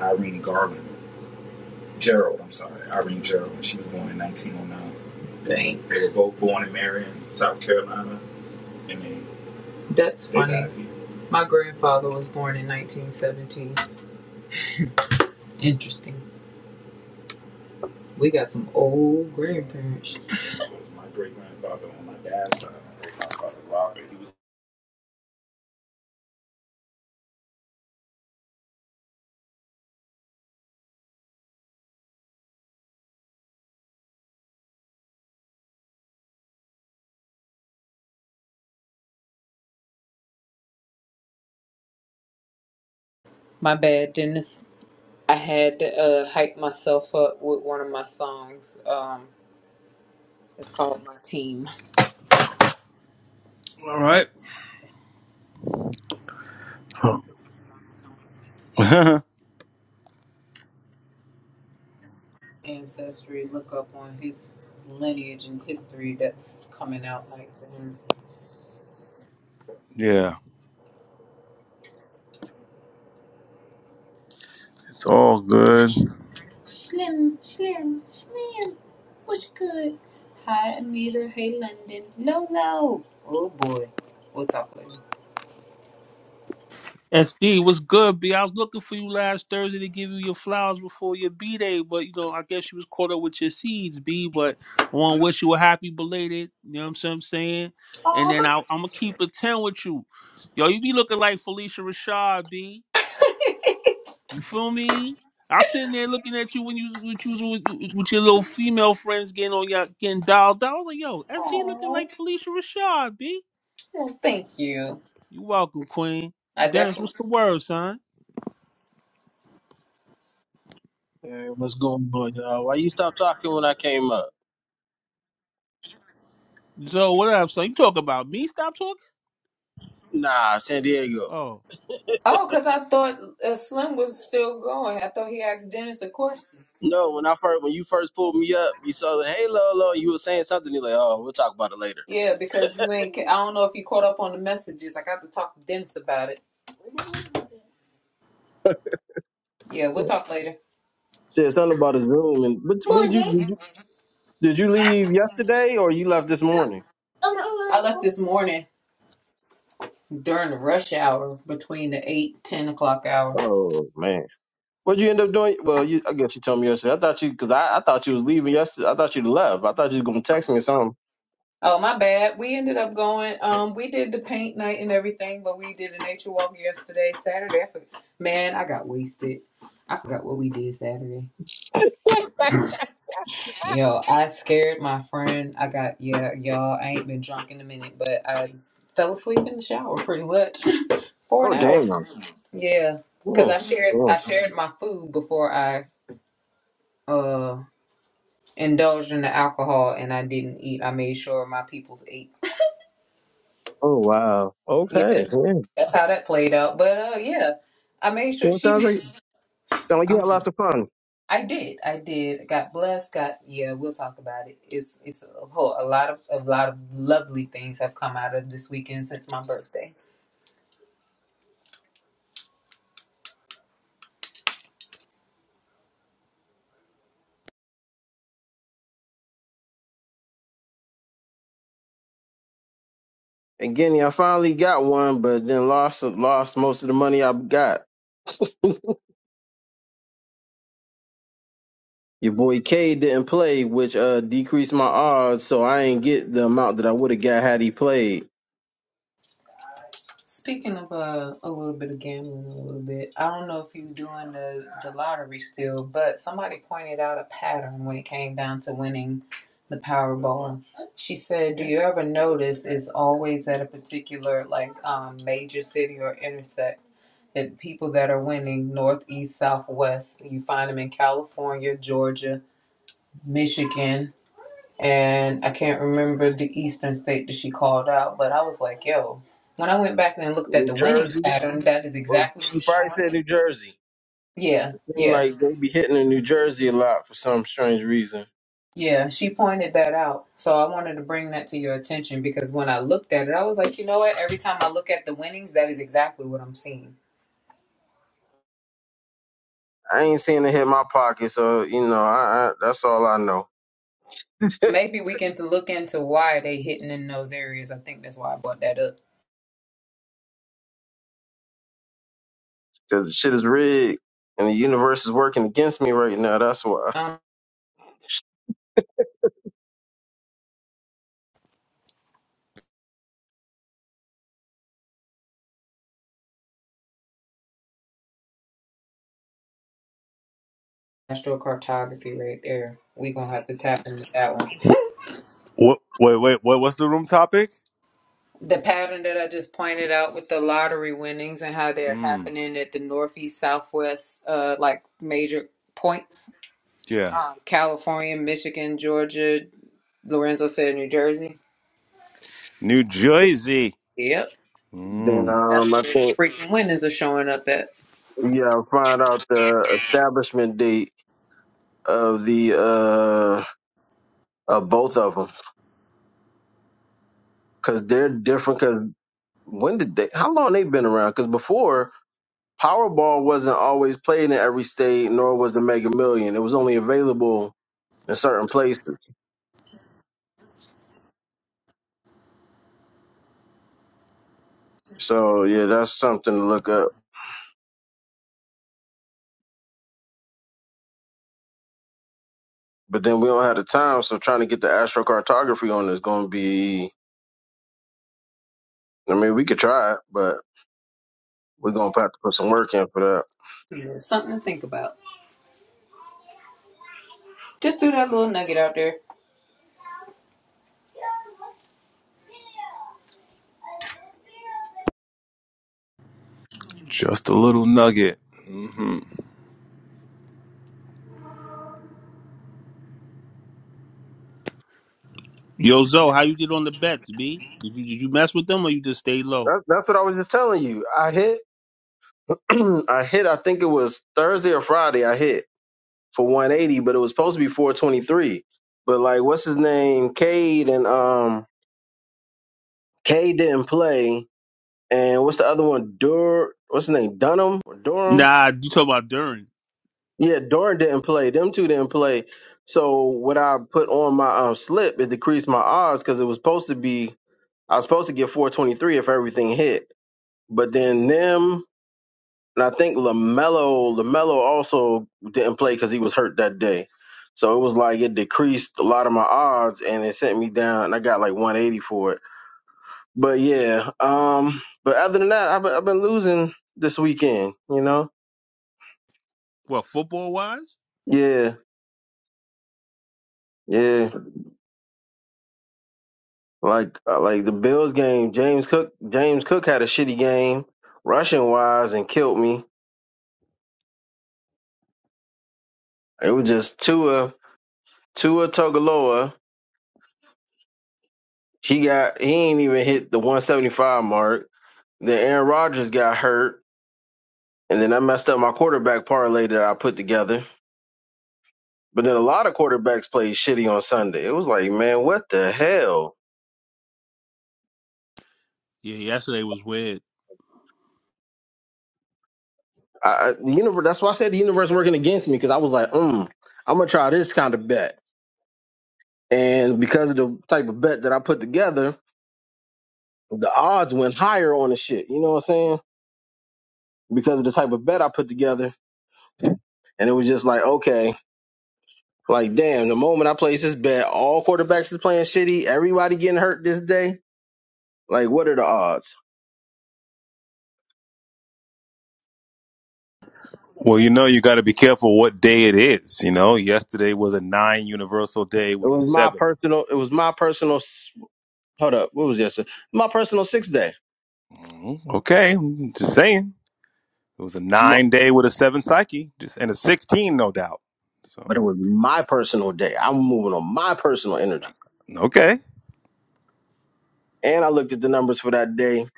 Irene Garland, Gerald. I'm sorry, Irene Gerald. and She was born in 1909. Bank. They were both born in Marion, South Carolina, and they That's they funny. My grandfather was born in 1917. Interesting. We got some old grandparents. My great grandfather on my dad's side, my great grandfather Robert, he was My bad, Dennis. I had to uh, hype myself up with one of my songs. Um, it's called My Team. All right. Huh. ancestry, look up on his lineage and history that's coming out nice for him. Yeah. It's all good. Slim, Slim, Slim, what's good? Hi, Anita. Hey, London. Lolo. Oh, boy. We'll talk later. SD, what's good, B? I was looking for you last Thursday to give you your flowers before your B day, but you know, I guess you was caught up with your seeds, B. But I want to wish you a happy belated. You know what I'm saying? And then I, I'm gonna keep it ten with you, yo. You be looking like Felicia Rashad, B. You feel me? I sitting there looking at you when you when you was with, with your little female friends getting on your getting dialed out. I was like, yo, SD looking Oh, like Felicia Rashad, B. thank you. You welcome, Queen. I Dennis, definitely. what's the word, son? Hey, what's going on, y'all? Why you stop talking when I came up? Zoe, what up? So you talk about me? Stop talking. Nah, San Diego. Oh, Oh, because I thought uh, Slim was still going. I thought he asked Dennis a question. No, when I first when you first pulled me up, you saw like, hey Lolo, you were saying something. you like, oh, we'll talk about it later. Yeah, because you ain't. ca- I don't know if you caught up on the messages. I got to talk to Dennis about it. Yeah, Yeah. we'll talk later. Said something about a Zoom, and but when did you did you did you leave yesterday or you left this morning? I left this morning. during the rush hour between the 8 10 o'clock hour Oh man, what'd you end up doing? Well, you I guess you told me yesterday. I thought you because I, I thought you was leaving yesterday. I thought you left. I thought you was gonna text me or something. oh my bad we ended up going um we did the paint night and everything but we did a nature walk yesterday saturday I for- man i got wasted i forgot what we did saturday yo i scared my friend i got yeah y'all i ain't been drunk in a minute but i fell asleep in the shower pretty much for oh an hour damn. yeah because Oh, i shared oh, i shared my food before i uh indulged in the alcohol and I didn't eat. I made sure my peoples ate oh wow. Yeah, Okay. Yeah. that's how that played out. But uh, yeah, I made sure Well, it she. sounds like. So I I'm, get lots of fun. I did. I did. Got blessed. Got yeah. We'll talk about it. It's it's a whole a lot of a lot of lovely things have come out of this weekend since my birthday. Again, I finally got one, but then lost lost most of the money I got. Your boy K didn't play, which uh decreased my odds, so I ain't get the amount that I would have got had he played. Speaking of uh, a little bit of gambling, a little bit, I don't know if you are doing the, the lottery still, but somebody pointed out a pattern when it came down to winning the Powerball. She said, "Do you ever notice it's always at a particular like um, major city or intersect that people that are winning northeast, southwest? You find them in California, Georgia, Michigan." and I can't remember the Eastern state that she called out, but I was like, yo, when I went back and looked at New the winnings Jersey pattern, that is was exactly she what's probably showing. said New Jersey. Yeah, It seemed yeah, like they be hitting in New Jersey a lot for some strange reason. yeah. She pointed that out. So I wanted to bring that to your attention because when I looked at it, I was like, you know what? Every time I look at the winnings, that is exactly what I'm seeing. I ain't seen it hit my pocket, so you know, I, I that's all I know. Maybe we can look into why they hitting in those areas. I think that's why I brought that up. Cause the shit is rigged and the universe is working against me right now, that's why. Um, astrocartography right there. We gonna have to tap into that one. What? Wait, wait. What? What's the room topic? the pattern that I just pointed out with the lottery winnings and how they're Mm, happening at the northeast, southwest, uh, like major points, yeah. um, California, Michigan, Georgia, Lorenzo said New Jersey. New Jersey. Yep, Then Mm, um that's I where think the freaking winnings are showing up at. Yeah, find out the establishment date of the uh of both of them because they're different. Because when did they? How long they been around? Because before Powerball wasn't always played in every state, nor was the Mega Million. It was only available in certain places. So yeah, that's something to look up. But then we don't have the time, so trying to get the astrocartography on is going to be. I mean, we could try it, but we're gonna have to put some work in for that. Yeah, Something to think about. Just threw that little nugget out there. just a little nugget. hmm yo, Zoe, how you did on the bets, B? Did you did you mess with them or you just stayed low? That's, that's what I was just telling you. I hit I hit, I think it was Thursday or Friday, I hit for 180, but it was supposed to be 423. But like, what's his name? Cade and, um, Cade didn't play. And what's the other one? Dur, what's his name? Dunham or Durham? Nah, you talk about during Yeah, Durham didn't play. Them two didn't play. So what I put on my um, slip, it decreased my odds because it was supposed to be, I was supposed to get 423 if everything hit. But then them, And I think Lamelo Lamelo also didn't play because he was hurt that day. So it was like it decreased a lot of my odds, and it sent me down, and I got like 180 for it. But yeah, um, but other than that, I've been, I've been losing this weekend. You know, what football wise? yeah, yeah. Like uh, like the Bills game, James Cook James Cook had a shitty game rushing wise and killed me. It was just Tua Tua Togaloa. He got he ain't even hit the 175 mark Then Aaron Rodgers got hurt, and then I messed up my quarterback parlay that I put together. But then a lot of quarterbacks played shitty on Sunday. It was like, man, what the hell? Yeah, yesterday was weird. I, I, the universe. That's why I said the universe working against me because I was like, mm, I'm gonna try this kind of bet, and because of the type of bet that I put together, the odds went higher on the shit. You know what I'm saying? Because of the type of bet I put together, and it was just like, okay, like damn, the moment I placed this bet, all quarterbacks is playing shitty, everybody getting hurt this day Like, what are the odds? Well, you know, you got to be careful what day it is. You know, yesterday was a nine universal day It with a was my seven. personal. It was my personal. s- Hold up. What was yesterday? My personal sixth day. mm Okay, just saying. It was a My- nine day with a seven psyche, just and a sixteen, no doubt. So But it was my personal day. I'm moving on my personal energy. okay. And I looked at the numbers for that day.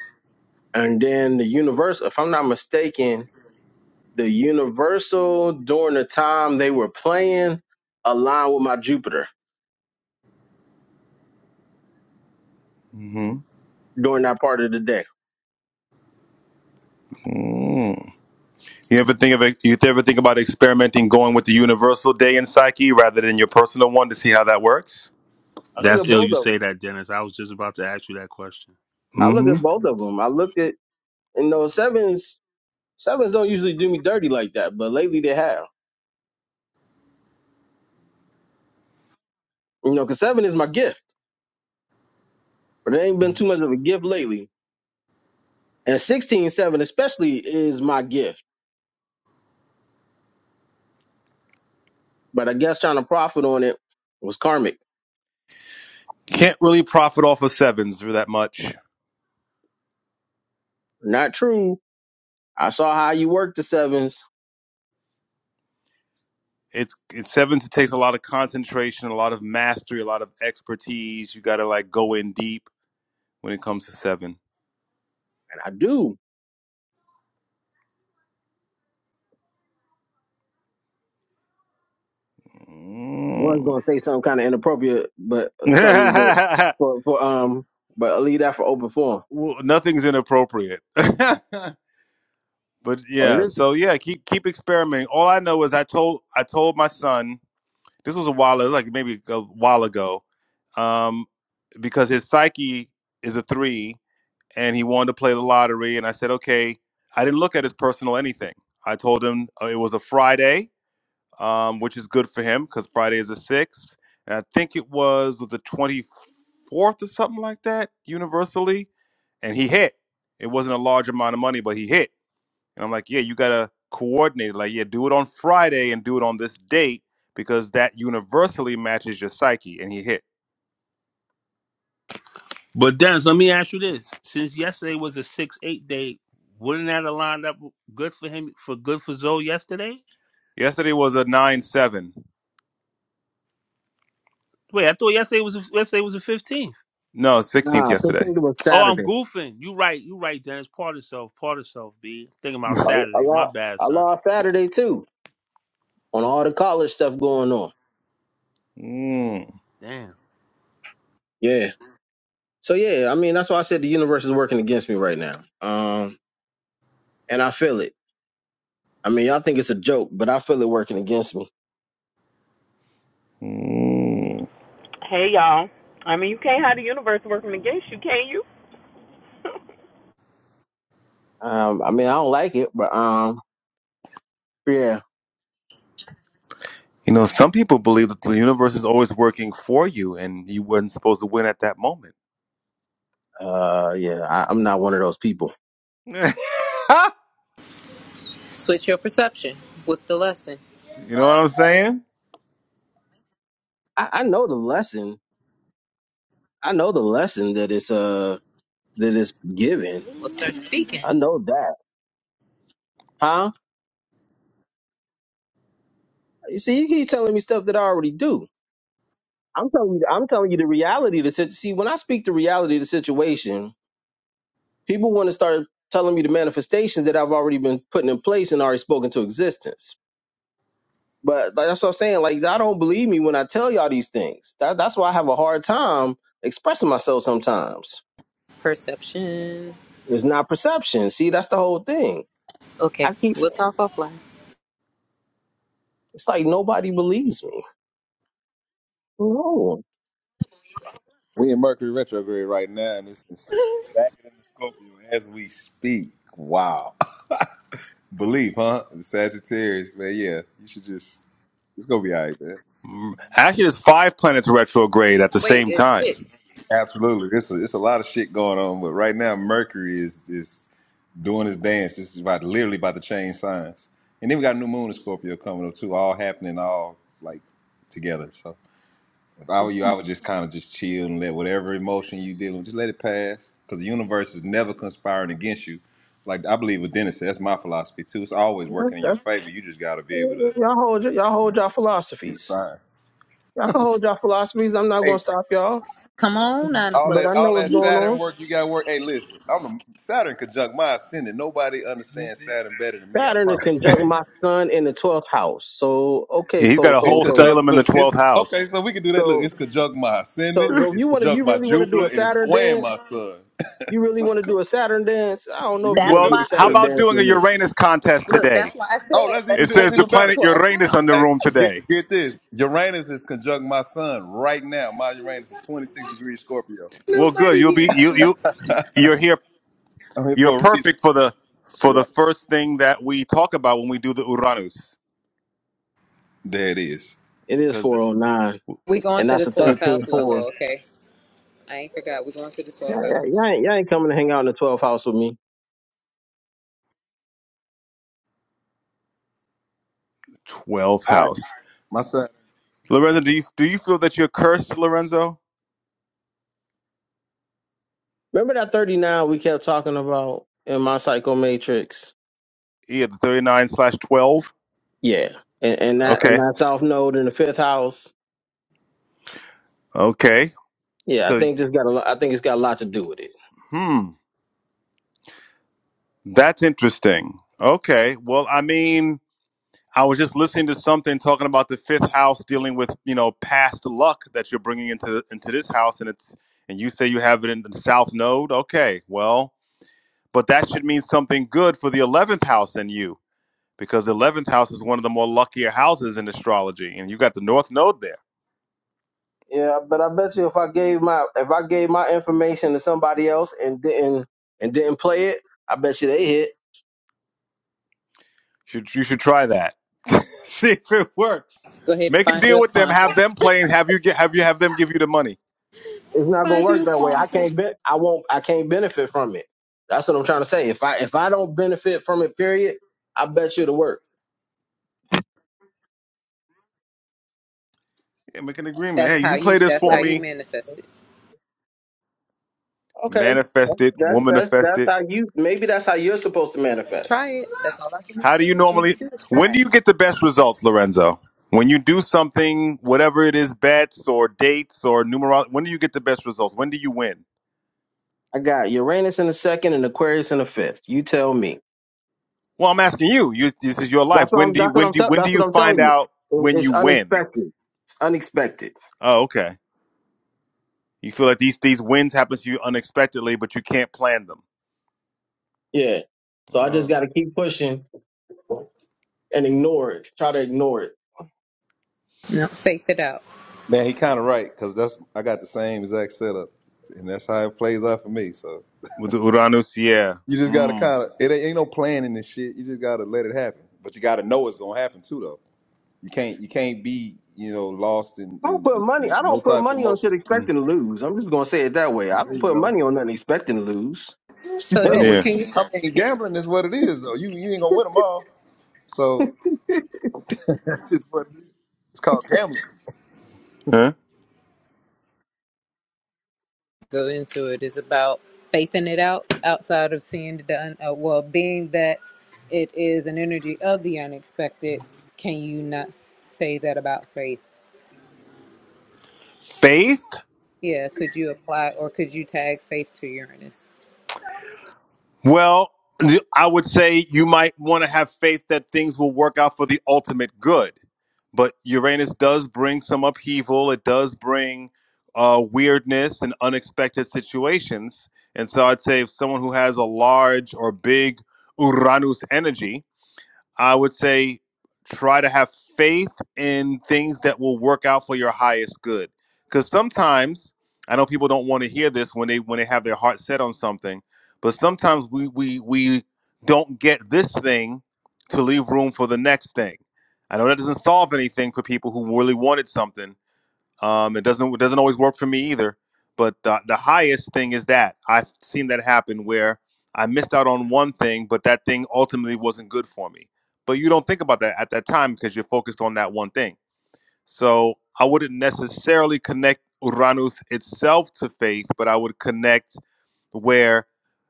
And then the universe, if I'm not mistaken, the universal during the time they were playing aligned with my Jupiter during that part of the day. Mm-hmm. You ever think of it- you ever think about experimenting going with the universal day in psyche rather than your personal one to see how that works? I look That's at ill. both You of them. say that, Dennis. I was just about to ask you that question. I look hmm at both of them. I looked at, and those sevens, sevens don't usually do me dirty like that, but lately they have. You know, because seven is my gift, but it ain't been too much of a gift lately. And sixteen seven especially is my gift. But I guess trying to profit on it was karmic. Can't really profit off of sevens for that much. Not true. I saw how you work the sevens, It's it's sevens. It takes a lot of concentration, a lot of mastery, a lot of expertise. You got to like go in deep when it comes to seven. and I do. One's Mm. gonna say something kind of inappropriate, but uh, something that- for for um, but I'll leave that for open forum. well, nothing's inappropriate. but Or yeah, this, so yeah, keep keep experimenting. All I know is I told I told my son This was a while, it was like maybe a while ago, um, because his psyche is a three, and he wanted to play the lottery. And I said, okay. I didn't look at his personal anything. I told him uh, it was a Friday, um, which is good for him because Friday is a six. And I think it was the twenty fourth or something like that, universally. And he hit. It wasn't a large amount of money, but he hit and I'm like, yeah, you gotta coordinate. it. Like, yeah, do it on Friday and do it on this date because that universally matches your psyche. And he hit. But Dennis, let me ask you this: since yesterday was a six eight day, wouldn't that have lined up good for him for good for Zoe yesterday? Yesterday was a nine seven. Wait, I thought yesterday was a, yesterday was a fifteen. No, sixteenth nah, yesterday. fifteen was Oh, I'm Saturday. goofing. You right. You right, Dennis. Part of self. Part of self. B. Thinking about I, I Saturday. My lost bad, I son. lost Saturday too on all the college stuff going on. Mm, Damn. Yeah. So yeah, I mean that's why I said the universe is working against me right now. Um and I feel it. I mean, y'all think it's a joke, but I feel it working against me. mm. Hey y'all. I mean, you can't have the universe working against you, can you? Um, I mean, I don't like it, but um, yeah, You know, some people believe that the universe is always working for you, and you weren't supposed to win at that moment. uh, yeah, I, I'm not one of those people. you Switch your perception. What's the lesson? know what I'm saying? I, I know the lesson. I know the lesson that it's uh that it's given. We'll start speaking. I know that, huh? You see, you keep telling me stuff that I already do. I'm telling you, I'm telling you the reality. of The sit- see, when I speak the reality of the situation, people want to start telling me the manifestations that I've already been putting in place and already spoken to existence But like, that's what I'm saying. Like, y'all don't believe me when I tell y'all these things. That, that's why I have a hard time expressing myself sometimes. Perception. It's not perception. See, that's the whole thing. Okay, I keep. we'll talk offline. It's like nobody believes me. No, We in Mercury retrograde right now, and it's it's back in the Scorpio as we speak. Wow, believe, huh? Sagittarius, man. Yeah, you should just. It's gonna be all right, man. Mm. Actually, there's five planets retrograde at the Wait, same it's time. six. Absolutely, it's a, it's a lot of shit going on, but right now Mercury is is doing his dance. This is about literally about to change signs, and then we got a new moon in Scorpio coming up too. All happening, all like together. So. If I were you, I would just kind of just chill and let whatever emotion you dealing with, just let it pass. Because the universe is never conspiring against you. Like I believe what Dennis said, that's my philosophy too. It's always That- working in your that- favor. You just gotta be able to y'all hold y- y'all you know, hold y'all get a philosophies. sign. Y'all can hold y'all philosophies. I'm not gonna Hey, stop y'all. Come on, nine all o'clock. But I that know all what's that going Saturn on. work you got to work. Hey, listen, I'm the Saturn conjunct my ascendant. Nobody understands Saturn better than me. I Saturn is promise. conjunct my son in the twelfth house. So okay, Yeah, He's got coach, a It coach, whole coach. Salem conjunct. in the Look, it's 12th okay. house. So we can do that. Look, So it's conjunct my so ascendant. so if It's you want to, you conjunct my really want to do a Jupiter, and it's Saturn squaring dance? my sun. you really so, want to come- do a Saturn dance? I don't know if we you can That's want to Well, do do why. the it. how Look. Saturn about dance doing a with me. Uranus contest Look, that's today? why I Oh, said let's even let's It do that's take says the it even to the better. planet 12th Uranus on the house. Hey, room get today. get this. Uranus is conjunct my sun right now. My Uranus is 26 degrees Scorpio. Well, good. Nobody You'll be here. you you you're here I'm here You're for a reason. perfect for the for the Right. first thing that we talk about when we do the Uranus, There it is. It is because the 409, We going and to the that's a 12th thirteen house, four. Lolo. Okay, I ain't forgot. We going to the 4. Yeah, 12th yeah, house. y'all ain't, y'all ain't coming to hang out in the 12th house with me. 12th All right. house. My son. Lorenzo, do you do you feel that you're cursed, Lorenzo? Remember that 39 we kept talking about in my psycho matrix? Yeah, the 39 slash 12. Yeah. And, and that and Okay, that South Node in the fifth house. okay. Yeah, I So, think this got a lot, I think it's got a lot to do with it. hmm, that's interesting. Okay, well, I mean, I was just listening to something talking about the fifth house dealing with you know past luck that you're bringing into into this house, and it's and you say you have it in the south node. Okay, well. but that should mean something good for the 11th house in you because the 11th house is one of the more luckier houses in astrology and you got the north node there Yeah, but I bet you if I gave my if I gave my information to somebody else and didn't and didn't play it, I bet you they hit. should, you should try that see if it works Go ahead and make a find you deal a with them sponsor. have them play and have you get have you have them give you the money it's not gonna Find you work a that way. I sponsor. can't bet. I won't. I can't benefit from it. That's what I'm trying to say. If I if I don't benefit from it, period, I bet you to work. yeah, make an agreement That's hey how you you. play this That's Right. for how you me manifest it. Okay, manifest it that's that's womanifest that's it how you. Maybe that's how you're supposed to Try manifest. it. That's all I can How do you encourage you to normally? do is When do try you it. get the best results, Lorenzo? When you do something, whatever it is, bets or dates or numerology. When do you get the best results? When do you win? I got Uranus in the second and Aquarius in the fifth. You tell me. Well, I'm asking you. You, this is your life. That's what When I'm. do you? That's what When I'm. do? Tell, When that's do what you I'm find telling you. out It- when It's you win? unexpected. It's unexpected. Oh, okay. You feel like these these wins happen to you unexpectedly, but you can't plan them. Yeah. So I just Oh, got to keep pushing and ignore it. Try to ignore it. No, faith it out. Man, he kind of right because that's I got the same exact setup, and that's how it plays out for me. So with the Uranus, yeah. you just gotta Hmm. kind of it ain't, ain't no planning this shit. You just gotta let it happen, but you gotta know it's gonna happen too, though. You can't you can't be you know lost in I don't put in, money. in I no don't put type of money on motion. shit Mm. expecting to lose. I'm just gonna say it that way. I There don't you put go. money on nothing expecting to lose. So No, I Dennis, we, Yeah. can you? I mean gambling is what it is though. You you ain't gonna win them all, so that's just what it is. It's called gambling. Huh? go into it is about faithing it out outside of seeing the un- uh, well being that it is an energy of the unexpected can you not say that about faith Faith. yeah could you apply or could you tag faith to uranus Well, I would say you might want to have faith that things will work out for the ultimate good. But Uranus does bring some upheaval, it does bring uh, weirdness and unexpected situations. And so I'd say if someone who has a large or big Uranus energy, I would say try to have faith in things that will work out for your highest good. Because sometimes I know people don't want to hear this when they when they have their heart set on something, but sometimes we we we don't get this thing to leave room for the next thing. I know that doesn't solve anything for people who really wanted something, um, it doesn't it doesn't always work for me either. But the, the highest thing is that I've seen that happen where I missed out on one thing, but that thing ultimately wasn't good for me. But you don't think about that at that time because you're focused on that one thing. So I wouldn't necessarily connect Uranus itself to faith, but I would connect where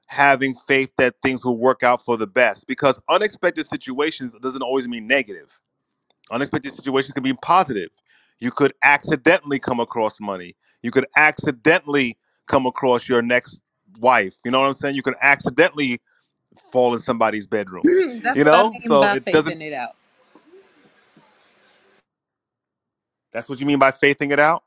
having faith that things will work out for the best because unexpected situations doesn't always mean negative Unexpected situations can be positive. You could accidentally come across money. You could accidentally come across your next wife. You know what I'm saying? You could accidentally fall in somebody's bedroom. that's You what i know? mean So by it doesn't faithing it out that's what you mean by faithing it out?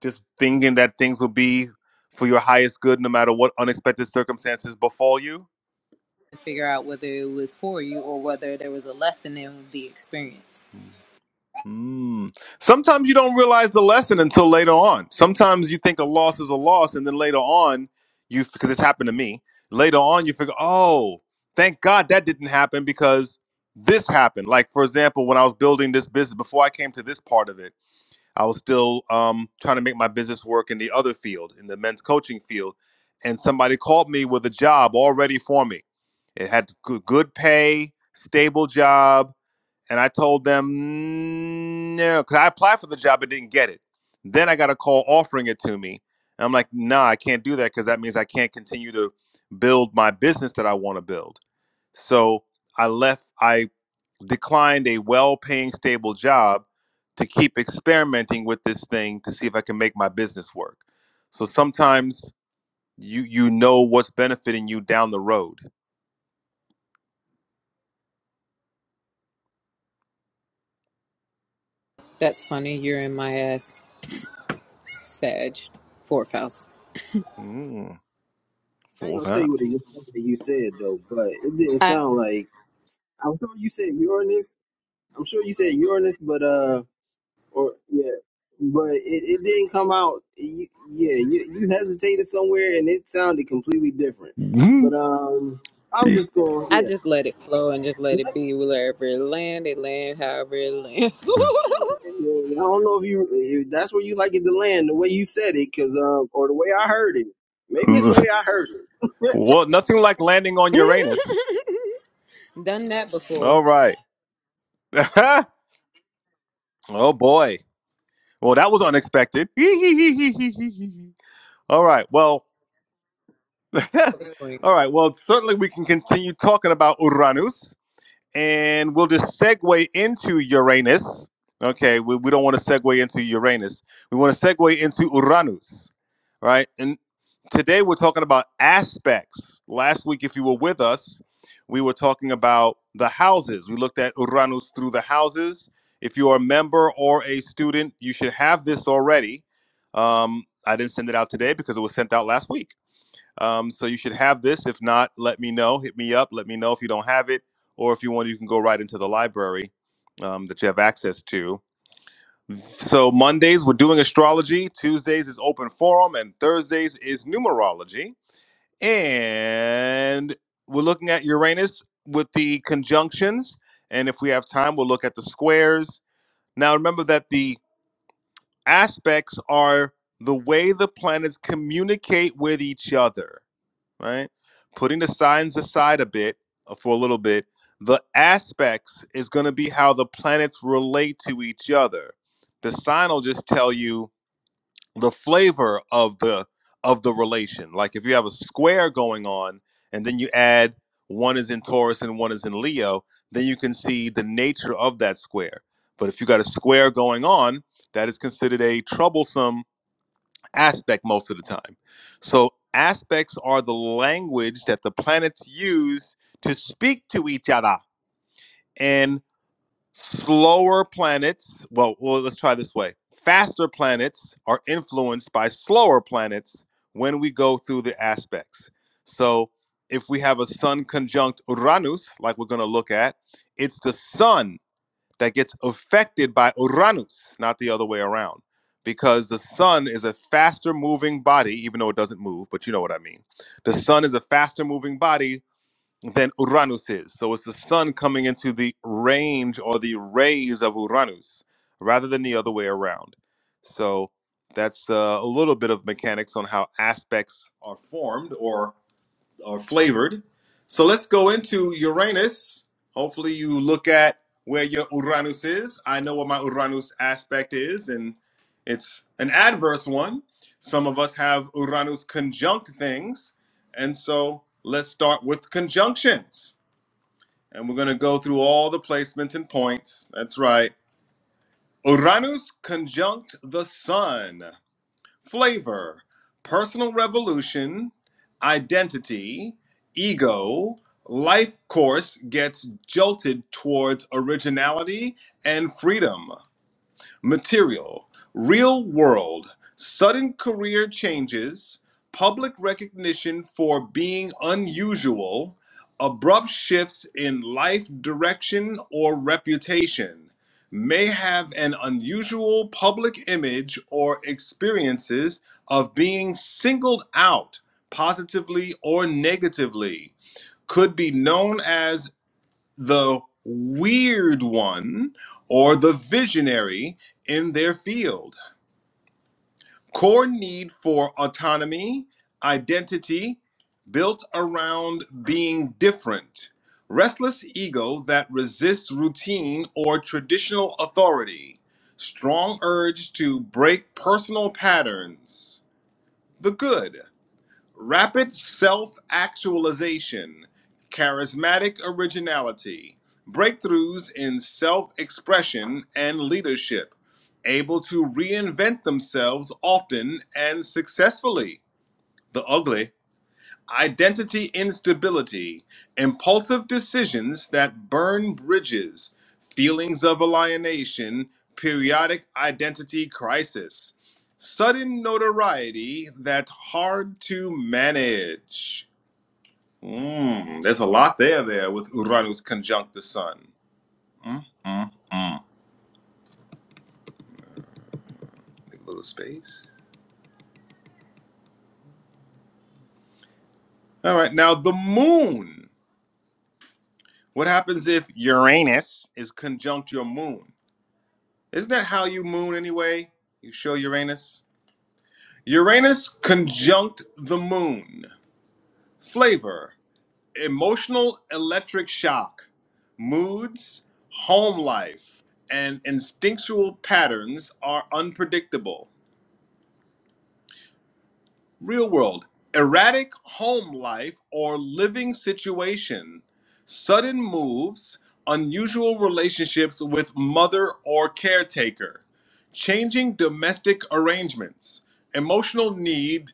Just thinking that things will be for your highest good no matter what unexpected circumstances befall you. and figure out whether it was for you or whether there was a lesson in the experience Mm. Sometimes you don't realize the lesson until later on. Sometimes you think a loss is a loss, and then later on, you because it's happened to me. Later on, you figure, oh, thank God that didn't happen because this happened. Like for example, when I was building this business, before I came to this part of it, I was still um, trying to make my business work in the other field, in the men's coaching field, and somebody called me with a job already for me. It had good good pay, stable job and I told them no, because I applied for the job but didn't get it. Then I got a call offering it to me. And I'm like, nah, I can't do that because that means I can't continue to build my business that I want to build. So I left, I declined a well paying, stable job to keep experimenting with this thing to see if I can make my business work. So sometimes you you know what's benefiting you down the road. that's funny you're in my ass sag fourth house Mm, ain't fourth gonna tell you house. what the that you said though, but it didn't sound like I'm sure you said Uranus. I'm sure you said Uranus, but uh, or yeah, but it, it didn't come out. You, yeah, you, you hesitated somewhere and it sounded completely different. Mm. But um, I'm just going. I Yeah, just let it flow and just let it be. Wherever it land, it land however it lands. I don't know if you, you that's where you like it to land the way you said it, cause um, or the way I heard it. Maybe it's the way I heard it. well, nothing like landing on Uranus. Done that before. All right. oh boy. Well, that was unexpected. All right. Well, Like, All right. Well, certainly we can continue talking about Uranus and we'll just segue into Uranus. Okay. We, we don't want to segue into Uranus. We want to segue into Uranus. All right. And today we're talking about aspects. Last week, if you were with us, we were talking about the houses. We looked at Uranus through the houses. If you are a member or a student, you should have this already. Um, I didn't send it out today because it was sent out last week. Um, so you should have this. If not, let me know. Hit me up. Let me know if you don't have it, or if you want, you can go right into the library um, that you have access to. So Mondays we're doing astrology. Tuesdays is open forum, and Thursdays is numerology. And we're looking at Uranus with the conjunctions, and if we have time, we'll look at the squares. Now remember that the aspects are the way the planets communicate with each other right? Putting the signs aside a bit uh, for a little bit, the aspects is going to be how the planets relate to each other. The sign will just tell you the flavor of the of the relation. Like if you have a square going on, and then you add one is in Taurus and one is in Leo, then you can see the nature of that square. But if you got a square going on, that is considered a troublesome aspect most of the time. So aspects are the language that the planets use to speak to each other. And slower planets, well, well let's try this way. Faster planets are influenced by slower planets when we go through the aspects. So if we have a sun conjunct Uranus, like we're going to look at, it's the sun that gets affected by Uranus, not the other way around, because the sun is a faster moving body, even though it doesn't move, but you know what I mean. The sun is a faster moving body than Uranus is. So it's the sun coming into the range or the rays of Uranus rather than the other way around. So that's uh, a little bit of mechanics on how aspects are formed or. Are flavored. So let's go into Uranus. Hopefully, you look at where your Uranus is. I know what my Uranus aspect is, and it's an adverse one. Some of us have Uranus conjunct things. And so let's start with conjunctions. And we're going to go through all the placements and points. That's right. Uranus conjunct the sun flavor, personal revolution, identity, ego, life course gets jolted towards originality and freedom material, real world, sudden career changes, public recognition for being unusual, abrupt shifts in life direction or reputation, may have an unusual public image or experiences of being singled out positively or negatively, could be known as the weird one or the visionary in their field. Core need for autonomy, identity, built around being different. Restless ego that resists routine or traditional authority. Strong urge to break personal patterns. The good. Rapid self actualization, charismatic originality, breakthroughs in self expression and leadership, able to reinvent themselves often and successfully. The ugly identity instability, impulsive decisions that burn bridges, feelings of alienation, periodic identity crisis, sudden notoriety that's hard to manage. Mm, there's a lot there there with Uranus conjunct the sun. Mm, mm, mm. Leave a little space. All right, now the moon. What happens if Uranus is conjunct your moon? Isn't that how you moon anyway? You show Uranus? Uranus conjunct the moon. Flavor emotional electric shock, moods, home life, and instinctual patterns are unpredictable. Real world erratic home life or living situation, sudden moves, unusual relationships with mother or caretaker, changing domestic arrangements, emotional need,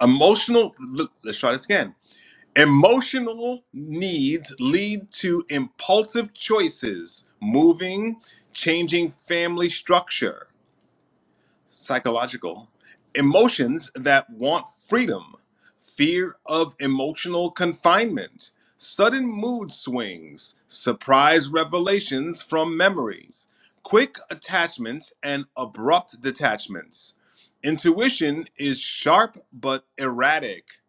emotional, let's try this again. Emotional needs lead to impulsive choices, moving, changing family structure psychological emotions that want freedom fear of emotional confinement sudden mood swings surprise revelations from memories quick attachments and abrupt detachments intuition is sharp but erratic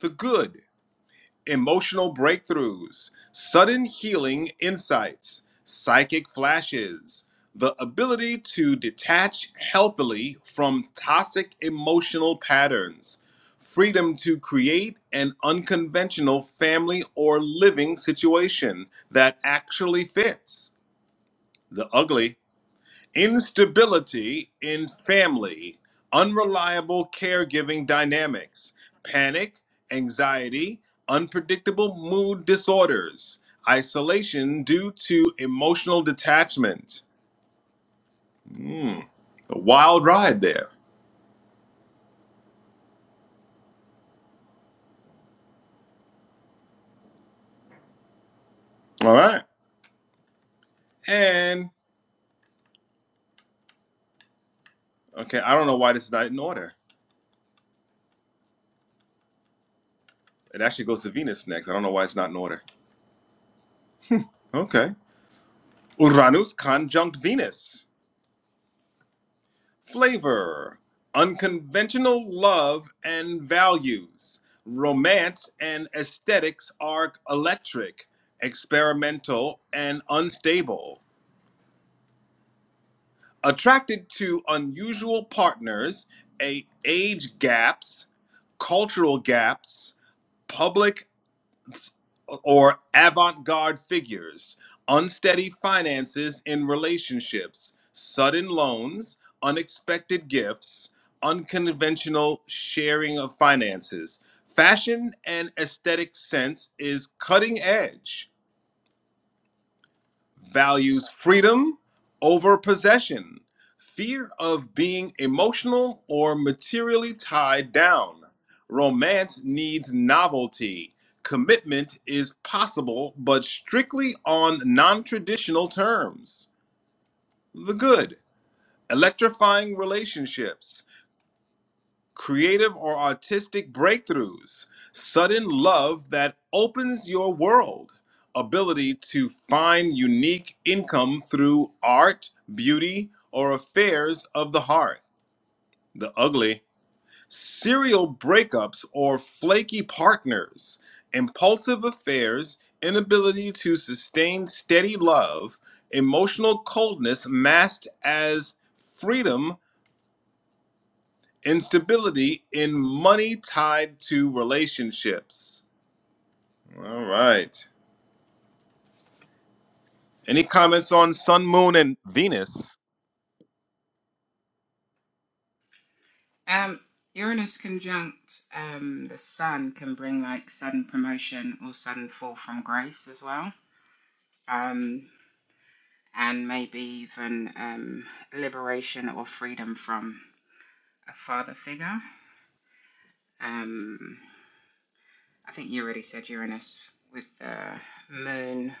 the good emotional breakthroughs, sudden healing insights, psychic flashes, the ability to detach healthily from toxic emotional patterns, freedom to create an unconventional family or living situation that actually fits, the ugly instability in family, unreliable caregiving dynamics, panic, anxiety, unpredictable mood disorders, isolation due to emotional detachment. A wild ride there. All right. And okay, I don't know why this is not in order. It actually goes to Venus next. I don't know why it's not in order. Okay. Uranus conjunct Venus. flavor, unconventional love and values. Romance and aesthetics are electric, experimental, and unstable. Attracted to unusual partners, a age gaps, cultural gaps, public or avant garde figures, unsteady finances in relationships, sudden loans, unexpected gifts, unconventional sharing of finances. Fashion and aesthetic sense is cutting edge values freedom over possession, fear of being emotional or materially tied down. Romance needs novelty. Commitment is possible, but strictly on non traditional terms. The good, electrifying relationships creative or artistic breakthroughs, sudden love that opens your world, ability to find unique income through art, beauty, or affairs of the heart, the ugly, serial breakups or flaky partners, impulsive affairs, inability to sustain steady love, emotional coldness masked as freedom Instability in money tied to relationships. All right. Any comments on Sun, Moon, and Venus? Um, Uranus conjunct um, the sun can bring like sudden promotion or sudden fall from grace as well. Um, and maybe even um, liberation or freedom from a father figure. Um, I think you already said Uranus with the moon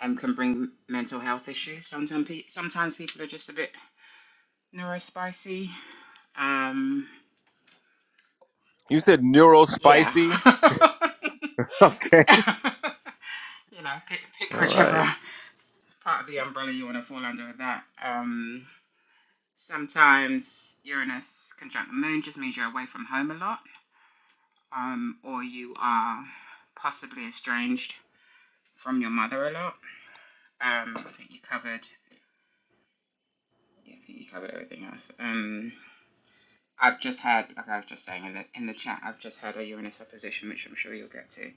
um, can bring mental health issues. Sometimes, pe- sometimes people are just a bit neurospicy. Um, You said neuro yeah. spicy. Okay. you know, pick, pick All whichever. right. part of the umbrella you want to fall under with that. Um, sometimes Uranus conjunct the moon just means you're away from home a lot, um, or you are possibly estranged from your mother a lot. Um, I think you covered. Yeah, I think you covered everything else. Um, I've just had, like I was just saying in the in the chat, I've just had a Uranus opposition, which I'm sure you'll get to.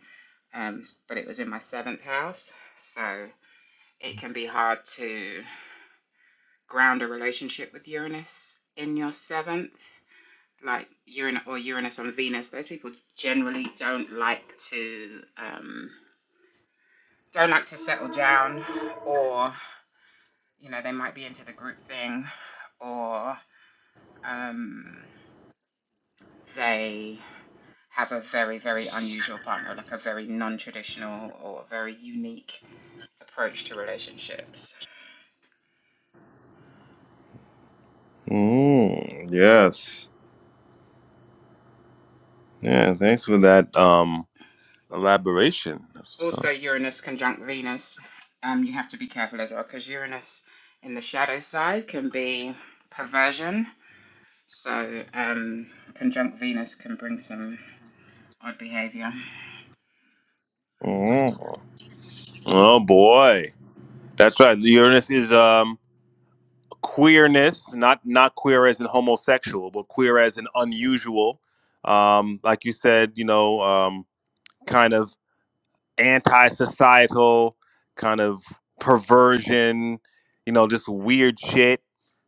Um, but it was in my seventh house, so it can be hard to ground a relationship with Uranus in your seventh like Uranus or Uranus on Venus, those people generally don't like to um, don't like to settle down, or you know they might be into the group thing, or um, they have a very very unusual partner, like a very non-traditional or very unique approach to relationships. Mm, yes. Yeah. Thanks for that um elaboration. That's what's Also, up. Uranus conjunct Venus, um, you have to be careful as well because Uranus in the shadow side can be perversion So, um, conjunct Venus can bring some odd behavior. Mm. Oh boy. That's right. Uranus is um queerness, not not queer as in homosexual, but queer as in unusual. Um, like you said, you know. um, kind of anti-societal kind of perversion you know just weird shit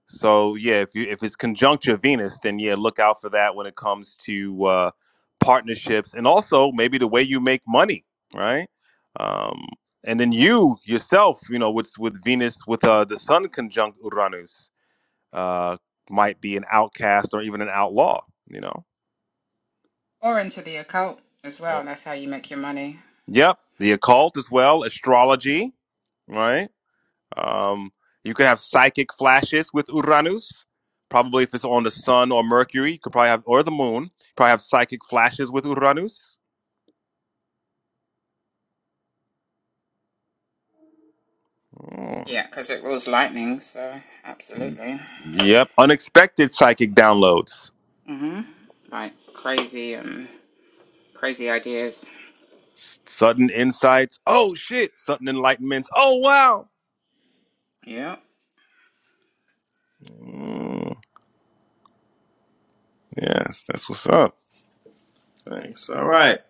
so yeah if you if it's conjuncture venus then yeah look out for that when it comes to uh partnerships and also maybe the way you make money right um and then you yourself you know with with venus with uh the sun conjunct uranus uh might be an outcast or even an outlaw you know Or into the occult as oh. well. That's how you make your money. yep the occult as well astrology right Um, you could have psychic flashes with Uranus. Probably if it's on the sun or Mercury, you could probably have or the moon. you Probably have psychic flashes with Uranus. Mm. Yeah, because it rules lightning, so absolutely. Yep, unexpected psychic downloads, hmm Like crazy and um, crazy ideas. S- sudden insights. Oh shit! Sudden enlightenments. Oh wow. Yeah. Mm. Yes, that's what's up. Thanks. All right.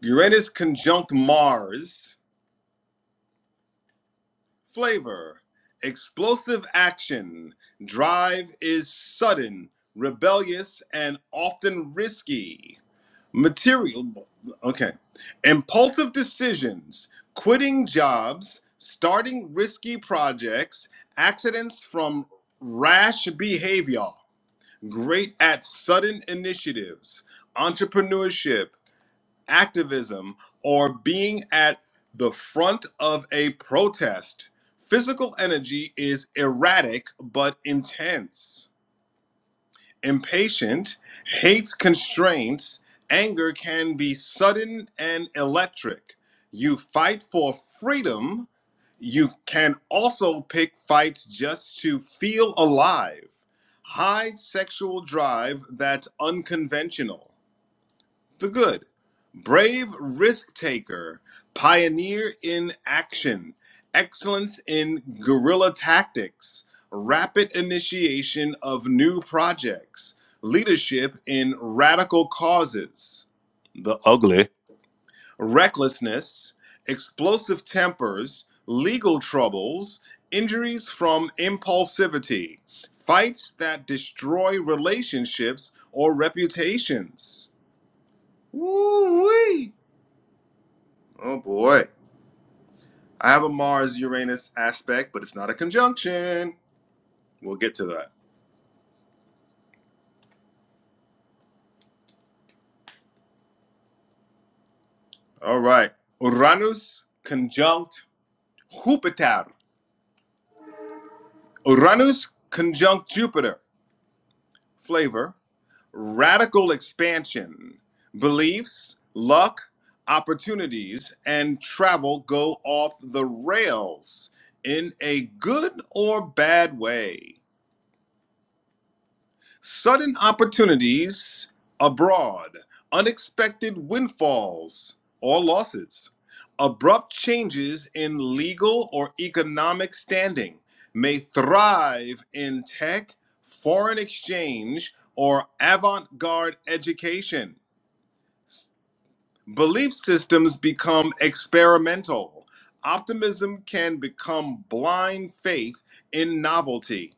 Uranus conjunct Mars. Flavor, explosive action. Drive is sudden, rebellious, and often risky. Material, okay. Impulsive decisions, quitting jobs, starting risky projects, accidents from rash behavior. Great at sudden initiatives, entrepreneurship, activism, or being at the front of a protest. Physical energy is erratic but intense. Impatient, hates constraints, anger can be sudden and electric. You fight for freedom. You can also pick fights just to feel alive. High sexual drive that's unconventional the good, brave risk taker, pioneer in action, excellence in guerrilla tactics, rapid initiation of new projects, leadership in radical causes, the ugly, recklessness, explosive tempers, legal troubles, injuries from impulsivity, fights that destroy relationships or reputations Woo-wee. Oh boy. I have a Mars Uranus aspect, but it's not a conjunction. We'll get to that. All right. Uranus conjunct Jupiter. Uranus conjunct Jupiter. Flavor. Radical expansion. Beliefs, luck, opportunities, and travel go off the rails in a good or bad way. Sudden opportunities abroad, unexpected windfalls or losses, abrupt changes in legal or economic standing may thrive in tech, foreign exchange, or avant garde education. Belief systems become experimental. Optimism can become blind faith in novelty.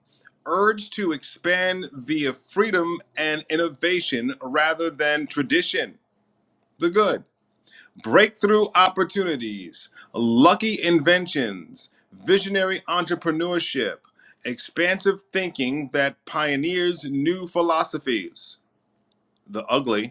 Urge to expand via freedom and innovation rather than tradition. The good. Breakthrough opportunities, lucky inventions, visionary entrepreneurship, expansive thinking that pioneers new philosophies. The ugly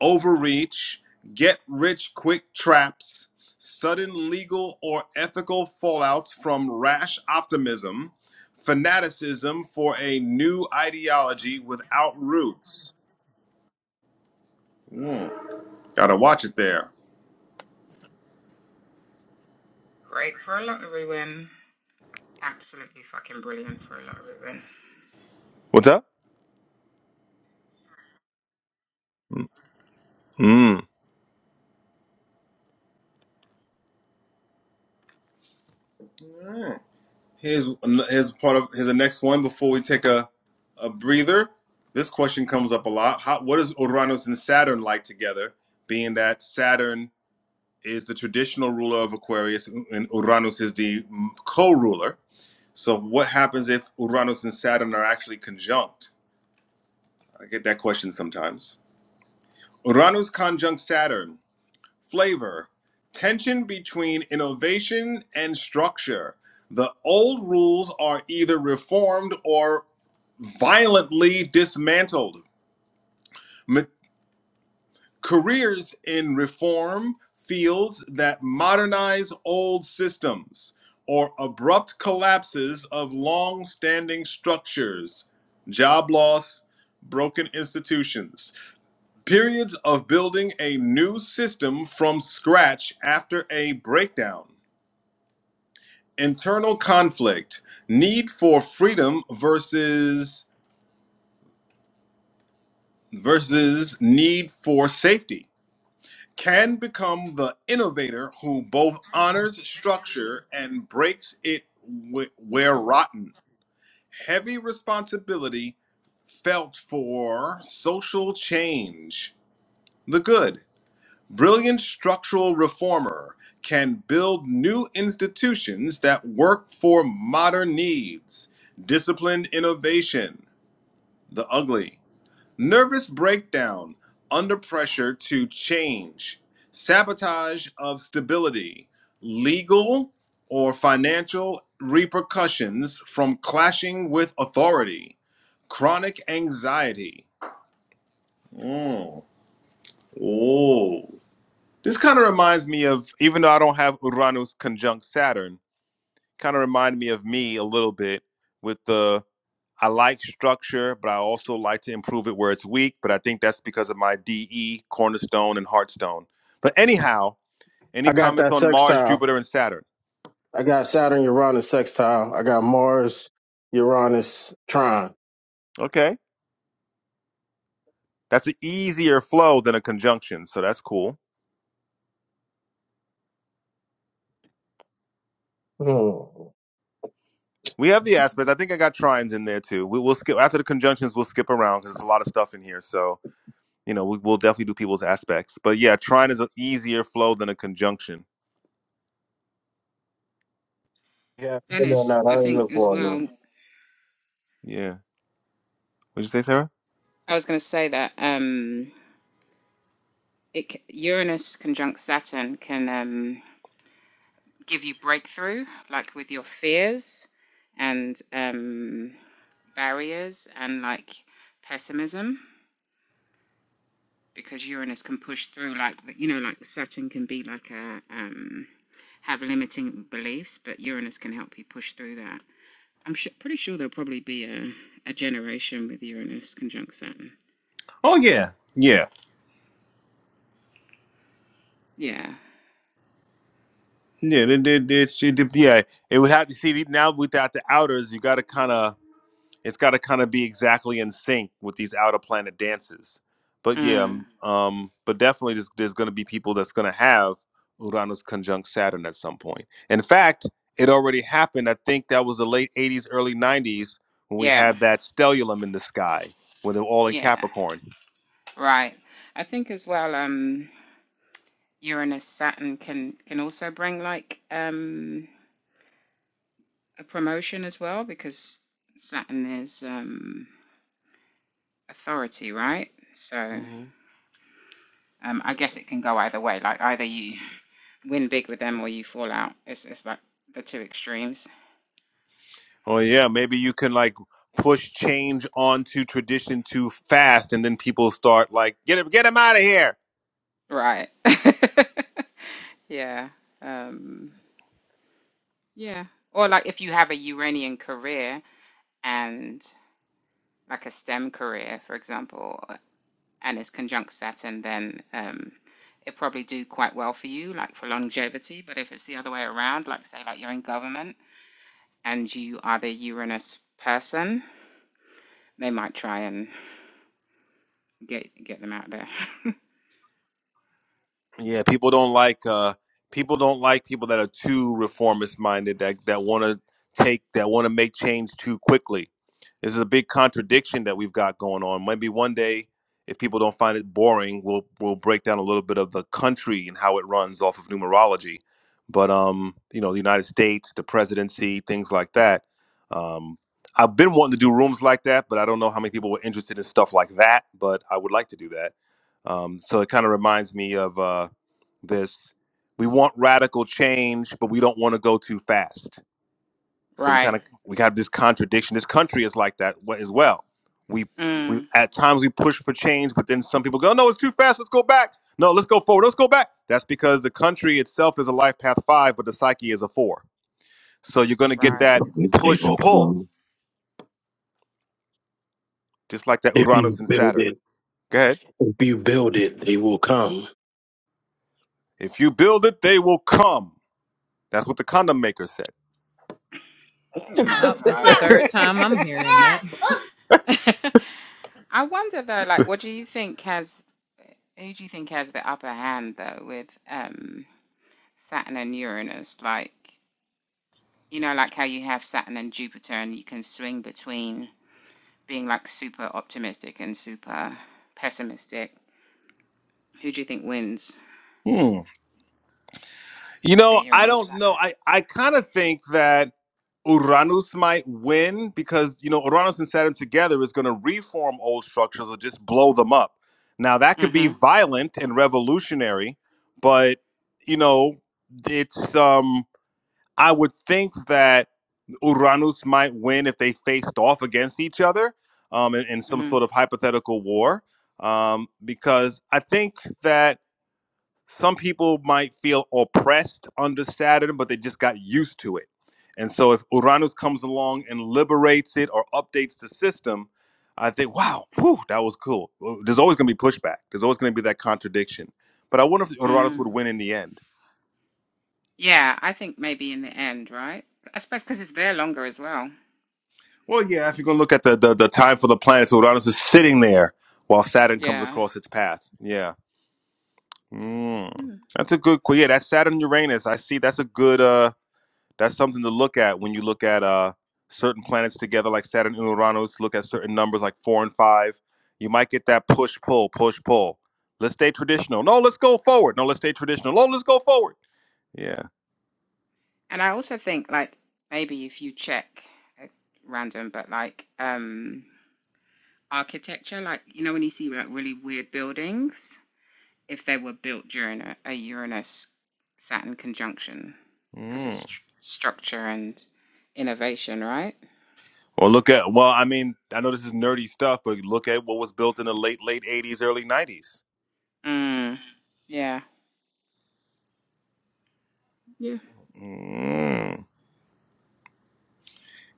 overreach, get rich quick traps, sudden legal or ethical fallouts from rash optimism, fanaticism for a new ideology without roots. Gotta watch it there. Great for a lottery win. Absolutely fucking brilliant for a lottery win. What's up? Mm. Hmm. Here's here's part of here's the next one before we take a a breather. This question comes up a lot. How, what is Uranus and Saturn like together? Being that Saturn is the traditional ruler of Aquarius, and Uranus is the co ruler. So, what happens if Uranus and Saturn are actually conjunct? I get that question sometimes. Uranus conjunct Saturn, flavor, tension between innovation and structure. The old rules are either reformed or violently dismantled. Ma- careers in reform fields that modernize old systems or abrupt collapses of long standing structures, job loss, broken institutions, periods of building a new system from scratch after a breakdown, internal conflict, need for freedom versus versus need for safety can become the innovator who both honors structure and breaks it wh- where rotten. Heavy responsibility felt for social change. The good, brilliant structural reformer can build new institutions that work for modern needs. Disciplined innovation. The ugly. Nervous breakdown, under pressure to change, sabotage of stability, legal or financial repercussions from clashing with authority, chronic anxiety. Mm. Oh. This kind of reminds me of, even though I don't have Uranus conjunct Saturn, kind of reminded me of me a little bit with the I like structure, but I also like to improve it where it's weak. But I think that's because of my DE, Cornerstone, and Hearthstone. But anyhow, any I got comments that on Mars, sextile. Jupiter, and Saturn? I got Saturn, Uranus sextile. I got Mars, Uranus, Trine. Okay. That's an easier flow than a conjunction. So that's cool. Hmm. We have the aspects. I think I got trines in there too. We will skip after the conjunctions, we'll skip around because there's a lot of stuff in here. So, you know, we will definitely do people's aspects. But yeah, trine is an easier flow than a conjunction. Yeah, no, Dennis, no, I I didn't think look as for it. No. well. Yeah. What'd you say, Sarah? I was going to say that um, it Uranus conjunct Saturn can um, give you breakthrough, like with your fears and um, barriers and like pessimism, because Uranus can push through, like, you know, like Saturn can be like a, um, have limiting beliefs, but Uranus can help you push through that. I'm su pretty sure there'll probably be a, a generation with Uranus conjunct Saturn. Oh yeah, yeah, Yeah. yeah. They, they, they, she did- yeah, it would have to see now without the outers. You got to kind of, it's got to kind of be exactly in sync with these outer planet dances. But yeah, Mm. um, um, but definitely there's, there's going to be people that's going to have Uranus conjunct Saturn at some point. In fact, it already happened. I think that was the late '80s, early '90s when we Yeah. had that stellium in the sky when they were all in Yeah. Capricorn. Right. I think as well, um, Uranus Saturn can can also bring like um a promotion as well because Saturn is um, authority, right? So hmm um, I guess it can go either way. Like either you win big with them or you fall out. It's it's like the two extremes, Oh yeah, maybe you can like push change onto tradition too fast, and then people start like get him, get him out of here. right? yeah, um, yeah. Or like if you have a Uranian career and like a STEM career, for example, and it's conjunct Saturn, then um, it probably do quite well for you, like for longevity. But if it's the other way around, like say like you're in government and you are the Uranus person, they might try and get get them out there. Yeah, people don't like uh people don't like people that are too reformist minded that that want to take that want to make change too quickly. This is a big contradiction that we've got going on. Maybe one day if people don't find it boring, we'll we'll break down a little bit of the country and how it runs off of numerology. But um, you know, the United States, the presidency, things like that. Um I've been wanting to do rooms like that, but I don't know how many people were interested in stuff like that, but I would like to do that. Um, so it kind of reminds me of uh, this we want radical change but we don't want to go too fast so we kind right. of we have this contradiction this country is like that wa- as well we we Mm, at times we push for change but then some people go no it's too fast let's go back no let's go forward let's go back that's because the country itself is a life path five but the psyche is a four so you're going to get right. that They push will pull come. just like that If you uranus and build saturn it, go ahead if you build it, they will come. if you build it they will come that's what the condom maker said Oh my Nope, that's God. the third time I'm hearing that. I wonder though, like, what do you think has who do you think has the upper hand though with um Saturn and Uranus? Like, you know, like how you have Saturn and Jupiter and you can swing between being like super optimistic and super pessimistic. Who do you think wins Hmm. You with the know, I Uranus? don't know. I, I kind of think that Uranus might win because, you know, Uranus and Saturn together is going to reform old structures or just blow them up. Now, that could be Mm-hmm. violent and revolutionary, but, you know, it's, um, I would think that Uranus might win if they faced off against each other um, in, in some hmm sort of hypothetical war. Um, because I think that some people might feel oppressed under Saturn, but they just got used to it. And so if Uranus comes along and liberates it or updates the system, I think, wow, whew, that was cool. Well, There's always going to be pushback. There's always going to be that contradiction. But I wonder if Uranus would Mm. win in the end. Yeah, I think maybe in the end, right? I suppose because it's there longer as well. Well, yeah, if you're going to look at the, the, the time for the planets, Uranus is sitting there while Saturn comes Yeah. across its path. Yeah. Mm. Mm. That's a good, que- yeah, that's Saturn Uranus. I see that's a good, uh, That's something to look at when you look at uh, certain planets together, like Saturn and Uranus. Look at certain numbers like four and five. You might get that push pull, push pull. Let's stay traditional. No, let's go forward. No, let's stay traditional. No, let's go forward. Yeah. And I also think like maybe if you check, it's random, but like um architecture, like you know when you see like really weird buildings, if they were built during a, a Uranus Saturn conjunction, because Mm. it's stru structure and innovation, right? Or look at well, I mean, I know this is nerdy stuff, but look at what was built in the late late eighties, early nineties. Mm. Yeah. Yeah. Mm.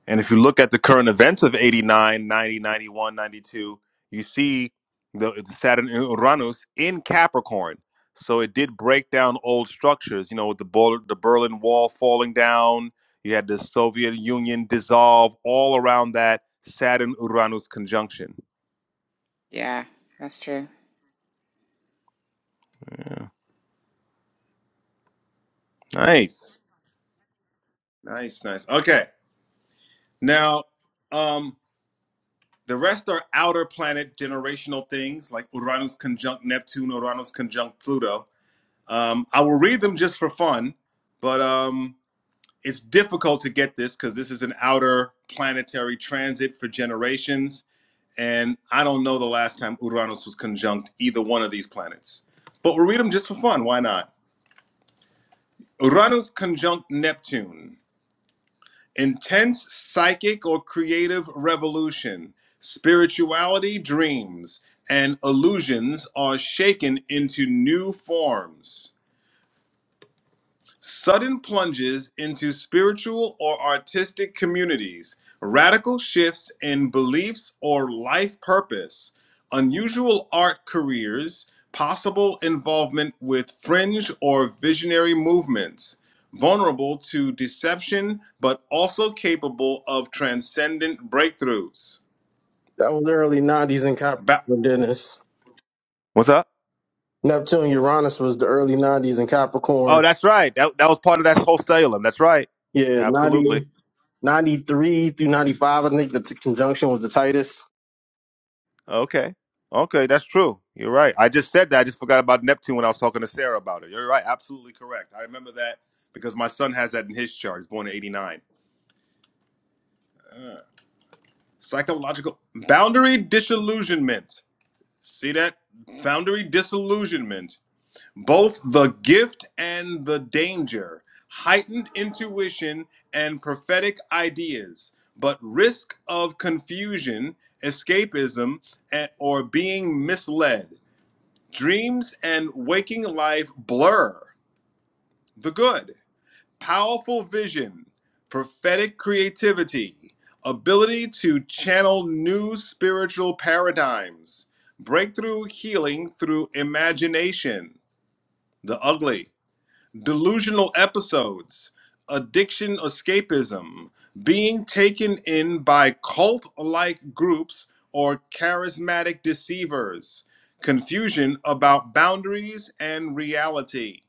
And if you look at the current events of 89, 90, 91, 92, you see the the Saturn and Uranus in Capricorn. So it did break down old structures, you know, with the, Bol- the Berlin Wall falling down. You had the Soviet Union dissolve all around that Saturn Uranus conjunction. Yeah, that's true. Nice. Nice, nice. Okay. Now, um, the rest are outer planet generational things like Uranus conjunct Neptune, Uranus conjunct Pluto Um, I will read them just for fun, but um, it's difficult to get this because this is an outer planetary transit for generations. And I don't know the last time Uranus was conjunct either one of these planets. But we'll read them just for fun. Why not? Uranus conjunct Neptune. Intense psychic or creative revolution. Spirituality dreams and illusions are shaken into new forms. Sudden plunges into spiritual or artistic communities, radical shifts in beliefs or life purpose, unusual art careers, possible involvement with fringe or visionary movements, vulnerable to deception but also capable of transcendent breakthroughs. That was the early '90s in Ba- Capricorn, Dennis. What's up? Neptune, Uranus was the early '90s in Capricorn. Oh, that's right. That, that was part of that whole stellium. That's right. Yeah, '90. Absolutely. 93 through 95, I think the t- conjunction was the tightest. Okay. Okay, that's true. You're right. I just said that. I just forgot about Neptune when I was talking to Sarah about it. You're right. Absolutely correct. I remember that because my son has that in his chart. He's born in 89. Psychological boundary disillusionment. See that? Boundary disillusionment. Both the gift and the danger. Heightened intuition and prophetic ideas, but risk of confusion, escapism, and, or being misled Dreams and waking life blur the good, powerful vision, prophetic creativity, ability to channel new spiritual paradigms, breakthrough healing through imagination, the ugly delusional episodes, addiction escapism, being taken in by cult like groups or charismatic deceivers, confusion about boundaries and reality.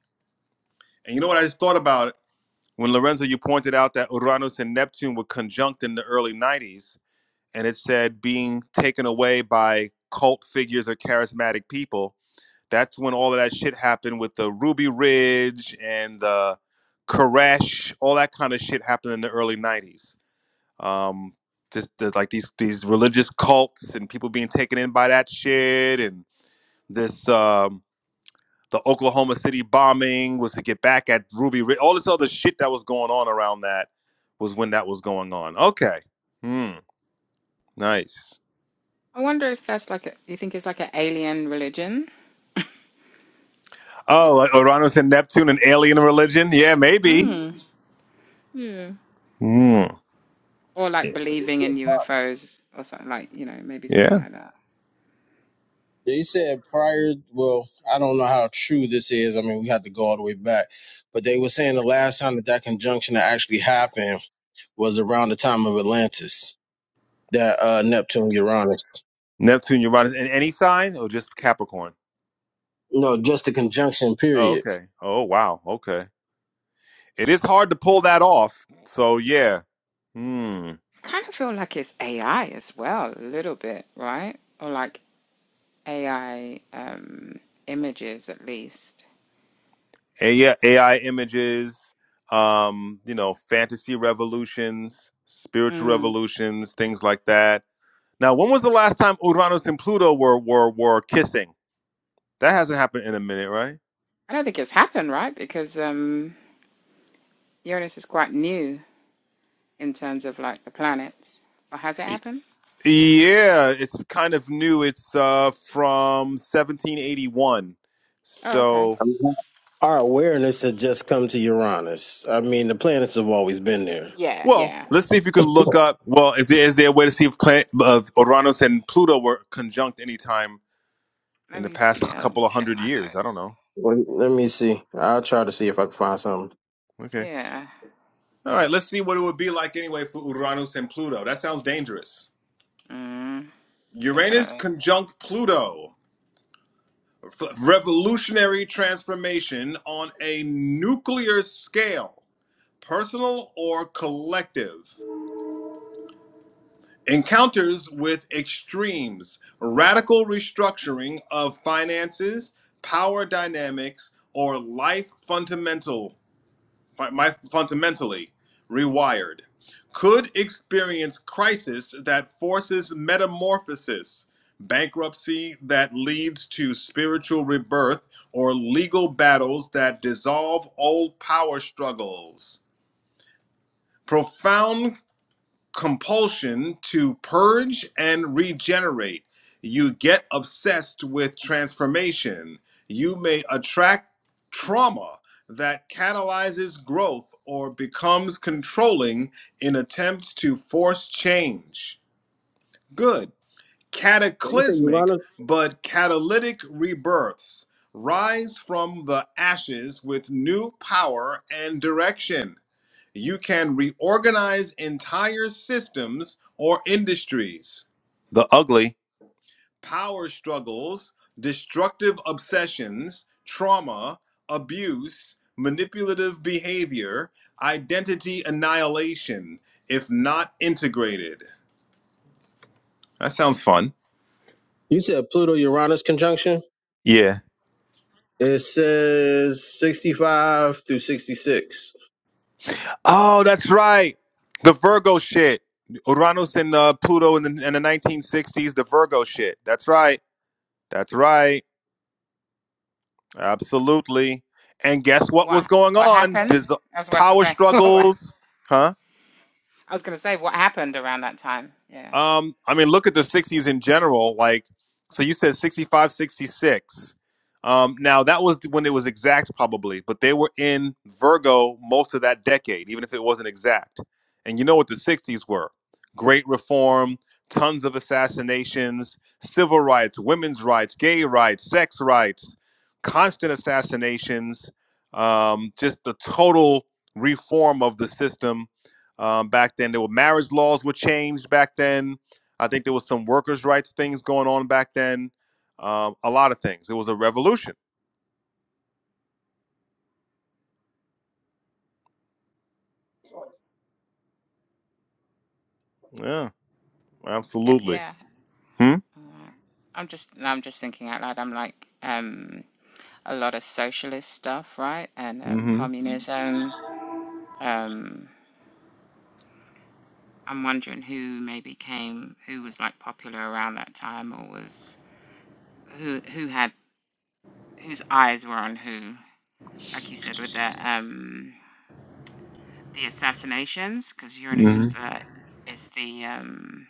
And you know what I just thought about when Lorenzo, you pointed out that Uranus and Neptune were conjunct in the early 90s, and it said being taken away by cult figures or charismatic people that's when all of that shit happened with the Ruby Ridge and the Koresh, all that kind of shit happened in the early '90s. Um, this, the, like these these religious cults and people being taken in by that shit, and this um, the Oklahoma City bombing was to get back at Ruby Ridge. All this other shit that was going on around that was when that was going on. Okay, hmm, nice. I wonder if that's like a, you think it's like an alien religion? Y- Oh, like Uranus and Neptune and alien religion? Yeah, maybe. Mm. Yeah. Hmm. Or like But they believing said, in pri- UFOs or something like, you know, maybe Yeah. something like that. they said prior, well, I don't know how true this is. I mean, we had to go all the way back. But they were saying the last time that that conjunction actually happened was around the time of Atlantis, that uh, Neptune Uranus. Neptune, Uranus, in any sign or just Capricorn? No, just the conjunction, Oh, period. okay. Oh, wow. Okay. It is hard to pull that off. So yeah. Hmm. I kind of feel like it's AI as well, a little bit, right? Or like AI um, images at least. A- yeah, AI images, um, you know, fantasy revolutions, spiritual Mm. revolutions, things like that. Now, when was the last time Uranus and Pluto were were were kissing? That hasn't happened in a minute, right? I don't think it's happened, right? Because um, Uranus is quite new in terms of like the planets. Or has it happened? Yeah, it's kind of new. It's uh from 1781. Oh, okay. So, I mean, our awareness had just come to Uranus. I mean, the planets have always been there. Yeah, well, yeah. let's see if you can look up. Well, is there, is there a way to see if Cla- uh, Uranus and Pluto were conjunct anytime in Let the me past see. I'll couple of check hundred my years? I notes. don't know. Wait, let me see. I'll try to see if I can find something. Okay. Yeah. All right, let's see what it would be like anyway for Uranus and Pluto. That sounds dangerous. Mm, Uranus definitely. conjunct Pluto. F- Revolutionary transformation on a nuclear scale, personal or collective. Encounters with extremes, radical restructuring of finances, power dynamics, or life fundamental, fi- fundamentally rewired, could experience crisis that forces metamorphosis, bankruptcy that leads to spiritual rebirth, or legal battles that dissolve old power struggles. Profound compulsion to purge and regenerate. You get obsessed with transformation. You may attract trauma that catalyzes growth or becomes controlling in attempts to force change. Good. You said Cataclysmic Uranus? but catalytic rebirths rise from the ashes with new power and direction. You can reorganize entire systems or industries. The ugly. Power struggles, destructive obsessions, trauma, abuse, manipulative behavior, identity annihilation, if not integrated. That sounds fun. You said Pluto Uranus conjunction? Yeah. It says 65 through 66. Oh, that's right. The Virgo shit. Uranus and uh, Pluto in the, in the 1960s, the Virgo shit. That's right. That's right. Absolutely. And guess what was What going what on? happened? Dis- That's what to power say. I struggles, huh? was going to say what happened around that time. Yeah. Um, I mean, look at the 60s in general. Like, so you said 65, 66. Um, now, that was when it was exact, probably, but they were in Virgo most of that decade, even if it wasn't exact. And you know what the 60s were great reform, tons of assassinations, civil rights, women's rights, gay rights, sex rights, constant assassinations, um, just the total reform of the system um, back then, there were marriage laws were changed back then. I think there was some workers' rights things going on back then. Um, a lot of things. It was a revolution. Yeah, I get absolutely. yeah. Hmm. Alright. I'm just no, I'm just thinking out loud. I'm like um a lot of socialist stuff, right? And um hmm communism. Um I'm wondering who maybe came who was like popular around that time or was who who had whose eyes were on who, like you said with the um the assassinations because Uranus is hmm the is the um,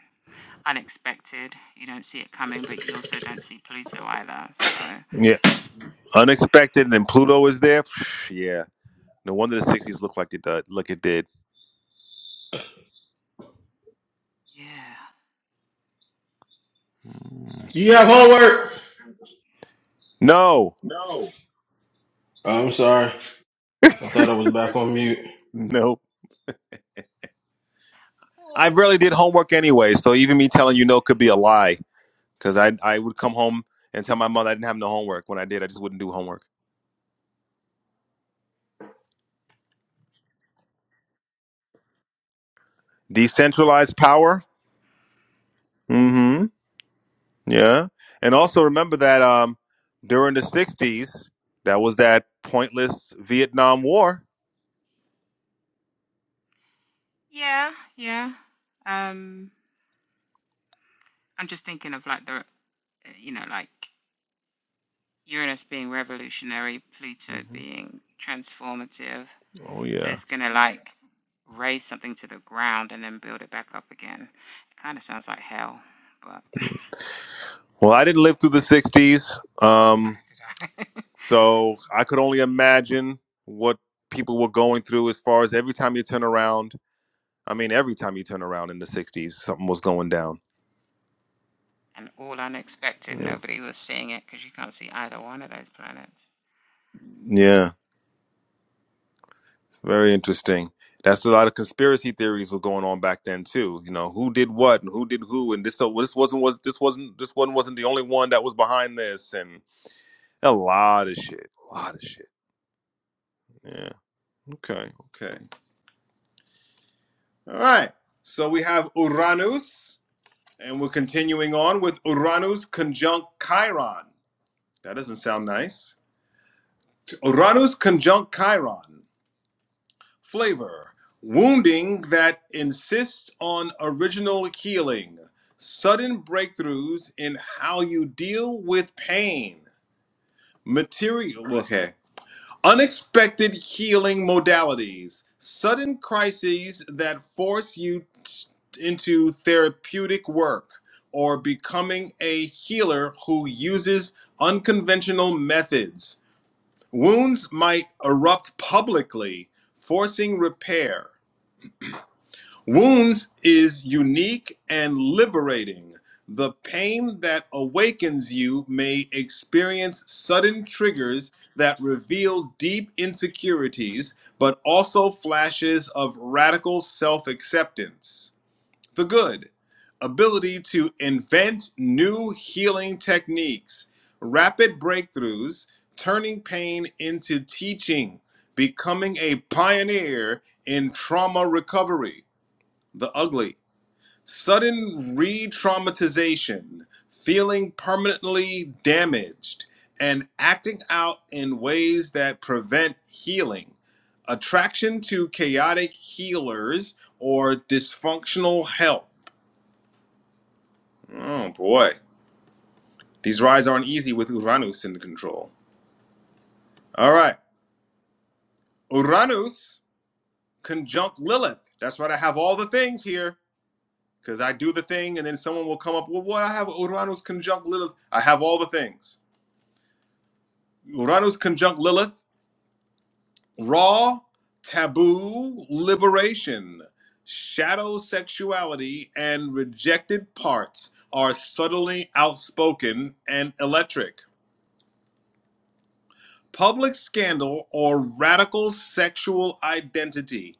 unexpected. You don't see it coming, but you also don't see Pluto either. So Yeah. Unexpected, and then Pluto is there. yeah. No wonder the '60s looked like it did. Look, it did. yeah, I mean it, sounds like No. Oh, I'm sorry. I thought I was back on mute. Nope. well, I really did homework anyway, so even me telling you no could be a lie because I I would come home and tell my mother I didn't have no homework. When I did, I just wouldn't do homework. Decentralized power. Hmm. Yeah. And also remember that um, during the 60s, that was that pointless Vietnam War. yeah, yeah. Um, I'm just thinking of like the you know like Uranus being revolutionary, Pluto hmm being transformative. Oh, So yeah. it's gonna like raise something to the ground and then build it back up again. It kind of sounds like hell, but. Well, I didn't live through the 60s. how Um, did I so I could only imagine what people were going through as far as every time you turn around. I mean, every time you turn around in the 60s, something was going down. and all unexpected. Yeah. Nobody was seeing it because you can't see either one of those planets. Yeah. Very interesting. That's a lot of conspiracy theories were going on back then too. You know, who did what and who did who, and this so this wasn't was this wasn't this one wasn't the only one that was behind this, and a lot of shit, a lot of shit. Yeah. Okay. Okay. All right. So we have Uranus, and we're continuing on with Uranus conjunct Chiron. That doesn't sound nice. Uranus conjunct Chiron. Flavor wounding that insists on original healing, sudden breakthroughs in how you deal with pain, material, okay, unexpected healing modalities, sudden crises that force you t- into therapeutic work or becoming a healer who uses unconventional methods. Wounds might erupt publicly, forcing repair Wounds is unique and liberating. The pain that awakens you may experience sudden triggers that reveal deep insecurities, but also flashes of radical self acceptance. The good ability to invent new healing techniques, rapid breakthroughs, turning pain into teaching, becoming a pioneer in trauma recovery the ugly. Sudden re traumatization, feeling permanently damaged, and acting out in ways that prevent healing. Attraction to chaotic healers or dysfunctional health. Oh boy. These rides aren't easy with Uranus in control. All right. Uranus conjunct Lilith. That's right. I have all the things here because I do the thing and then someone will come up, well, what? I have Uranus conjunct Lilith. I have all the things. Uranus conjunct Lilith, raw, taboo, liberation, shadow sexuality, and rejected parts are subtly outspoken and electric. Public scandal or radical sexual identity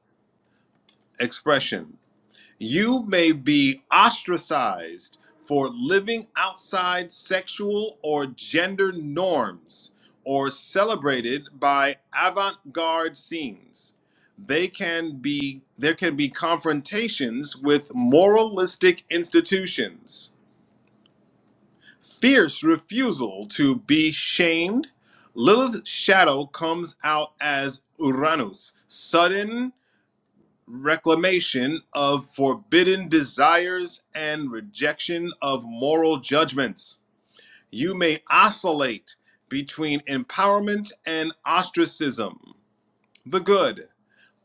expression. You may be ostracized for living outside sexual or gender norms or celebrated by avant-garde scenes. They can be there can be confrontations with moralistic institutions. Fierce refusal to be shamed. Lilith's shadow comes out as Uranus, sudden reclamation of forbidden desires and rejection of moral judgments. You may oscillate between empowerment and ostracism. The good,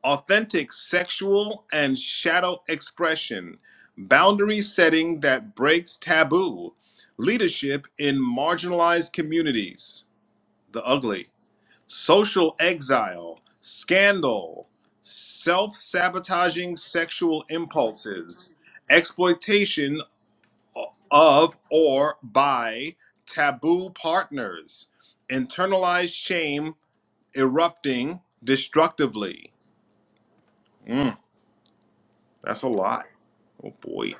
authentic sexual and shadow expression, boundary setting that breaks taboo, leadership in marginalized communities. The ugly social exile, scandal, self sabotaging sexual impulses, exploitation of or by taboo partners, internalized shame erupting destructively. That's a lot. Oh boy.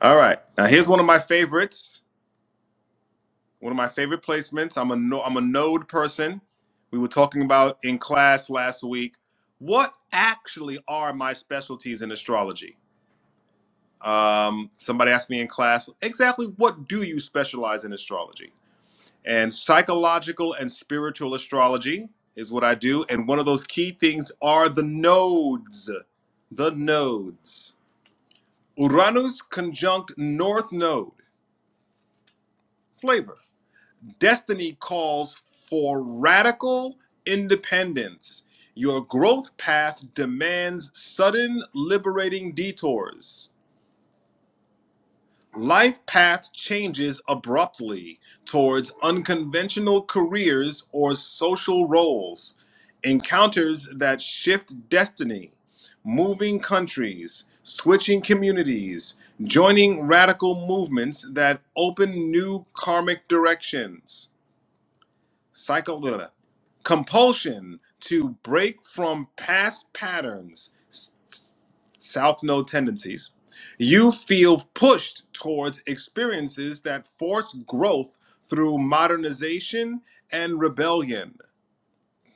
All right. Now, here's one of my favorites. one of my favorite placements. I'm a no, I'm a node person. We were talking about in class last week. What actually are my specialties in astrology? Um, somebody asked me in class exactly what do you specialize in astrology? And psychological and spiritual astrology is what I do. And one of those key things are the nodes. The nodes. Uranus conjunct North Node. Flavor. Destiny calls for radical independence. Your growth path demands sudden, liberating detours. Life path changes abruptly towards unconventional careers or social roles. Encounters that shift destiny, moving countries, switching communities, joining radical movements that open new karmic directions psycho blah, compulsion to break from past patterns south node tendencies you feel pushed towards experiences that force growth through modernization and rebellion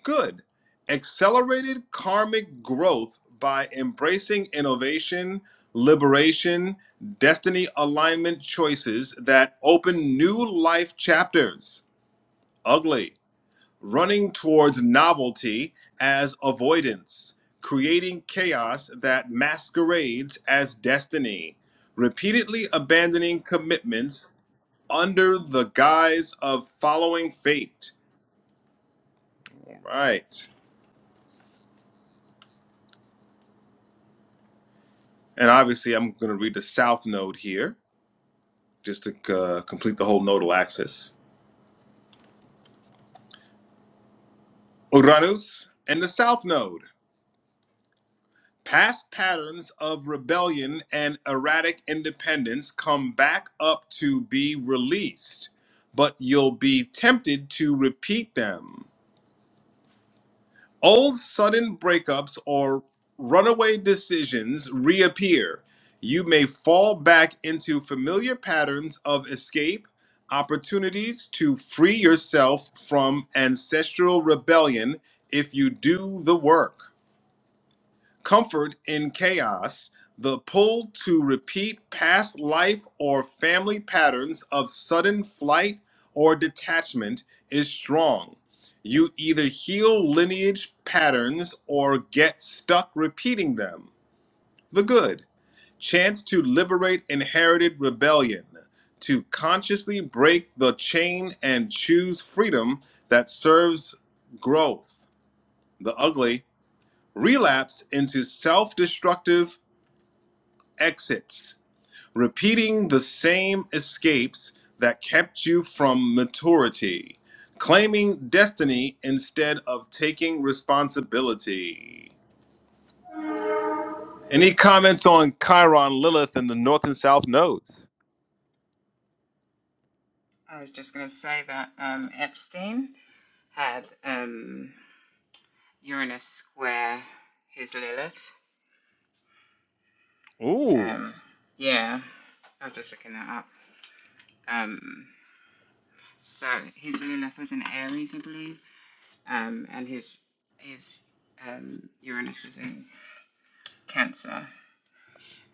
good accelerated karmic growth by embracing innovation liberation destiny alignment choices that open new life chapters ugly running towards novelty as avoidance, creating chaos that masquerades as destiny, repeatedly abandoning commitments under the guise of following fate. All right. And obviously, I'm going to read the south node here just to uh, complete the whole nodal axis. Uranus and the south node. Past patterns of rebellion and erratic independence come back up to be released, but you'll be tempted to repeat them. Old sudden breakups or runaway decisions reappear. You may fall back into familiar patterns of escape, opportunities to free yourself from ancestral rebellion if you do the work comfort in chaos, the pull to repeat past life or family patterns of sudden flight or detachment is strong. You either heal lineage patterns or get stuck repeating them. The good chance to liberate inherited rebellion, to consciously break the chain and choose freedom that serves growth. The ugly relapse into self destructive exits, repeating the same escapes that kept you from maturity, claiming destiny instead of taking responsibility. Any comments on Chiron Lilith and the North and South nodes? I was just going to say that um, Epstein had um, Uranus square his Lilith. Um, yeah, I'm just looking that up. Um, so his Lilith was in Aries, I believe, um, and his his um, Uranus was in Cancer.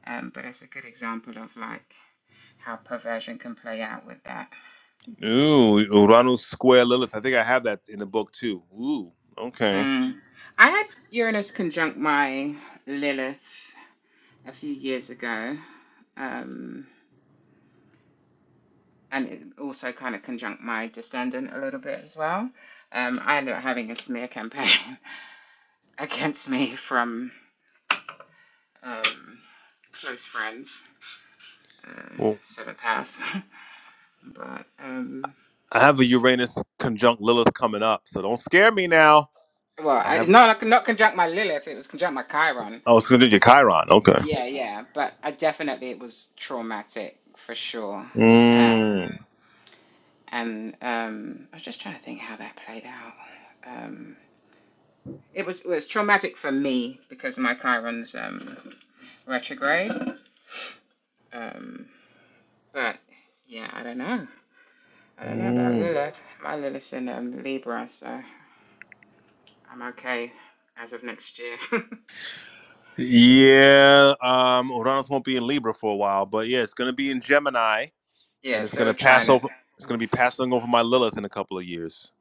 Um, but it's a good example of like how perversion can play out with that Ooh, Uranus square Lilith. I think I have that in the book too. Ooh, okay. Mm. I had Uranus conjunct my Lilith a few years ago, um, and it also kind of conjunct my descendant a little bit as well. Um, I ended up having a smear campaign against me from um, close friends, uh, Well, seventh house, but um, I have a Uranus conjunct Lilith coming up, so don't scare me now. well, I I- it's have. not like not conjunct my Lilith; it was conjunct my Chiron. Oh, it's going to do your Chiron. Okay. Yeah, yeah, but I definitely it was traumatic for sure. Um, Mm, and um, I was just trying to think how that played out. Um, it was it was traumatic for me because of my Chiron's um, retrograde. Um, but yeah, I don't know. I don't know about mm. Lilith. My Lilith's in um, Libra, so I'm okay as of next year. Yeah, um, Uranus won't be in Libra for a while, but yeah, it's gonna be in Gemini, and yeah, it's so gonna pass trying it. over. It's gonna be passing over my Lilith in a couple of years.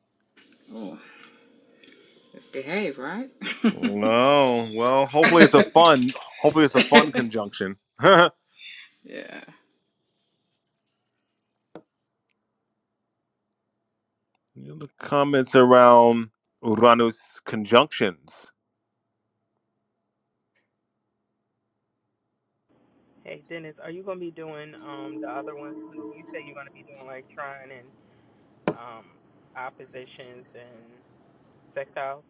Ooh, let's behave, right? No, well, hopefully it's a fun. Hopefully it's a fun conjunction. the yeah. other comments around Uranus conjunctions. hey Dennis, are you gonna be doing um the other ones? too? You say you're gonna be doing like trine and um oppositions and sextiles.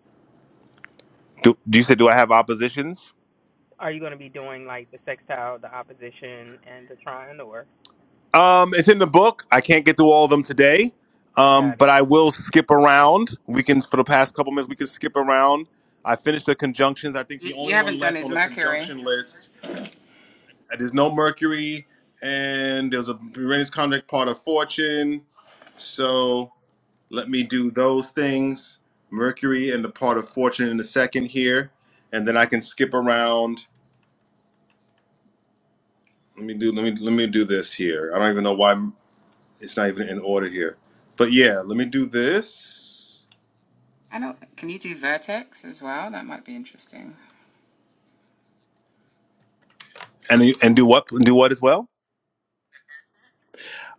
Do, do you say do I have oppositions? Are you gonna be doing like the sextile, the opposition, and the trine, or Um, it's in the book. I can't get through all of them today, um, got it? but I will skip around. We can, for the past couple minutes, we can skip around. I finished the conjunctions. I think You, the you only one haven't done left his on the Mercury. conjunction list. uh, There's no Mercury, and there's a Uranus conjunct part of Fortune. So let me do those things. Mercury and the part of Fortune in a second here, and then I can skip around. Let me do. Let me let me do this here. I don't even know why. It's not even in order here. But yeah, let me do this. I don't. Can you do Vertex as well? That might be interesting. And and do what do what as well?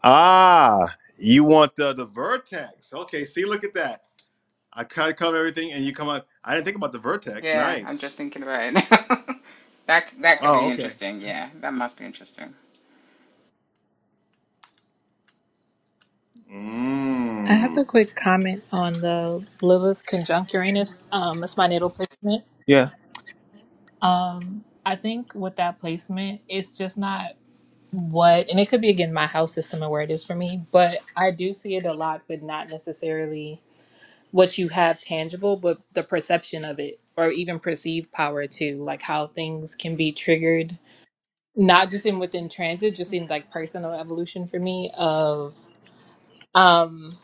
Ah, you want the the vertex. Okay, see, look at that. I kind of cover everything and you come up. I didn't think about the vertex. Yeah, I'm Nice. just thinking about it now. That that could Oh, be okay. interesting. Yeah, that must be interesting. I have a Mmm. quick comment on the Lilith conjunct Uranus. Um, it's my natal placement. Yeah. Um, I think with that placement, it's just not what, and it could be again my house system and where it is for me, but I do see it a lot, but not necessarily what you have tangible, but the perception of it or even perceived power too, like how things can be triggered, not just in within transit, just in like personal evolution for me of. Um,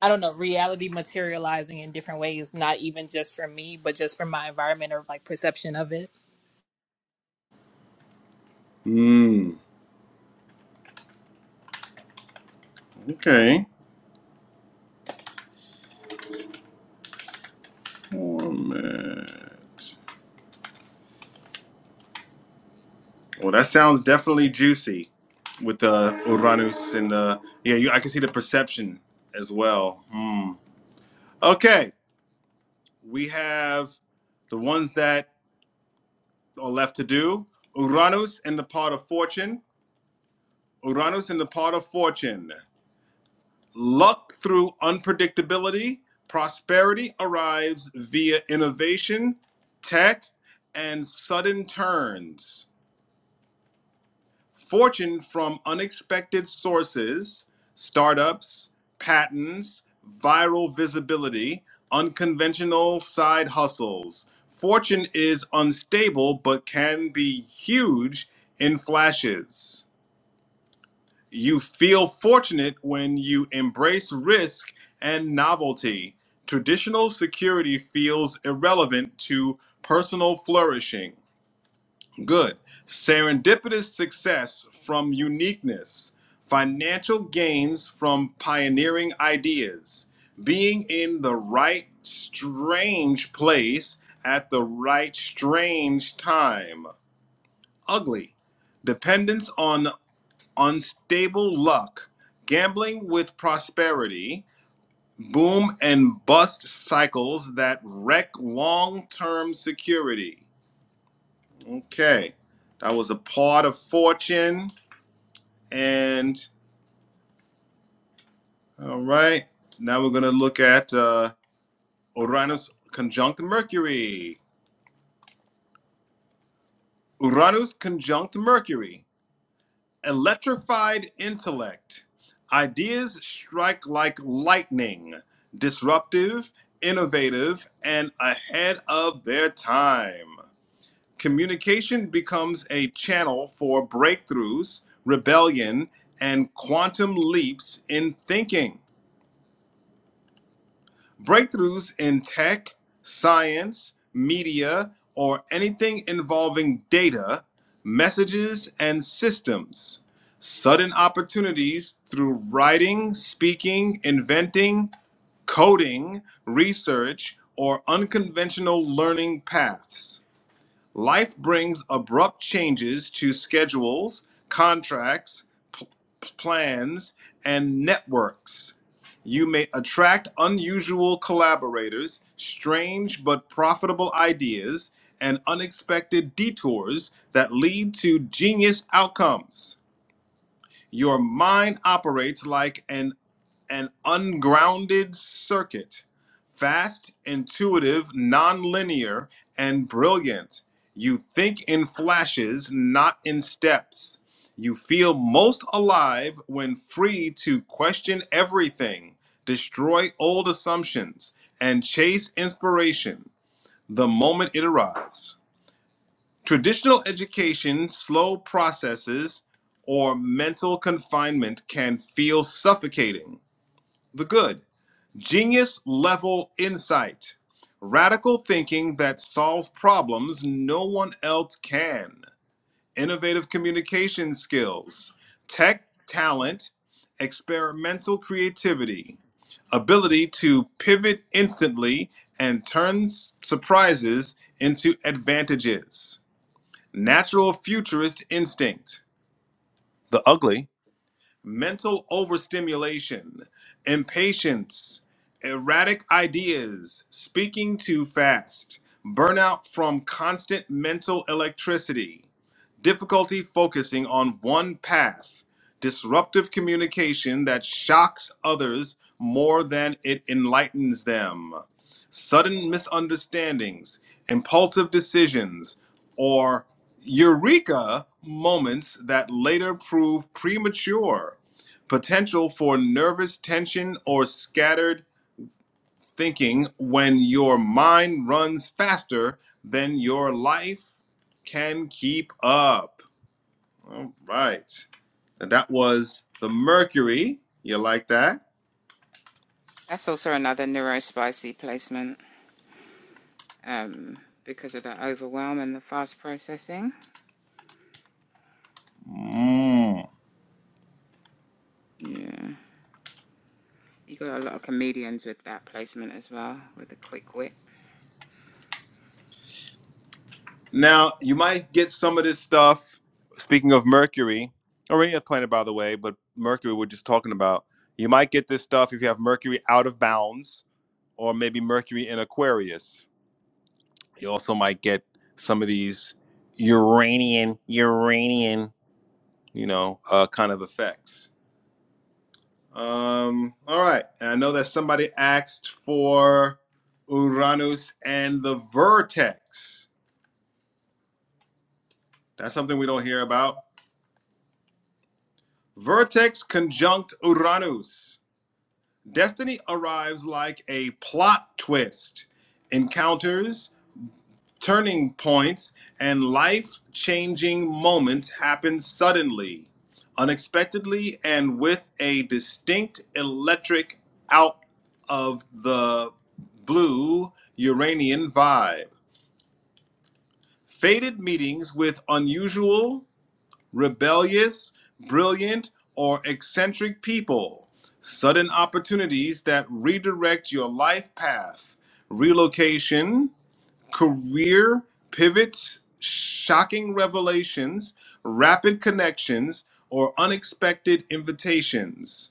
I don't know, reality materializing in different ways, not even just for me, but just for my environment or like perception of it. Mmm. Okay. Format. Well, that sounds definitely juicy with the Uranus and the, yeah, you, I can see the perception as well. Hmm. Okay. we have the ones that are left to do Uranus in the part of fortune, Uranus in the part of fortune. Luck through unpredictability, prosperity arrives via innovation, tech, and sudden turns. fortune from unexpected sources, startups, patents, viral visibility, unconventional side hustles. Fortune is unstable but can be huge in flashes. You feel fortunate when you embrace risk and novelty. Traditional security feels irrelevant to personal flourishing. Good. Serendipitous success from uniqueness, financial gains from pioneering ideas, being in the right strange place at the right strange time. Ugly. Dependence on unstable luck, gambling with prosperity, boom and bust cycles that wreck long term security Okay. That was a part of fortune. And all right. Now we're going to look at uh, Uranus conjunct Mercury. Uranus conjunct Mercury. Electrified intellect. Ideas strike like lightning, disruptive, innovative, and ahead of their time. communication becomes a channel for breakthroughs, rebellion, and quantum leaps in thinking. Breakthroughs in tech, science, media, or anything involving data, messages, and systems. Sudden opportunities through writing, speaking, inventing, coding, research, or unconventional learning paths Life brings abrupt changes to schedules, contracts, plans, and networks. You may attract unusual collaborators, strange but profitable ideas, and unexpected detours that lead to genius outcomes. Your mind operates like an an ungrounded circuit, fast, intuitive, nonlinear, and brilliant. You think in flashes, not in steps. You feel most alive when free to question everything, destroy old assumptions, and chase inspiration the moment it arrives. Traditional education, slow processes, or mental confinement can feel suffocating. The good Genius level insight. Radical thinking that solves problems no one else can. Innovative communication skills. Tech talent. Experimental creativity. Ability to pivot instantly and turn surprises into advantages. Natural futurist instinct. The ugly mental overstimulation, impatience, erratic ideas, speaking too fast, burnout from constant mental electricity, difficulty focusing on one path, disruptive communication that shocks others more than it enlightens them, sudden misunderstandings, impulsive decisions, or eureka moments that later prove premature, potential for nervous tension or scattered thinking when your mind runs faster than your life can keep up. Right. And that was the Mercury. You like that? That's also another neurospicy placement, um, because of the overwhelm and the fast processing. Mm. Yeah. You got a lot of comedians with that placement as well, with the quick wit. Now, you might get some of this stuff. Speaking of Mercury, or any other planet, by the way, but Mercury we're just talking about. You might get this stuff if you have Mercury out of bounds, or maybe Mercury in Aquarius. You also might get some of these Uranian, Uranian, you know, uh, kind of effects. Um, all right. And I know that somebody asked for Uranus and the vertex. That's something we don't hear about. Vertex conjunct Uranus. Destiny arrives like a plot twist, encounters, turning points, and life changing moments happen suddenly, unexpectedly, and with a distinct electric out of the blue Uranian vibe. Faded meetings with unusual rebellious, brilliant, or eccentric people. Sudden opportunities that redirect your life path, relocation, career pivots, shocking revelations, rapid connections, or unexpected invitations.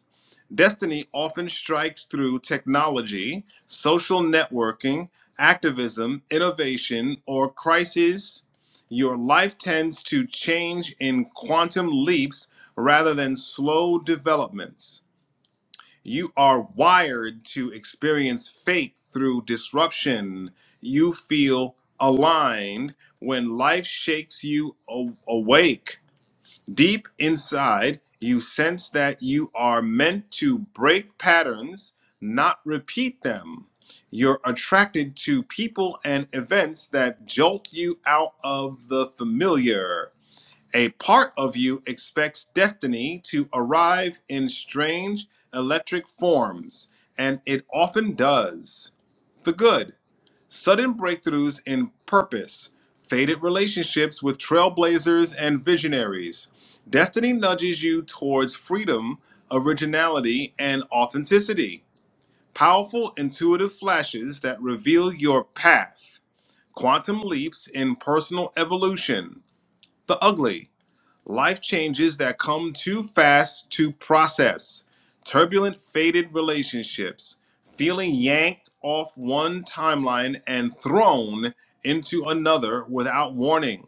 Destiny often strikes through technology, social networking, activism, innovation, or crises. Your life tends to change in quantum leaps rather than slow developments. You are wired to experience fate through disruption. You feel aligned when life shakes you awake. Deep inside, you sense that you are meant to break patterns, not repeat them. You're attracted to people and events that jolt you out of the familiar. A part of you expects destiny to arrive in strange electric forms, and it often does. The good sudden breakthroughs in purpose, faded relationships with trailblazers and visionaries. Destiny nudges you towards freedom, originality, and authenticity. Powerful, intuitive flashes that reveal your path. Quantum leaps in personal evolution. The ugly life changes that come too fast to process, turbulent, faded relationships, feeling yanked off one timeline and thrown into another without warning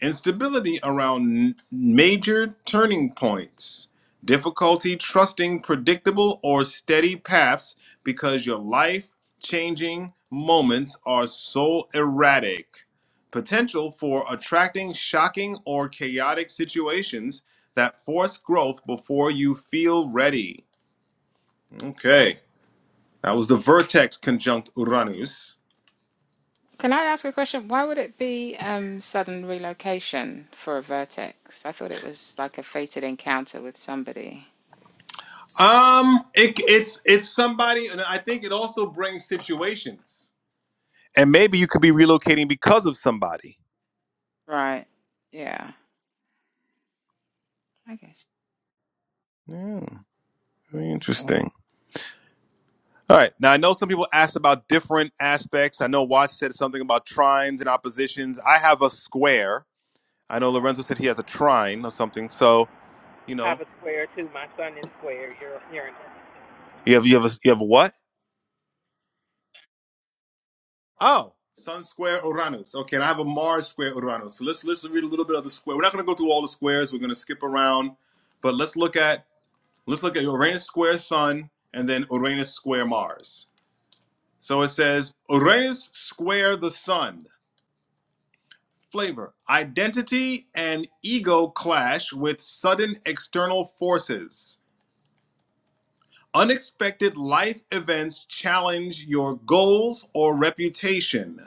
instability around major turning points, difficulty trusting predictable or steady paths because your life changing moments are so erratic, potential for attracting shocking or chaotic situations that force growth before you feel ready. Okay. That was the vertex conjunct Uranus. Can I ask a question? Why would it be um, sudden relocation for a vertex? I thought it was like a fated encounter with somebody. Um, it, it's it's somebody, and I think it also brings situations. and maybe you could be relocating because of somebody. Right. Yeah. I guess. Yeah, very interesting. All right. Now I know some people asked about different aspects. I know Watts said something about trines and oppositions. I have a square. I know Lorenzo said he has a trine or something. So you Have know, a square too. My son is square. You're Uranus. You have you have a, you have a what? oh, Sun square Uranus. Okay, and I have a Mars square Uranus. So let's let's read a little bit of the square. We're not going to go through all the squares. We're going to skip around, but let's look at let's look at Uranus square Sun and then Uranus square Mars. So it says Uranus square the sun. Flavor Identity and ego clash with sudden external forces. Unexpected life events challenge your goals or reputation.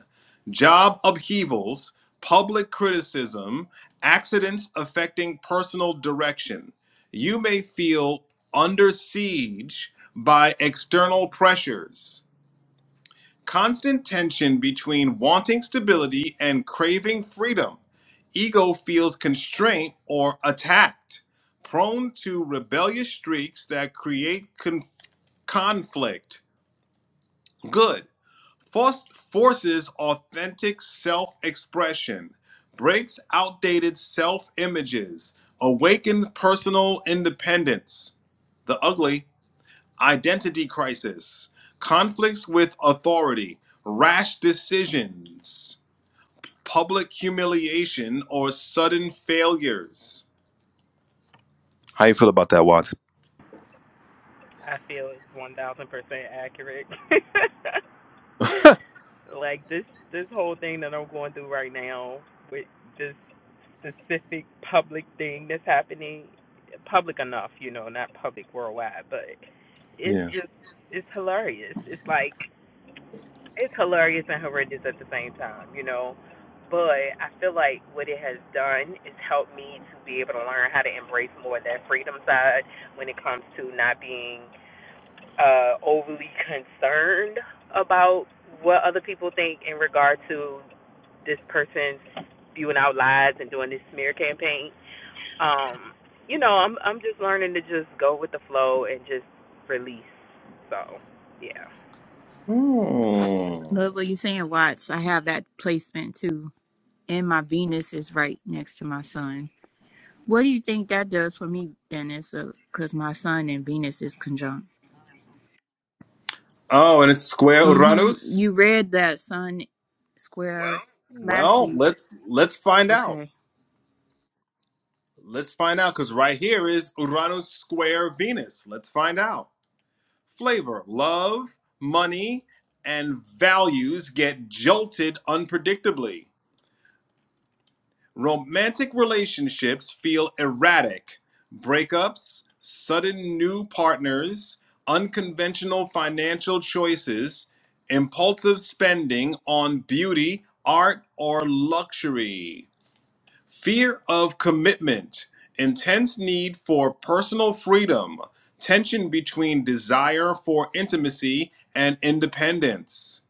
Job upheavals, public criticism, accidents affecting personal direction. You may feel under siege by external pressures. Constant tension between wanting stability and craving freedom. Ego feels constraint or attacked, prone to rebellious streaks that create con- conflict. Good. Force- forces authentic self expression, breaks outdated self images, awakens personal independence. The ugly identity crisis, conflicts with authority, rash decisions, public humiliation, or sudden failures. How you feel about that, Watt? I feel it's one thousand percent accurate. like this this whole thing that I'm going through right now with this specific public thing that's happening public enough, you know, not public worldwide, but it's Yeah. just it's hilarious. It's like it's hilarious and horrendous at the same time, you know. But I feel like what it has done is helped me to be able to learn how to embrace more of that freedom side when it comes to not being uh, overly concerned about what other people think in regard to this person spewing out lies and doing this smear campaign. Um, you know, I'm I'm just learning to just go with the flow and just release. So, yeah. Hmm. Love what you're saying, Watts. I have that placement too. And my Venus is right next to my sun. What do you think that does for me, Dennis? Because my sun and Venus is conjunct. Oh, and it's square Mm-hmm. Uranus. You read that sun square Well- last Well, week. let's let's find out. Okay. Let's find out because right here is Uranus square Venus. Let's find out. Flavor, love, money, and values get jolted unpredictably. Romantic relationships feel erratic. Breakups, sudden new partners, unconventional financial choices, impulsive spending on beauty, art, or luxury. Fear of commitment, intense need for personal freedom, tension between desire for intimacy and independence.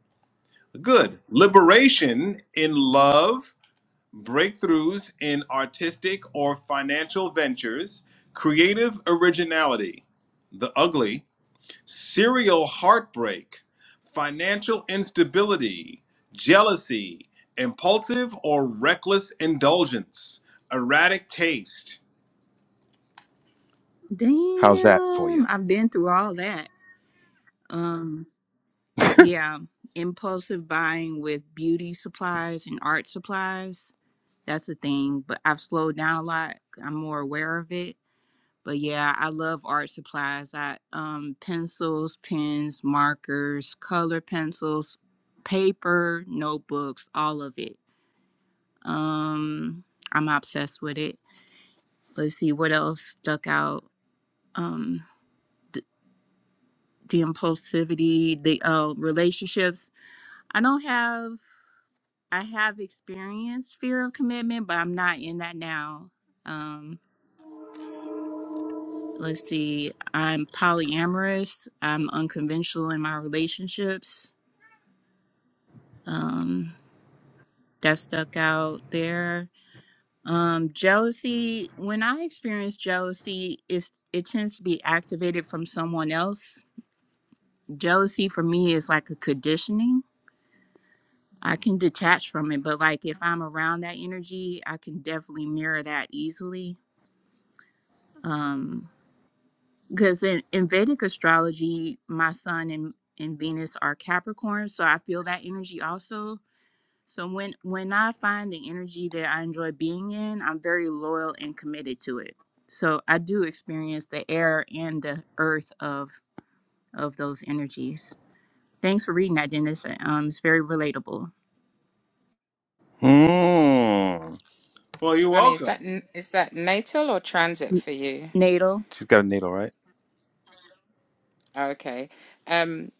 Good. Liberation in love breakthroughs in artistic or financial ventures, creative originality, the ugly, serial heartbreak, financial instability, jealousy, impulsive or reckless indulgence, erratic taste. How's that for you? Damn. I've been through all that. Um, yeah. Impulsive buying with beauty supplies and art supplies. That's a thing. But I've slowed down a lot. I'm more aware of it but yeah, I love art supplies. I um pencils, pens, markers, color pencils, paper, notebooks, all of it. Um I'm obsessed with it. Let's see what else stuck out. Um the, the impulsivity, the uh, relationships. I don't have I have experienced fear of commitment, but I'm not in that now. Um let's see. I'm polyamorous. I'm unconventional in my relationships um, that stuck out there. Um, jealousy, when I experience jealousy, it's, it tends to be activated from someone else. Jealousy for me is like a conditioning. I can detach from it, but like if I'm around that energy, I can definitely mirror that easily. Um, because in, in Vedic astrology, my sun and, and Venus are Capricorn, so I feel that energy also So when when I find the energy that I enjoy being in, I'm very loyal and committed to it. So I do experience the air and the earth of of those energies. Thanks for reading that, Dennis. Um, it's very relatable. Hmm. Well, you're Shani, is welcome. that n- is that natal or transit N- for you? Natal, She's got a needle, right? Okay. Um,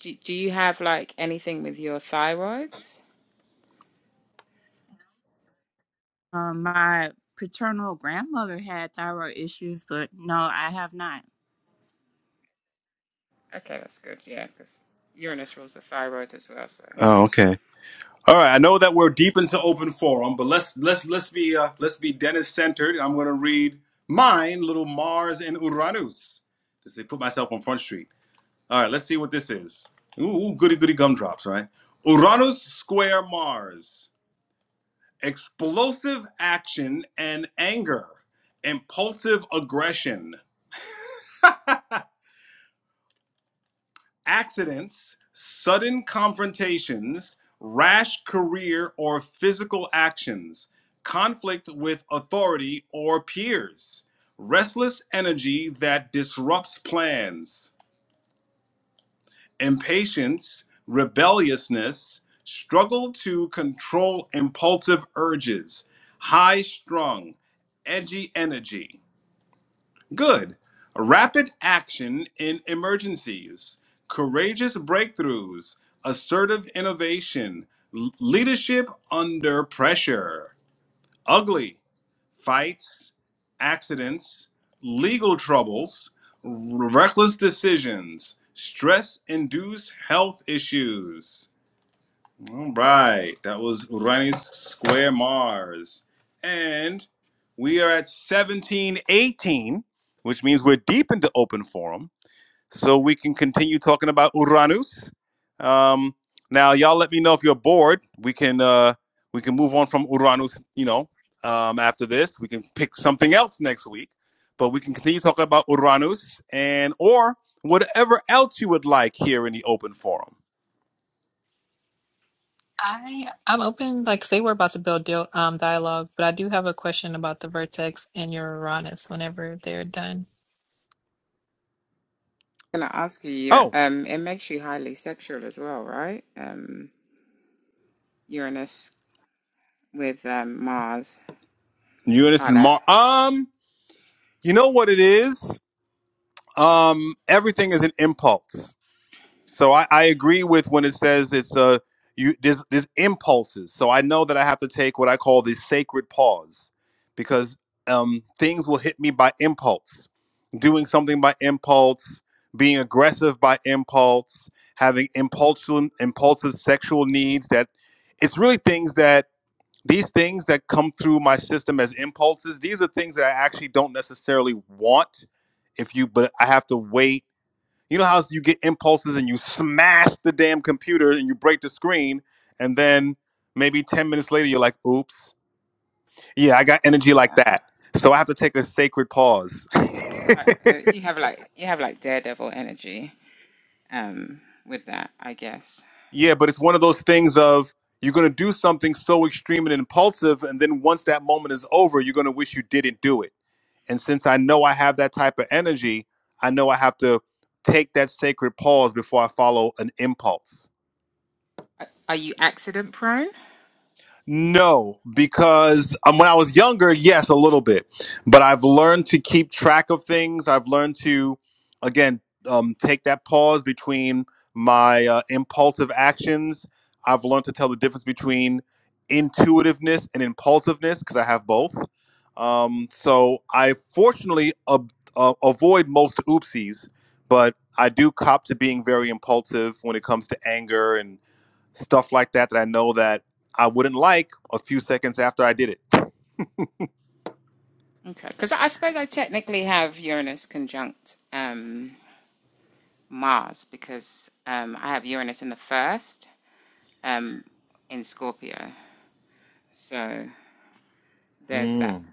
do, do you have like anything with your thyroids? um, my paternal grandmother had thyroid issues, but no, I have not. Okay, that's good. Yeah, because Uranus rules the thyroid as well. So Oh, okay. All right, I know that we're deep into open forum, but let's let's let's be uh, let's be Dennis centered. I'm going to read mine, little Mars and Uranus, just to put myself on front street. All right, let's see what this is. Ooh, ooh, goody goody gumdrops, right? Uranus square Mars, explosive action and anger, impulsive aggression, accidents, sudden confrontations, rash career or physical actions, conflict with authority or peers, restless energy that disrupts plans, impatience, rebelliousness, struggle to control impulsive urges, high strung, edgy energy. Good. Rapid action in emergencies, courageous breakthroughs, assertive innovation, l- leadership under pressure, ugly fights, accidents, legal troubles, r- reckless decisions, stress induced health issues. All right, that was Uranus Square Mars. And we are at 1718, which means we're deep into open forum. So we can continue talking about Uranus. Um, now, y'all let me know if you're bored. We can uh, we can move on from Uranus, you know, um, after this. We can pick something else next week. But we can continue talking about Uranus and or whatever else you would like here in the open forum. I I'm open. Like, say we're about to build deal, um dialogue, but I do have a question about the vertex and your Uranus whenever they're done. I'm gonna ask you, your Oh, um, it makes you highly sexual as well, right? Um, Uranus with um Mars, Uranus hard and ass. Mars. Um. You know what it is? Um, everything is an impulse. So I, I agree with when it says it's a you there's, there's impulses. So I know that I have to take what I call the sacred pause because um, things will hit me by impulse. Doing something by impulse, being aggressive by impulse, having impulsive impulsive sexual needs that it's really things that these things that come through my system as impulses, these are things that I actually don't necessarily want if you but I have to wait. You know how you get impulses and you smash the damn computer and you break the screen and then maybe 10 minutes later you're like, "Oops. Yeah, I got energy like Yeah. that." So I have to take a sacred pause. So it's like uh, you have like you have like daredevil energy um with that, I guess. Yeah, but it's one of those things of you're going to do something so extreme and impulsive and then once that moment is over, you're going to wish you didn't do it. And since I know I have that type of energy, I know I have to take that sacred pause before I follow an impulse Are are you accident prone? No, because um, when I was younger, yes, a little bit, but I've learned to keep track of things. I've learned to, again, um, take that pause between my uh, impulsive actions. I've learned to tell the difference between intuitiveness and impulsiveness because I have both. Um, so I fortunately ab- uh, avoid most oopsies, but I do cop to being very impulsive when it comes to anger stuff like that that I know that I wouldn't like a few seconds after I did it. Okay, because I suppose I technically have Uranus conjunct. Um, Mars because um, I have Uranus in the first um, in Scorpio. So there's that. Mm.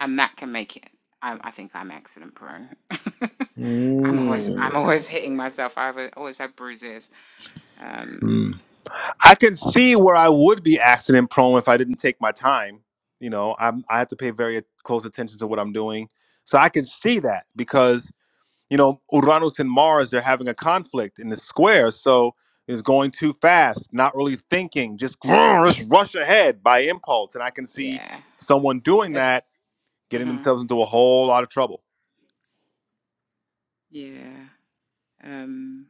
And that can make it. I, I think I'm accident prone. I'm always I'm Mm. always hitting myself. I have- always have bruises. Um, Mm. I can see where I would be accident prone if I didn't take my time. You know, I'm, I have to pay very close attention to what I'm doing. So I can see that because, you know, Uranus and Mars, they're having a conflict in the square. So it's going too fast, not really thinking, just grrr, just rush ahead by impulse. And I can see yeah. someone doing It's, that, getting mhm, themselves into a whole lot of trouble. yeah. Um,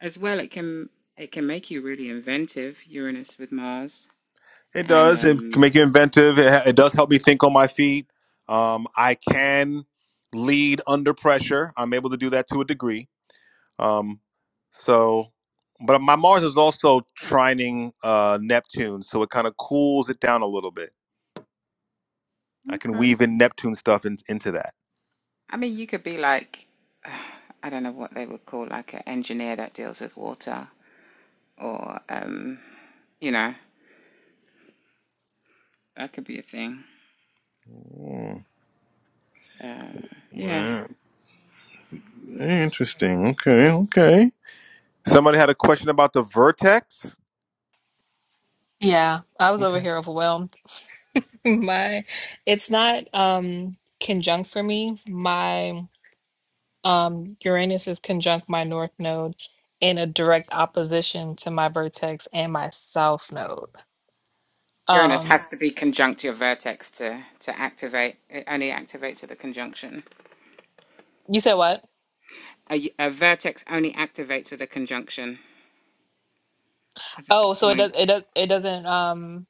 as well, it can it can make you really inventive. Uranus with Mars It and does. It can um, make you inventive. It, it does help me think on my feet. Um, I can lead under pressure. I'm able to do that to a degree. Um, so, but my Mars is also trining uh, Neptune, so it kind of cools it down a little bit. I can Okay. weave in Neptune stuff in, into that. I mean, you could be like, I don't know what they would call like an engineer that deals with water, or um, you know, that could be a thing. Mm, Uh, yeah, yeah, interesting. Okay, okay. Somebody had a question about the vertex. Yeah, I was over Okay. here overwhelmed. My, it's not um conjunct for me. My um Uranus is conjunct my north node in a direct opposition to my vertex and my south node. Uranus Um, has to be conjunct your vertex to to activate. It only activates with a conjunction. you said what? A, y- a vertex only activates with a conjunction because it's Oh, a so it point. does it does it doesn't um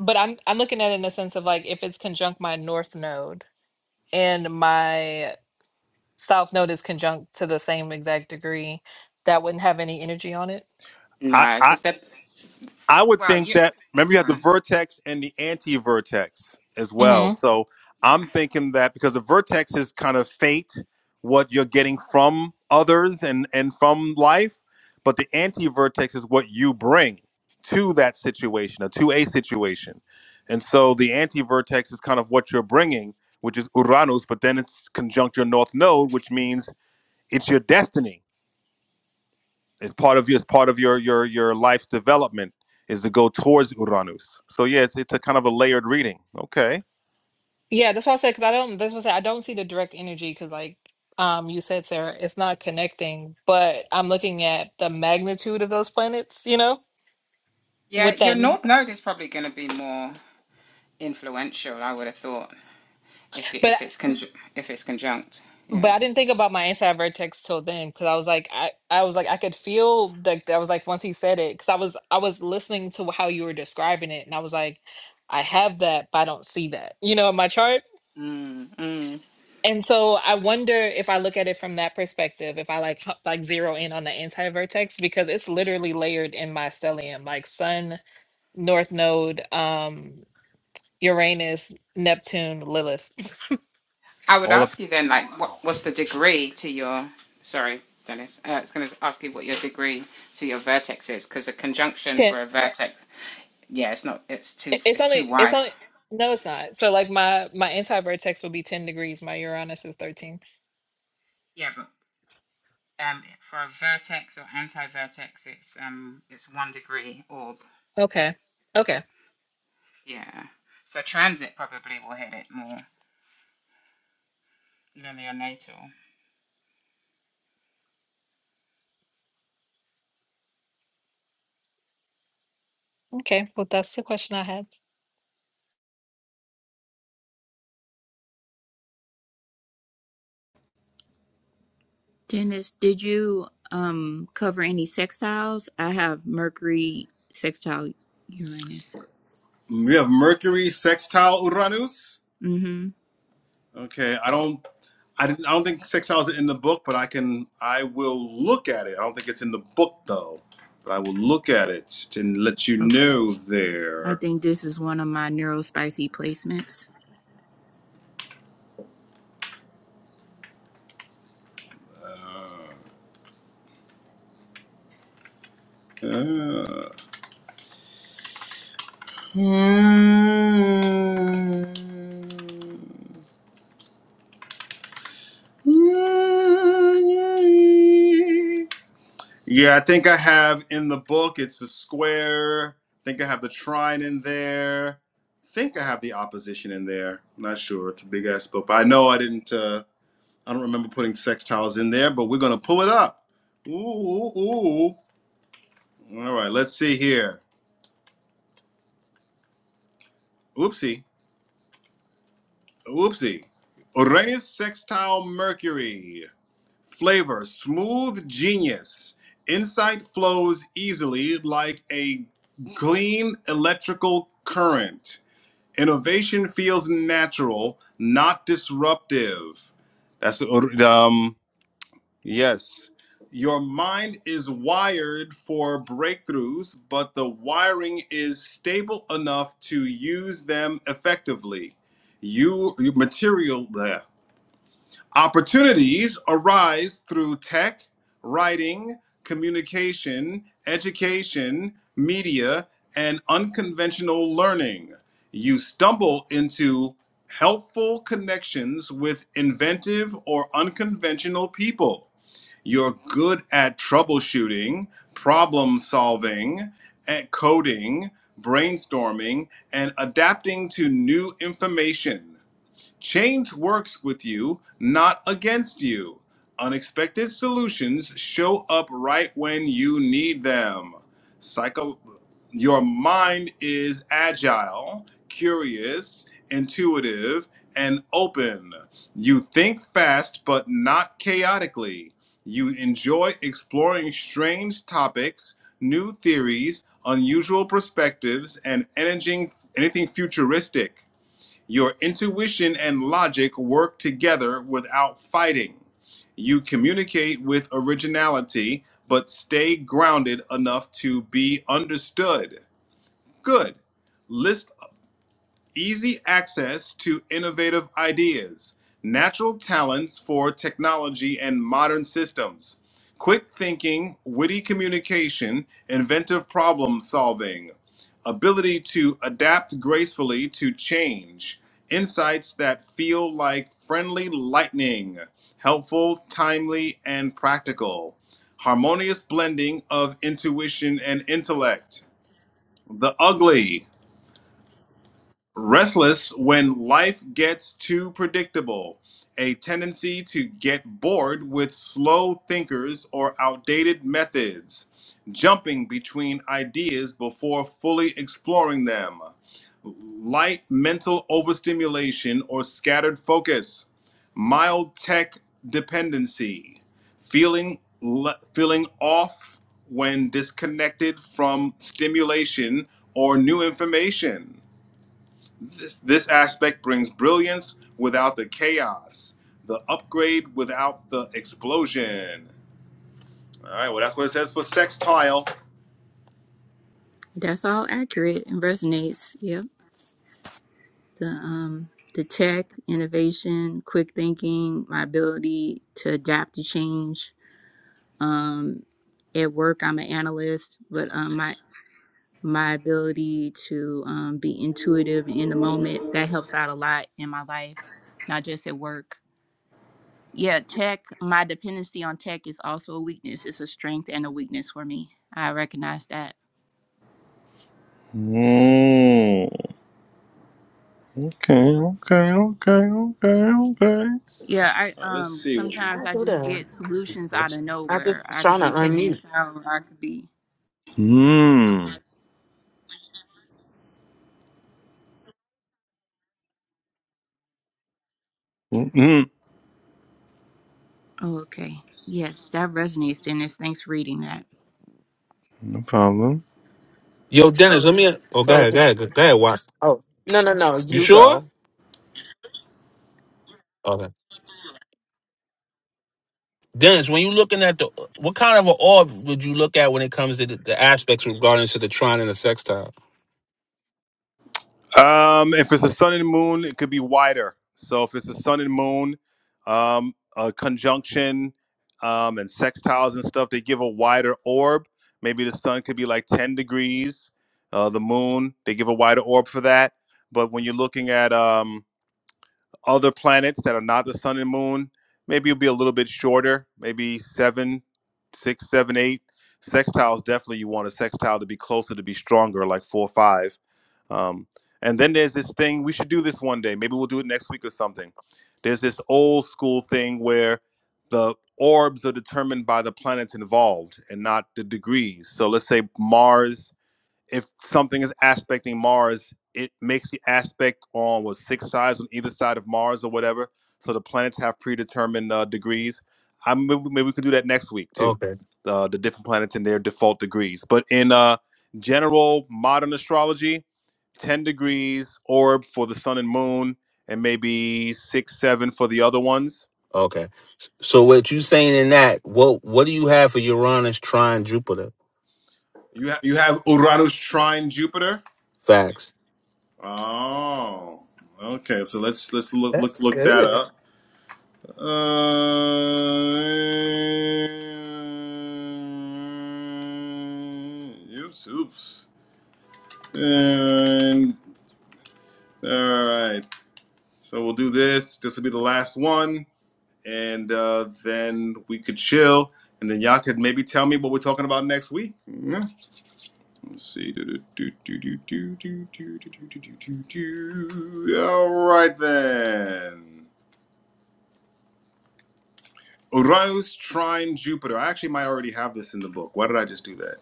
but I'm I'm looking at it in the sense of like if it's conjunct my north node and my south node is conjunct to the same exact degree, that wouldn't have any energy on it. I, No, I, because they're I would well, think you. that remember you go have the on. vertex and the anti-vertex as well. hmm So Yeah, I'm thinking that because the vertex is kind of fate, what you're getting from others and and from life, but the anti-vertex is what you bring to that situation or to a situation. And so the anti-vertex is kind of what you're bringing, which is Uranus, but then it's conjunct your north node, which means it's your destiny it's part of your it's part of your your your life's development is to go towards Uranus. So yeah, it's it's a kind of a layered reading. Okay. Yeah, that's why I said because I don't that's why I said I don't see the direct energy because like um you said Sarah, it's not connecting, but I'm looking at the magnitude of those planets, you know, yeah. with Your that. north node is probably going to be more influential. I would have thought if it, but. if it's conj- if it's conjunct. but Yeah. I didn't think about my inside vertex till then because I was like I, I was like I could feel like I was like once he said it because I was I was listening to how you were describing it and I was like I have that but I don't see that you know in my chart Mm, mm. and so I wonder if I look at it from that perspective if I like h- like zero in on the anti vertex because it's literally layered in my stellium like Sun North Node um Uranus Neptune Lilith I would All up ask you then, like, what what's the degree to your? Sorry, Dennis. Uh, I was going to ask you what your degree to your vertex is, because a conjunction for a vertex, yeah, it's not. It's too. It- It's It's too only it's wide. only no, it's not. So like my my anti vertex would be ten degrees. My Uranus is thirteen. Yeah, but um, for a vertex or anti-vertex, it's um, it's one degree orb. Okay, okay, Yeah. So transit probably will hit it more linear natal. okay. Well, that's the question I had. Dennis, did you um cover any sextiles? I have Mercury sextile Uranus. We have Mercury sextile Uranus. Mm-hmm. Okay, I don't, I, didn't- I don't think sextile is in the book, but I can, I will look at it. I don't think it's in the book though, but I will look at it and let you Okay. know I there. think this is one of my neuro spicy placements. Ah. Yeah, I think I have in the book, it's a square. I think I have the trine in there. I think I have the opposition in there. I'm not sure. It's a big ass book. But I know I didn't, uh, I don't remember putting sextiles in there, but we're going to pull it up. Ooh, ooh, ooh. All right, let's see here. Oopsie. Oopsie. Uranus sextile Mercury. Flavor smooth genius. Insight flows easily like a clean electrical current Innovation feels natural, not disruptive. That's um yes. Your mind is wired for breakthroughs, but the wiring is stable enough to use them effectively. You, you material bleh. Opportunities arise through tech, writing, communication, education, media, and unconventional learning. You stumble into helpful connections with inventive or unconventional people. You're good at troubleshooting, problem solving, and coding, brainstorming, and adapting to new information. Change works with you, not against you. Unexpected solutions show up right when you need them. Psycho- your mind is agile, curious, intuitive, and open. You think fast, but not chaotically. You enjoy exploring strange topics, new theories, unusual perspectives, and anything, anything futuristic. Your intuition and logic work together without fighting. You communicate with originality, but stay grounded enough to be understood. Good. List easy access to innovative ideas, natural talents for technology and modern systems, quick thinking, witty communication, inventive problem solving, ability to adapt gracefully to change, insights that feel like friendly lightning, helpful, timely, and practical. Harmonious blending of intuition and intellect. The ugly. Restless when life gets too predictable, a tendency to get bored with slow thinkers or outdated methods, jumping between ideas before fully exploring them, light mental overstimulation or scattered focus, mild tech dependency, feeling le- feeling off when disconnected from stimulation or new information this, this aspect brings brilliance without the chaos, the upgrade without the explosion. All right, well, that's what it says for sextile. That's all accurate and resonates. Yep. The um the tech, innovation, quick thinking, my ability to adapt to change. Um at work I'm an analyst, but um my my ability to um, be intuitive in the moment that helps out a lot in my life, not just at work. Yeah, tech, my dependency on tech is also a weakness. It's a strength and a weakness for me. I recognize that. Mm, okay, okay, okay, okay, okay. Yeah, I All right, let's um see. what sometimes I'll I do just that. get solutions out of I nowhere. just I could trying to be taking a unmute. shower, I could be Hmm. Mm-mm, oh, okay. Yes, that resonates, Dennis. Thanks for reading that. no problem. Yo, Dennis, let me. Oh, go So ahead, go did ahead, go ahead. Watch. oh no no no You you sure? go. Okay. Dennis, when you looking at the, what kind of an orb would you look at when it comes to the, the aspects regarding to the trine and the sextile? Um, if it's the sun and moon, it could be wider. So if it's the sun and moon, um, a conjunction, um, and sextiles and stuff, they give a wider orb. Maybe the sun could be like 10 degrees. Uh, the moon, they give a wider orb for that. But when you're looking at um, other planets that are not the sun and moon, maybe it'll be a little bit shorter, maybe seven, six, seven, eight. Sextiles, definitely you want a sextile to be closer, to be stronger, like four or five um, and then there's this thing, we should do this one day. Maybe we'll do it next week or something. There's this old school thing where the orbs are determined by the planets involved and not the degrees. So let's say Mars, if something is aspecting Mars, it makes the aspect on what six sides on either side of Mars or whatever. So the planets have predetermined uh, degrees. I maybe, maybe we could do that next week too. Okay. Uh, the different planets and their default degrees. But in uh, general modern astrology, 10 degrees orb for the sun and moon, and maybe six, seven for the other ones. Okay. So what you saying in that, what what do you have for Uranus trine Jupiter? You, ha- you have Uranus trine Jupiter? Facts. Oh, okay. So let's let's look That's look, look that good. up. Uh, oops, oops. And all right. So we'll do this. This will be the last one. and uh, then we could chill, and then y'all could maybe tell me what we're talking about next week. Yeah. Let's see. Do, do, do, do, do, do, do, do, do, do, do, do, do. All right then. Uranus trine Jupiter. I actually might already have this in the book. Why did I just do that?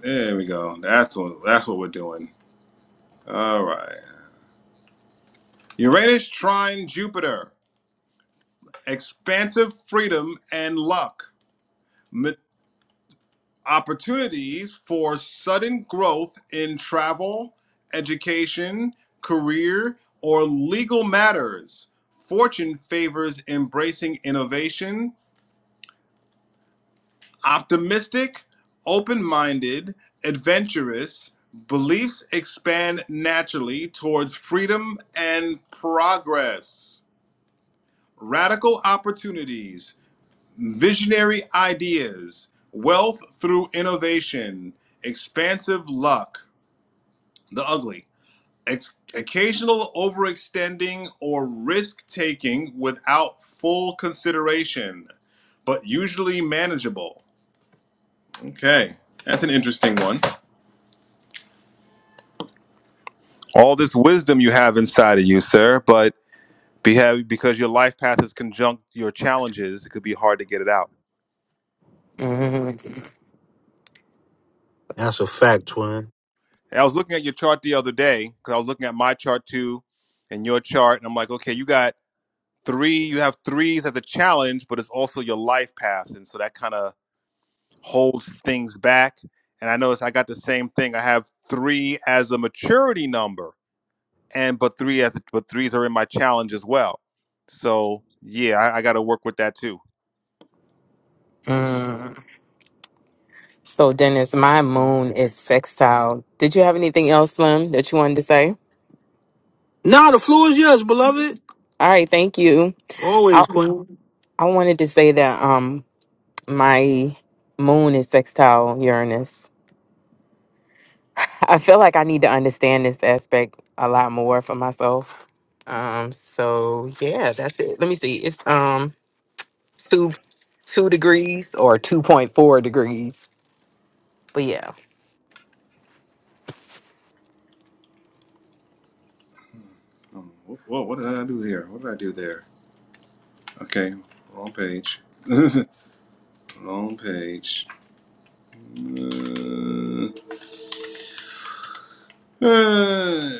There we go. That's what, that's what we're doing. All right. Uranus trine Jupiter. Expansive freedom and luck. Ma- opportunities for sudden growth in travel, education, career, or legal matters. Fortune favors embracing innovation, optimistic, open minded, adventurous. Beliefs expand naturally towards freedom and progress. Radical opportunities, visionary ideas, wealth through innovation, expansive luck the ugly. Ex- occasional overextending or risk taking without full consideration, but usually manageable. Okay, that's an interesting one. All this wisdom you have inside of you, sir, but be behave, because your life path is conjunct your challenges, it could be hard to get it out. Mm, That's a fact, twin. And I was looking at your chart the other day because I was looking at my chart too and your chart, and I'm like, okay, you got three, you have threes as a challenge, but it's also your life path. And so that kind of holds things back. And I notice I got the same thing. I have three as a maturity number, and but three as but threes are in my challenge as well. So yeah, I, I got to work with that too. mm. So Dennis, my moon is sextile. Did you have anything else, Slim, that you wanted to say? Nah, the floor is yours, beloved. All right, thank you. I Always, queen. I wanted to say that um my moon is sextile Uranus. I feel like I need to understand this aspect a lot more for myself. Um so yeah, that's it. Let me see. It's um 2 2 degrees or 2.4 degrees. But yeah. Um, whoa, what did I do here? What did I do there? Okay, wrong page. wrong page. Uh, uh,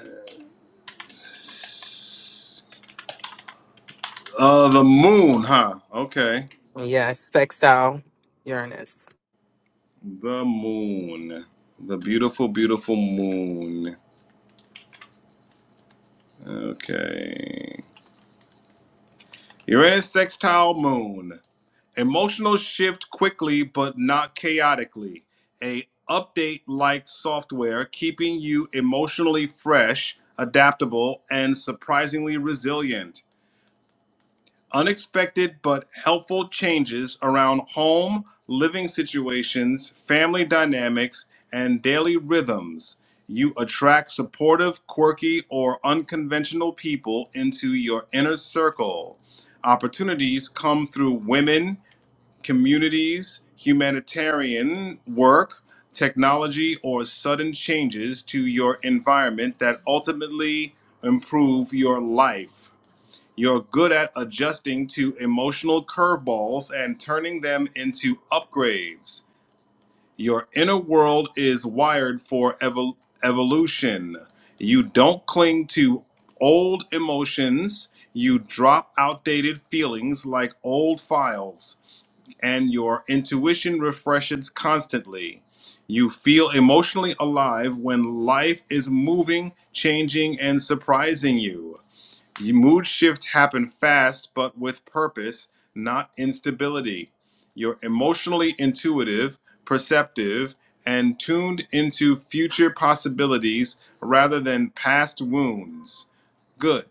s- uh, the moon, huh? Okay. Yeah, sextile Uranus. The moon. The beautiful, beautiful moon. Okay. Uranus sextile moon. Emotional shift quickly but not chaotically. A update like software keeping you emotionally fresh, adaptable, and surprisingly resilient unexpected but helpful changes around home, living situations, family dynamics, and daily rhythms. You attract supportive, quirky, or unconventional people into your inner circle. Opportunities come through women, communities, humanitarian work, technology, or sudden changes to your environment that ultimately improve your life. You're good at adjusting to emotional curveballs and turning them into upgrades. Your inner world is wired for evol- evolution. You don't cling to old emotions. You drop outdated feelings like old files, and your intuition refreshes constantly. You feel emotionally alive when life is moving, changing, and surprising you. The mood shift happen fast but with purpose, not instability. You're emotionally intuitive, perceptive, and tuned into future possibilities rather than past wounds. Good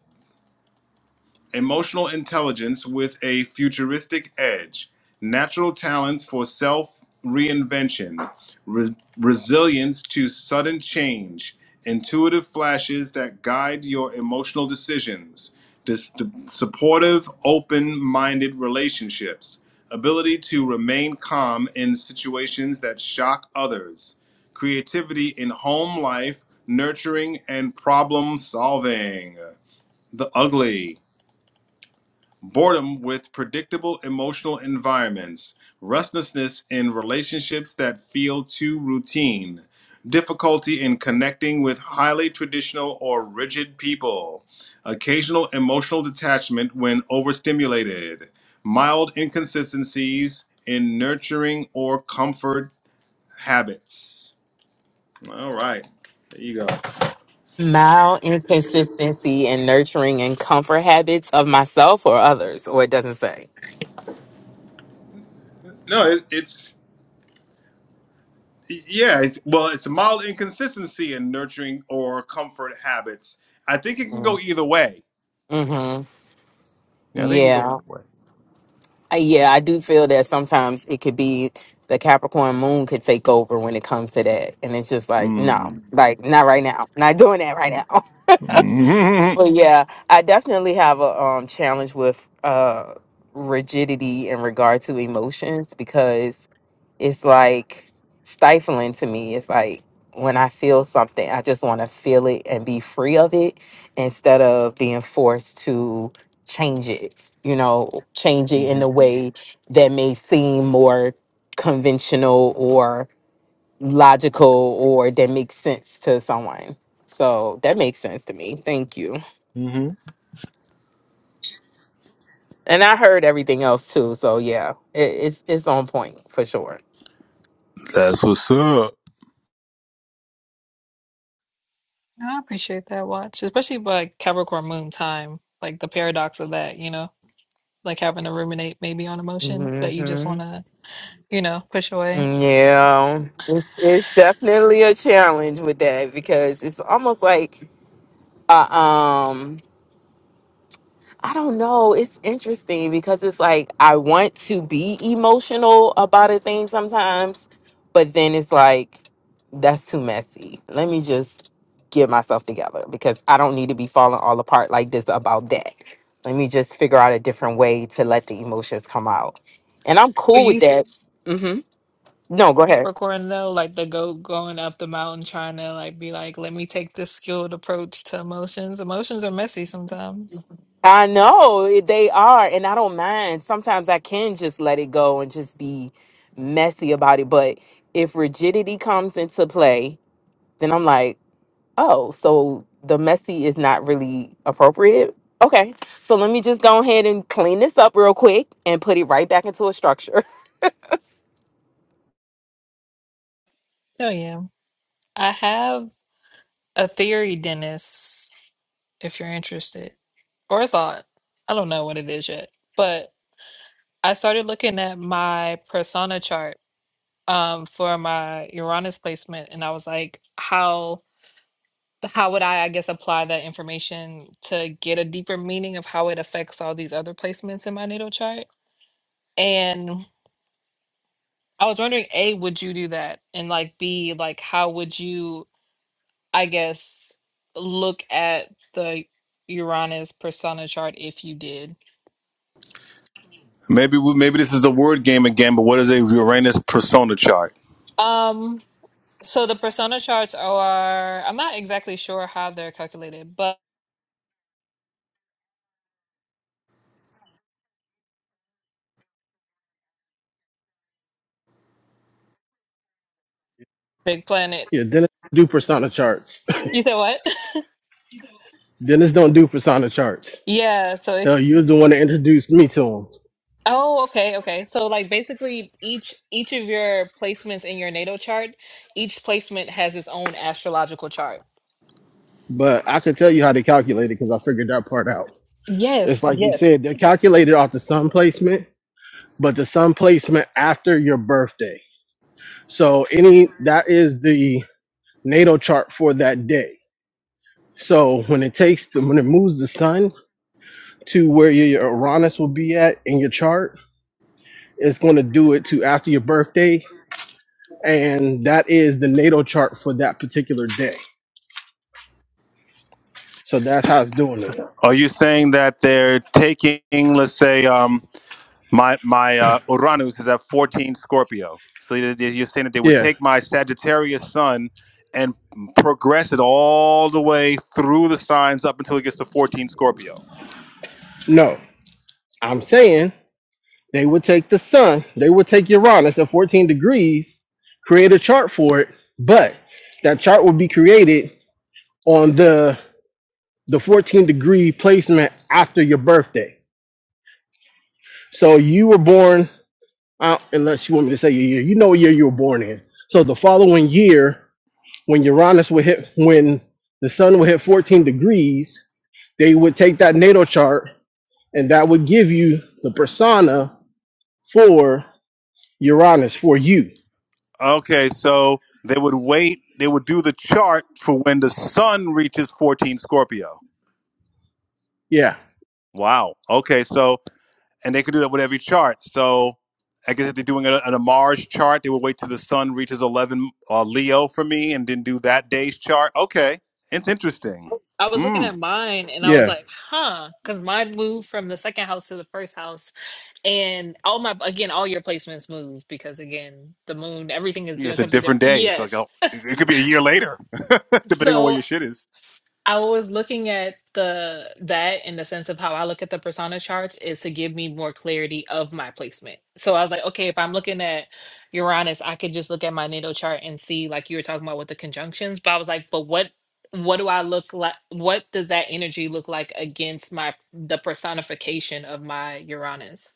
emotional intelligence with a futuristic edge, natural talents for self reinvention, re- resilience to sudden change, intuitive flashes that guide your emotional decisions, dis- supportive, open minded relationships, ability to remain calm in situations that shock others, creativity in home life, nurturing, and problem solving. The ugly boredom with predictable emotional environments, restlessness in relationships that feel too routine, difficulty in connecting with highly traditional or rigid people, occasional emotional detachment when overstimulated, mild inconsistencies in nurturing or comfort habits. All right, there you go. Mild inconsistency in nurturing and comfort habits of myself or others, or it doesn't say. No, it, it's. Yeah, it's, well, it's a mild inconsistency in nurturing or comfort habits. I think it can go either way. Mm-hmm. Yeah, they can go Yeah. either way. Uh, Yeah, I do feel that sometimes it could be the Capricorn moon could take over when it comes to that. And it's just like, no, Mm-hmm. like not right now. Not doing that right now. hmm But yeah, I definitely have a um challenge with uh rigidity in regard to emotions because it's like stifling to me. It's like when I feel something, I just want to feel it and be free of it instead of being forced to change it, you know, change it in a way that may seem more conventional or logical or that makes sense to someone. So that makes sense to me. Thank you. hmm And I heard everything else too. So yeah, it, it's it's on point for sure. That's what's up. No, I appreciate that watch, especially by Capricorn Moon time, like the paradox of that. You know, like having to ruminate maybe on emotions that you just want to you know push away. Yeah, it's, it's definitely a challenge with that because it's almost like uh, um I don't know. It's interesting because it's like I want to be emotional about a thing sometimes, but then it's like that's too messy. Let me just get myself together because I don't need to be falling all apart like this about that. Let me just figure out a different way to let the emotions come out, and I'm But cool you with s- that. hmm No, go ahead. recording though, like the goat going up the mountain trying to like be like, let me take this skilled approach to emotions. Emotions are messy sometimes. I know it- they are, and I don't mind. Sometimes I can just let it go and just be messy about it. But if rigidity comes into play, then I'm like, oh, so the messy is not really appropriate. Okay, so let me just go ahead and clean this up real quick and put it right back into a structure. Oh yeah, I have. a theory, Dennis, if you're interested, or a thought. I don't know what it is yet, but I started looking at my persona chart um, for my Uranus placement, and I was like, how how would I, I guess, apply that information to get a deeper meaning of how it affects all these other placements in my natal chart? And I was wondering, A, would you do that? And like B, like how would you I guess, look at the Uranus persona chart if you did. Maybe we, maybe this is a word game again. But what is a Uranus persona chart? Um, so the persona charts are, I'm not exactly sure how they're calculated, but big planet. Yeah, Dennis do persona charts. You said what? Dennis don't do persona charts. Yeah, so it, Hell, you was the one that introduced me to them. oh, okay, okay. So like basically each each of your placements in your natal chart, each placement has its own astrological chart. But I could tell you how they calculate it because I figured that part out. It's Yes, like you yes. said, they're calculated off the sun placement, but the sun placement after your birthday. So any that is the natal chart for that day. So when it takes the, when it moves the sun to where your Uranus will be at in your chart. It's going to do it to after your birthday, and that is the natal chart for that particular day. So that's how it's doing it. Are you saying that they're taking, let's say, um. My my uh, Uranus is at 14 Scorpio. So you- you're saying that they would Yeah. take my Sagittarius sun and progress it all the way through the signs up until it gets to 14 Scorpio. No, I'm saying they would take the sun, they would take Uranus at 14 degrees, create a chart for it, but that chart would be created on the the 14 degree placement after your birthday. So you were born uh, unless you want me to say your year, you know what year you were born in. So the following year, when Uranus would hit, when the sun would hit 14 degrees, they would take that natal chart and that would give you the persona for Uranus, for you. Okay, so they would wait. They would do the chart for when the sun reaches 14 Scorpio. Yeah, Wow. Okay, so and they could do that with every chart. So I guess if they're doing a, an Amars chart, they would wait till the sun reaches 11 uh, Leo for me and then do that day's chart. Okay. It's interesting. I was looking Hmm. at mine and I was yeah. like, huh, because mine moved from the second house to the first house And all my again, all your placements move because again, the moon, everything is Yeah, doing it's a something different. different day. It's like, Yes. a, it could be a year later, depending on where So your shit is. I was looking at the that in the sense of how I look at the persona charts is to give me more clarity of my placement. So I was like, okay, if I'm looking at Uranus, I could just look at my natal chart and see like you were talking about with the conjunctions. But I was like, but what what do I look like? What does that energy look like against my the personification of my Uranus?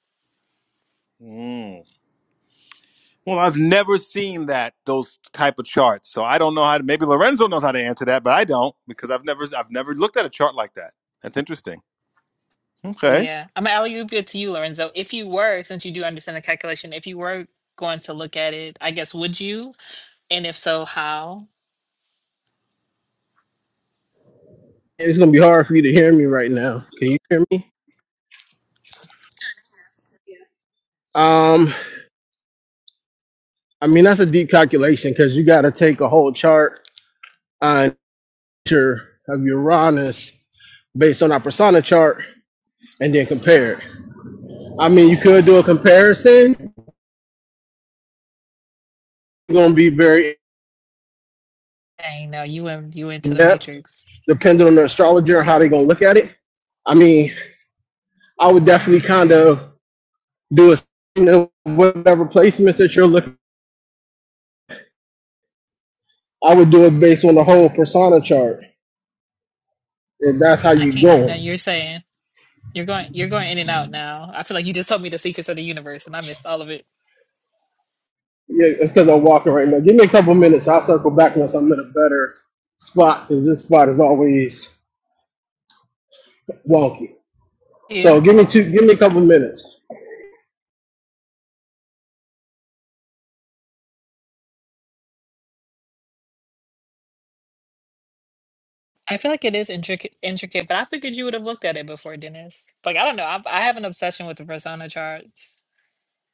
Hmm. Well, I've never seen that, those type of charts. So I don't know how to, maybe Lorenzo knows how to answer that, but I don't because I've never, I've never looked at a chart like that. That's interesting. Well, Okay. yeah. I'm gonna alley oop it to you, Lorenzo. If you were, since you do understand the calculation, if you were going to look at it, I guess would you? And if so, how? It's going to be hard for you to hear me right now. Can you hear me? Um, I mean, that's a deep calculation because you got to take a whole chart on your- of Uranus based on our persona chart and then compare it. I mean, you could do a comparison. It's going to be very Dang, no, you went you into in the depth, matrix. depending on the astrologer and how they're going to look at it. I mean, I would definitely kind of do a you know, whatever placements that you're looking. at. I would do it based on the whole persona chart, if that's how I you're can't hear going. nothing you're saying. You're going you're going in and out now. I feel like you just told me the secrets of the universe and I missed all of it. Yeah, it's because I'm walking right now. Give me a couple minutes. I'll circle back once I'm in a better spot, because this spot is always wonky. You. So give me two. Give me a couple minutes. I feel like it is intricate, intricate, but I figured you would have looked at it before, Dennis. Like I don't know, I, I have an obsession with the persona charts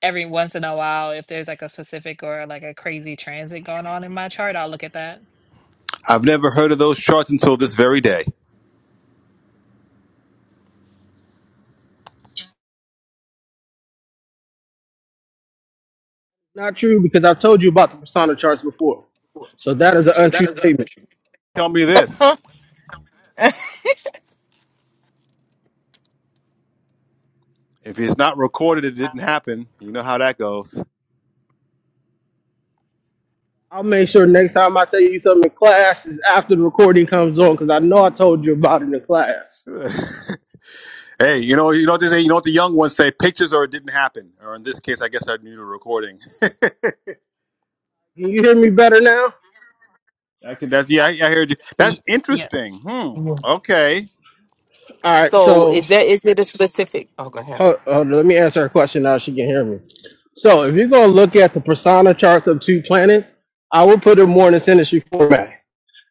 every once in a while if there's like a specific or like a crazy transit going on in my chart i'll look at that I've never heard of those charts until this very day. Not true because I've told you about the persona charts before. So that is an untrue statement. Tell me this. If it's not recorded, it didn't happen. You know how that goes. I'll make sure next time I tell you something in class is after the recording comes on because I know I told you about it in class. hey, you know, you know what they say. You know what the young ones say: pictures or it didn't happen. Or in this case, I guess I need a recording. Can you hear me better now? I can. That's yeah. I, I heard you. That's Y- Yeah, interesting. Hmm. Okay. All right, So is so there is it a specific? Oh, go ahead. hold, hold on, let me answer her question now. She can hear me. So if you're gonna look at the persona charts of two planets, I would put it more in a synergy format.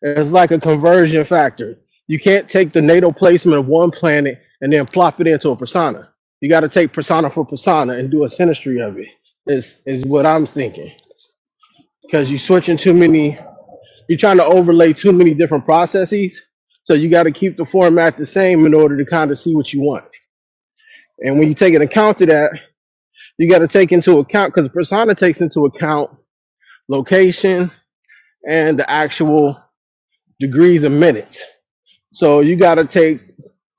It's like a conversion factor. You can't take the natal placement of one planet and then plop it into a persona. You got to take persona for persona and do a synastry of it. Is is what I'm thinking because you're switching too many. You're trying to overlay too many different processes. So you got to keep the format the same in order to kind of see what you want. And when you take an account of that, you got to take into account because persona takes into account location and the actual degrees and minutes. So you got to take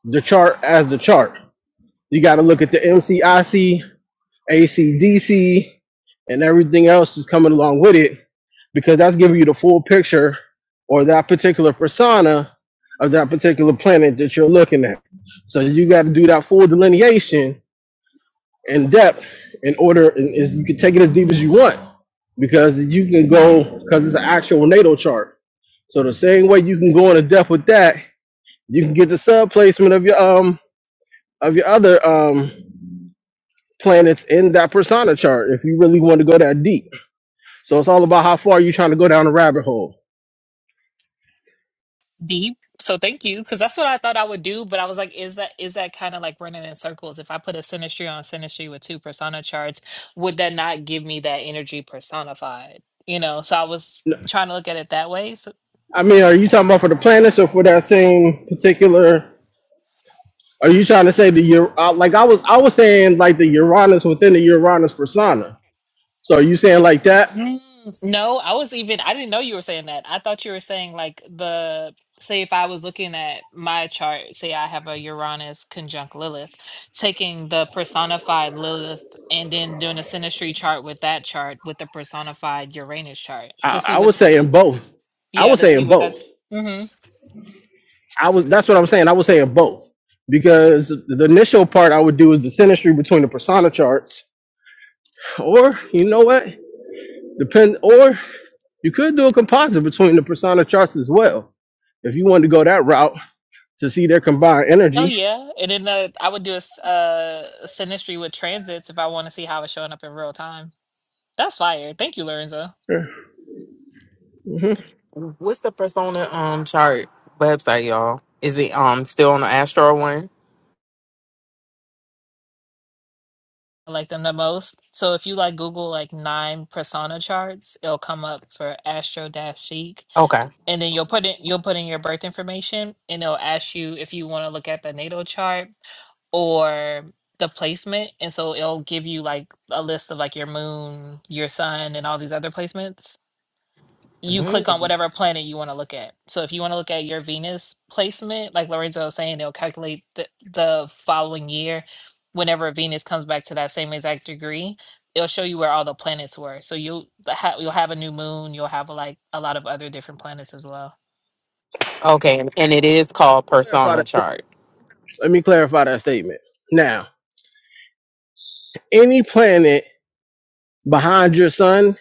the chart as the chart. You got to look at the MCIC ACDC, and everything else is coming along with it because that's giving you the full picture or that particular persona of that particular planet that you're looking at. So you got to do that full delineation and depth in order and is you can take it as deep as you want because you can go because it's an actual NATO chart. So the same way you can go into depth with that, you can get the sub placement of your um of your other um planets in that persona chart if you really want to go that deep. So it's all about how far you're trying to go down the rabbit hole. deep. So thank you, because that's what I thought I would do. But I was like, is that is that kind of like running in circles? If I put a sinistry on sinistry with two persona charts, would that not give me that energy personified? You know. So I was N- trying to look at it that way. I mean, are you talking about for the planets or for that same particular? Are you trying to say the Ur- uh, like I was I was saying like the Uranus within the Uranus persona? So are you saying like that? Mm, no, I was even, I didn't know you were saying that. I thought you were saying like the, say if I was looking at my chart, say I have a Uranus conjunct Lilith, taking the personified Lilith and then doing a synastry chart with that chart with the personified Uranus chart to I, see I what, was saying both. I yeah, was to see saying what that. both. hmm I was that's what I'm saying. I was saying both because the initial part I would do is the synastry between the persona charts, or you know what, depend, or you could do a composite between the persona charts as well if you wanted to go that route to see their combined Oh energy. yeah, and then the, I would do a s- uh, synastry with transits if I want to see how it's showing up in real time. That's fire. Thank you, Lorenzo. Sure. Mhm. What's the persona um chart website, y'all? Is it um still on the Astro one? I like them the most. So if you like Google like nine persona charts, it'll come up for Astro Dash Chic, Okay. and then you'll put in you'll put in your birth information, and it'll ask you if you want to look at the natal chart or the placement, and so it'll give you like a list of like your moon, your sun, and all these other placements you click on whatever planet you want to look at. So if you want to look at your Venus placement, like Lorenzo was saying, it'll calculate the, the following year whenever Venus comes back to that same exact degree. It'll show you where all the planets were. So you'll the ha- you'll have a new moon. You'll have like a lot of other different planets as well. Okay, and and it is called Clarify persona that. chart. Let me clarify that statement. Now, any planet behind your sun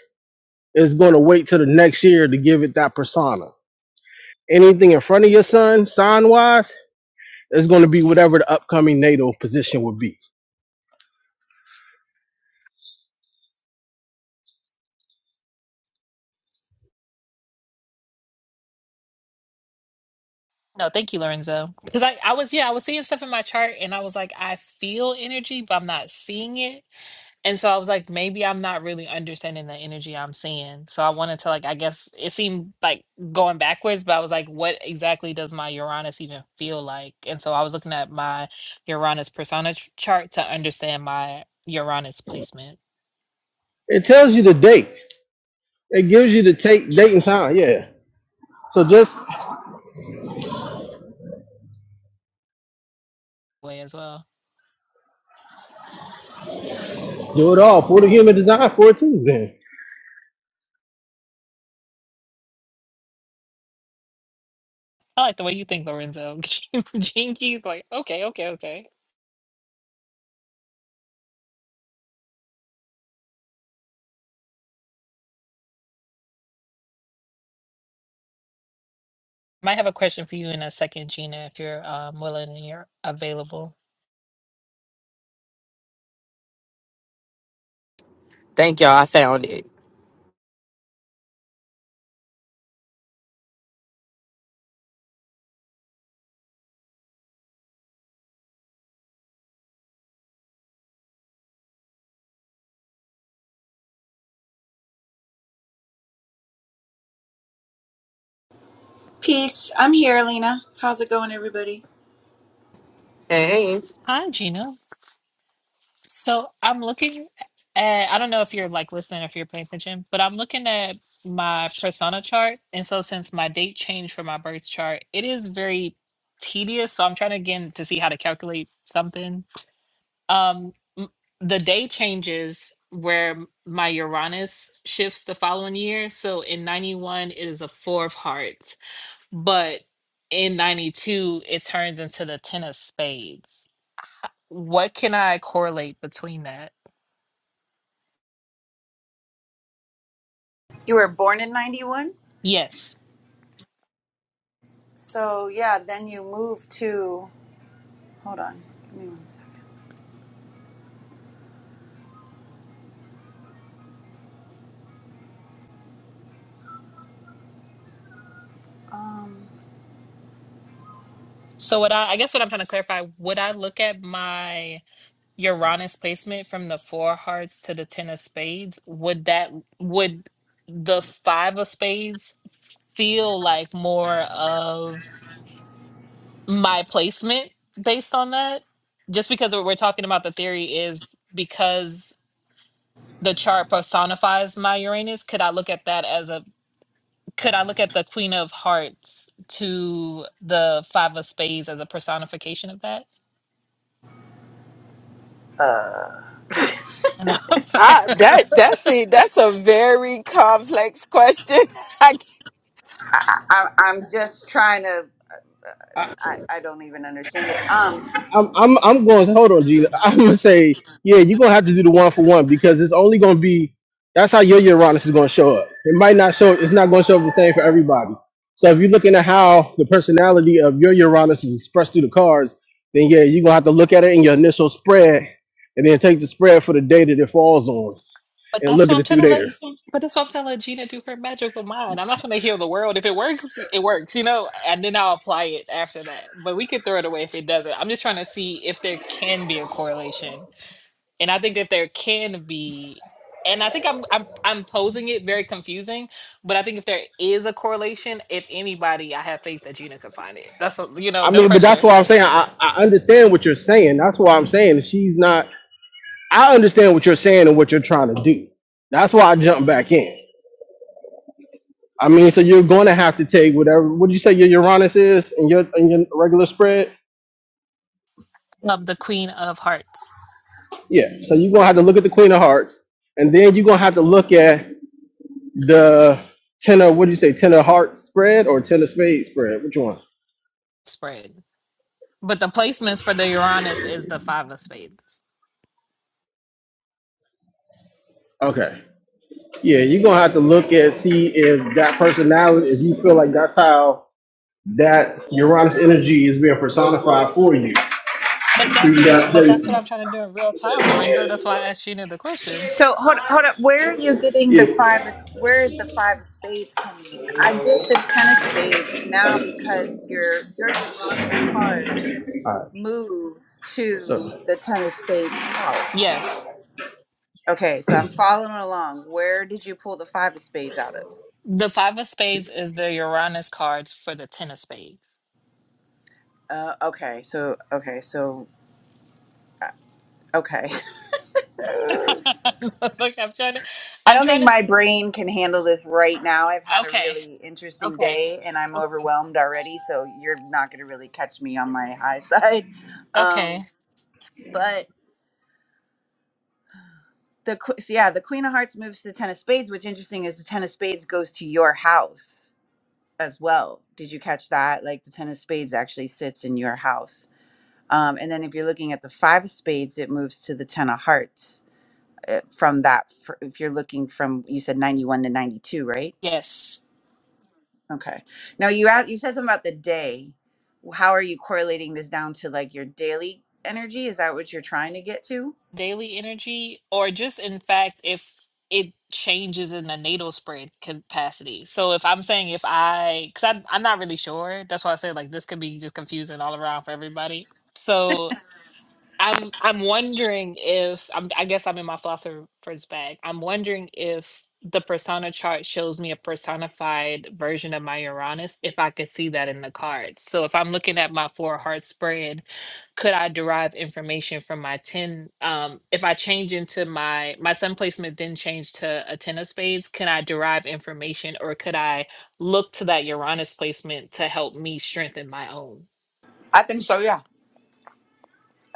is going to wait till the next year to give it that persona. Anything in front of your sun, sign wise, is going to be whatever the upcoming natal position would be. No, thank you, Lorenzo. Because I, I was yeah I was seeing stuff in my chart and I was like I feel energy, but I'm not seeing it And so I was like, maybe I'm not really understanding the energy I'm seeing. So I wanted to like, I guess it seemed like going backwards, but I was like, what exactly does my Uranus even feel like? And so I was looking at my Uranus persona ch- chart to understand my Uranus placement It tells you the date. It gives you the take date and time. Yeah. So just way as well. do it all for the human design for it too. Then I like the way you think, Lorenzo. Jinkies, like, okay, okay, okay. Might have a question for you in a second, Gina, if you're um, willing and you're available. Thank y'all, I found it. Peace. I'm here, Lena. How's it going, everybody? Hey, Hi, Gina. So I'm looking at, I don't know if you're like listening or if you're paying attention, but I'm looking at my persona chart. And so since my date changed for my birth chart, it is very tedious. So I'm trying to again to see how to calculate something. Um, m- the day changes where m- my Uranus shifts the following year. So in 91, it is a four of hearts, but in 92, it turns into the 10 of spades. What can I correlate between that? You were born in 91? Yes. So, yeah, then you moved to. Hold on. Give me one second. Um, So what I, I guess what I'm trying to clarify, would I look at my Uranus placement from the four of hearts to the ten of spades? Would that would the five of spades f- feel like more of my placement based on that? Just because what we're talking about the theory is because the chart personifies my Uranus, could I look at that as a could I look at the Queen of Hearts to the Five of Spades as a personification of that? enough. I, but that that's a that's a very complex question. I c- I, I'm just trying to. I, I don't even understand it. Um, I'm I'm I'm going. Hold on, Gina. I'm gonna say yeah. You're gonna have to do the one for one because it's only gonna be. That's how your Uranus is gonna show up. It might not show. It's not gonna show up the same for everybody. So if you're looking at how the personality of your Uranus is expressed through the cards, then yeah, you're gonna have to look at it in your initial spread, and then take the spread for the data that it falls on, and that's look what at I'm it trying through to let. there. But that's what I'm trying to let Gina do her magical mind. I'm not trying to heal the world. If it works, it works, you know. And then I'll apply it after that. But we could throw it away if it doesn't. I'm just trying to see if there can be a correlation. And I think that there can be. And I think I'm I'm I'm posing it very confusing. But I think if there is a correlation, if anybody, I have faith that Gina can find it. That's a, you know, I no mean, but that's pressure. why I'm saying I, I understand what you're saying. That's why I'm saying she's not. I understand what you're saying and what you're trying to do. That's why I jumped back in. I mean, so you're going to have to take whatever. What do you say your Uranus is and your and your regular spread? Um, the Queen of Hearts Yeah. So you're gonna have to look at the Queen of Hearts, and then you're gonna have to look at the ten of what do you say ten of Hearts spread or ten of Spades spread? Which one? spread. But the placements for the Uranus is the five of spades. Okay. Yeah, you're gonna have to look at see if that personality, if you feel like that's how that Uranus energy is being personified for you But that's through what that but that's what I'm placement. trying to do in real time, Lorenzo. That's why I asked Gina the question. so hold hold up. Where are you getting Yeah. the five? Of, where is the five of spades coming in? I get the ten of spades now because your your Uranus card All right. moves to So, the ten of spades house. Yes. Okay, so I'm following along. Where did you pull the five of spades out of? The five of spades is the Uranus cards for the ten of spades. Uh, okay, so okay, so okay. I Look, I'm trying to I'm don't trying think to my brain can handle this right now. I've had a okay. really interesting Okay. day and I'm Okay. overwhelmed already, so you're not going to really catch me on my high side. Okay. Um, but the que- so yeah, the Queen of Hearts moves to the Ten of Spades, which interesting is the Ten of Spades goes to your house as well. Did you catch that? Like the Ten of Spades actually sits in your house. Um, and then if you're looking at the five of spades, it moves to the ten of hearts uh, from that. f if you're looking from, you said 91 to 92, right? Yes. Okay. Now you out, you said something about the day. How are you correlating this down to like your daily energy? Is that what you're trying to get to? daily energy or just in fact if it changes in the natal spread capacity so if i'm saying if i because I'm, I'm not really sure that's why i said like this could be just confusing all around for everybody so I'm I'm wondering if I'm, I guess I'm in my philosopher's bag. I'm wondering if the persona chart shows me a personified version of my Uranus, if I could see that in the cards. So if I'm looking at my four heart spread, could I derive information from my ten? Um, if I change into my my sun placement, then change to a ten of spades, can I derive information, or could I look to that Uranus placement to help me strengthen my own? I think so, yeah.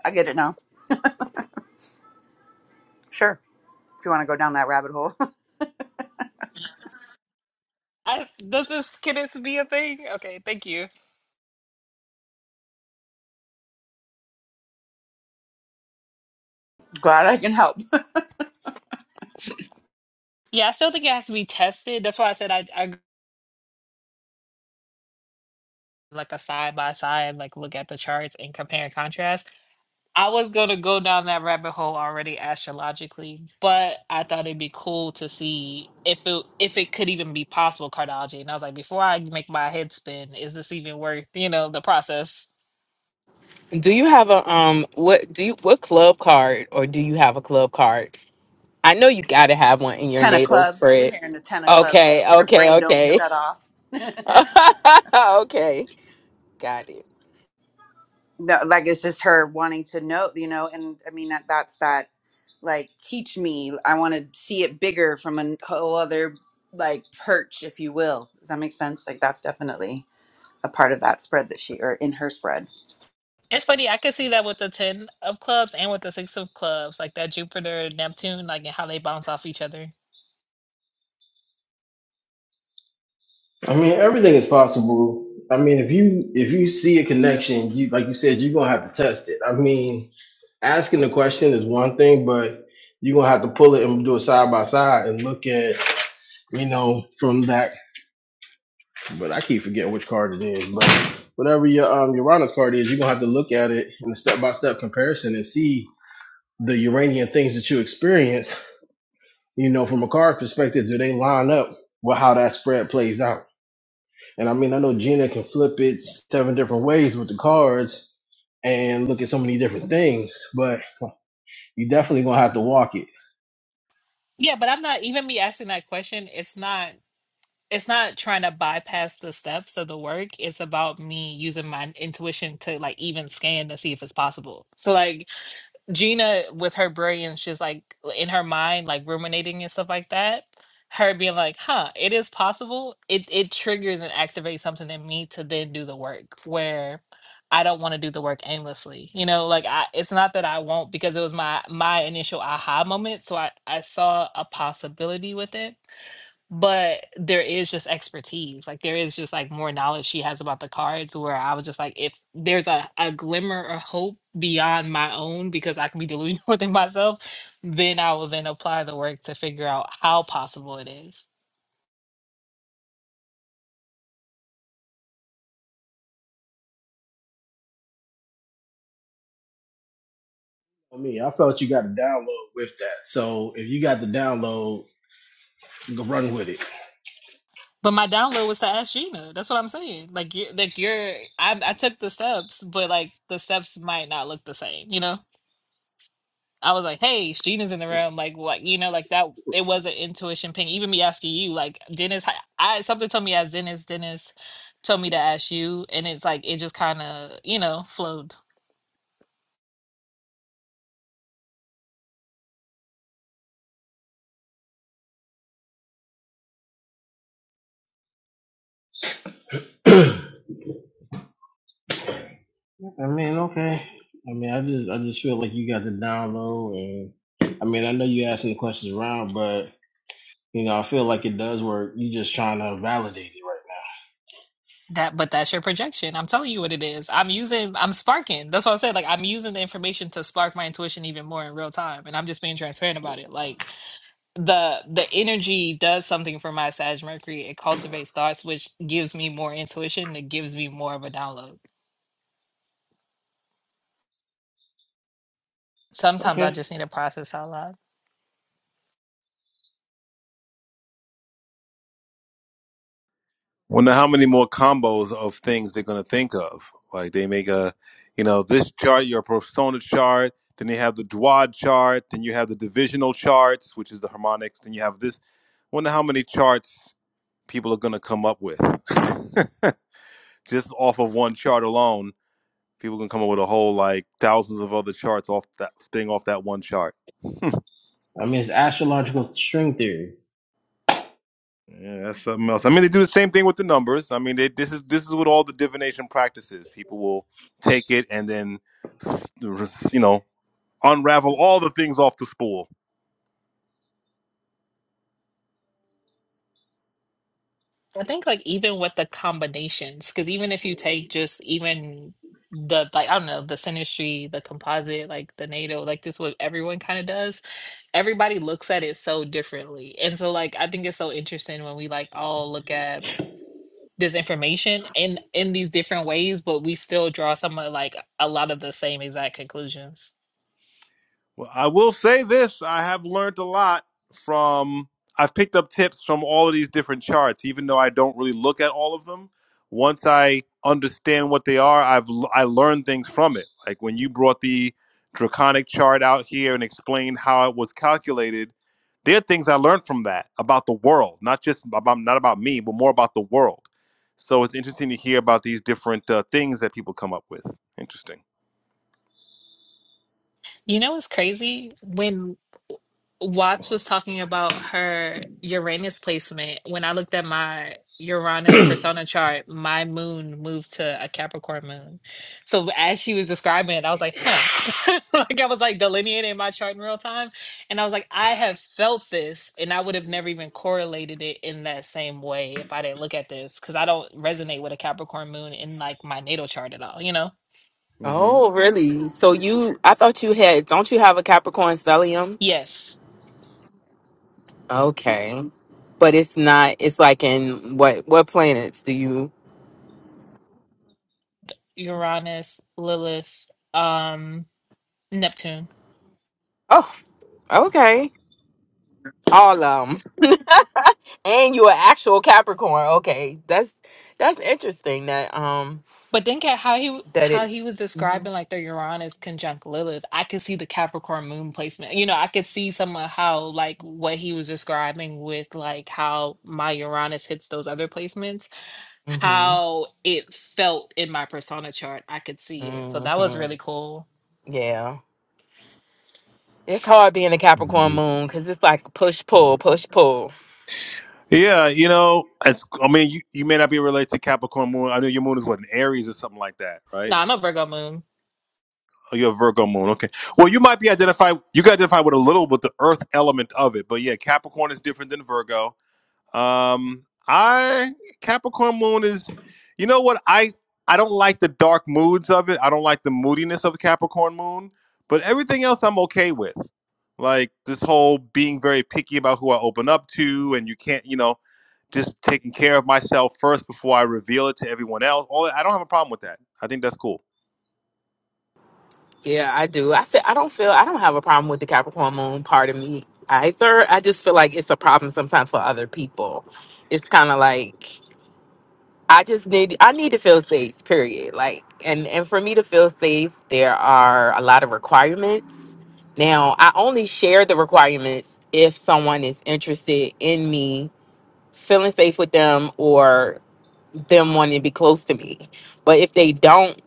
I get it now. Sure. If you want to go down that rabbit hole. I, does this can this be a thing? Okay, thank you. Glad I can help. Yeah, I still think it has to be tested. That's why I said I, I g- like a side by side, like look at the charts and compare and contrast. I was gonna go down that rabbit hole already astrologically, but I thought it'd be cool to see if it if it could even be possible cardiology. And I was like, before I make my head spin, is this even worth you know the process? do you have a um what do you what club card or do you have a club card? I know you got to have one in your Ten of NATO clubs. You're spread. hearing the ten of clubs. Okay, Her okay, brain don't okay, shut off. okay, got it. no, like it's just her wanting to know, you know, and I mean that that's that like teach me. I want to see it bigger from a whole other like perch, if you will. Does that make sense? Like that's definitely a part of that spread that she or in her spread. It's funny, I could see that with the ten of clubs and with the six of clubs, like that Jupiter Neptune, like and how they bounce off each other. I mean, everything is possible. I mean, if you if you see a connection, you like you said, you're gonna have to test it. I mean, asking the question is one thing, but you're gonna have to pull it and do it side by side and look at, you know, from that. But I keep forgetting which card it is. But whatever your um Uranus card is, you're gonna have to look at it in a step by step comparison and see the Uranian things that you experience, you know, from a card perspective, do they line up with how that spread plays out? And I mean, I know Gina can flip it seven different ways with the cards and look at so many different things, but you definitely gonna have to walk it. Yeah, but I'm not even me asking that question. It's not. it's not trying to bypass the steps of the work. It's about me using my intuition to like even scan to see if it's possible. So like Gina with her brilliance, just like in her mind, like ruminating and stuff like that. Her being like, huh, it is possible. It it triggers and activates something in me to then do the work where I don't want to do the work aimlessly. You know, like I it's not that I won't because it was my my initial aha moment. So I, I saw a possibility with it but there is just expertise like there is just like more knowledge she has about the cards where i was just like if there's a, a glimmer of hope beyond my own because i can be delusional within myself then i will then apply the work to figure out how possible it is For me, I felt you got to download with that. So if you got the download, you can run with it. but my download was to ask Gina. That's what I'm saying. Like you, like you're. I, I took the steps, but like the steps might not look the same. You know. I was like, "Hey, Sheena's in the room." Like, what you know, like that. It was an intuition ping. Even me asking you, like Dennis, I, I something told me as Dennis, Dennis told me to ask you, and it's like it just kind of you know flowed. I mean, okay. I mean, I just I just feel like you got the download, and I mean, I know you asking the questions around, but. You know, I feel like it does work. You're just trying to validate it right That, but that's your projection. I'm telling you what it is. I'm using, I'm sparking. That's what I said. Like I'm using the information to spark my intuition even more in real time, and I'm just being transparent about it. Like the the energy does something for my Sag Mercury. It cultivates thoughts, which gives me more intuition. It gives me more of a download. now. sometimes I Okay. just need to process out loud. Wonder how many more combos of things they're gonna think of. Like they make a, you know, this chart, your persona chart. Then they have the Dwad chart. Then you have the divisional charts, which is the harmonics. Then you have this. Wonder how many charts people are gonna come up with. just off of one chart alone, people can come up with a whole like thousands of other charts off that spinning off that one chart. I mean, it's astrological string theory. Yeah, that's something else. I mean, they do the same thing with the numbers. I mean, they, this is this is what all the divination practices. People will take it and then you know unravel all the things off the spool I think like even with the combinations, because even if you take just even the like I don't know the sinistry, the composite, like the NATO, like just what everyone kind of does, everybody looks at it so differently, and so like I think it's so interesting when we like all look at this information in in these different ways, but we still draw some of like a lot of the same exact conclusions. Well, I will say this: I have learned a lot from. I've picked up tips from all of these different charts, even though I don't really look at all of them. Once I understand what they are, I've l- I learned things from it. Like when you brought the draconic chart out here and explained how it was calculated, there are things I learned from that about the world, not just about not about me, but more about the world. So it's interesting to hear about these different uh, things that people come up with. Interesting. You know what's crazy? When Watts was talking about her Uranus placement, when I looked at my Uranus persona chart, my moon moved to a Capricorn moon. So as she was describing it, I was like, huh. Like I was like delineating my chart in real time. And I was like, I have felt this and I would have never even correlated it in that same way if I didn't look at this because I don't resonate with a Capricorn moon in like my natal chart at all, you know? hmm Oh, really? So you? I thought you had. Don't you have a Capricorn stellium? Yes. Okay. But it's not it's like in what what planets do you Uranus, Lilith, um, Neptune. Oh, okay. All of them. And you're an actual Capricorn. Okay. That's that's interesting that um But think at how he that how it he was Mhm. describing like the Uranus conjunct Lilith. I could see the Capricorn moon placement. You know, I could see some of how like what he was describing with like how my Uranus hits those other placements, Mhm. how it felt in my persona chart. I could see it. So that was really Mhm. cool. Yeah. It's hard being a Capricorn moon cuz it's like push pull, push pull. Yeah, you know, it's. I mean, you, you may not be related to Capricorn Moon. I know your moon is what an Aries or something like that, No, right? I'm a Virgo moon. Oh, you're a Virgo Moon. Okay. Well, you might be identified. You can identify with a little with the Earth element of it, but yeah, Capricorn is different than Virgo. Um, I Capricorn Moon is. You know what? I I don't like the dark moods of it. I don't like the moodiness of Capricorn Moon, but everything else I'm okay with. Like this whole being very picky about who I open up to, and you can't, you know just taking care of myself first before I reveal it to everyone else. All I don't have a problem with that. I think that's cool. Yeah, I do. I feel I don't feel I don't have a problem with the Capricorn moon part of me either. I just feel like it's a problem sometimes for other people. It's kind of like I just need I need to feel safe, period. Like and and for me to feel safe, there are a lot of requirements. Now, I only share the requirements if someone is interested in me feeling safe with them or them wanting to be close to me. But if they don't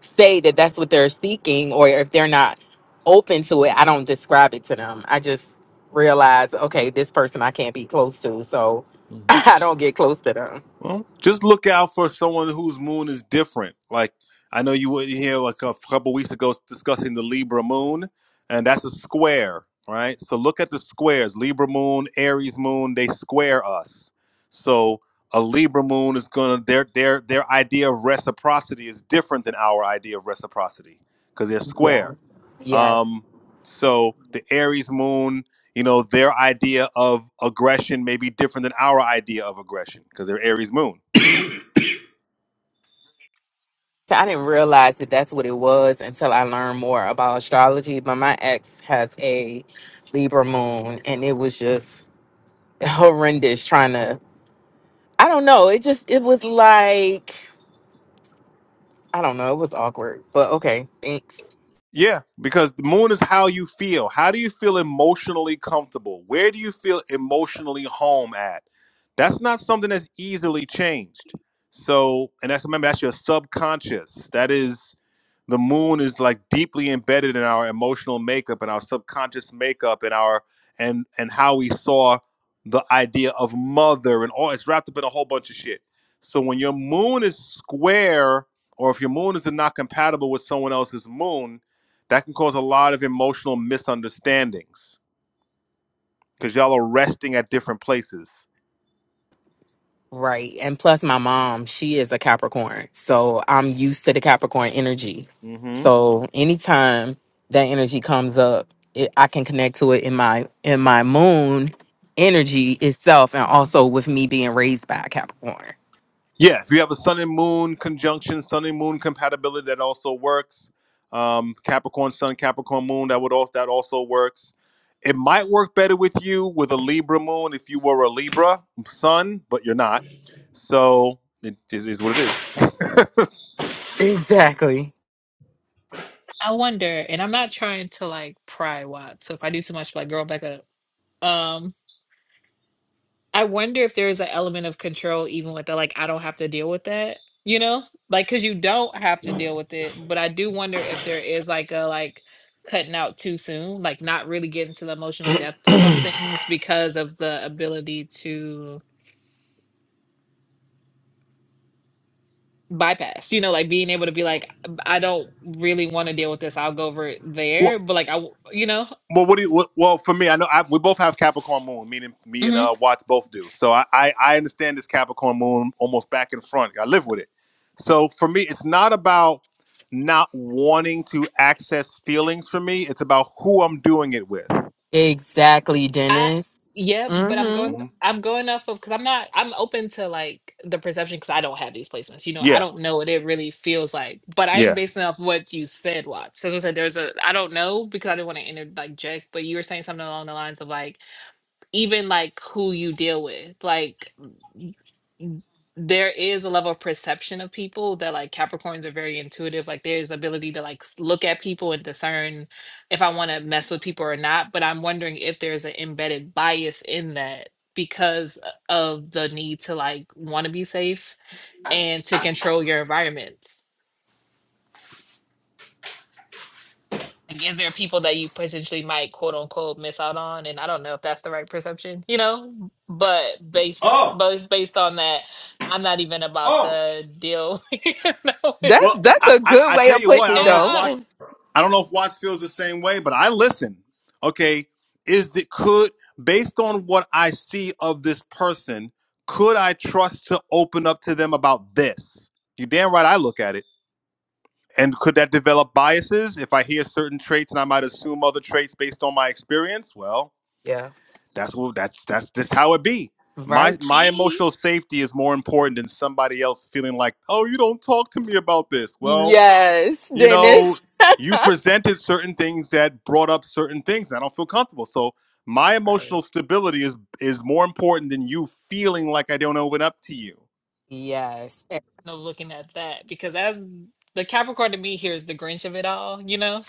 say that that's what they're seeking or if they're not open to it, I don't describe it to them. I just realize, okay, this person I can't be close to, so Mm. I don't get close to them. Well, just look out for someone whose moon is different. Like I know you were here like a couple weeks ago discussing the Libra moon, and that's a square, right? So look at the squares: Libra moon, Aries moon. They square us. So a Libra moon is gonna their their their idea of reciprocity is different than our idea of reciprocity because they're square. Yeah. Yes. Um, so the Aries moon, you know, their idea of aggression may be different than our idea of aggression because they're Aries moon. I didn't realize that that's what it was until I learned more about astrology. But my ex has a Libra moon, and it was just horrendous trying to. I don't know. It just, it was like, I don't know. It was awkward. But okay. Thanks. Yeah, because the moon is how you feel. How do you feel emotionally comfortable? Where do you feel emotionally home at? That's not something that's easily changed. So, and that's remember that's your subconscious. That is the moon is like deeply embedded in our emotional makeup and our subconscious makeup and our and and how we saw the idea of mother and all it's wrapped up in a whole bunch of shit so when your moon is square or if your moon is not compatible with someone else's moon that can cause a lot of emotional misunderstandings because y'all are resting at different places Right. And plus my mom, she is a Capricorn. So I'm used to the Capricorn energy. Mm-hmm. So anytime that energy comes up, it, I can connect to it in my in my moon energy itself and also with me being raised by a Capricorn. Yeah, if you have a sun and moon conjunction, sun and moon compatibility, that also works. Um, Capricorn sun, Capricorn moon, that would also that also works. It might work better with you with a Libra moon if you were a Libra sun, but you're not. So it is, is what it is. Exactly. I wonder, and I'm not trying to like pry Watt. So if I do too much, like girl, back up. Um I wonder if there's an element of control even with the like I don't have to deal with that, you know? Like cuz you don't have to deal with it, but I do wonder if there is like a like cutting out too soon, like not really getting to the emotional depth of some things because of the ability to bypass. You know, like being able to be like "B- I don't really want to deal with this. I'll go over it Well, there, but like I w- you know. Well, what do you? What, well, for me, I know I, we both have Capricorn Moon, meaning me and Mhm. uh, Watts both do. So I, I I understand this Capricorn Moon almost back and front. I live with it. So for me, it's not about not wanting to access feelings. For me, it's about who I'm doing it with. Exactly, I Dennis. yeah, but I'm Mhm. going hmm I'm going off of because I'm not I'm open to like the perception because I don't have these placements. You know, I Yeah, don't know what it really feels like. But I am yeah. basing off what you said, Watts. As I said, there's a I don't know because I didn't want to inter like Jack, but you were saying something along the lines of like even like who you deal with like y- there is a level of perception of people that like capricorns are very intuitive like there's ability to like s- look at people and discern if i want to mess with people or not but i'm wondering if there's an embedded bias in that because uh, of the need to like want to be safe and to control your environments Like, is there people that you potentially might quote unquote miss out on? And I don't know if that's the right perception, you know. But based, Oh, but based on that, I'm not even about oh, to deal, you know, with That's the. Well, that's I, a I good I way tell of you what, putting I it don't know if though. Yeah, Watts I don't know if Watts feels the same way, but I listen. Okay, is that could based on what I see of this person, could I trust to open up to them about this? You damn right I look at it. And could that develop biases if I hear certain traits and I might assume other traits based on my experience? Well, Yeah. that's what that's that's just how it be. My Right. my see, emotional safety is more important than somebody else feeling like, oh, you don't talk to me about this. Well, Yes, you know, Dennis. you presented certain things that brought up certain things. And I don't feel comfortable. So my Right. emotional stability is is more important than you feeling like I don't open up to you. Yes. And no looking at that because that's the Capricorn to me here is the Grinch of it all, you know.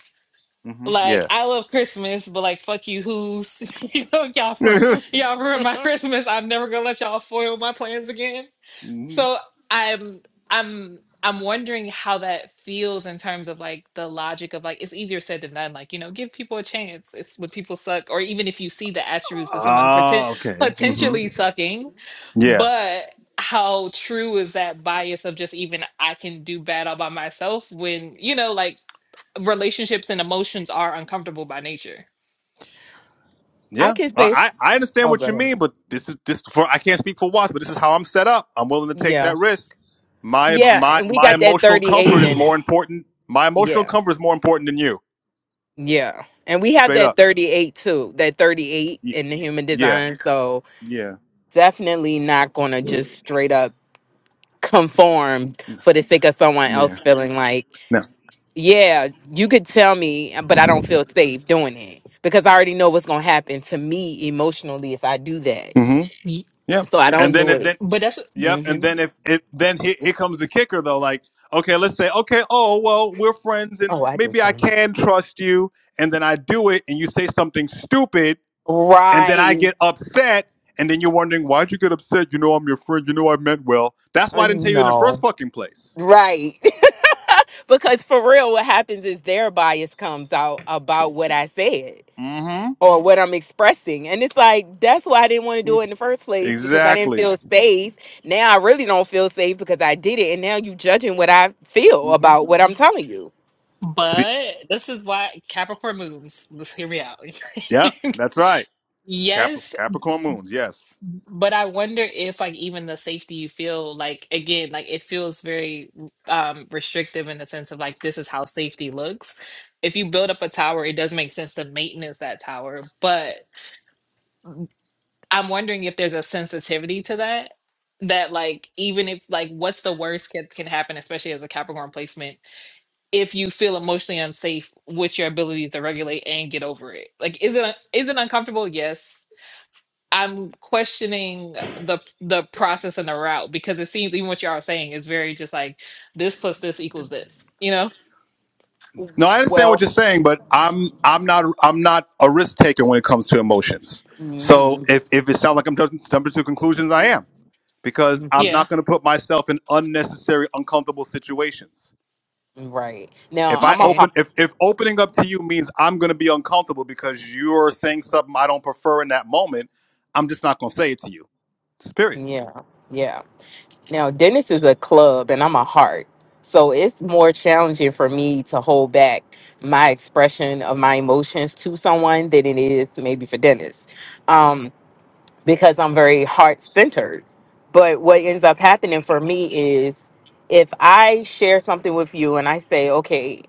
hmm Like Yeah. I love Christmas, but like fuck you, who's you know y'all for y'all ruined my Christmas. I'm never gonna let y'all foil my plans again. Mhm. So I'm I'm I'm wondering how that feels in terms of like the logic of like it's easier said than done. Like, you know, give people a chance. It's when people suck, or even if you see the attributes of someone pretend Ah, okay. hmm potentially sucking, Yeah. but how true is that bias of just even I can do bad all by myself when, you know, like relationships and emotions are uncomfortable by nature. I yeah, can say I I I understand oh what go you ahead. mean, but this is this for I can't speak for Watts, but this is how I'm set up. I'm willing to take Yeah. that risk. My Yeah. my And we my got that emotional 38, comfort is more Dennis. important. My emotional Yeah. comfort is more important than you. Yeah. And we have Straight that up. 38 too. That 38 Y- in the human yeah. design. So Yeah. definitely not gonna just straight up conform for the sake of someone Yeah. else feeling like No. yeah, you could tell me, but I don't feel safe doing it because I already know what's gonna happen to me emotionally if I do that. Mm-hmm. Ye- Yep. So I don't And then do it it. then But that's yep. And hmm then if it then here, here comes the kicker though. Like okay, let's say okay. Oh well, we're friends, and Oh, I maybe just I turned can trust you. And then I do it, and you say something stupid, and then I right. get upset, and then you're wondering why'd you get upset? You know I'm your friend. You know I meant well. That's why Uh, I didn't tell you in the first no, fucking place. right. because for real, what happens is their bias comes out about what I said Mm-hmm. or what I'm expressing, and it's like that's why I didn't want to do it in the first place because I didn't Exactly. feel safe. Now I really don't feel safe because I did it, and now you judging what I feel Mm-hmm. about what I'm telling you. See. but this is why Capricorn moons. Let's hear me out. Yep. That's right. Cap- Yes, Capricorn moons. Yes. But I wonder if like even the safety you feel like again like it feels very um restrictive in the sense of like this is how safety looks. If you build up a tower, it does make sense to maintenance that tower, but I'm wondering if there's a sensitivity to that that like even if like what's the worst can, can happen especially as a Capricorn placement if you feel emotionally unsafe with your ability to regulate and get over it. Like is it is it uncomfortable? Yes I'm questioning the the process and the route because it seems even what y'all are saying is very just like this plus this equals this, you know? No, I understand Well, what you're saying, but I'm I'm not I'm not a risk taker when it comes to emotions. So hmm if if it sounds like I'm jumping, jumping to conclusions, I am because I'm hmm Yeah. not going to put myself in unnecessary uncomfortable situations. Right. Now If I I'm a Okay. open heart. if if opening up to you means I'm going to be uncomfortable because you're saying something I don't prefer in that moment, I'm just not going to say it to you. Just period. Yeah. Yeah. Now Dennis is a club and I'm a heart. So it's more challenging for me to hold back my expression of my emotions to someone than it is maybe for Dennis. Um, because I'm very heart centered. But what ends up happening for me is if I share something with you and I say, okay,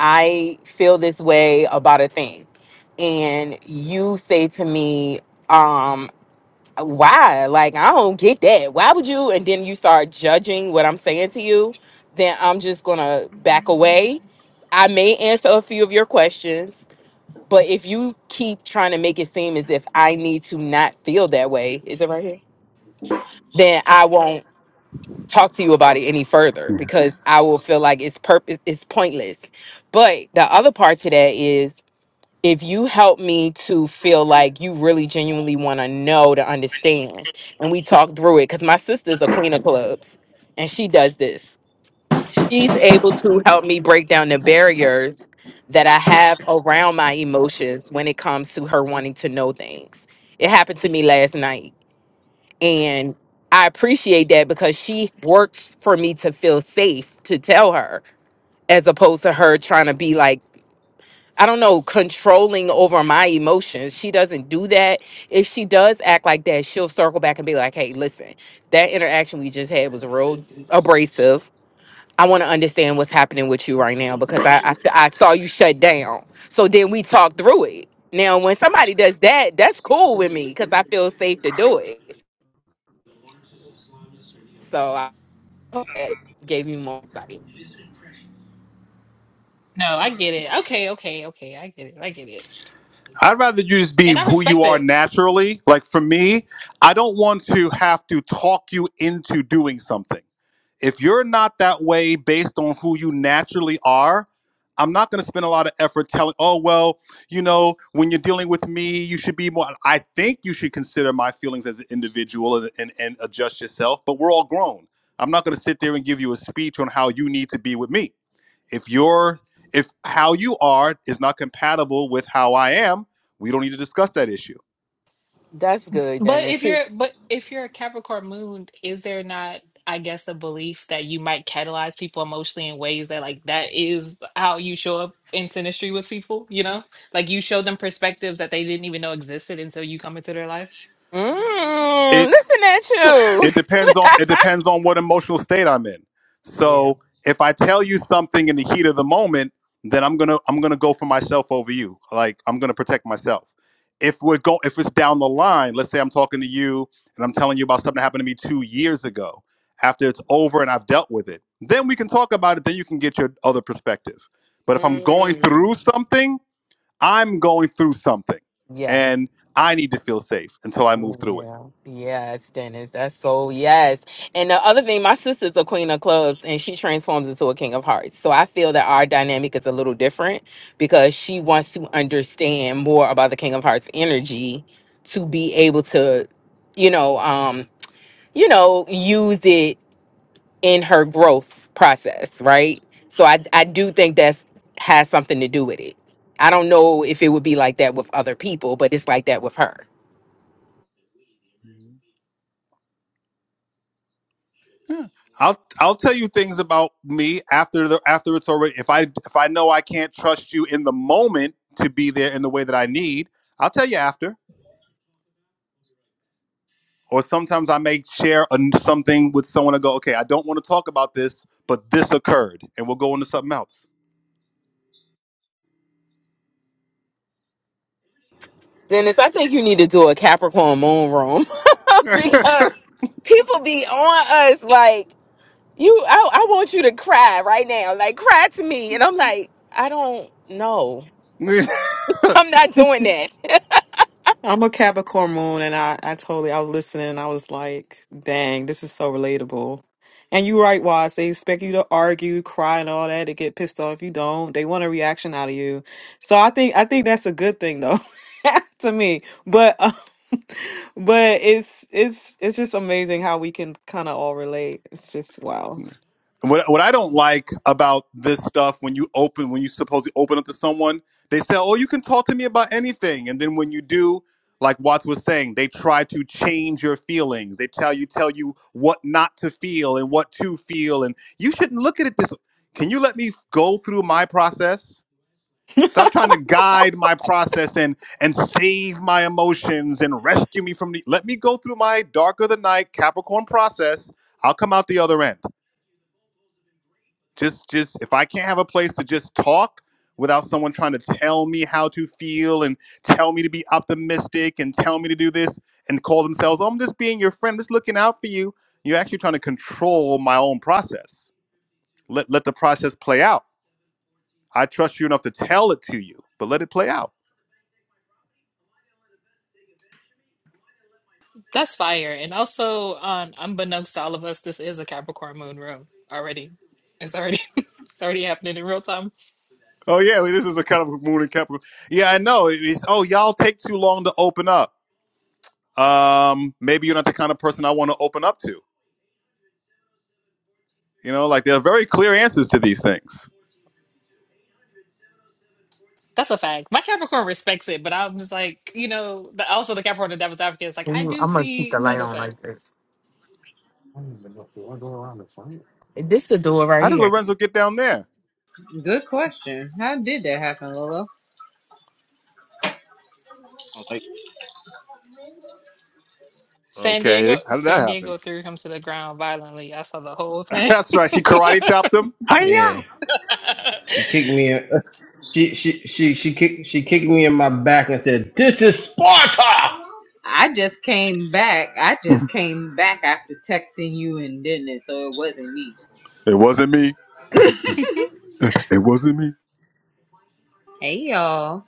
I feel this way about a thing. And you say to me, um, why? Like, I don't get that. Why would you? And then you start judging what I'm saying to you, then I'm just gonna back away. I may answer a few of your questions, but if you keep trying to make it seem as if I need to not feel that way, is it right here? Then I won't talk to you about it any further because I will feel like it's purpose it's pointless. But the other part to that is if you help me to feel like you really genuinely want to know to understand and we talk through it because my sister's a queen of clubs and she does this she's able to help me break down the barriers that i have around my emotions when it comes to her wanting to know things it happened to me last night and i appreciate that because she works for me to feel safe to tell her as opposed to her trying to be like I don't know, controlling over my emotions. She doesn't do that. If she does act like that, she'll circle back and be like, hey, listen, that interaction we just had was real abrasive. I want to understand what's happening with you right now because I I I saw you shut down. So then we talk through it. Now, when somebody does that, that's cool with me because I feel safe to do it. So I hope that gave you more insight. No, I get it. Okay, okay, okay. I get it. I get it. I'd rather you just be And I who you respect are it. naturally. Like for me, I don't want to have to talk you into doing something. If you're not that way based on who you naturally are, I'm not going to spend a lot of effort telling, oh, well, you know, when you're dealing with me, you should be more. I think you should consider my feelings as an individual and, and, and adjust yourself, but we're all grown. I'm not going to sit there and give you a speech on how you need to be with me. If you're if how you are is not compatible with how I am, we don't need to discuss that issue. That's good, But Dennis. if Mm, you're but if you're a Capricorn moon, is there not I guess a belief that you might catalyze people emotionally in ways that like that is how you show up in synastry with people, you know? Like you show them perspectives that they didn't even know existed until you come into their life. It listen at you. it depends on it depends on what emotional state I'm in. So if I tell you something in the heat of the moment, then I'm gonna I'm gonna go for myself over you. Like I'm gonna protect myself. If we're go if it's down the line, let's say I'm talking to you and I'm telling you about something that happened to me two years ago. After it's over and I've dealt with it, then we can talk about it. Then you can get your other perspective. But if I'm going Mm, through something I'm going through something yes. and I need to feel safe until I move Mm, through it. Yeah. Yes, Dennis. That's so yes. And the other thing, my sister's a queen of clubs and she transforms into a king of hearts. So I feel that our dynamic is a little different because she wants to understand more about the king of hearts energy to be able to, you know, um, you know, use it in her growth process, right? So I I do think that's has something to do with it. I don't know if it would be like that with other people, but it's like that with her. Yeah. I'll I'll tell you things about me after the after it's already if I if I know I can't trust you in the moment to be there in the way that I need, I'll tell you after. Or sometimes I may share an something with someone and go, okay, I don't want to talk about this, but this occurred, and we'll go into something else. Dennis, I think you need to do a Capricorn moon room. Uh, people be on us like you. I, I want you to cry right now, like cry to me, and I'm like, I don't know. I'm not doing that. I'm a Capricorn moon, and I, I totally, I was listening, and I was like, dang, this is so relatable. And you're right, Wise. They expect you to argue, cry, and all that to get pissed off. If you don't, they want a reaction out of you. So I think, I think that's a good thing, though, to me. But, um, but it's, it's, it's just amazing how we can kind of all relate. It's just wow. What what I don't like about this stuff when you open when you supposedly open up to someone, they say, "Oh, you can talk to me about anything," and then when you do, like Watts was saying, they try to change your feelings. They tell you tell you what not to feel and what to feel, and you shouldn't look at it this. Can you let me go through my process? Stop trying to guide my process and and save my emotions and rescue me from the. Let me go through my darker the night Capricorn process. I'll come out the other end just just if i can't have a place to just talk without someone trying to tell me how to feel and tell me to be optimistic and tell me to do this and call themselves "Oh, i'm just being your friend I'm just looking out for you you're actually trying to control my own process let, let the process play out i trust you enough to tell it to you but let it play out That's fire. And also, um, unbeknownst to all of us, this is a Capricorn moon room already. It's already it's already happening in real time. oh yeah well, this is a kind of moon and capricorn yeah i know It- it's, oh y'all take too long to open up um maybe you're not the kind of person i want to open up to you know like there are very clear answers to these things That's a fact. My Capricorn respects it, but I'm just like, you know, the, also the Capricorn the devil's advocate is like, I do see the other side. This the door right How did here. Lorenzo get down there? Good question. How did that happen, Lolo? like, San Diego Okay, how did San that happen? Diego threw him to the ground violently. I saw the whole thing. That's right. She karate chopped him. yeah. Hiya! She kicked me. in- She she she she kicked she kicked me in my back and said, "This is Sparta." I just came back. I just came back after texting you and didn't it, so it wasn't me. It wasn't me. It wasn't me. Hey y'all.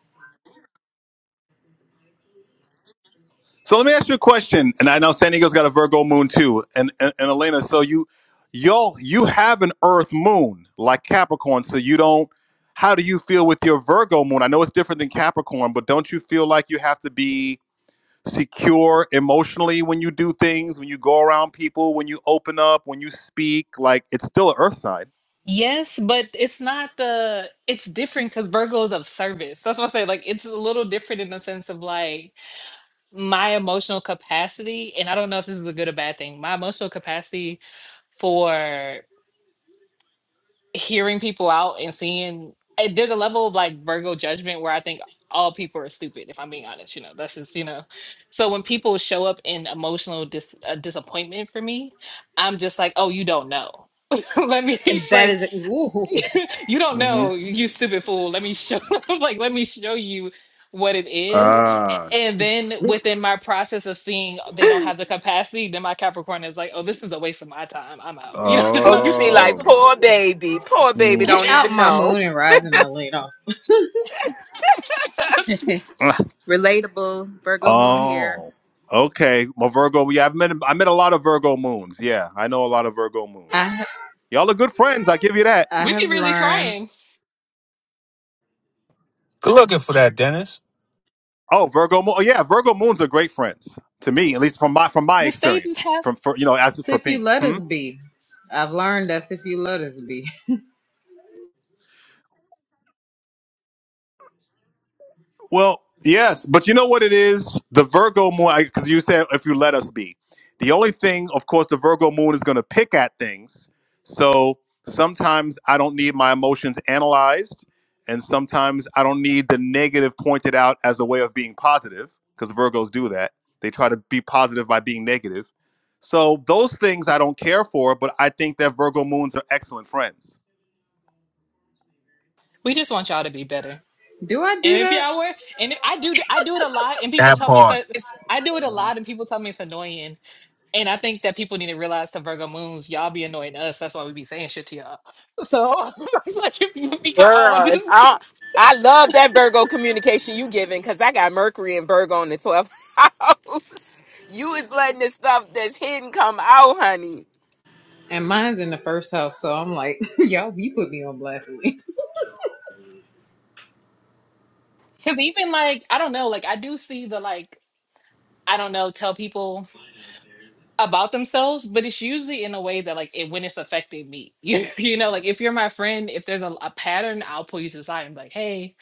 So let me ask you a question. And I know San Diego's got a Virgo moon too. And and, and Elena, so you y'all you have an Earth moon like Capricorn. So you don't. How do you feel with your Virgo moon? I know it's different than Capricorn, but don't you feel like you have to be secure emotionally when you do things, when you go around people, when you open up, when you speak? Like it's still an Earth sign. Yes, but it's not the it's different because Virgo is of service. That's why I say like it's a little different in the sense of like my emotional capacity, and I don't know if this is a good or bad thing, my emotional capacity for hearing people out and seeing eh, there's a level of like Virgo judgment where I think all people are stupid, if I'm being honest, you know, that's just, you know. So when people show up in emotional dis- uh, disappointment for me, I'm just like, oh, you don't know. Let me, That like, is ooh, you don't know, you stupid fool. Let me show like let me show you what it is. Ah, A- And then within my process of seeing they don't have the capacity, then my Capricorn is like, oh, this is a waste of my time. I'm out. You Oh, know, you be Yep. oh, like, poor baby, poor baby, Mm. get don't out even my know, moon and rising Alina. Ah, Relatable Virgo moon here. oh, okay. Well, Virgo, yeah, I've met I met a lot of Virgo moons. Yeah, I know a lot of Virgo moons. I Y'all are good friends. I give you that. I we be have really learned trying. Good looking for that, Dennis. Oh, Virgo moon. Oh, yeah, Virgo moons are great friends to me, at least from my from my The stages experience. have From for, you know, as for If you me. let Hmm? us be, I've learned that's if you let us be. Well, yes, but you know what it is? The Virgo moon, because you said if you let us be. The only thing, of course, the Virgo moon is going to pick at things. So sometimes I don't need my emotions analyzed, and sometimes I don't need the negative pointed out as a way of being positive, because Virgos do that. They try to be positive by being negative. So those things I don't care for, but I think that Virgo moons are excellent friends we just want y'all to be better. Do I And do if that? y'all were, and if I do, I do it a lot, and people That tell me it's part. like, I do it a lot, and people tell me it's annoying And I think that people need to realize to Virgo moons, y'all be annoying us. That's why we be saying shit to y'all. So like if you we could all girl. just if I I love that Virgo communication you giving because I got Mercury and Virgo in the 12th house. You is letting the stuff that's hidden come out, honey. And mine's in the first house, so I'm like, y'all, you put me on blast. Lee. because even like I don't know, like I do see the like I don't know, tell people about themselves, but it's usually in a way that like it when it's affecting me. You, you know, like if you're my friend, if there's a, a pattern, I'll pull you to the side and be like, hey,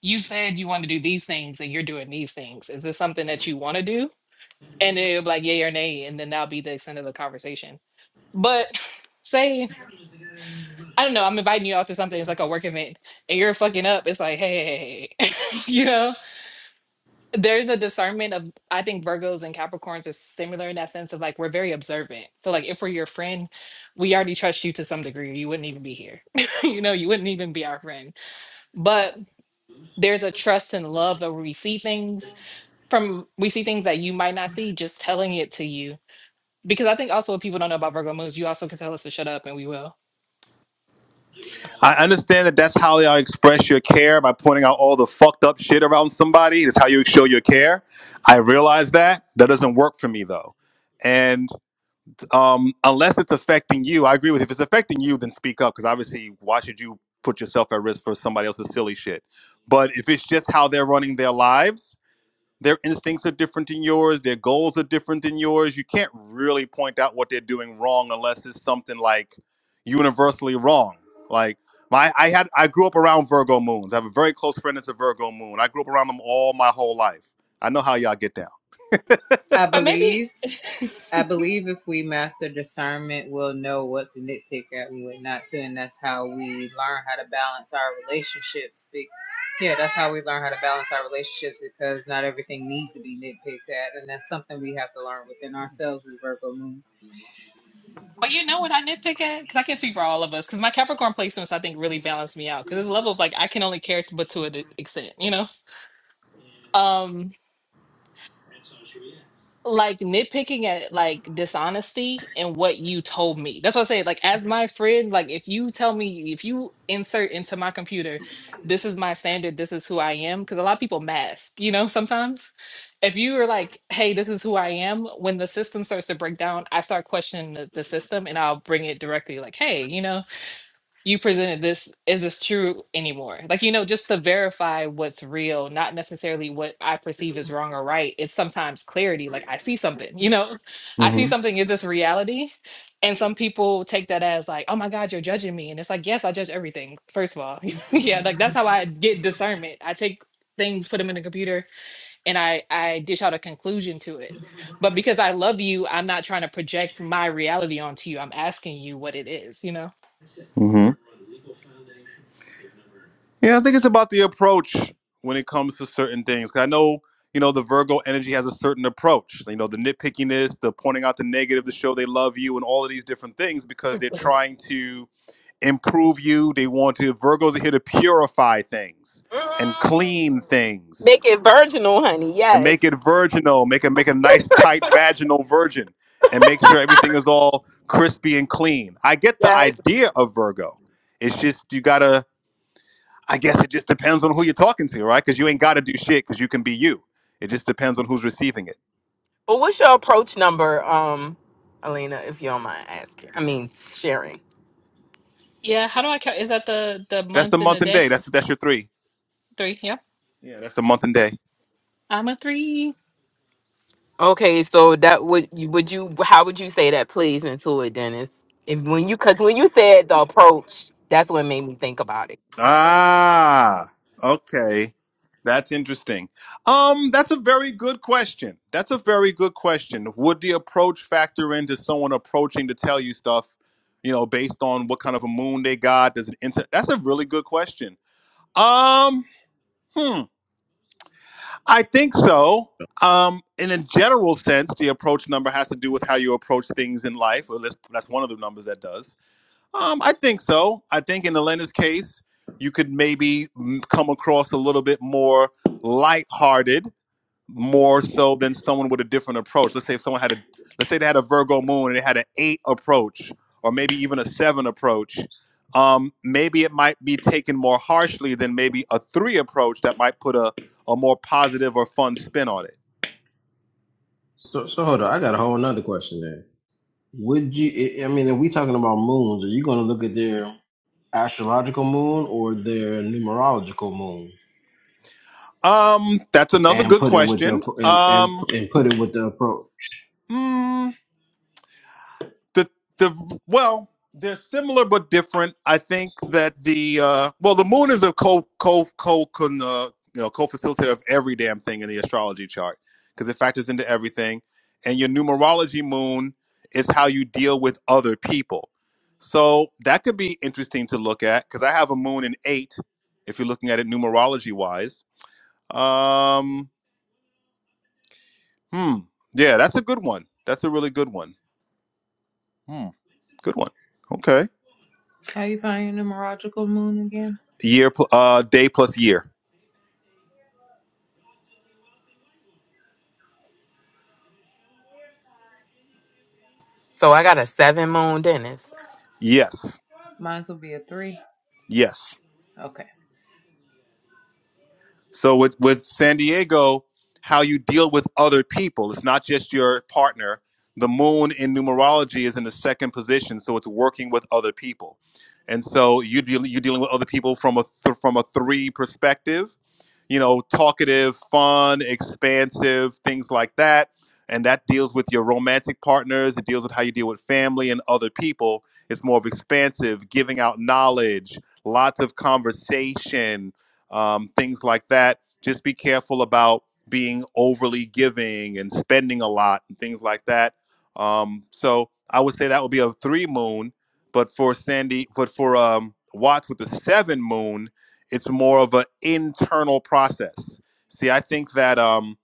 you said you want to do these things and you're doing these things. Is this something that you want to do? And it'll be like yay or nay, and then that'll be the extent of the conversation. But say I don't know, I'm inviting you out to something, it's like a work event, and you're fucking up, it's like, hey, you know? There's a discernment of, I think Virgos and Capricorns are similar in that sense of like, we're very observant. So, like, if we're your friend, we already trust you to some degree, you wouldn't even be here. you know, you wouldn't even be our friend. But there's a trust and love that we see things from, we see things that you might not see, just telling it to you. Because I think also what people don't know about Virgo moons, you also can tell us to shut up and we will. I understand that that's how y'all express your care by pointing out all the fucked up shit around somebody. It's how you show your care. I realize that. That doesn't work for me though. And um, unless it's affecting you, I agree with you. If it's affecting you, then speak up because obviously, why should you put yourself at risk for somebody else's silly shit? But if it's just how they're running their lives, their instincts are different than yours. Their goals are different than yours. You can't really point out what they're doing wrong unless it's something like universally wrong. Like my, I had, I grew up around Virgo moons. I have a very close friend that's a Virgo moon. I grew up around them all my whole life. I know how y'all get down. I But believe, I maybe believe if we master discernment, we'll know what to nitpick at and what not to, and that's how we learn how to balance our relationships. Be- Yeah, that's how we learn how to balance our relationships because not everything needs to be nitpicked at, and that's something we have to learn within ourselves as Virgo moon. But you know what I nitpick at? Because I can't speak for all of us. Because my Capricorn placements, I think, really balance me out. Because there's a level of like I can only care to, but to an extent, you know. Um, like nitpicking at like dishonesty and what you told me. That's what I say. Like as my friend, like if you tell me, if you insert into my computer, this is my standard. This is who I am. Because a lot of people mask, you know. Sometimes, if you are like, hey, this is who I am. When the system starts to break down, I start questioning the, the system, and I'll bring it directly. Like, hey, you know you presented this is this true anymore like you know just to verify what's real not necessarily what i perceive as wrong or right it's sometimes clarity like i see something you know i see Mm-hmm. something is this reality and some people take that as like oh my god you're judging me and it's like yes i judge everything first of all yeah like that's how i get discernment i take things put them in the computer and i i dish out a conclusion to it but because i love you i'm not trying to project my reality onto you i'm asking you what it is you know Mm-hmm. Yeah, I think it's about the approach when it comes to certain things. 'Cause I know, you know, the Virgo energy has a certain approach. You know, the nitpickiness, the pointing out the negative, the show they love you, and all of these different things because they're trying to improve you. They want to, Virgos are here to purify things and Mm. clean things Make it virginal, honey. and Yes. make it virginal, make it make a nice tight vaginal virgin and make sure everything is all crispy and clean. I get the Yes. idea of Virgo. It's just you gotta I guess it just depends on who you're talking to, right? Because you ain't gotta do shit because you can be you. It just depends on who's receiving it. But what's your approach number, um, Alina, if you don't mind asking? I mean sharing. Yeah, how do I count? Is that the the That's the month and the month and day? day. That's that's your three. Three. Yeah, Yeah, that's the month and day. I'm a three. Okay, so that would you would you how would you say that plays into it, Dennis? If when you cause when you said the approach, that's what made me think about it. Ah, okay. That's interesting. Um, that's a very good question. That's a very good question. Would the approach factor into someone approaching to tell you stuff, you know, based on what kind of a moon they got? Does it inter- That's a really good question. Um, hmm, I think so. Um, in a general sense, the approach number has to do with how you approach things in life. Well, that's, that's one of the numbers that does. Um, I think so. I think in Elena's case, you could maybe mm, come across a little bit more lighthearted more so than someone with a different approach. Let's say someone had a let's say they had a Virgo moon and they had an eight approach, or maybe even a seven approach. Um, maybe it might be taken more harshly than maybe a three approach that might put a, a more positive or fun spin on it. So so hold on. I got a whole nother question there. Would you? I I mean, if we talking about moons, are you going to look at their astrological moon or their numerological moon? Um, that's another and good put it with the question. and, and, Um, and put it with the approach. hmm, the the well they're similar but different i think that the uh well the moon is a co co co con, uh, you know co-facilitator of every damn thing in the astrology chart because it factors into everything and your numerology moon is how you deal with other people so that could be interesting to look at because i have a moon in eight if you're looking at it numerology wise um hmm yeah that's a good one that's a really good one hmm good one Okay. How you find your numerological moon again? year pl- uh day plus year So I got a seven moon Dennis. yes Mine's will be a three. yes Okay. so with with san diego how you deal with other people it's not just your partner the moon in numerology is in the second position so it's working with other people and so you deal, you're dealing with other people from a th- from a three perspective you know, talkative, fun, expansive, things like that. And that deals with your romantic partners. It deals with how you deal with family and other people. It's more of expansive, giving out knowledge, lots of conversation, um, things like that. Just be careful about being overly giving and spending a lot and things like that. Um, so I would say that would be a three moon, but for Sandy, but for um, Watts with the seven moon, it's more of an internal process. See, I think that um,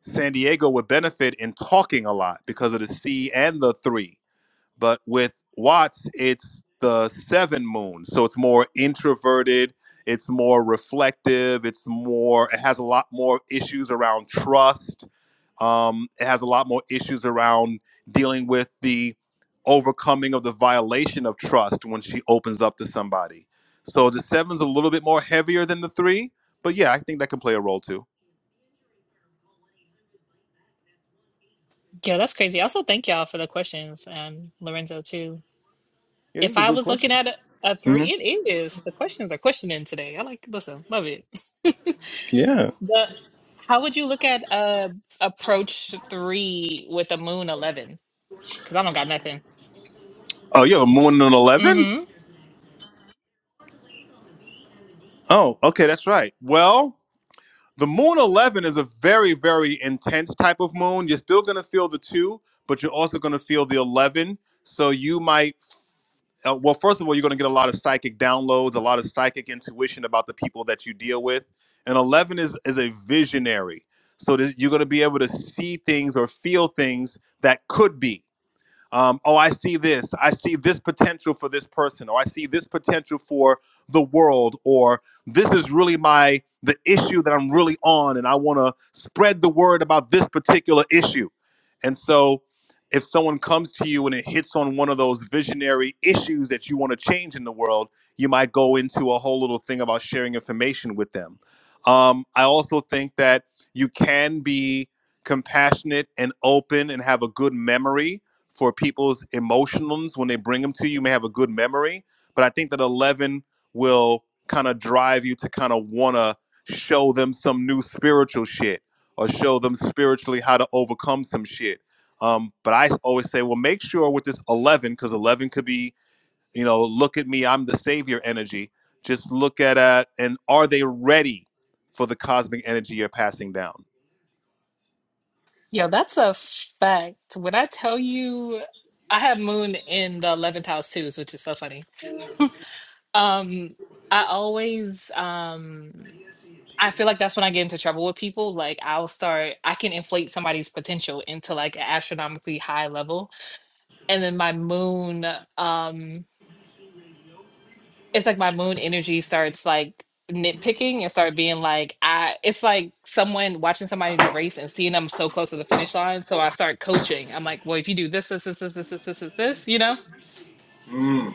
San Diego would benefit in talking a lot because of the C and the three. But with Watts, it's the seven moon. So it's more introverted, it's more reflective, it's more, it has a lot more issues around trust um, it has a lot more issues around dealing with the overcoming of the violation of trust when she opens up to somebody. So the seven's a little bit more heavier than the three, but yeah, I think that can play a role too. Yeah, that's crazy. Also, thank y'all for the questions, um, Lorenzo too. Yeah, If these are I good was looking questions. at a, a hmm three, it is. The questions are questioning today. I like listen, love it. Yeah. The how would you look at uh approach three with a moon eleven? Because I don't got nothing. Oh, you have a moon and an 11? Mm-hmm. Oh, okay, that's right. Well, the moon 11 is a very, very intense type of moon. You're still going to feel the two, but you're also going to feel the 11. So you might uh, well, first of all, you're going to get a lot of psychic downloads, a lot of psychic intuition about the people that you deal with. And 11 is is a visionary, so this, you're going to be able to see things or feel things that could be. Um, oh, I see this. I see this potential for this person, or I see this potential for the world, or this is really my the issue that I'm really on, and I want to spread the word about this particular issue. And so, if someone comes to you and it hits on one of those visionary issues that you want to change in the world, you might go into a whole little thing about sharing information with them. Um, I also think that you can be compassionate and open and have a good memory for people's emotions when they bring them to you. You may have a good memory, but I think that 11 will kind of drive you to kind of want to show them some new spiritual shit or show them spiritually how to overcome some shit. Um, but I always say, well, make sure with this 11, because 11 could be, you know, look at me, I'm the savior energy. Just look at it, and are they ready for the cosmic energy you're passing down? Yeah, that's a fact. When I tell you, I have moon in the eleventh house too, which is so funny. Um, I always um I feel like that's when I get into trouble with people. Like I'll start I can inflate somebody's potential into like an astronomically high level. And then my moon, um, it's like my moon energy starts like nitpicking and start being like I it's like someone watching somebody in the race and seeing them so close to the finish line. So I start coaching. I'm like, well if you do this, this, this, this, this, this, this, this, this, you know?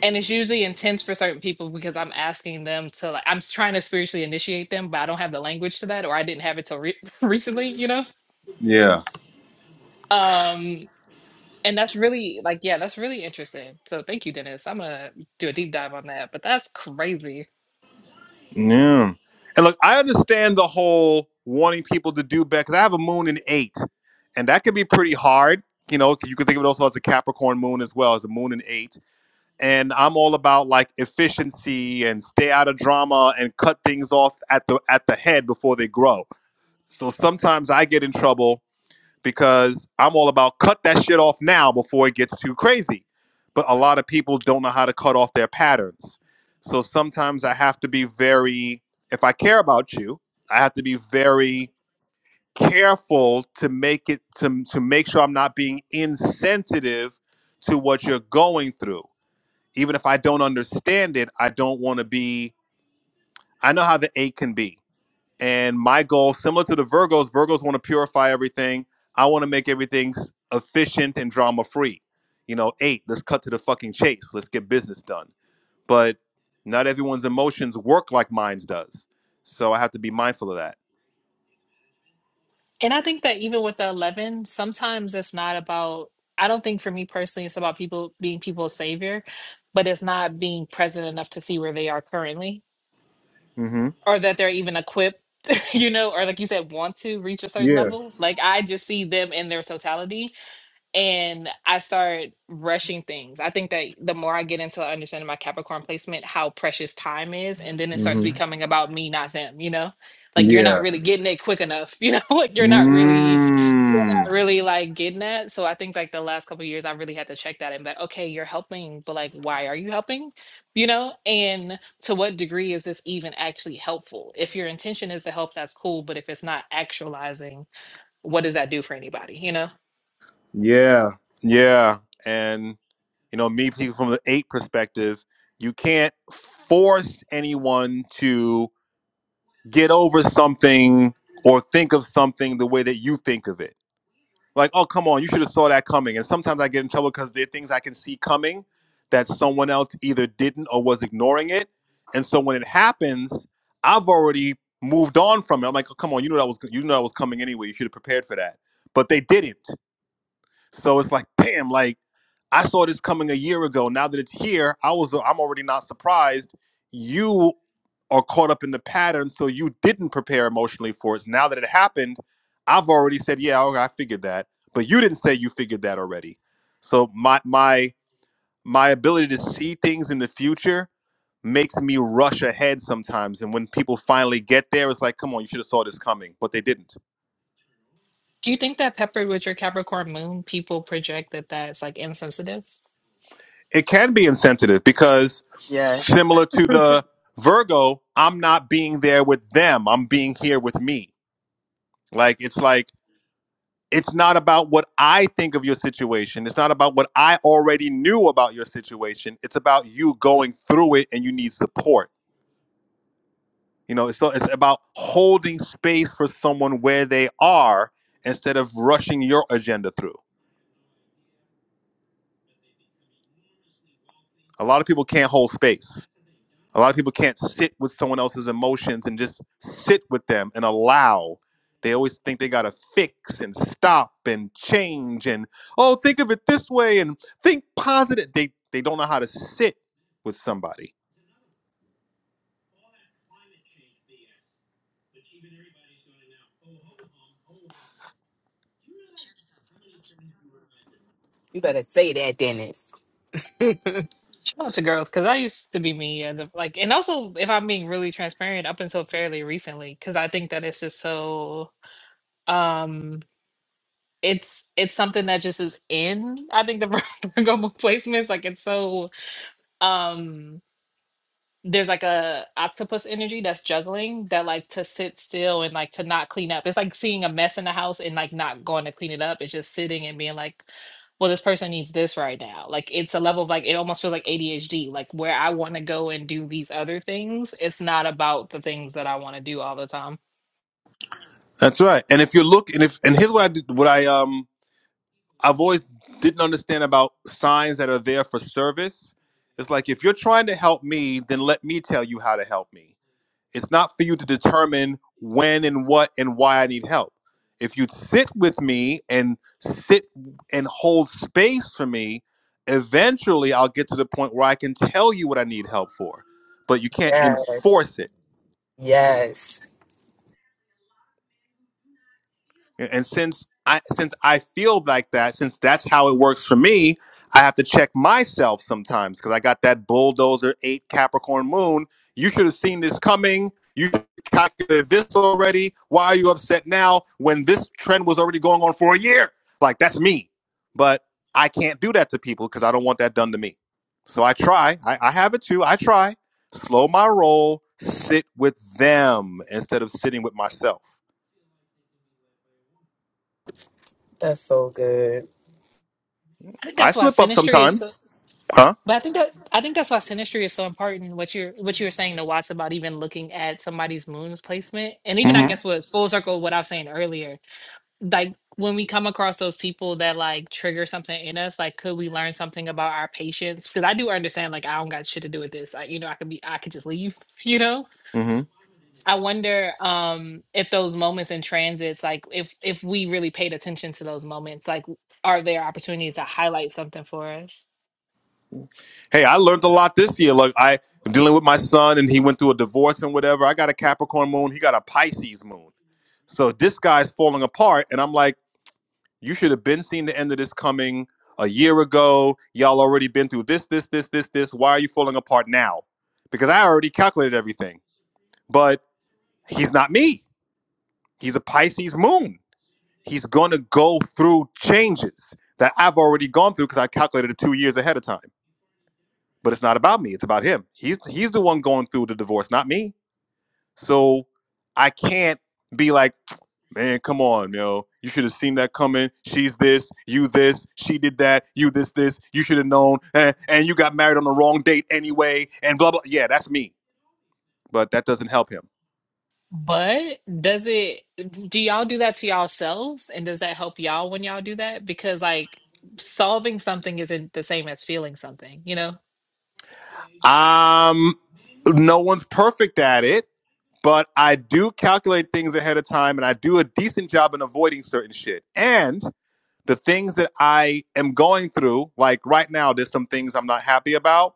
and it's usually intense for certain people because I'm asking them to like I'm s- trying to spiritually initiate them, but I don't have the language to that, or I didn't have it till re- recently, you know. Yeah. Um, and that's really like yeah, that's really interesting. So thank you, Dennis. I'm gonna do a deep dive on that, but that's crazy. Yeah. And look, I understand the whole wanting people to do better because I have a moon in eight, and that can be pretty hard. You know, 'cause you can think of it also as a Capricorn moon as well as a moon in eight. And I'm all about like efficiency and stay out of drama and cut things off at the at the head before they grow. So sometimes I get in trouble because I'm all about cut that shit off now before it gets too crazy. But a lot of people don't know how to cut off their patterns. So sometimes I have to be very, if I care about you, I have to be very careful to make it to, to make sure I'm not being insensitive to what you're going through. Even if I don't understand it, I don't want to be, I know how the ache can be and my goal, similar to the Virgos, Virgos want to purify everything. I want to make everything efficient and drama free. You know, eight, let's cut to the fucking chase. Let's get business done. But not everyone's emotions work like mine does. So I have to be mindful of that. And I think that even with the eleven, sometimes it's not about. I don't think for me personally, it's about people being people's savior, but it's not being present enough to see where they are currently Mm-hmm. or that they're even equipped you know or like you said want to reach a certain Yeah. level like i just see them in their totality and I start rushing things. I think that the more I get into understanding my Capricorn placement, how precious time is, and then it starts Mm-hmm. becoming about me, not them, you know? Like you're not Yeah. really getting it quick enough, you know, like you're not really you're not Mm. really like getting that. So I think like the last couple of years I really had to check that and be like, okay, you're helping, but like why are you helping? You know? And to what degree is this even actually helpful? If your intention is to help, that's cool, but if it's not actualizing, what does that do for anybody? You know? Yeah. Yeah. And, you know, me people from the eight perspective, you can't force anyone to. get over something or think of something the way that you think of it. Like, oh, come on, you should have saw that coming. And sometimes I get in trouble because there are things I can see coming that someone else either didn't or was ignoring it. And so when it happens, I've already moved on from it. I'm like, oh, come on, you know that was you know that was coming anyway. You should have prepared for that. But they didn't. So it's like, damn, like I saw this coming a year ago. Now that it's here, I was I'm already not surprised. You are caught up in the pattern so you didn't prepare emotionally for it. So Now that it happened, I've already said, yeah, okay, I figured that. But you didn't say you figured that already. So my my my ability to see things in the future makes me rush ahead sometimes. And when people finally get there, it's like, come on, you should have saw this coming, but they didn't. Do you think that peppered with your Capricorn moon, people project that that's like insensitive? It can be insensitive because similar to the Virgo, I'm not being there with them. I'm being here with me. Like it's like It's not about what I think of your situation. It's not about what I already knew about your situation. It's about you going through it and you need support. You know, it's, it's about holding space for someone where they are instead of rushing your agenda through. A lot of people can't. A lot of people can't sit with someone else's emotions and just sit with them and allow. They always think they gotta fix and stop and change and oh, think of it this way and think positive. They they don't know how to sit with somebody. You better say that, Dennis. Shout out to girls, because I used to be me, and like, and also if I'm being really transparent, up until fairly recently, because I think that it's just so, um, it's it's something that just is in. I think the Virgo placements, like, it's so, um. there's like a octopus energy that's juggling that like to sit still and like to not clean up. It's like seeing a mess in the house and like not going to clean it up. It's just sitting and being like, well, this person needs this right now. Like it's a level of like it almost feels like ADHD, like where I want to go and do these other things. It's not about the things that I want to do all the time. That's right. And if you look and if and here's what I did, what I um I've always didn't understand about signs that are there for service. It's like if you're trying to help me, then let me tell you how to help me It's not for you to determine when and what and why I need help. If you sit with me and sit and hold space for me, eventually I'll get to the point where I can tell you what I need help for. But you can't enforce it. And since I since I feel like that, since that's how it works for me, I have to check myself sometimes because I got that bulldozer eight Capricorn moon. You should have seen this coming. You calculated this already. Why are you upset now when this trend was already going on for a year? Like that's me. But I can't do that to people because I don't want that done to me. So I try. I, I have it too. I try. Slow my roll, sit with them instead of sitting with myself. I think I that's why slip up sinistry is so sometimes. huh? but I think that I think that's why sinistry is so important. What you're what you were saying to Watts about even looking at somebody's moon's placement. And even I hmm guess was full circle what I was saying earlier like when we come across those people that like trigger something in us, like could we learn something about our patience? Because I do understand, like I don't got shit to do with this. I, you know, I could be, I could just leave. You know, hmm I wonder um if those moments in transits, like if if we really paid attention to those moments, like are there opportunities to highlight something for us? Hey, I learned a lot this year. Like I dealing with my son, and he went through a divorce and whatever. I got a Capricorn moon. He got a Pisces moon. So this guy's falling apart, and I'm like, you should have been seeing the end of this coming a year ago. Y'all already been through this, this, this, this, this. Why are you falling apart now? Because I already calculated everything. But he's not me. He's a Pisces moon. He's gonna go through changes that I've already gone through because I calculated it two years ahead of time. but it's not about me it's about him he's he's the one going through the divorce not me so i can't be like man come on yo you should have seen that coming she's this you this she did that you this this you should have known and and you got married on the wrong date anyway and blah blah yeah that's me but that doesn't help him But does it? Do y'all do that to yourselves, and does that help y'all when y'all do that? Because like solving something isn't the same as feeling something, you know. um no one's perfect at it but i do calculate things ahead of time and i do a decent job in avoiding certain shit and the things that I am going through, like right now, there's some things I'm not happy about,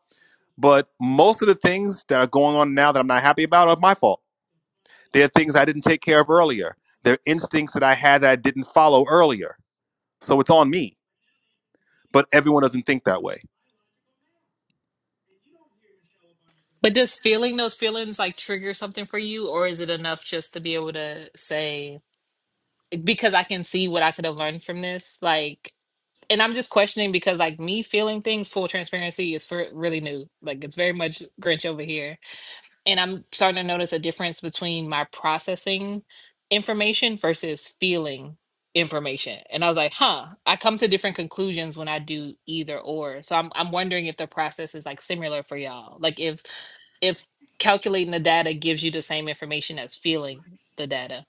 but most of the things that are going on now that I'm not happy about are my fault. They're things I didn't take care of earlier. They're instincts that I had that I didn't follow earlier. So it's on me. But everyone doesn't think that way. But does feeling those feelings like trigger something for you, or is it enough just to be able to say, because I can see what I could have learned from this? Like, and I'm just questioning because, like, me feeling things full transparency is for really new. Like, it's very much Grinch over here. And I'm starting to notice a difference between my processing information versus feeling information. And I was like, huh, I come to different conclusions when I do either or. So I'm I'm wondering if the process is like similar for y'all. Like if if calculating the data gives you the same information as feeling the data.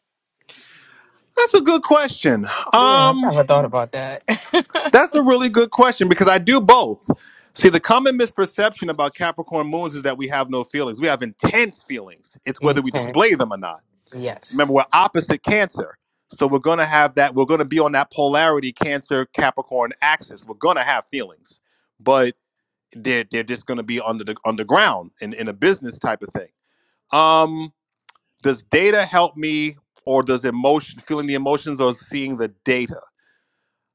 That's a good question. Um, that's a really good question because I do both. See, the common misperception about Capricorn moons is that we have no feelings. We have intense feelings. It's whether we display them or not. Remember, we're opposite Cancer. So we're going to have that, we're going to be on that polarity Cancer Capricorn axis. We're going to have feelings, but they're, they're just going to be under the underground in, in a business type of thing. Um, does data help me or does emotion, feeling the emotions or seeing the data?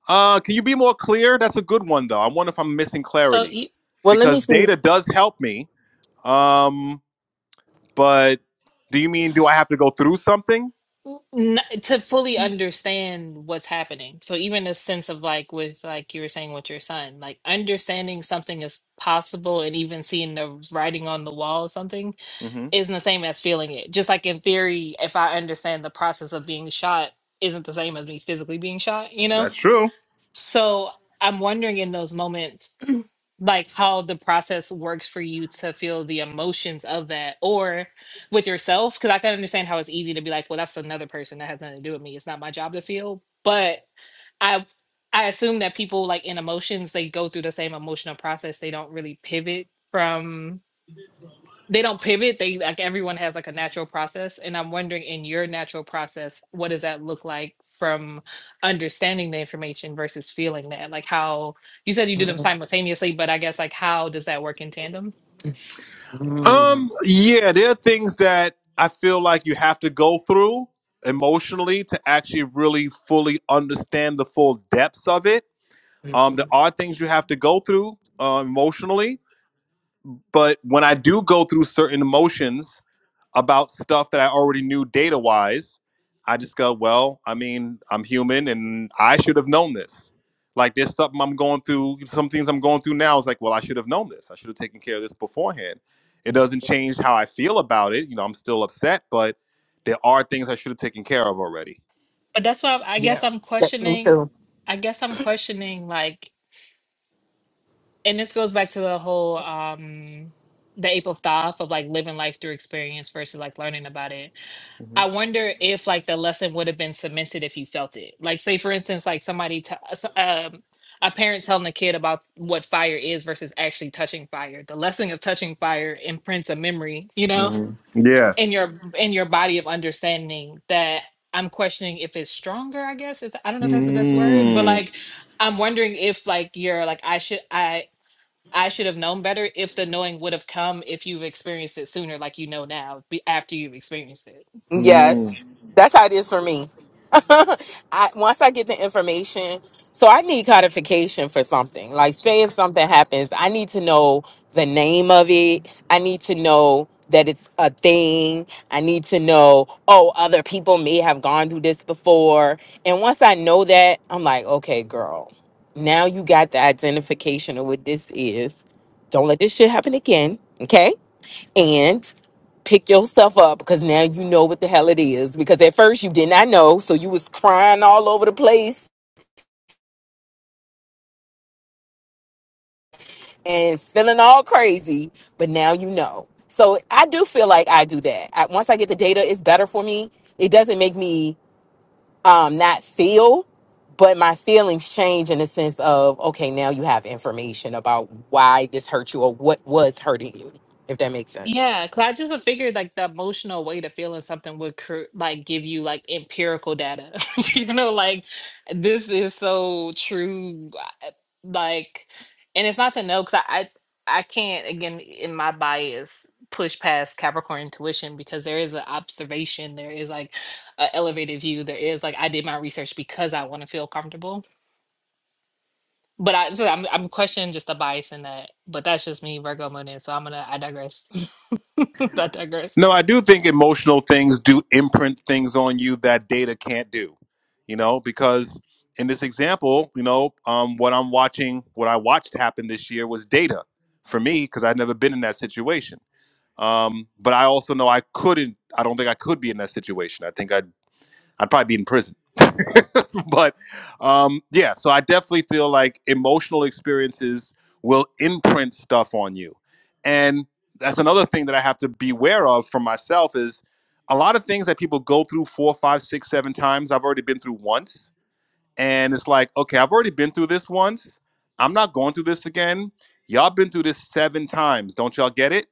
Uh, can you be more clear? That's a good one though. I wonder if I'm missing So clarity you, Well, let me because see. data does help me. Um, but do you mean do I have to go through something? n- to fully understand what's happening. So even a sense of like with like you were saying with your son, like understanding something is possible and even seeing the writing on the wall or something hmm isn't the same as feeling it. Just like in theory, if I understand the process of being shot isn't the same as me physically being shot, you know? That's true. So I'm wondering in those moments like how the process works for you to feel the emotions of that or with yourself because i can understand how it's easy to be like well that's another person that has nothing to do with me it's not my job to feel but i i assume that people like in emotions they go through the same emotional process they don't really pivot from they don't pivot they like everyone has like a natural process and i'm wondering in your natural process what does that look like from understanding the information versus feeling that like how you said you did them simultaneously but i guess like how does that work in tandem Um, yeah, there are things that I feel like you have to go through emotionally to actually really fully understand the full depths of it. Um, there are things you have to go through uh, emotionally, but when I do go through certain emotions, about stuff that I already knew data wise. I just go, well, I mean, I'm human and I should have known this. Like there's something I'm going through, some things I'm going through now. It's like, well, I should have known this. I should have taken care of this beforehand. It doesn't change how I feel about it. You know, I'm still upset, but there are things I should have taken care of already. but that's why i guess i'm me questioning too. i guess i'm questioning like and this goes back to the whole um the ape of thought of like living life through experience versus like learning about it Mm-hmm. I wonder if like the lesson would have been cemented if you felt it. Like say for instance, like somebody, t- uh, s- um, a parent telling a kid about what fire is versus actually touching fire. The lesson of touching fire imprints a memory, you know, Mm. Yeah. in your in your body of understanding that I'm questioning if it's stronger. I guess if, I don't know if that's the best word, but Mm. like I'm wondering if like you're like I should I. I should have known better if the knowing would have come if you've experienced it sooner, like you know now, be, after you've experienced it. Mm. Yes, that's how it is for me. I once I get the information, so I need codification for something. Like, say if something happens, I need to know the name of it. I need to know that it's a thing. I need to know, oh, other people may have gone through this before. And once I know that, I'm like, okay, girl, now you got the identification of what this is. Don't let this shit happen again. Okay and pick yourself up because now you know what the hell it is. Because at first you did not know, so you was crying all over the place and feeling all crazy, but now you know. So I do feel like I do that. I, once I get the data, it's better for me. It doesn't make me um, not feel, but my feelings change in the sense of okay, now you have information about why this hurt you or what was hurting you. If that makes sense. Yeah, cause I just would figure like the emotional weight of feeling something would cur- like give you like empirical data. you know, like this is so true. I- Like, and it's not to know because I, I I can't again in my bias push past Capricorn intuition because there is an observation, there is like an elevated view, there is like I did my research because I want to feel comfortable. But I so I'm I'm questioning just the bias in that. But that's just me, Virgo moon, is, so I'm gonna I digress. I digress. No, I do think emotional things do imprint things on you that data can't do. You know, because in this example, you know, um, what I'm watching, what I watched happen this year was data for me because I'd never been in that situation. Um, but I also know I couldn't. I don't think I could be in that situation. I think I'd I'd probably be in prison. but um, yeah, so I definitely feel like emotional experiences will imprint stuff on you. And that's another thing that I have to beware of for myself is a lot of things that people go through four, five, six, seven times, I've already been through once. And it's like, okay, I've already been through this once. I'm not going through this again. Y'all been through this seven times. Don't y'all get it?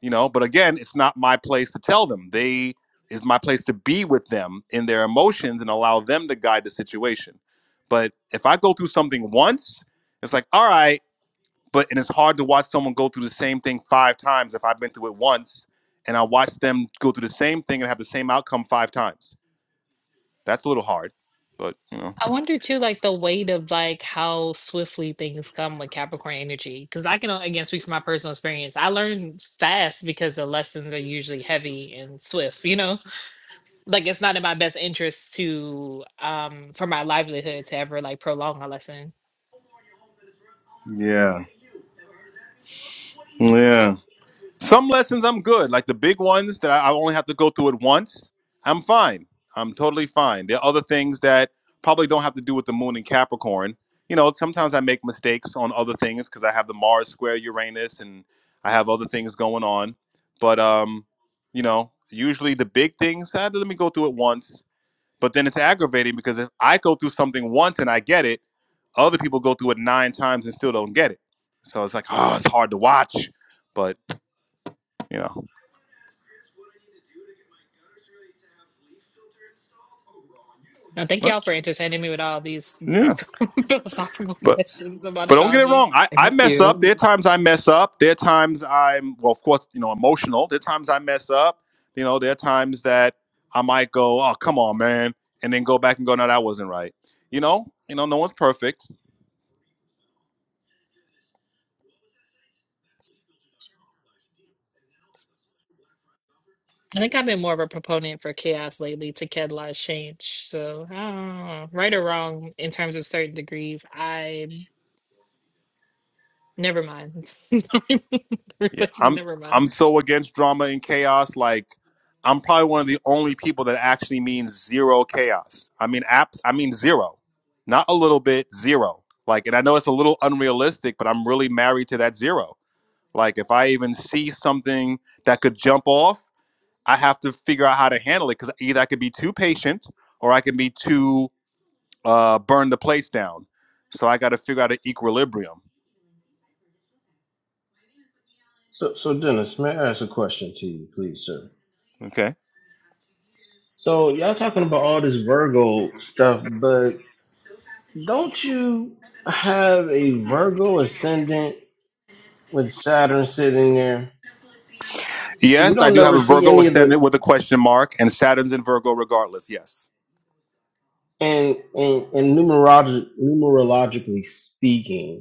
you know but again it's not my place to tell them they it's my place to be with them in their emotions and allow them to guide the situation but if i go through something once it's like all right but and it's hard to watch someone go through the same thing five times if i've been through it once and i watch them go through the same thing and have the same outcome five times that's a little hard but you know I wonder too, like the weight of like how swiftly things come with Capricorn energy. Cause I can o- again speak from my personal experience. I learn fast because the lessons are usually heavy and swift, you know? Like it's not in my best interest to um for my livelihood to ever like prolong a lesson. Yeah. Yeah. Some lessons I'm good, like the big ones that I I only have to go through it once. I'm fine. I'm totally fine. There are other things that probably don't have to do with the moon and Capricorn. You know, sometimes I make mistakes on other things because I have the Mars square Uranus and I have other things going on. But um, you know, usually the big things, ah, let me go through it once. But then it's aggravating because if I go through something once and I get it, other people go through it nine times and still don't get it. So it's like, oh, it's hard to watch. But you know. Now thank y'all for entertaining me with all these Yeah, philosophical but questions about but don't get it astrology. wrong. I I mess up. There are times I mess up. There are times I'm well, of course, you know, emotional. There are times I mess up. You know, there are times that I might go, oh come on, man, and then go back and go, no, that wasn't right. You know, you know, no one's perfect. I think I've been more of a proponent for chaos lately to catalyze change. So, I don't know, right or wrong in terms of certain degrees, I Never mind. Yeah, Everybody's I'm never mind. I'm so against drama and chaos. Like I'm probably one of the only people that actually means zero chaos. I mean, apps. I mean zero, not a little bit, zero. Like, and I know it's a little unrealistic, but I'm really married to that zero Like if I even see something that could jump off, I have to figure out how to handle it because either I could be too patient or I can be too uh, burn the place down. So I got to figure out an equilibrium. So so Dennis, may I ask a question to you, please, sir? Okay. So y'all talking about all this Virgo stuff, but don't you have a Virgo ascendant with Saturn sitting there? So you Yes, I don't do have never a see Virgo any of ascendant the with a question mark, and Saturn's in Virgo regardless. Yes. and and, and numerolog- numerologically speaking.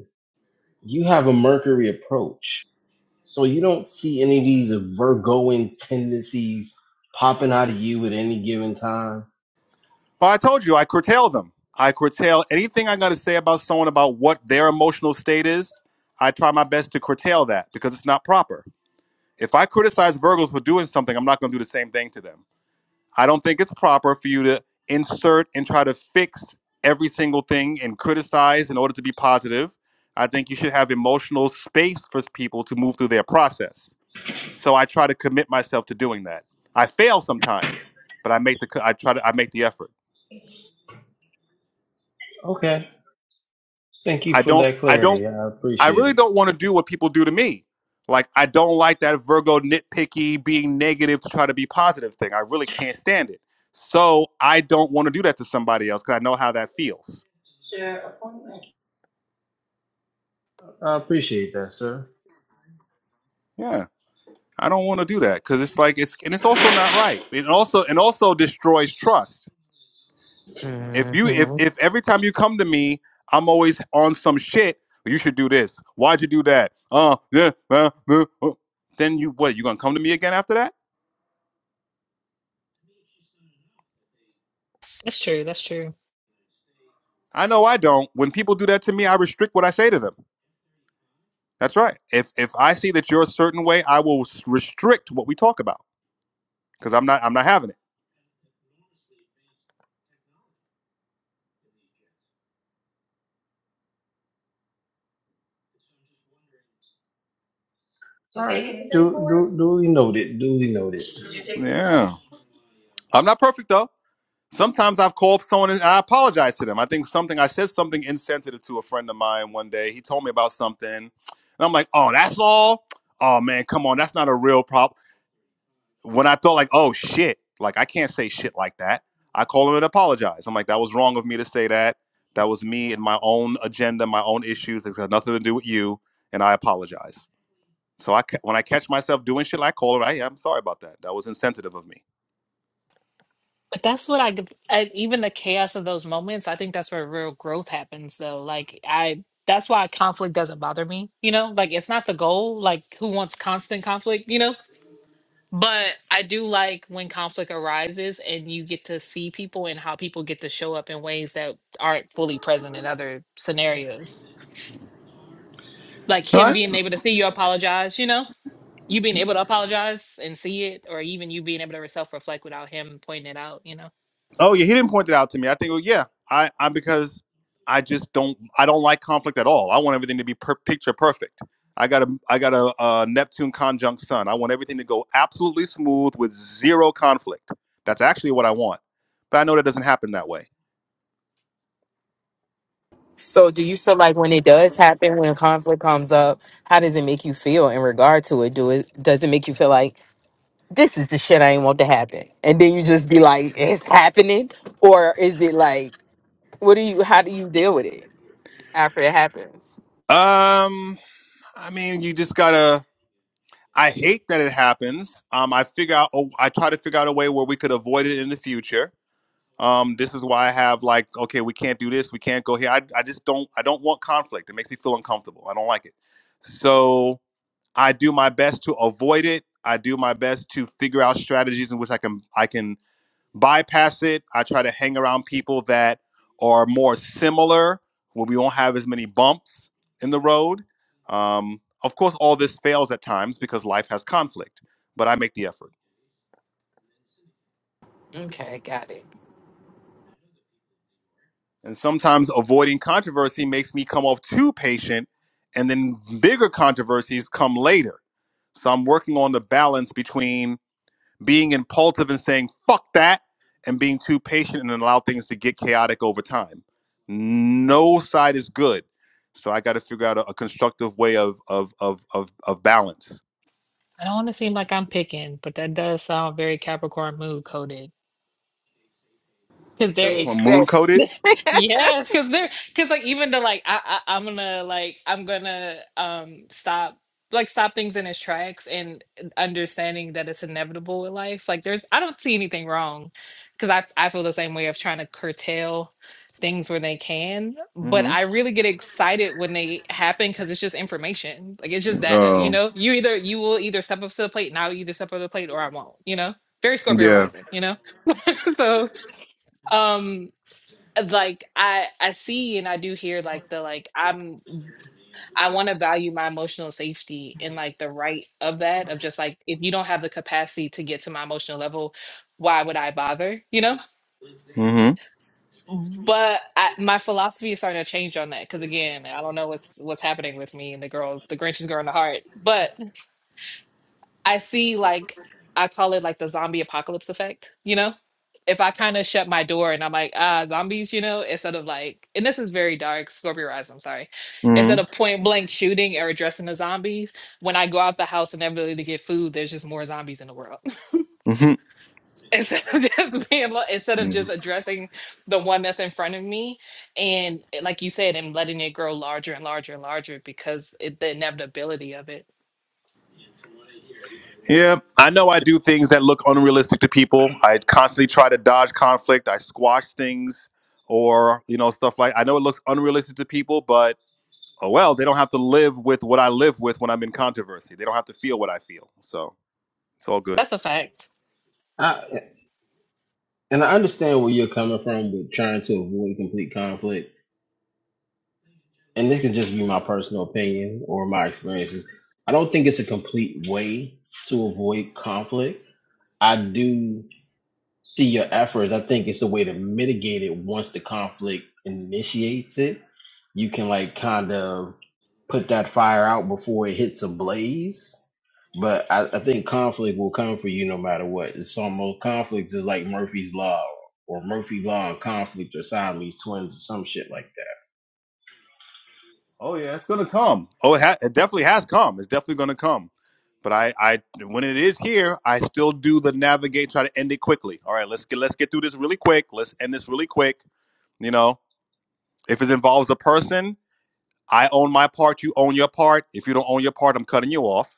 You have a Mercury approach. So you don't see any of these Virgoing tendencies popping out of you at any given time. Well, I told you I curtail them. I curtail anything I'm going to say about someone about what their emotional state is. I try my best to curtail that because it's not proper. If I criticize Virgos for doing something, I'm not going to do the same thing to them. I don't think it's proper for you to insert and try to fix every single thing and criticize in order to be positive. I think you should have emotional space for people to move through their process. So I try to commit myself to doing that. I fail sometimes, but I make the I try to I make the effort. Okay. Thank you I for don't that I don't clarity. I I appreciate really it. don't want to do what people do to me. Like I don't like that Virgo nitpicky being negative to try to be positive thing. I really can't stand it. So I don't want to do that to somebody else because I know how that feels. I appreciate that, sir. Yeah, I don't want to do that because it's like it's and it's also not right. It also and also destroys trust. If you if if every time you come to me, I'm always on some shit. "Well, You should do this. Why'd you do that? Uh, yeah, uh, uh, uh." Then you what? You gonna come to me again after that? That's true. That's true. I know I don't. When people do that to me, I restrict what I say to them. That's right. If if I see that you're a certain way, I will s- restrict what we talk about because I'm not I'm not having it. All right. Do, do, duly noted. Duly noted. Yeah, I'm not perfect though. Sometimes I've called someone and I apologize to them. I think something I said something insensitive to a friend of mine one day. He told me about something, and I'm like, "Oh, that's all? Oh man, come on, that's not a real problem." When I thought like, "Oh shit, like I can't say shit like that," I call him and apologize. I'm like, "That was wrong of me to say that. That was me and my own agenda, my own issues. It had nothing to do with you." And I apologize. So I ca- when I catch myself doing shit, I call her. I, am sorry about that. That was insensitive of me. But that's what I, I even the chaos of those moments. I think that's where real growth happens. Though, like I, that's why conflict doesn't bother me. You know, like it's not the goal. Like who wants constant conflict? You know. But I do like when conflict arises and you get to see people and how people get to show up in ways that aren't fully present in other scenarios. Like No, him I, being able to see you apologize, you know? you being able to apologize and see it, or even you being able to self reflect without him pointing it out, you know. Oh yeah, he didn't point that out to me. I think, well, yeah, I, I because I just don't I don't like conflict at all. I want everything to be per- picture perfect. I got a I got a, uh Neptune conjunct Sun. I want everything to go absolutely smooth with zero conflict. That's actually what I want, but I know that doesn't happen that way. So, do you feel like when it does happen, when conflict comes up, how does it make you feel in regard to it? Do it does it make you feel like this is the shit I ain't want to happen, and then you just be like, it's happening, or is it like, what do you? How do you deal with it after it happens? Um, I mean, you just gotta. I hate that it happens. Um, I figure out. Oh, I try to figure out a way where we could avoid it in the future um, this is why I have like, okay, we can't do this, we can't go here. I, I just don't, I don't want conflict. It makes me feel uncomfortable. I don't like it. So I do my best to avoid it. I do my best to figure out strategies in which I can, I can bypass it. I try to hang around people that are more similar, where we won't have as many bumps in the road. Um, of course, all this fails at times because life has conflict, but I make the effort. Okay, got it. And sometimes avoiding controversy makes me come off too patient, and then bigger controversies come later. So I'm working on the balance between being impulsive and saying, fuck that, and being too patient and allow things to get chaotic over time. No side is good. So I got to figure out a, a constructive way of, of, of, of, of balance. I don't want to seem like I'm picking, but that does sound very Capricorn mood coded. Because there, Capricorn moon Exactly. coded? Yes, because they're because like even the like I, I I'm gonna like I'm gonna um stop like stop things in its tracks and understanding that it's inevitable with life. Like there's I don't see anything wrong because I I feel the same way of trying to curtail things where they can, but Mm I really get excited when they happen because it's just information. Like it's just hmm. data, you Oh, know. You either you will either step up to the plate and I'll either step up to the plate or I won't, you know. Very Scorpio yeah. rising, you know. so. um like I I see and I do hear like the like I'm I want to value my emotional safety and like the right of that of just like if you don't have the capacity to get to my emotional level, why would I bother? You know. Mm But I, my philosophy is starting to change on that because again, I don't know what's what's happening with me and the girl, the Grinch's girl in the heart, but I see like I call it like the zombie apocalypse effect, you know? If I kind of shut my door and I'm like, ah, zombies, you know, instead of like, and this is very dark, Scorpio Rise, I'm sorry. hmm. Instead Mm of point blank shooting or addressing the zombies, when I go out the house and inevitably to get food, there's just more zombies in the world. hmm. Mm instead of just being, lo- instead of hmm. just addressing the one that's in front of me and eh, like you said, and letting it grow larger and larger and larger because it, the inevitability of it. Yeah, I know I do things that look unrealistic to people. I constantly try to dodge conflict. I squash things or, you know, stuff like I know it looks unrealistic to people, but oh well, they don't have to live with what I live with when I'm in controversy. They don't have to feel what I feel. So, it's all good. That's a fact. I, and I understand where you're coming from with trying to avoid complete conflict. And this can just be my personal opinion or my experiences. I don't think it's a complete way to avoid conflict I do see your efforts. I think it's a way to mitigate it once the conflict initiates it. You can like kind of put that fire out before it hits a blaze. But I, I think conflict will come for you no matter what. It's almost conflict is like Murphy's Law or Murphy Law and conflict or Siamese twins or some shit like Oh yeah, it's gonna come. Oh, it, ha- it definitely has come. It's definitely going to come. But I, I, when it is here, I still do the navigate, try to end it quickly. All right, let's get let's get through this really quick. Let's end this really quick. You know, if it involves a person, I own my part, you own your part. If you don't own your part, I'm cutting you off.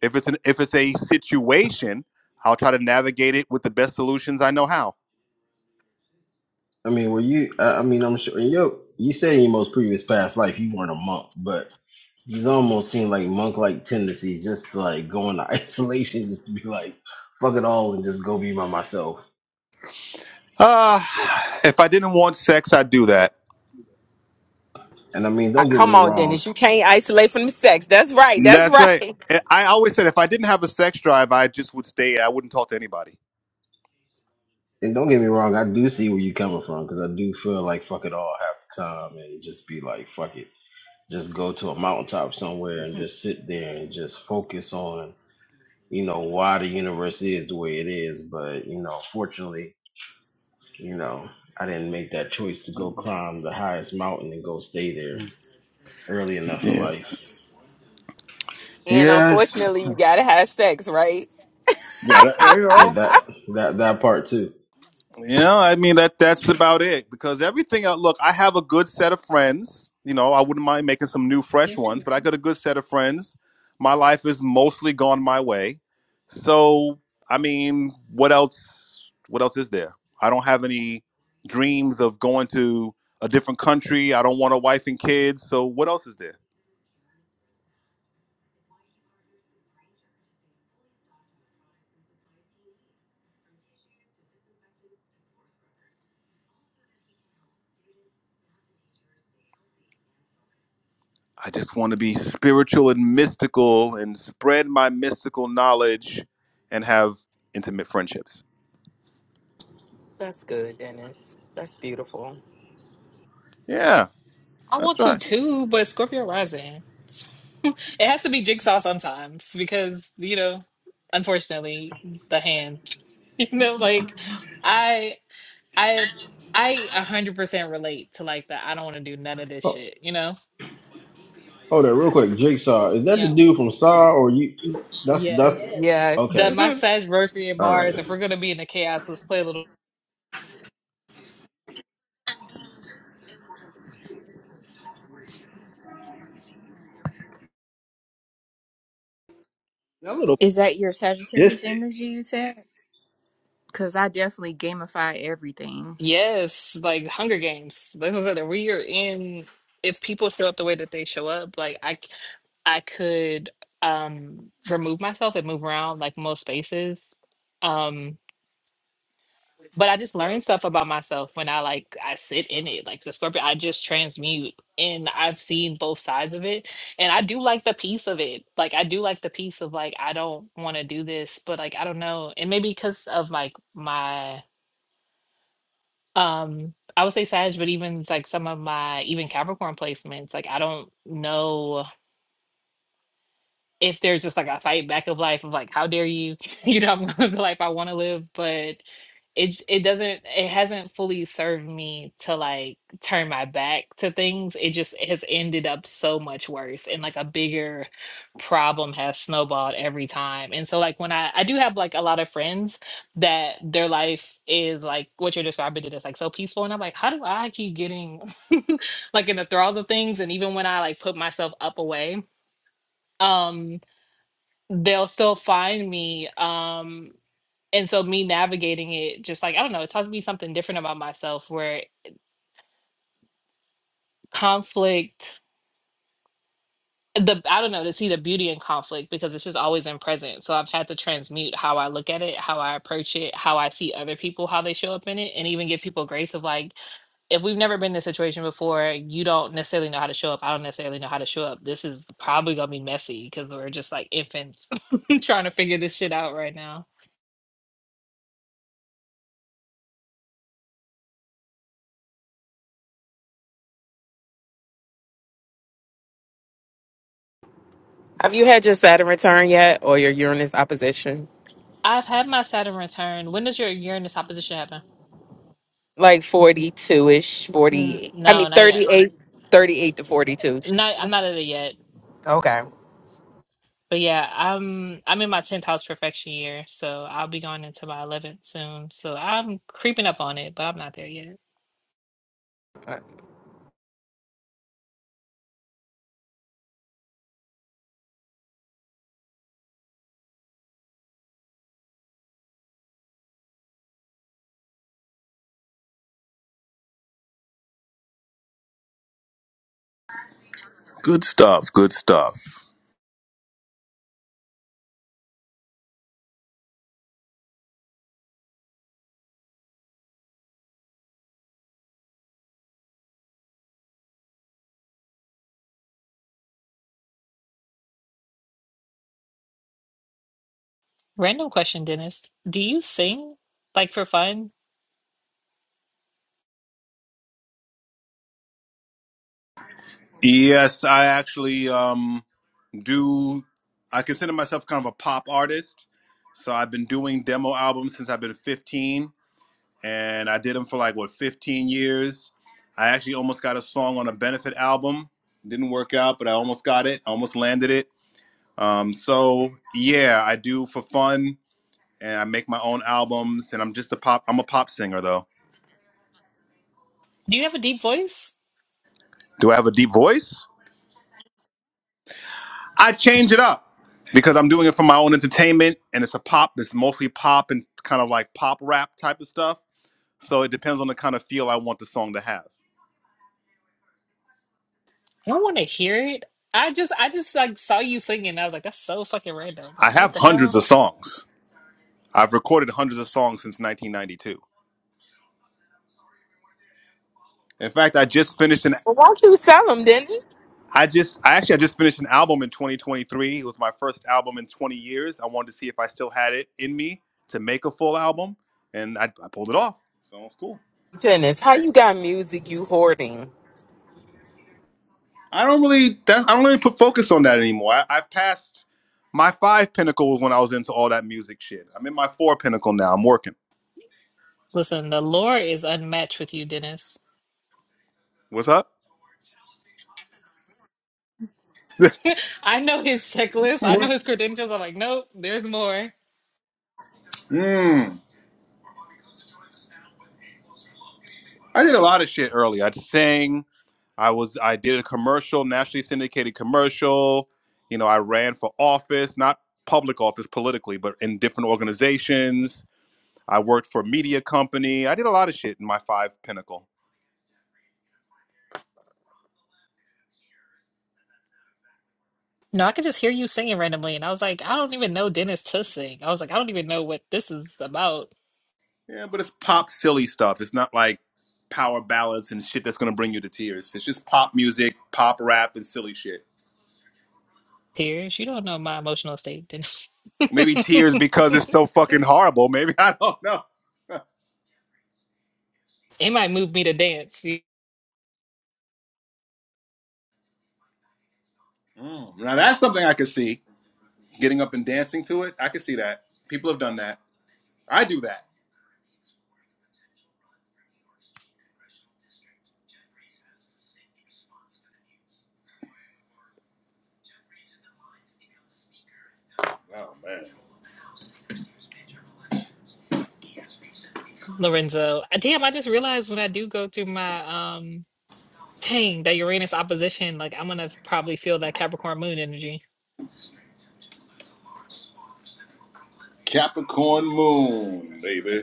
If it's an if it's a situation, I'll try to navigate it with the best solutions I know how. that. I mean, were you, I I mean, I'm sure, yo, you said in your most previous past life you weren't a monk, but He's almost seen like monk-like tendencies, just to like go into isolation, just to be like, fuck it all, and just go be by myself. Uh if I didn't want sex, I'd do that. And I mean, Ah, don't get come me on, wrong, Dennis. You s- can't isolate from the sex. That's right. That's That's right. right. I I always said if I didn't have a sex drive, I just would stay. I wouldn't talk to anybody. and don't get me wrong, I do see where you're coming from because I do feel like fuck it all half the time, and just be like, fuck it, just go to a mountaintop somewhere and just sit there and just focus on, you know, why the universe is the way it is. But you know, fortunately, you know, I didn't make that choice to go climb the highest mountain and go stay there early enough in Yeah. life. And Yes. unfortunately, you gotta have sex, right? Yeah, that that that part too. Yeah, I mean that that's about it because everything else, look, I have a good set of friends. You know, I wouldn't mind making some new fresh ones, but I got a good set of friends. My life is mostly gone my way. So, I mean, what else what else is there? I don't have any dreams of going to a different country. I don't want a wife and kids. So, what else is there? I just want to be spiritual and mystical and spread my mystical knowledge and have intimate friendships. That's good, Dennis. That's beautiful. Yeah, I want that's right. to too, but Scorpio rising. it has to be jigsaw sometimes because, you know, unfortunately, the hand. You know, like I I I a hundred percent relate to like that. I don't want to do none of this Oh, shit, you know? hold on, real quick. Jigsaw, is that the yeah. dude from Saw or you? Y- That's that's Yes. Yes. That okay. my Sag, Mercury, and All right. Mars, if we're gonna be in the chaos, let's play a little That little Is that your Sagittarius distant. energy you said? Because I definitely gamify everything. Yes, like Hunger Games. Like I said, we are in if people show up the way that they show up, like I I could um remove myself and move around like most spaces. Um but I just learned stuff about myself when I like I sit in it. Like the scorpion, I just transmute and I've seen both sides of it. And I do like the piece of it. Like I do like the piece of like I don't want to do this, but like I don't know. And maybe because of like my um I would say Sag, but even like some of my even Capricorn placements, like I don't know if there's just like a fight back of life of like how dare you you know i'm gonna live the life i want to live but it j- it doesn't it hasn't fully served me to like turn my back to things it just has ended up so much worse and like a bigger problem has snowballed every time and so like when i i do have like a lot of friends that their life is like what you're describing it is like so peaceful and i'm like how do i keep getting like in the thralls of things and even when i like put myself up away um they'll still find me. Um, and so me navigating it, just like I don't know, it taught me something different about myself. Where conflict, the I don't know, to see the beauty in conflict because it's just always in present. So I've had to transmute how I look at it, how I approach it, how I see other people, how they show up in it, and even give people grace of like, if we've never been in this situation before, you don't necessarily know how to show up. I don't necessarily know how to show up. This is probably gonna be messy because we're just like infants trying to figure this shit out right now. Have you had your Saturn return yet or your Uranus opposition? I've had my Saturn return. When does your Uranus opposition happen? Like 42 ish, N- 48. I no, mean, not thirty yet. eight, 38 to 42. Not I'm not at it yet. Okay. But yeah, I'm I'm in my tenth house perfection year, so I'll be going into my eleventh soon. So I'm creeping up on it, but I'm not there yet. Good stuff. Good stuff. Random question, Dennis. Do you sing like for fun? Yes, I actually um do I consider myself kind of a pop artist. So I've been doing demo albums since I've been 15 and I did them for like what 15 years. I actually almost got a song on a benefit album. Didn't work out, but I almost got it. I almost landed it. Um so yeah, I do for fun and I make my own albums and I'm just a pop I'm a pop singer though. Do you have a deep voice? Do I have a deep voice? I change it up because I'm doing it for my own entertainment and it's a pop it's mostly pop and kind of like pop rap type of stuff. So it depends on the kind of feel I want the song to have. I don't want to hear it. I just I just like saw you singing. I was like, that's so fucking random. I Like, what have the hundreds hell? of songs. I've recorded hundreds of songs since 1992. In fact, I just finished an Well, why don't you sell them, Dennis? I just I actually I just finished an album in 2023. It was my first album in 20 years. I wanted to see if I still had it in me to make a full album and I, I pulled it off. So it's cool. Dennis, how you got music you hoarding? I don't really that's I don't really put focus on that anymore. I, I've passed my five pinnacle was when I was into all that music shit. I'm in my four pinnacle now. I'm working. Listen, the lore is unmatched with you, Dennis. What's up? I know his checklist. I know his credentials. I'm like, nope, there's more. mm. I did a lot of shit early. I'd sing. I was I did a commercial, nationally syndicated commercial. You know, I ran for office, not public office politically, but in different organizations. I worked for a media company. I did a lot of shit in my five pinnacle. No, I could just hear you singing randomly. And I was like, I don't even know Dennis to sing. I was like, I don't even know what this is about. Yeah, but it's pop silly stuff. It's not like power ballads and shit that's gonna bring you to tears. It's just pop music, pop rap, and silly shit. Tears, you don't know my emotional state, Dennis. Maybe tears because it's so fucking horrible. Maybe I don't know. It might move me to dance, you- Mm, Now that's something I could see. Getting up and dancing to it, I could see that. People have done that. I do that. Oh man, Lorenzo. Uh, Damn, I just realized when I do go through my um thing, that Uranus opposition, like I'm gonna probably feel that Capricorn moon energy Capricorn Moon, baby.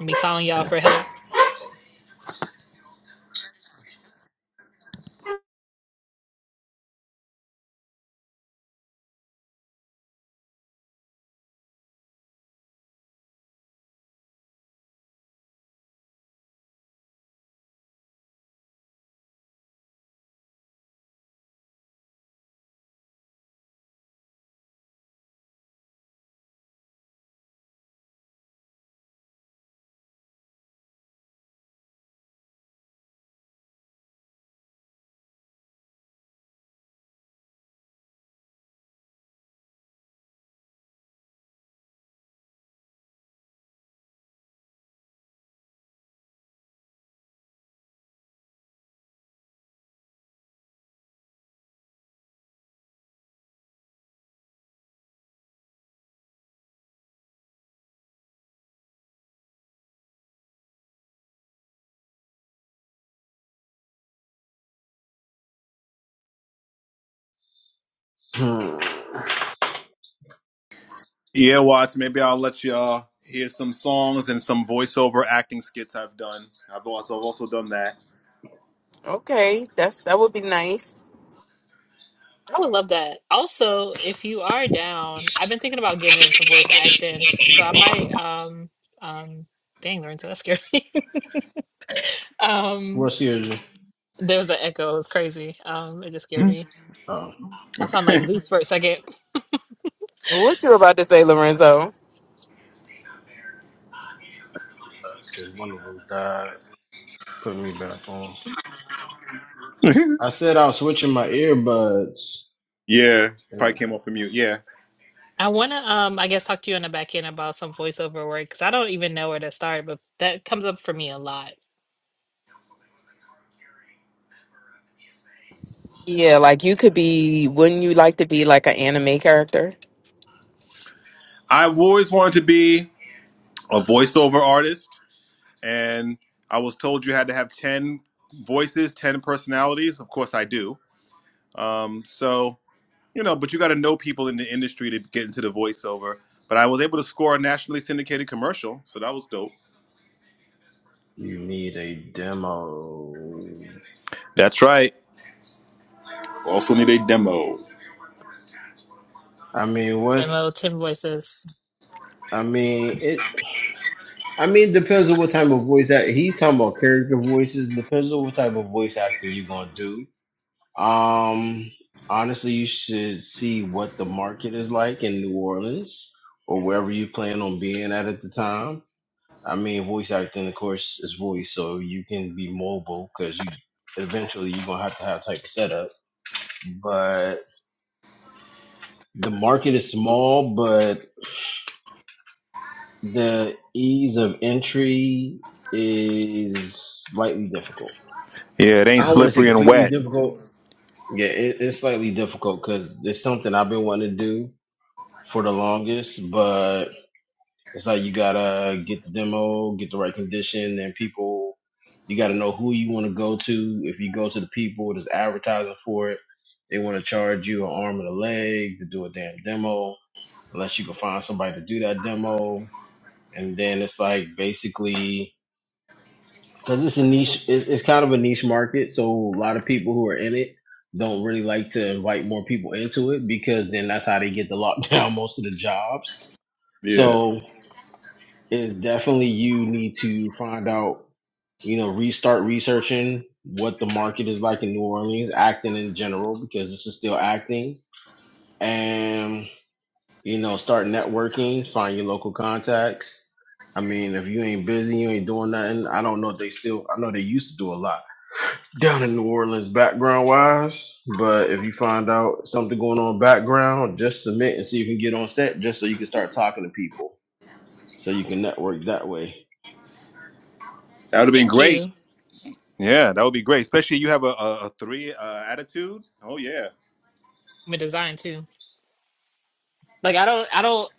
and be calling y'all for help. Hmm. Yeah, Watts. Maybe I'll let you uh, hear some songs and some voiceover acting skits I've done. I've also, I've also done that. Okay, that's that would be nice. I would love that. Also, if you are down, I've been thinking about getting into voice acting, so I might um um dang Lorenzo, that scared me. um What's yours? there was an echo, it was crazy. Um it just scared me. Oh, I sound like Zeus for a second. What you about to say, Lorenzo? that's because one of them died. Put me back on. okay. I said I was switching my earbuds. Yeah, probably Eh, came off the mute. Yeah, I wanna um I guess talk to you in the back end about some voiceover work because I don't even know where to start, but that comes up for me a lot. Yeah, like you could be, wouldn't you like to be like an anime character? I've always wanted to be a voiceover artist, and I was told you had to have ten voices, ten personalities. Of course, I do. Um, so you know, but you got to know people in the industry to get into the voiceover. But I was able to score a nationally syndicated commercial, so that was dope. You need a demo. That's right. Also need a demo. I mean, Demo, what's? 10 voices. I mean, it. I mean, depends on what type of voice act. He's talking about character voices. Depends on what type of voice acting you're gonna do. Um, honestly, you should see what the market is like in New Orleans or wherever you plan on being at at the time. I mean, voice acting, of course, is voice, so you can be mobile because you eventually you're gonna have to have type of setup. But the market is small, but the ease of entry is slightly difficult. Yeah, it ain't I don't want to say slippery and completely wet. difficult. Yeah, it, it's slightly difficult because it's something I've been wanting to do for the longest, but it's like you gotta get the demo, get the right condition, and people. You gotta know who you want to go to. If you go to the people that's advertising for it, they want to charge you an arm and a leg to do a damn demo. Unless you can find somebody to do that demo, and then it's like basically because it's a niche it's, it's kind of a niche market so a lot of people who are in it don't really like to invite more people into it because then that's how they get the lockdown most of the jobs Yeah, so it's definitely you need to find out you know restart researching what the market is like in new orleans acting in general because this is still acting and you know start networking find your local contacts i mean if you ain't busy you ain't doing nothing i don't know if they still i know they used to do a lot down in New Orleans background wise. But if you find out something going on background, just submit and see if you can get on set just so you can start talking to people so you can network that way. that would have been Thank great. you. Yeah, that would be great, especially you have a, a, a three uh, attitude. Oh yeah. I'm a design too. Like I don't I don't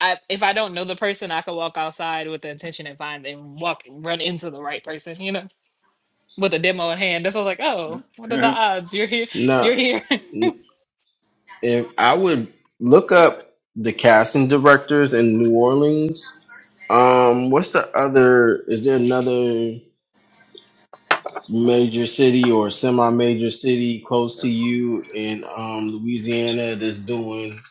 I if I don't know the person, I can walk outside with the intention and find and walk run into the right person, you know, with a demo in hand. That's why I was like, oh, what are the odds? You're here Now, you're here. if I would look up the casting directors in New Orleans. Um, what's the other? Is there another s- major city or semi-major city close to you in um Louisiana that's doing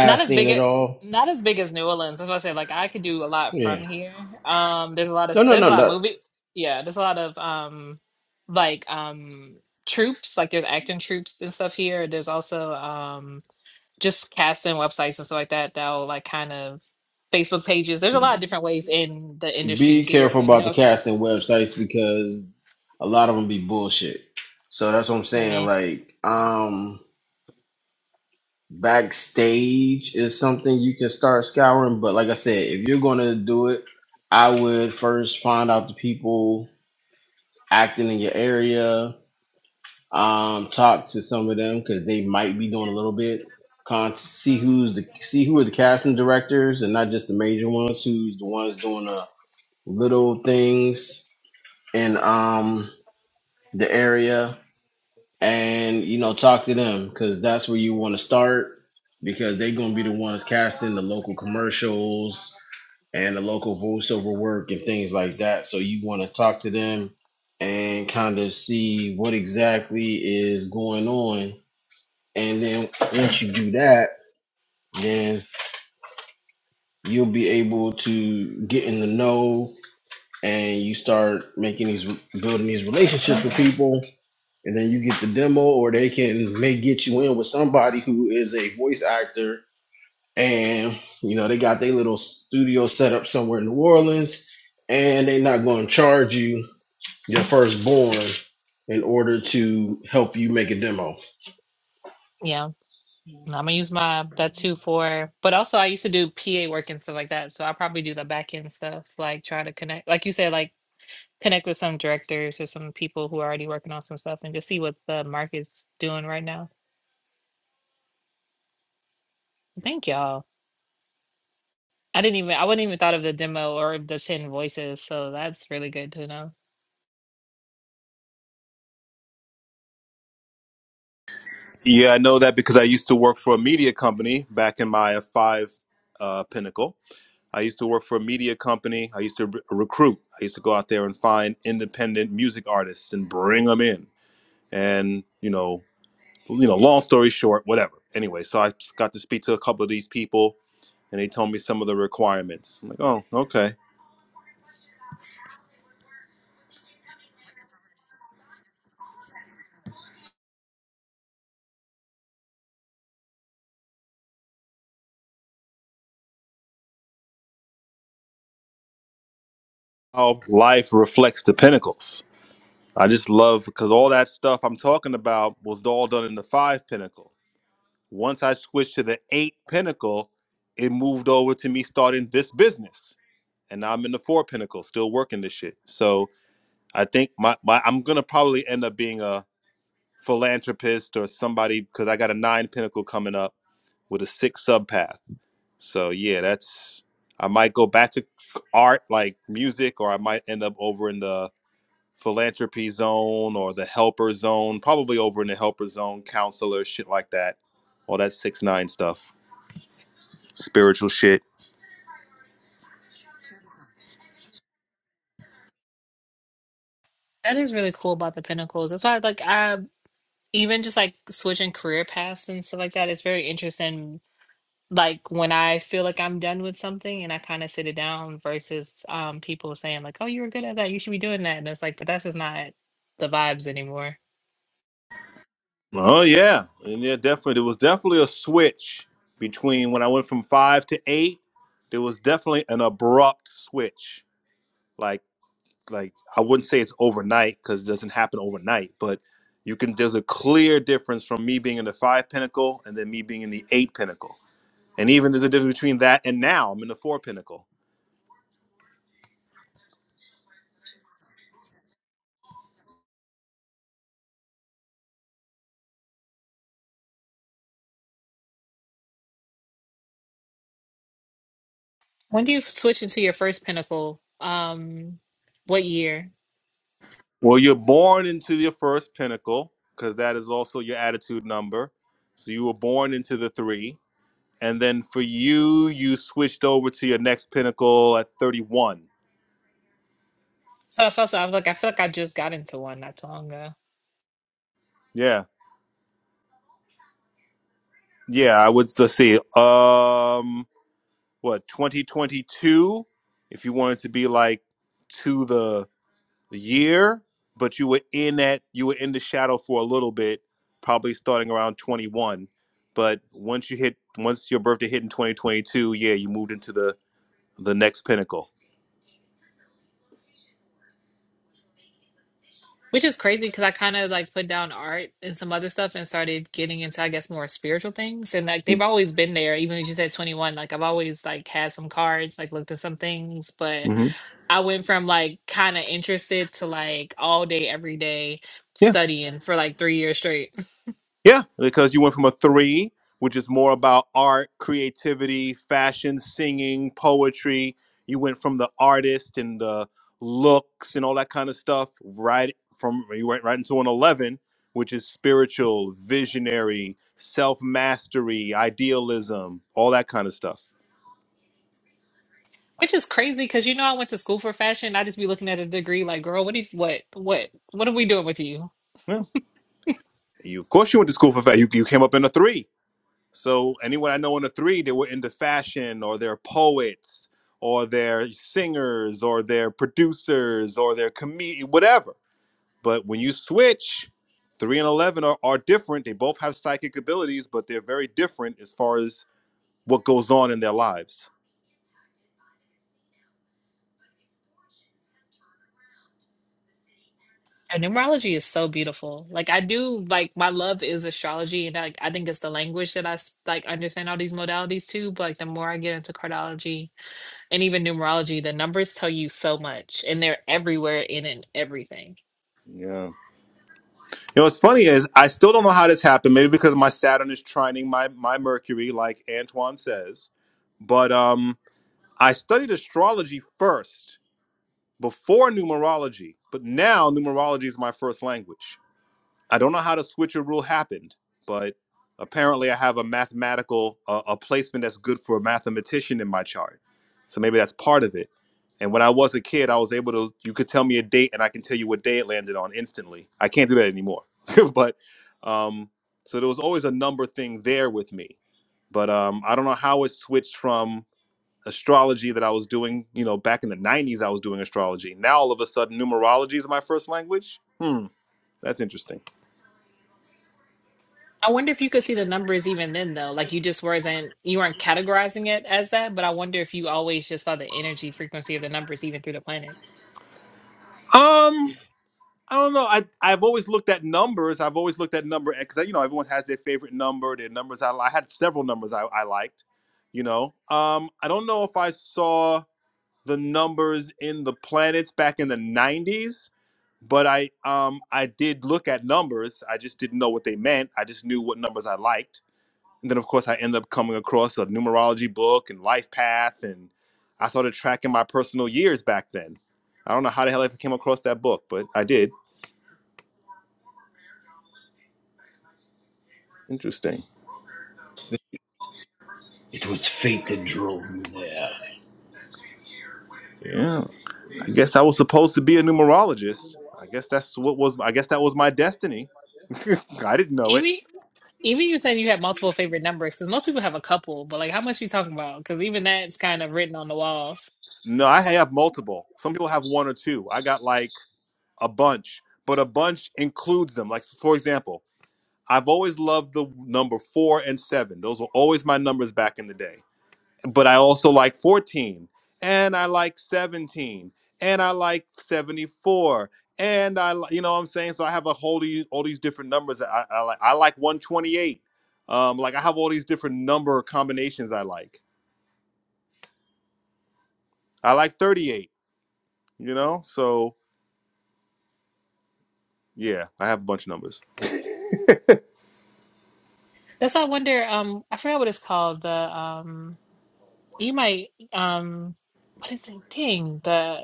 not as big at a all? not as big as New Orleans. That's what I said. Like I could do a lot Yeah. from here. Um there's a lot No, of no, there's a no, lot of no. movie yeah, there's a lot of um like um troops, like there's acting troops and stuff here. There's also um just casting websites and stuff like that that'll like kind of Facebook pages. There's a lot of different ways in the industry Be here. If careful you about the know, casting websites because a lot of them be bullshit. So that's what I'm saying. eh, Like, um, backstage is something you can start scouring. But like I said, if you're going to do it, I would first find out the people acting in your area. Um, talk to some of them because they might be doing a little bit. Con- see who's the see who are the casting directors and not just the major ones. Who's the ones doing the little things in um the area and you know talk to them because that's where you want to start because they're going to be the ones casting the local commercials and the local voiceover work and things like that so you want to talk to them and kind of see what exactly is going on and then once you do that then you'll be able to get in the know and you start making these building these relationships with people and then you get the demo, or they can may get you in with somebody who is a voice actor, and you know they got their little studio set up somewhere in New Orleans, and they're not going to charge you your firstborn in order to help you make a demo. yeah, nah, I'm gonna use my that too for. But also, I used to do PA work and stuff like that, so I probably do the back end stuff, like try to connect, like you said, like connect with some directors or some people who are already working on some stuff and just see what the market's doing right now. Thank y'all. I didn't even I wouldn't even thought of the demo or the ten voices, so that's really good to know. Yeah, I know that because I used to work for a media company back in my five uh, pinnacle. I used to work for a media company. I used to re- recruit. I used to go out there and find independent music artists and bring them in. And you know, you know, long story short, whatever. Anyway, so I got to speak to a couple of these people, and they told me some of the requirements. I'm like, oh, okay. How life reflects the pinnacles. I just love because all that stuff I'm talking about was all done in the five pinnacle. Once I switched to the eight pinnacle, it moved over to me starting this business. And now I'm in the four pinnacle, still working this shit. So I think my, my I'm gonna probably end up being a philanthropist or somebody because I got a nine pinnacle coming up with a six sub path. So yeah, that's I might go back to art like music, or I might end up over in the philanthropy zone or the helper zone, probably over in the helper zone, counselor, shit like that. All that six nine stuff. spiritual shit. That is really cool about the Pinnacles. That's why like I even just like switching career paths and stuff like that, it's very interesting. Like when I feel like I'm done with something and I kind of sit it down versus um people saying like, "Oh, you were good at that. You should be doing that." And it's like, but that's just not the vibes anymore. Oh yeah, and yeah, definitely. There was definitely a switch between when I went from five to eight. There was definitely an abrupt switch. Like, like I wouldn't say it's overnight because it doesn't happen overnight, but you can. There's a clear difference from me being in the five pinnacle and then me being in the eight pinnacle, and even there's a difference between that and now I'm in the four pinnacle. When do you f- switch into your first pinnacle? Um, what year? Well, you're born into your first pinnacle because that is also your attitude number. So you were born into the three And then for you, you switched over to your next pinnacle at 31. So I felt so I was like, I feel like I just got into one not too long ago. Yeah. Yeah, I would let's see. Um what, 2022 if you wanted to be like to the the year, but you were in that you were in the shadow for a little bit, probably starting around 21. But once you hit once your birthday hit in 2022, yeah, you moved into the the next pinnacle. Which is crazy because I kind of like put down art and some other stuff and started getting into, I guess, more spiritual things. And like they've always been there, even as you said 21. Like I've always like had some cards, like looked at some things, but Mhm. I went from like kind of interested to like all day, every day studying for like three years straight. Yeah, because you went from a three, which is more about art, creativity, fashion, singing, poetry. You went from the artist and the looks and all that kind of stuff, right from you went right into an eleven, which is spiritual, visionary, self mastery, idealism, all that kind of stuff. Which is crazy because you know I went to school for fashion. I just be looking at a degree like, girl, what did what what what are we doing with you? Yeah, you of course you went to school for fashion. You, you came up in a three So anyone I know in the three, they were into fashion or they're poets or they're singers or they're producers or they're comedian, whatever. But when you switch, three and eleven are, are different. They both have psychic abilities, but they're very different as far as what goes on in their lives. And numerology is so beautiful. Like I do like my love is astrology and like I think it's the language that I s- like understand all these modalities too, but like the more I get into cardology and even numerology, the numbers tell you so much and they're everywhere and in everything. Yeah. You know what's funny is I still don't know how this happened. Maybe because my Saturn is trining my my Mercury, like Antoine says. But um I studied astrology first before numerology, but now numerology is my first language. I don't know how the switcher rule happened, but apparently I have a mathematical uh, a placement that's good for a mathematician in my chart. So maybe that's part of it. And when I was a kid, I was able to you could tell me a date and I can tell you what day it landed on instantly. I can't do that anymore. but um so there was always a number thing there with me. But um I don't know how it switched from astrology that I was doing, you know, back in the 90s, I was doing astrology. Now all of a sudden, numerology is my first language. Hmm, that's interesting. I wonder if you could see the numbers even then though. Like you just wasn't you weren't categorizing it as that, but I wonder if you always just saw the energy frequency of the numbers even through the planets. Um, I don't know. I I've always looked at numbers. I've always looked at number because you know everyone has their favorite number. Their numbers I, li- I had several numbers I, I liked. You know, um, I don't know if I saw the numbers in the planets back in the 90s but i um i did look at numbers i just didn't know what they meant i just knew what numbers i liked And then, of course, I end up coming across a numerology book and life path, and I started tracking my personal years back then. I don't know how the hell I came across that book, but I did. Interesting. It was fate that drove you there. Yeah. I guess I was supposed to be a numerologist. I guess that's what was. I guess that was my destiny. I didn't know it. Even you saying you have multiple favorite numbers, because most people have a couple, but like how much you talking about? Because even that's kind of written on the walls. No, I have multiple. Some people have one or two. I got like a bunch, but a bunch includes them. Like for example, I've always loved the number four and seven. Those were always my numbers back in the day. but I also like 14 and I like 17 and I like 74 and I li- you know what I'm saying so I have a whole these all these different numbers that I, I like I like 128 um like I have all these different number combinations I like I like 38 you know so yeah I have a bunch of numbers That's why I wonder, um, I forgot what it's called. The um you might um what is it? Dang, the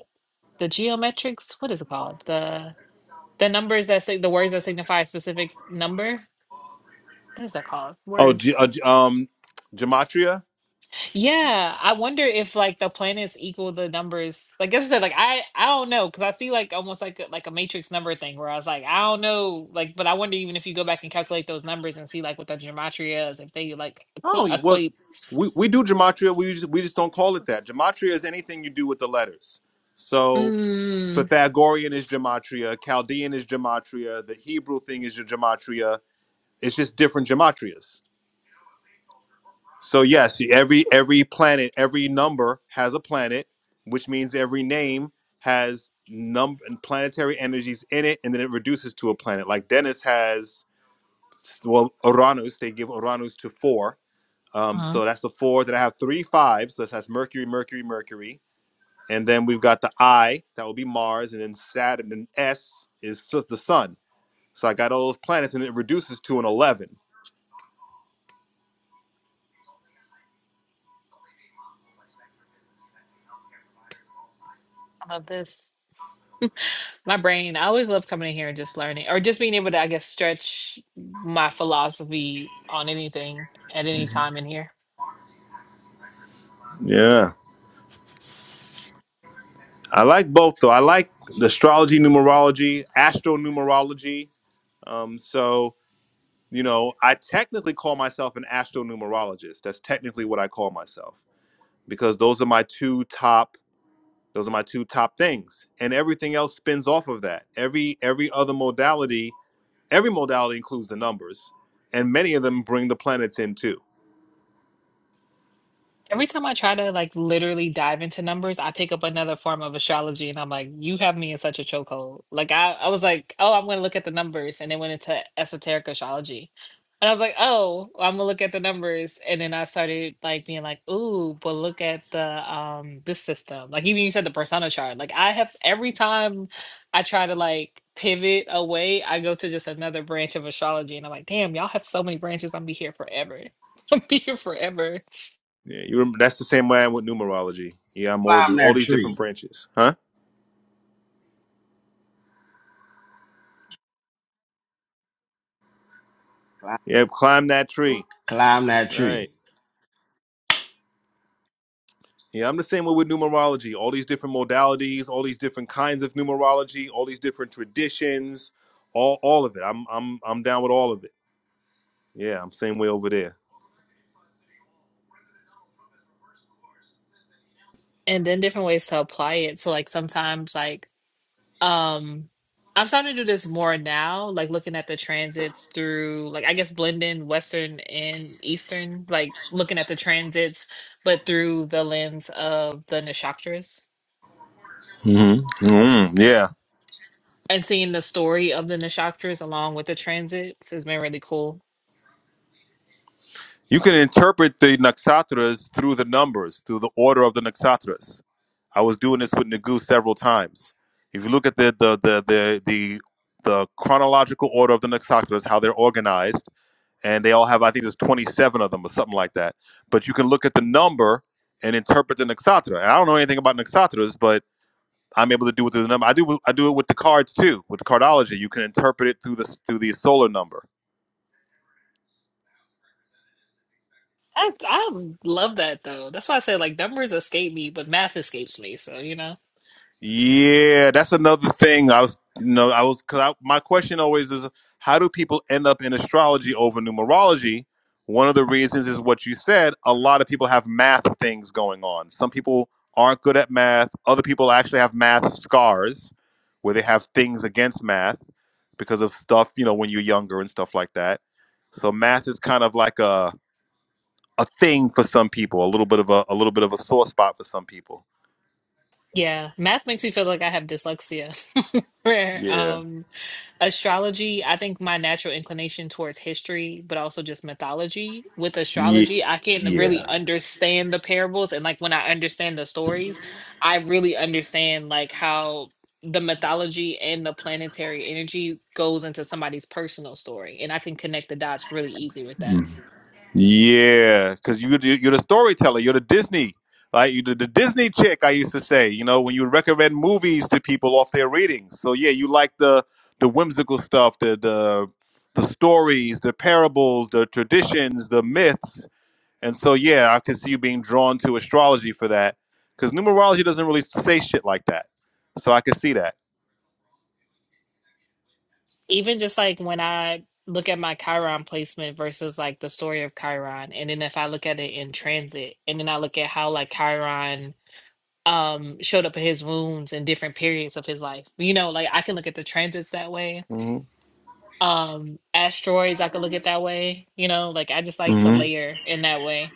the geometrics, what is it called? The the numbers that say the words that signify a specific number. What is that called? oh G, Words. uh, G- um gematria Yeah, I wonder if like the planets equal the numbers. Like I said, like I I don't know because I see like almost like a, like a matrix number thing where I was like I don't know like, but I wonder even if you go back and calculate those numbers and see like what the gematria is, if they like equ- oh you- well equate. we, we do gematria we just, we just don't call it that gematria is anything you do with the letters so Mm, Pythagorean is gematria, Chaldean is gematria, the Hebrew thing is your gematria. It's just different gematrias. So yes, every every planet, every number has a planet, which means every name has num and planetary energies in it, and then it reduces to a planet. Like Dennis has, well, Uranus. They give Uranus to four. Um, uh-huh. so that's the four. Then I have three fives. So that's Mercury, Mercury, Mercury. And then we've got the I, that will be Mars, and then Saturn, and S is the Sun. So I got all those planets, and it reduces to an eleven. I love this. My brain. I always love coming in here and just learning, or just being able to, I guess, stretch my philosophy on anything at any time in here. Yeah, I like both though. I like the astrology, numerology, astronumerology. Um, so you know, I technically call myself an astronumerologist. That's technically what I call myself because those are my two top. Those are my two top things, and everything else spins off of that. Every every other modality, every modality includes the numbers, and many of them bring the planets in too. Every time I try to like literally dive into numbers, I pick up another form of astrology and I'm like, you have me in such a chokehold. Like I, I was like, oh, I'm gonna look at the numbers and then went into esoteric astrology. And I was like, oh, well, I'm gonna look at the numbers. And then I started like being like, ooh, but look at the um this system. Like even you said the persona chart. Like I have every time I try to like pivot away, I go to just another branch of astrology and I'm like, damn, y'all have so many branches, I'm gonna be here forever. I'm gonna be here forever. Yeah, you remember, that's the same way I am with numerology. Yeah, I'm always Climb all that these different tree. branches, huh? Climb, Yep, climb that tree. that All tree. right. Yeah, I'm the same way with numerology. All these different modalities, all these different kinds of numerology, all these different traditions, all all of it. I'm I'm I'm down with all of it. Yeah, I'm same way over there. and then different ways to apply it. So like sometimes like um I'm starting to do this more now, like looking at the transits through like I guess blending Western and Eastern, like looking at the transits, but through the lens of the Nishaktras. hmm hmm Yeah, And seeing the story of the Nishaktras along with the transits has been really cool. you can interpret the nakshatras through the numbers, through the order of the nakshatras. I was doing this with Nagu several times. If you look at the the the the the, the chronological order of the nakshatras, how they're organized and they all have I think there's 27 of them or something like that. But you can look at the number and interpret the naksatra. And I don't know anything about naksatras, but I'm able to do it through the number. I do I do it with the cards too. With cardology, you can interpret it through the through the solar number. I I love that though. That's why I say like numbers escape me, but math escapes me. So you know. Yeah, that's another thing. I was, you know, I was, cause I, my question always is, how do people end up in astrology over numerology? One of the reasons is what you said. A lot of people have math things going on. Some people aren't good at math. Other people actually have math scars, where they have things against math because of stuff, you know, when you're younger and stuff like that. So math is kind of like a a thing for some people, a little bit of a, a little bit of a sore spot for some people. Yeah. Math makes me feel like I have dyslexia. where Yeah. um astrology i think my natural inclination towards history but also just mythology with Yeah. astrology i can really Yeah. understand the parables and like when i understand the stories i really understand like how the mythology and the planetary energy goes into somebody's personal story and i can connect the dots really easy with that Yeah, because you you're the storyteller. You're the Disney, right? You the, the Disney chick. I used to say, you know, when you recommend movies to people off their readings. So yeah, you like the the whimsical stuff, the the the stories, the parables, the traditions, the myths. And so yeah, I can see you being drawn to astrology for that, because numerology doesn't really say shit like that. So I can see that. even just like when i look at my chiron placement versus like the story of chiron and then if i look at it in transit and then i look at how like chiron um showed up in his wounds in different periods of his life. You know, like I can look at the transits that way. hmm Um asteroids I could look at that way, you know, like I just like to layer in that way.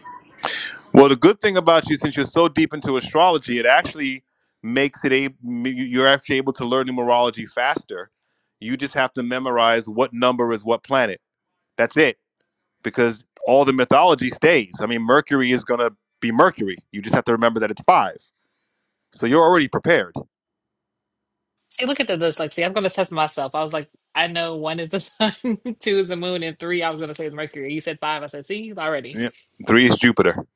Well, the good thing about you, since you're so deep into astrology, it actually makes it a you're actually able to learn numerology faster. You just have to memorize what number is what planet. That's it, because all the mythology stays. I mean, Mercury is gonna be Mercury. You just have to remember that it's five. So you're already prepared. See, look at the dyslexia. I'm gonna test myself. I was like, I know one is the sun, two is the moon, and three I was gonna say is Mercury. You said five, I said, see, already. Yeah. Three is Jupiter.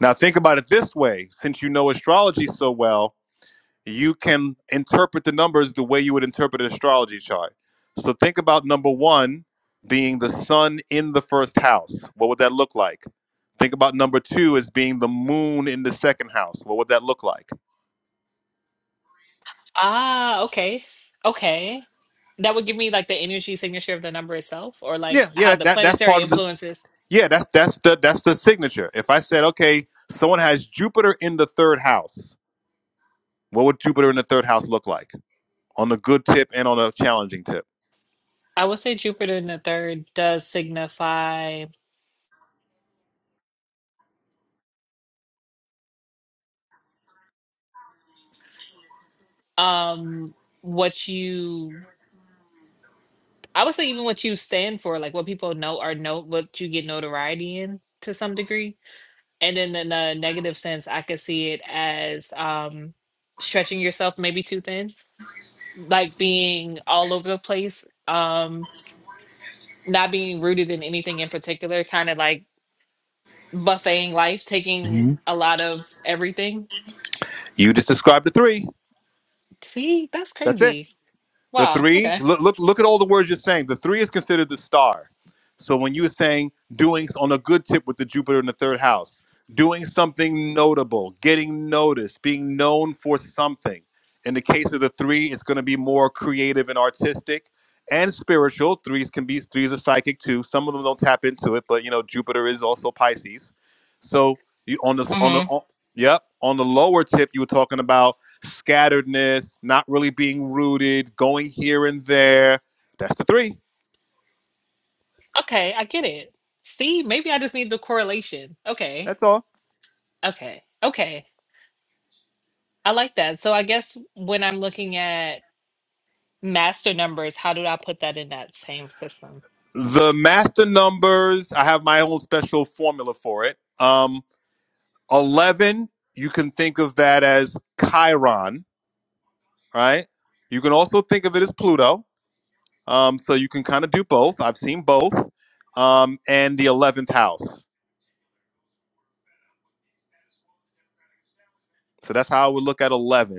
Now think about it this way: since you know astrology so well, you can interpret the numbers the way you would interpret an astrology chart. So think about number one being the sun in the first house. What would that look like? Think about number two as being the moon in the second house. What would that look like? Ah, okay. Okay. That would give me like the energy signature of the number itself, or like Yeah, how yeah, the that that's planetary part of the influences. yeah, that's that's the that's the signature. If I said, okay, someone has Jupiter in the third house, what would Jupiter in the third house look like? On a good tip and on a challenging tip. I would say Jupiter in the third does signify um what you I would say even what you stand for, like what people know or know what you get notoriety in to some degree. And then in a negative sense, I could see it as um stretching yourself maybe too thin, like being all over the place, um, not being rooted in anything in particular, kind of like buffeting life, taking hmm a lot of everything. You just described the three. See, that's That's it. crazy. The Wow, three, okay. look, look, look at all the words you're saying. The three is considered the star. So when you're saying doing on a good tip with the Jupiter in the third house, doing something notable, getting noticed, being known for something. In the case of the three, it's going to be more creative and artistic and spiritual. Threes can be threes are psychic too. Some of them don't tap into it, but you know Jupiter is also Pisces. So you on the on Mhm. the on, yep on the lower tip, you were talking about scatteredness, not really being rooted, going here and there. That's the three. Okay, I get it. See, maybe I just need the correlation. Okay, That's all. okay, okay. I like that. So I guess when I'm looking at master numbers, how do I put that in that same system? The master numbers, I have my own special formula for it. Um, 11, you can think of that as Chiron, right? You can also think of it as Pluto. Um, so you can kind of do both. I've seen both. Um, and the 11th house. So that's how I would look at 11.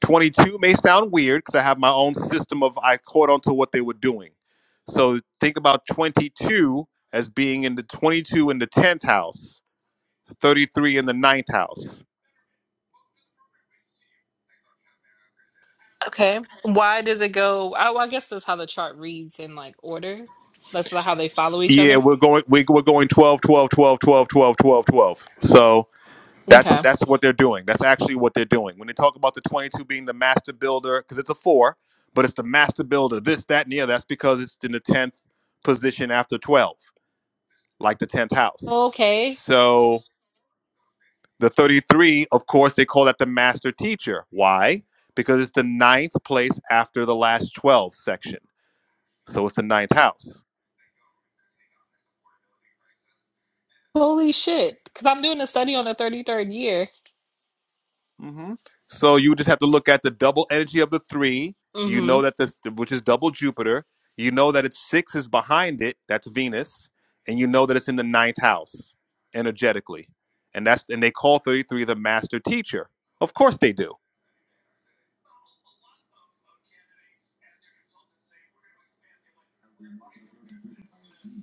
22 may sound weird because I have my own system of I caught on to what they were doing. So think about 22 as being in the 22 in the 10th house, 33 in the ninth house. Okay. Why does it go? I, well, I guess that's how the chart reads in like order. That's not how they follow each Yeah, other. we're going we, we're going 12, 12, 12, 12, 12, 12, 12. So that's Okay. that's what they're doing. That's actually what they're doing. When they talk about the 22 being the master builder because it's a 4, but it's the master builder this that and the other. That's because it's in the 10th position after 12, like the 10th house. Okay. So The 33, of course, they call that the master teacher. Why? Because it's the ninth place after the last 12 section. So it's the ninth house. Holy shit. Because I'm doing a study on the 33rd year. hmm So you just have to look at the double energy of the three. You Mm-hmm. know that this, which is double Jupiter. You know that it's six is behind it. That's Venus. And you know that it's in the ninth house energetically. And that's, and they call 33 the master teacher. Of course they do.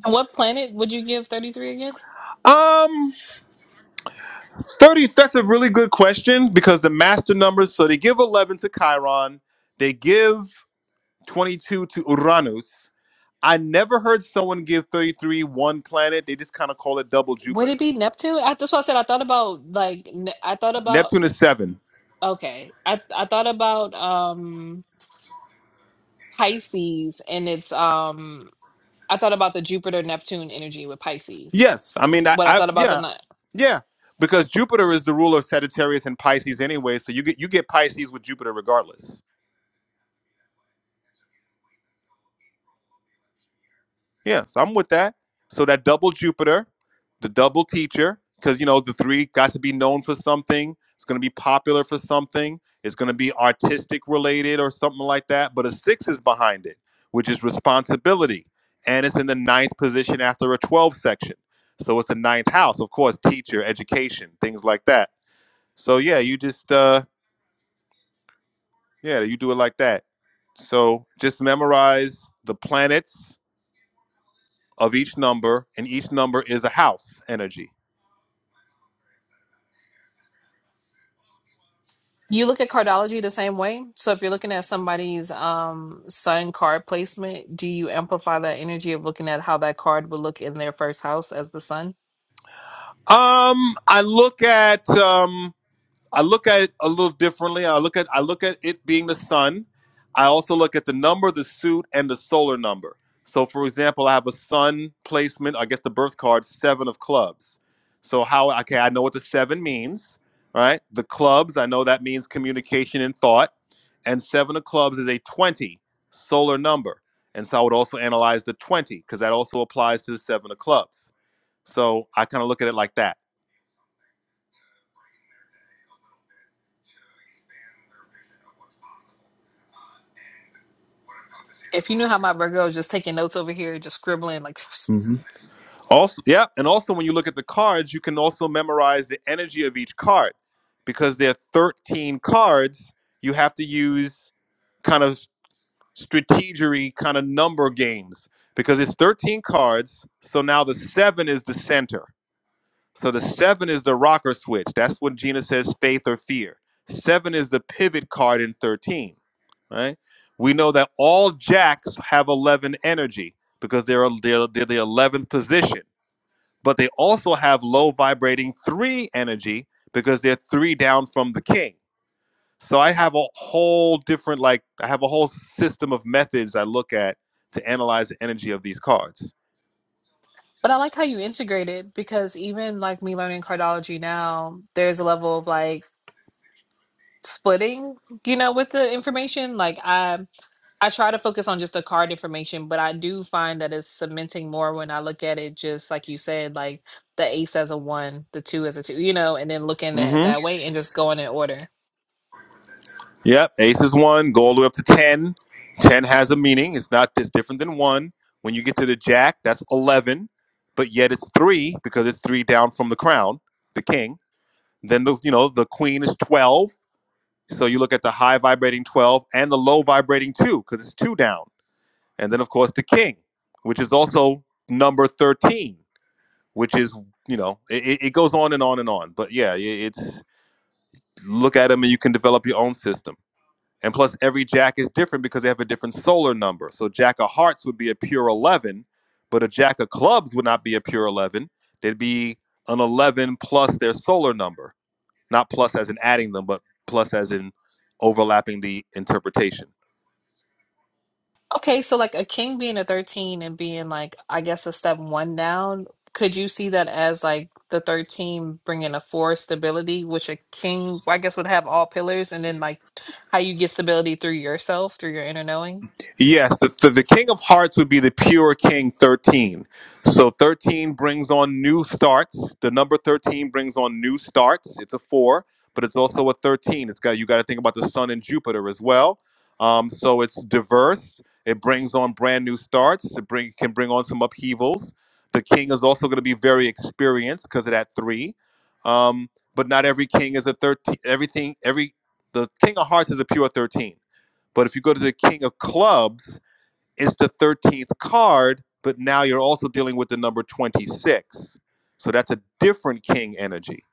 And what planet would you give 33 again? Um. 30, that's a really good question because the master numbers, so they give 11 to Chiron, they give 22 to Uranus. I never heard someone give 33 one planet. They just kind of call it double Would it Jupiter. be Neptune? I, that's why I said I thought about like Ne- I thought about. Neptune is seven. Okay. I I thought about um Pisces and it's um I thought about the Jupiter Neptune energy with Pisces. Yes. I mean, I, What I I thought about the yeah, night. yeah. Because Jupiter is the ruler of Sagittarius and Pisces anyway, so you get you get Pisces with Jupiter regardless. Yes, I'm with that. So that double Jupiter, the double teacher, because you know the three got to be known for something. It's going to be popular for something. It's going to be artistic related or something like that. But a six is behind it, which is responsibility, and it's in the ninth position after a twelve section. So it's the ninth house, of course, teacher, education, things like that. So yeah, you just uh, yeah, you do it like that. So just memorize the planets of each number, and each number is a house energy. You look at cardology the same way. So if you're looking at somebody's um sun card placement, do you amplify that energy of looking at how that card would look in their first house as the sun? Um, I look at um, I look at it a little differently. I look at I look at it being the sun. I also look at the number, of the suit, and the solar number. So, for example, I have a sun placement. I guess the birth card seven of clubs. So how okay, I know what the seven means, right? The clubs, I know that means communication and thought, and seven of clubs is a twenty solar number. And so I would also analyze the twenty because that also applies to the seven of clubs. So I kind of look at it like that. If you knew how my Virgo is just taking notes over here, just scribbling like Also, yeah, and also when you look at the cards, you can also memorize the energy of each card because there are 13 cards. You have to use kind of strategery, kind of number games because it's 13 cards. So now the seven is the center. So the seven is the rocker switch. That's what Gina says faith or fear. Seven is the pivot card in 13, right? We know that all jacks have 11 energy because they're, they're, they're the 11th position but they also have low vibrating three energy because they're three down from the king. So I have a whole different, like, I have a whole system of methods I look at to analyze the energy of these cards. But I like how you integrate it because even like me learning cardology now, there's a level of like splitting you know with the information like i i try to focus on just the card information but i do find that it's cementing more when i look at it just like you said like the ace as a one the two as a two you know and then looking at it Mm-hmm. that way and just going in order Yep. Ace is one, go all the way up to 10. 10 has a meaning. It's not this different than one. When you get to the jack, that's 11, but yet it's three because it's three down from the crown, the king. Then the, you know, the queen is 12 So you look at the high vibrating 12 and the low vibrating 2 because it's 2 down. And then, of course, the king, which is also number 13, which is, you know, it, it goes on and on and on. But yeah, it's look at them and you can develop your own system. And plus, every jack is different because they have a different solar number. So, jack of hearts would be a pure 11, but a jack of clubs would not be a pure 11. They'd be an 11 plus their solar number, not plus as in adding them, but plus as in overlapping the interpretation. okay so like a king being a 13 and being like i guess a step one down could you see that as like the 13 bringing a four stability which a king i guess would have all pillars and then like how you get stability through yourself through your inner knowing Yes, the, the, the King of Hearts would be the pure King 13. So 13 brings on new starts. The number 13 brings on new starts. It's a four, but it's also a 13. It's got you got to think about the Sun and Jupiter as well. Um, so it's diverse. It brings on brand new starts. It bring can bring on some upheavals. The King is also going to be very experienced because of that three. Um, but not every King is a 13. Everything every the King of Hearts is a pure 13 but if you go to the king of clubs, it's the 13th card, but now you're also dealing with the number 26. So that's a different king energy.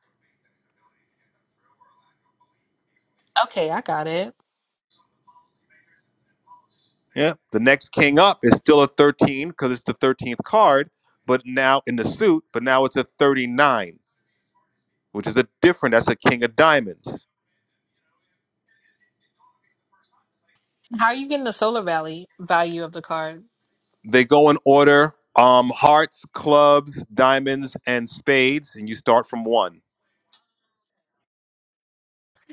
Okay, I got it. Yeah. The next king up is still a 13 because it's the 13th card, but now in the suit, but now it's a 39, which is a different, that's a king of diamonds. How are you getting the solar valley value of the card? They go in order um, hearts, clubs, diamonds, and spades, and you start from one.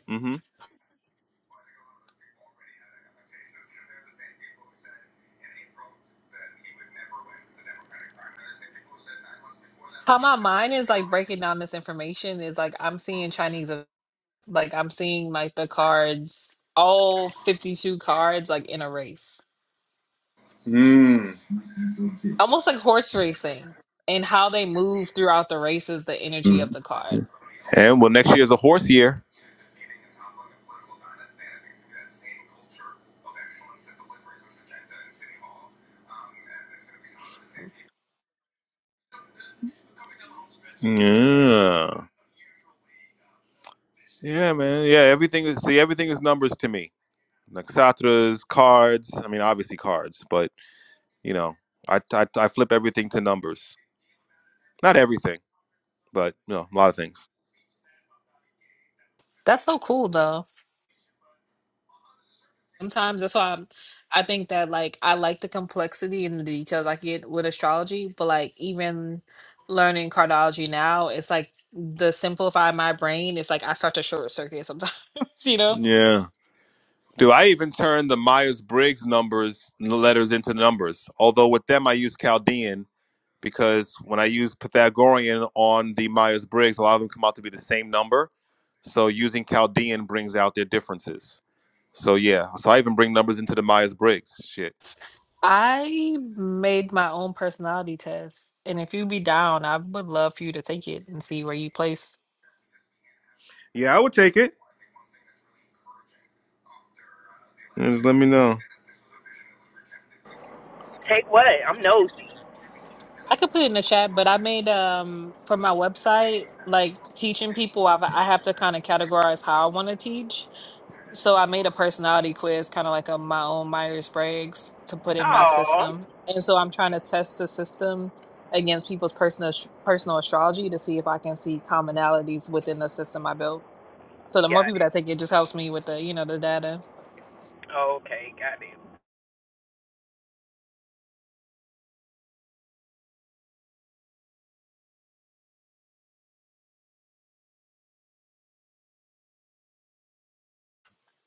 mm hmm How my mind is like breaking down this information is like I'm seeing Chinese, uh, like I'm seeing like the cards, all 52 cards, like in a race, Mm. almost like horse racing, and how they move throughout the race is the energy of Mm-hmm. the card. And well, next year is a horse year. Yeah. Yeah, man. Yeah, everything is see, everything is numbers to me. Nakshatras, cards. I mean, obviously cards, but you know, I I, I flip everything to numbers. Not everything, but you know, a lot of things. That's so cool, though. sometimes that's why I'm, I think that like I like the complexity and the details I get with astrology, but like even learning cardology now, it's like the simplify my brain. It's like I start to short circuit sometimes, you know. Yeah. Do I even turn the Myers Briggs numbers n- letters into numbers? Although with them I use Chaldean because when I use Pythagorean on the Myers Briggs, a lot of them come out to be the same number. So using Chaldean brings out their differences. So yeah, so I even bring numbers into the Myers Briggs shit. I made my own personality test, and if you be down, I would love for you to take it and see where you place. Yeah, I would take it. Yeah, just let me know. Take what? I'm nosy. I could put it in the chat, but I made um for my website like teaching people. I've, I have to kind of categorize how I want to teach, So I made a personality quiz, kind of like a my own Myers Briggs, to put in my Oh, system. And so I'm trying to test the system against people's personal personal astrology to see if I can see commonalities within the system I built. So the more got people it. that take it, just helps me with the you know the data. Okay, got it.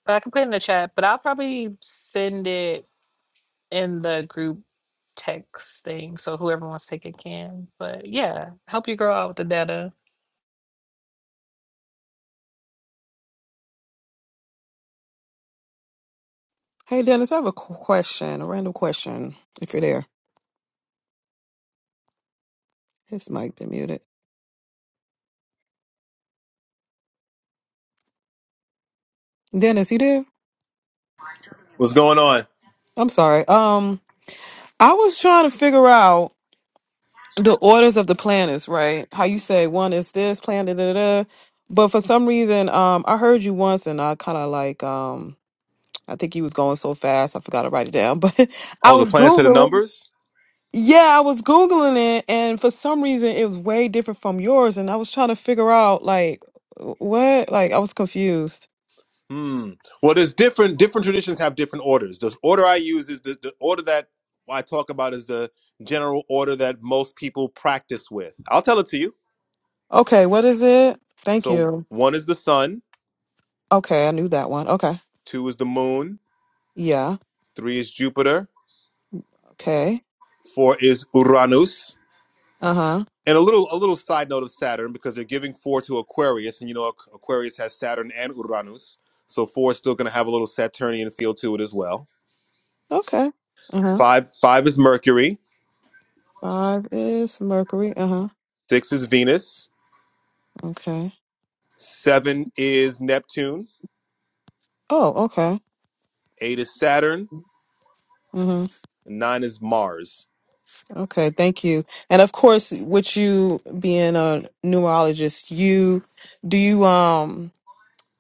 But I can put it in the chat, but I'll probably send it in the group text thing, so whoever wants to take it can. But yeah, help you grow out with the data. Hey, Dennis, I have a qu- question, a random question. If you're there, his mic been muted. Dennis, you there? What's going on? I'm sorry. Um. I was trying to figure out the orders of the planets, right? How you say one is this planet, da, da, da. but for some reason, um, I heard you once, and I kind of like, um, I think you was going so fast, I forgot to write it down. But I Oh, the was planets of the googling. numbers. Yeah, I was googling it, and for some reason, it was way different from yours, and I was trying to figure out like what, like I was confused. Hmm. Well, there's different different traditions have different orders. The order I use is the, the order that I talk about is the general order that most people practice with. I'll tell it to you. Okay, what is it? Thank So you. one is the sun, Okay, I knew that one. Okay, two is the moon, yeah. three is Jupiter, Okay. four is Uranus, Uh huh. and a little a little side note of Saturn because they're giving four to Aquarius, and you know Aqu- Aquarius has Saturn and Uranus, so four is still going to have a little Saturnian feel to it as well. Okay. Uh huh. Five five is Mercury, Five is Mercury. Uh huh. six is Venus, Okay. seven is Neptune, Oh, okay. eight is Saturn, Mm-hmm. and nine is Mars. Okay. Thank you. And of course, with you being a numerologist, you do you um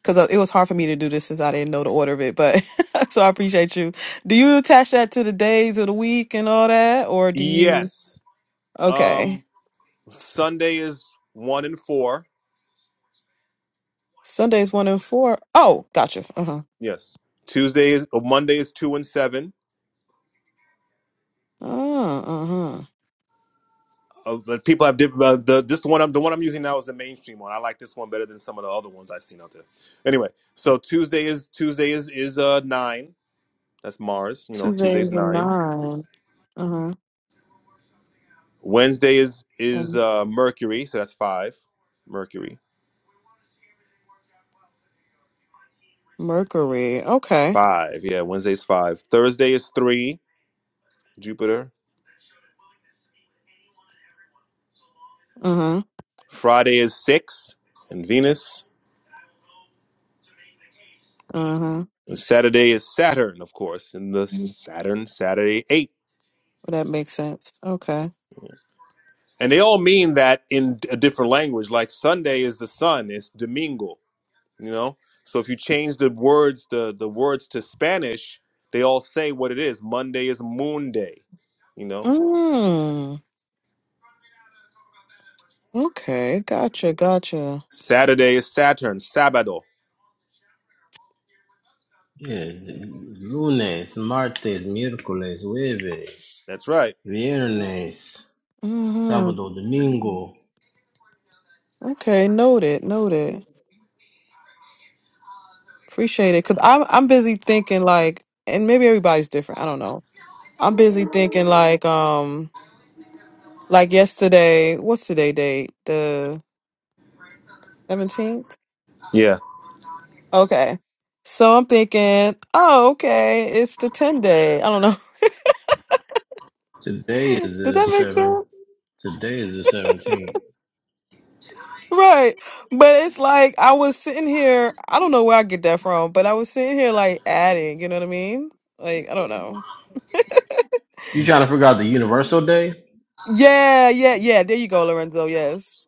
because it was hard for me to do this since I didn't know the order of it, but so I appreciate you. Do you attach that to the days of the week and all that, or do you? Yes. Okay. Um Sunday is one and four. Sundays one and four. Oh, gotcha. Uh huh. Yes. Tuesday is or Monday is two and seven. Uh huh. Uh, but people have different. Uh, the this one I'm the one I'm using now is the mainstream one. I like this one better than some of the other ones I've seen out there. Anyway, so Tuesday is Tuesday is is uh nine. That's Mars. You know, Two Tuesday's days and nine. nine. Uh Wednesday is huh. is uh, Mercury, so that's five. Mercury Mercury. Okay. five. Yeah, Wednesday is five. Thursday is three. Jupiter. uh-huh. Friday is six, and Venus. Uh-huh. And Saturday is Saturn, of course, and the Well, Saturn Saturday eight. that makes sense. Okay. And they all mean that in a different language. Like Sunday is the sun. It's Domingo. You know. So if you change the words the the words to Spanish, they all say what it is. Monday is Moon Day. You know. Mm. Okay. Gotcha. Gotcha. Saturday is Saturn. Sabado. Yeah, d- lunes, martes, miércoles, jueves, That's right. viernes, hmm sábado, domingo. Okay. Noted. Noted. Appreciate it. Cause I'm I'm busy thinking like, and maybe everybody's different. I don't know. I'm busy thinking like, um, like yesterday. What's today date? The seventeenth. Yeah. Okay. So I'm thinking, oh, okay, it's the ten day. I don't know. Today is Does the that make seven. sense? Today is the seventeenth. Right. But it's like I was sitting here, I don't know where I get that from, but I was sitting here like adding, you know what I mean? Like, I don't know. You trying to figure out the universal day? Yeah, yeah, yeah. There you go, Lorenzo. Yes.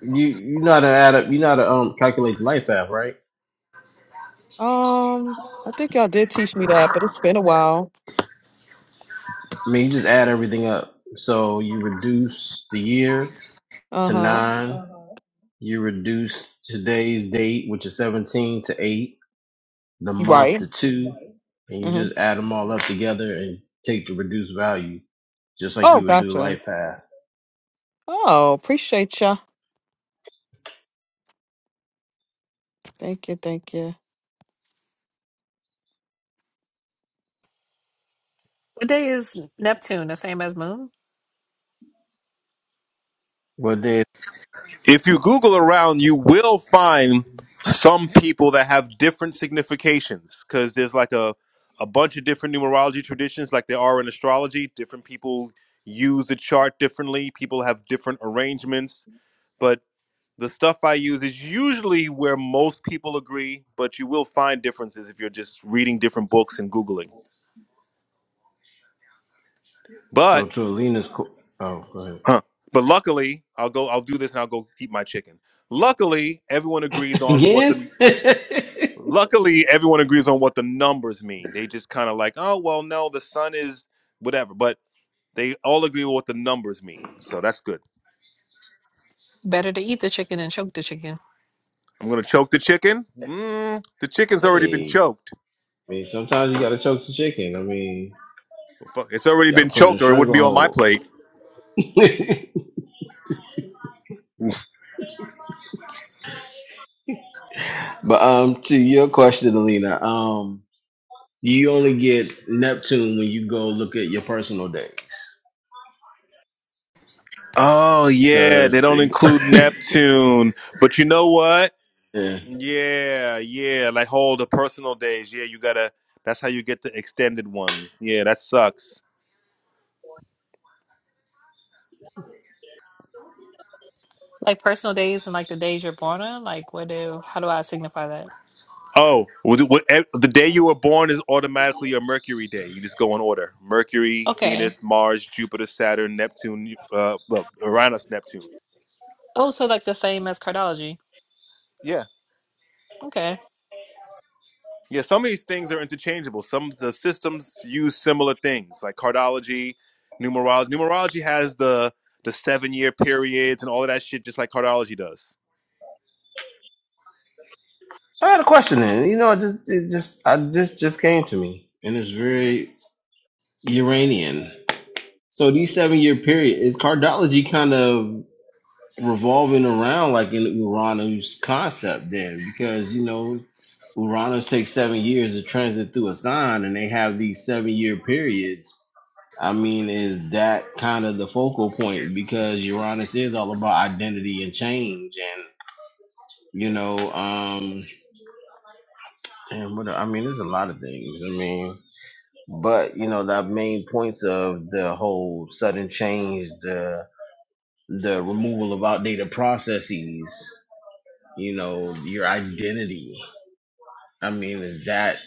You you know how to add up. You know how to um calculate the life path, right? Um, I think y'all did teach me that, but it's been a while. I mean, you just add everything up. So you reduce the year to Uh-huh. nine. You reduce today's date, which is seventeen, to eight. the You month right. to two, and you Mm-hmm. just add them all up together and take the reduced value, just like Oh, you would do gotcha. life path. Oh, appreciate ya. Thank you, thank you. What day is Neptune? The same as Moon. What day? If you Google around, you will find some people that have different significations because there's like a, a bunch of different numerology traditions, like there are in astrology. Different people use the chart differently, people have different arrangements. But the stuff I use is usually where most people agree, but you will find differences if you're just reading different books and Googling. So But, to Alina's, co- oh, go ahead huh, but luckily, I'll go, I'll do this and I'll go eat my chicken. Luckily, everyone agrees on what again. the Luckily, everyone agrees on what the numbers mean. They just kind of like, oh, well, no, the sun is whatever, but they all agree with what the numbers mean. So that's good. Better to eat the chicken and choke the chicken. I'm gonna choke the chicken. Mm, the chicken's already been hey, choked. I mean sometimes you gotta choke the chicken. I mean, Fuck, It's already you gotta been put it in a choked, or it wouldn't be on my stranglehold. plate. but um, to your question, Alina, um, you only get Neptune when you go look at your personal days, Oh yeah, they cause don't include Neptune. But you know what? yeah. Yeah, yeah, like all the personal days. Yeah, you gotta. That's how you get the extended ones. Yeah, that sucks. Like personal days and like the days you're born on? Like what do how do I signify that? Oh, well, the eh, the day you were born is automatically a Mercury day. You just go in order: Mercury, Okay. Venus, Mars, Jupiter, Saturn, Neptune, uh, well, Uranus, Neptune. Oh, so like the same as cardology. Yeah, Okay. yeah. Some of these things are interchangeable. Some of the systems use similar things, like cardology, numerology. Numerology has the the seven year periods and all of that shit, just like cardology does. So I had a question then. You know, I just it just I just just came to me, and it's very Uranian. So these seven year period is cardology kind of revolving around like in Uranus concept then, because you know Uranus takes seven years to transit through a sign, and they have these seven year periods. I mean, is that kind of the focal point because Uranus is all about identity and change, and you know, um, damn, what I mean, there's a lot of things. I mean. But you know, the main points of the whole sudden change, the the removal of outdated processes, you know, your identity. I mean, is that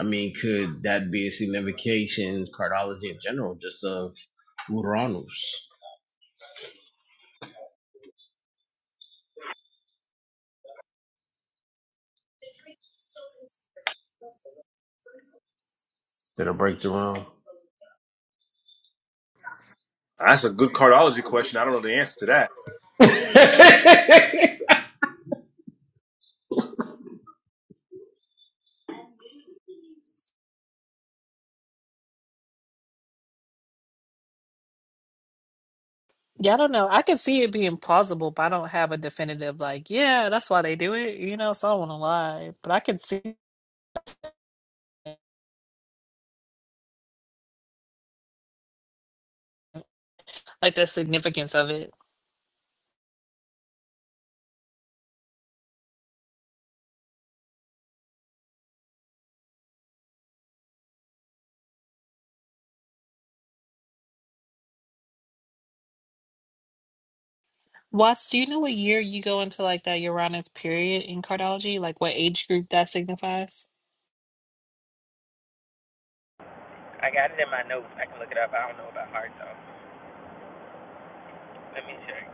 I mean, could that be a signification, cardiology in general, just of Uranus? That's a good cardology question. I don't know the answer to that. Yeah, I don't know. I can see it being plausible, but I don't have a definitive like, yeah, that's why they do it, you know, so I don't wanna lie. But I can see like the significance of it. Watts, do you know what year you go into like that Uranus period in cardology? Like what age group that signifies? I got it in my notes. I can look it up. I don't know about heart though. Let me check.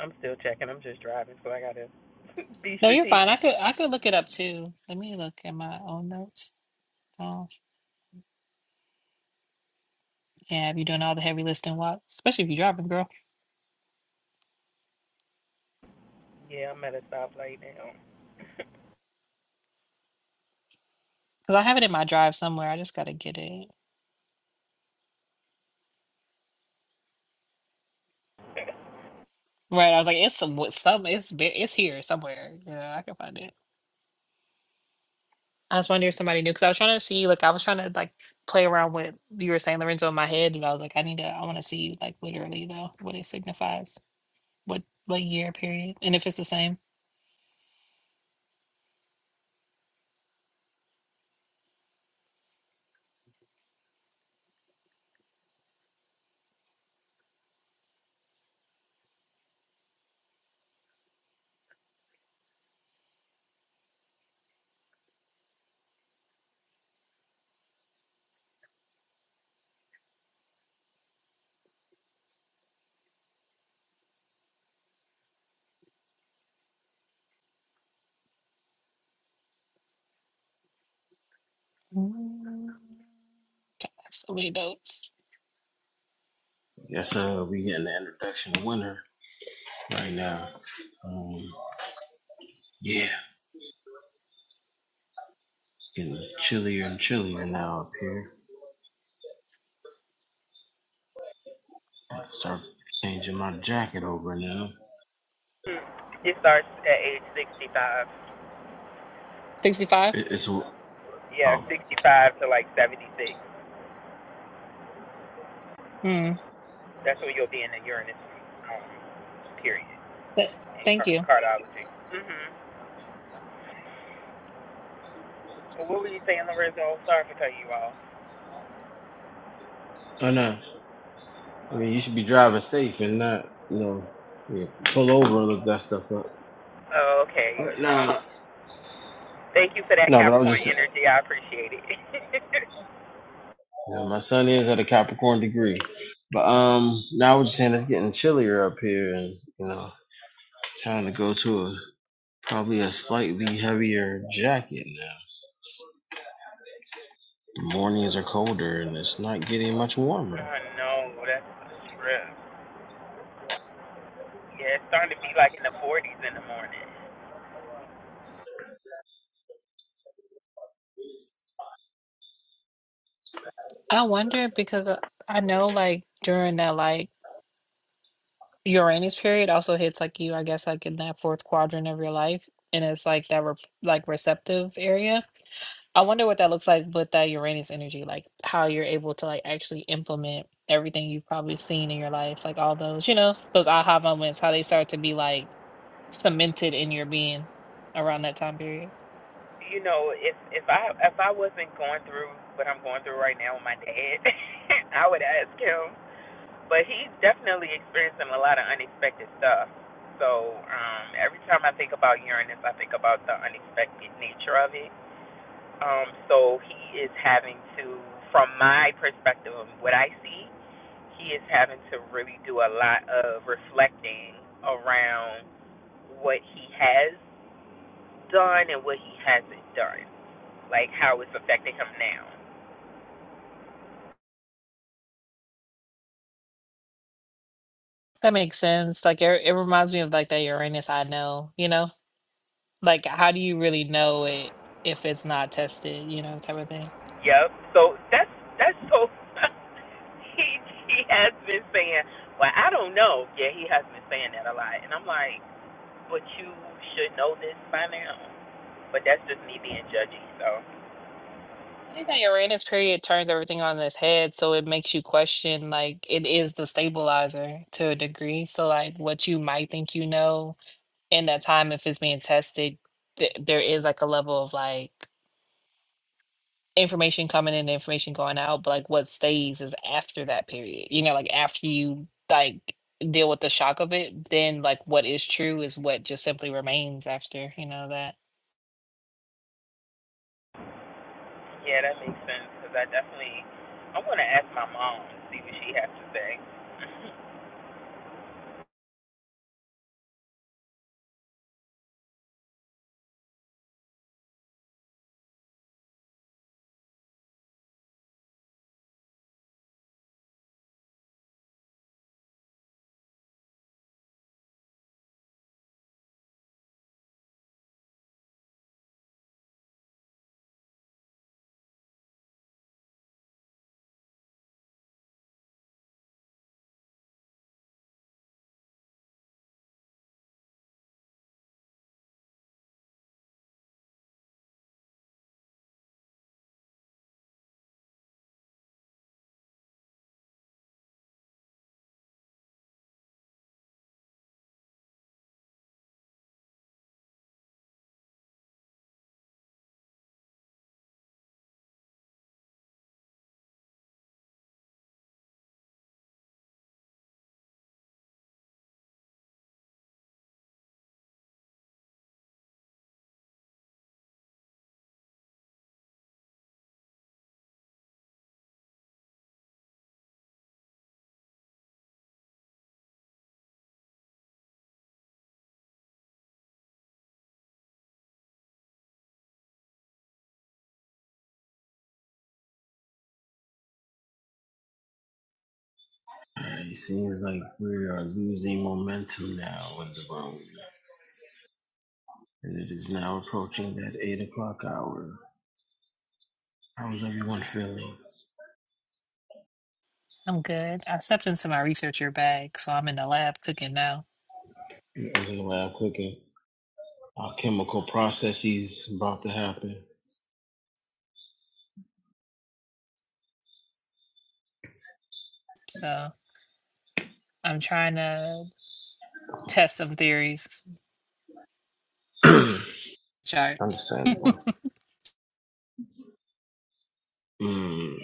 I'm still checking. I'm just driving, so I gotta be No, you're fine. I strategic. could I could look it up too. Let me look at my own notes. Oh, yeah, you doing all the heavy lifting, Watts, especially if you're driving, girl. Yeah, I'm at a stoplight now. Cause I have it in my drive somewhere. I just gotta get it. Right. I was like, it's some, some, it's ve- it's here somewhere. You know, I can find it. I just wonder if somebody knew. Cause I was trying to see, like, I was trying to like play around with you were saying Lorenzo in my head, and I was like, I need to, I want to see like literally though what it signifies, what what year period, and if it's the same. Mm, I have so many notes. Yes, uh, we getting the introduction of winter right now. Um, yeah, it's getting chillier and chillier now up here. I have to start changing my jacket over now. Hmm. It starts at age 65. Sixty-five. It, it's oh Yeah, 65 to like 76. Hmm. That's when you'll be in the Uranus um, period Th- in thank car- you. cardiology. hmm Well, what were you saying, Lorenzo? Sorry for cutting you off. I know. I mean, you should be driving safe and not, you know, yeah, pull over and look that stuff up. Oh, okay. But Um, no, thank you for that no, but I was Capricorn just, energy. I appreciate it. you know, my son is at a Capricorn degree, but um, now I was just saying it's getting chillier up here, and you know, trying to go to a probably a slightly heavier jacket now. The mornings are colder, and it's not getting much warmer. oh no, that's a stress. Yeah, it's starting to be like in the 40s in the morning. I wonder because uh, I know like during that like. Uranus period also hits like you, I guess, like in that fourth quadrant of your life, and it's like that re like receptive area. I wonder what that looks like with that Uranus energy, like how you're able to like actually implement everything you've probably seen in your life, like all those, you know, those aha moments, how they start to be like cemented in your being around that time period. you know, if if I if I wasn't going through what I'm going through right now with my dad, I would ask him. But he's definitely experiencing a lot of unexpected stuff. So um, every time I think about Uranus, I think about the unexpected nature of it. Um, so he is having to, from my perspective of what I see, he is having to really do a lot of reflecting around what he has done and what he hasn't done like how it's affecting him now. That makes sense. Like it, it reminds me of like that Uranus I know, you know, like how do you really know it if it's not tested, you know, type of thing. Yep. So that's that's so he he has been saying, Well, I don't know. Yeah, he has been saying that a lot. And I'm like, But you should know this by now. But that's just me being judgy, so I think that Uranus period turns everything on its head, so it makes you question like it is the stabilizer to a degree. So like what you might think you know in that time, if it's being tested, th- there is like a level of like information coming in, information going out, but like what stays is after that period. You know, like after you like deal with the shock of it, then like what is true is what just simply remains after you know that. yeah, that makes sense because I definitely I want to ask my mom to see what she has to say. Uh, It seems like we are losing momentum now on the road, and it is now approaching that eight o'clock hour. How's everyone feeling? I'm good. I stepped into my researcher bag, so I'm in the lab cooking now. That's the way I cook it. Our chemical processes about to happen. So. I'm trying to test some theories. Chart. Understandable. Mm,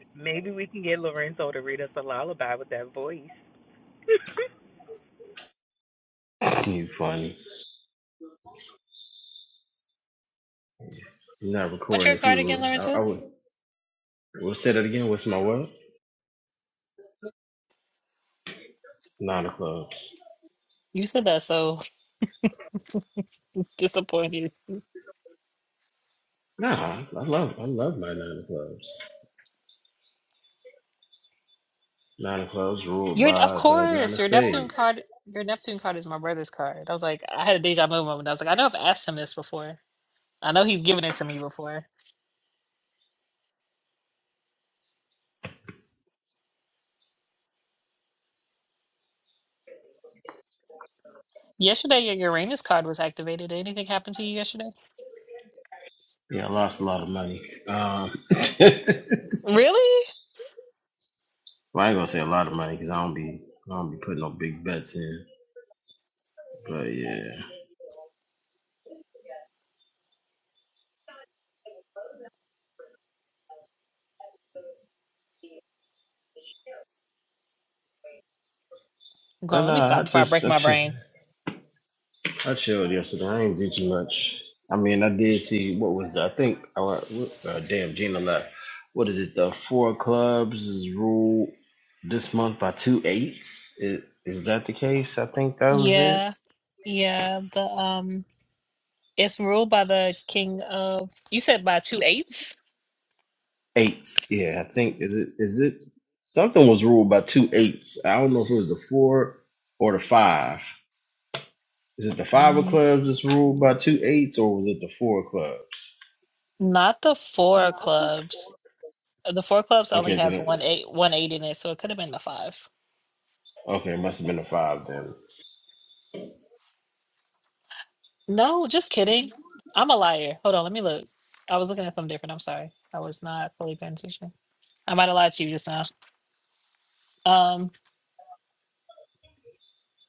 Maybe we can get Lorenzo to read us a lullaby with that voice. you funny. I'm not What's recording your if card you again, were. I, I Lorenzo? would. We'll say that again. What's my what? Nine of clubs. You said that so disappointed. Nah, I love. I love my nine of clubs. Nine of clubs ruled You're of by the nine course of your Neptune spades. card. Your Neptune card is my brother's card. I was like, I had a deja vu moment. I was like, I know I've asked him this before. I know he's given it to me before. Yesterday, your Uranus card was activated. Did anything happen to you yesterday? Yeah, I lost a lot of money. Um, well, Really? I ain't gonna say a lot of money because I don't be. I don't be putting no big bets in. Go But on, let me nah, I stop before I just. break I my chill. brain. I chill. I mean, I did. What is it? The four clubs is ruled this month by two eights. Is, is that the case? I think that was it. Yeah, yeah. The um, it's ruled by the king of. You said by two eights. Eights. Yeah, I think is it is it something was ruled by two eights. I don't know if it was the four or the five. Is it the five of clubs that's ruled by two eights, or was it the four of clubs? Not the four clubs. Uh, The four clubs only Okay, th- has one eight one eight in it, so it could have been the five. okay, it must have been the five then. No, just kidding. I'm a liar. Hold on, let me look. I was looking at something different. I'm sorry. I was not fully paying attention. I might have lied to you just now. Um,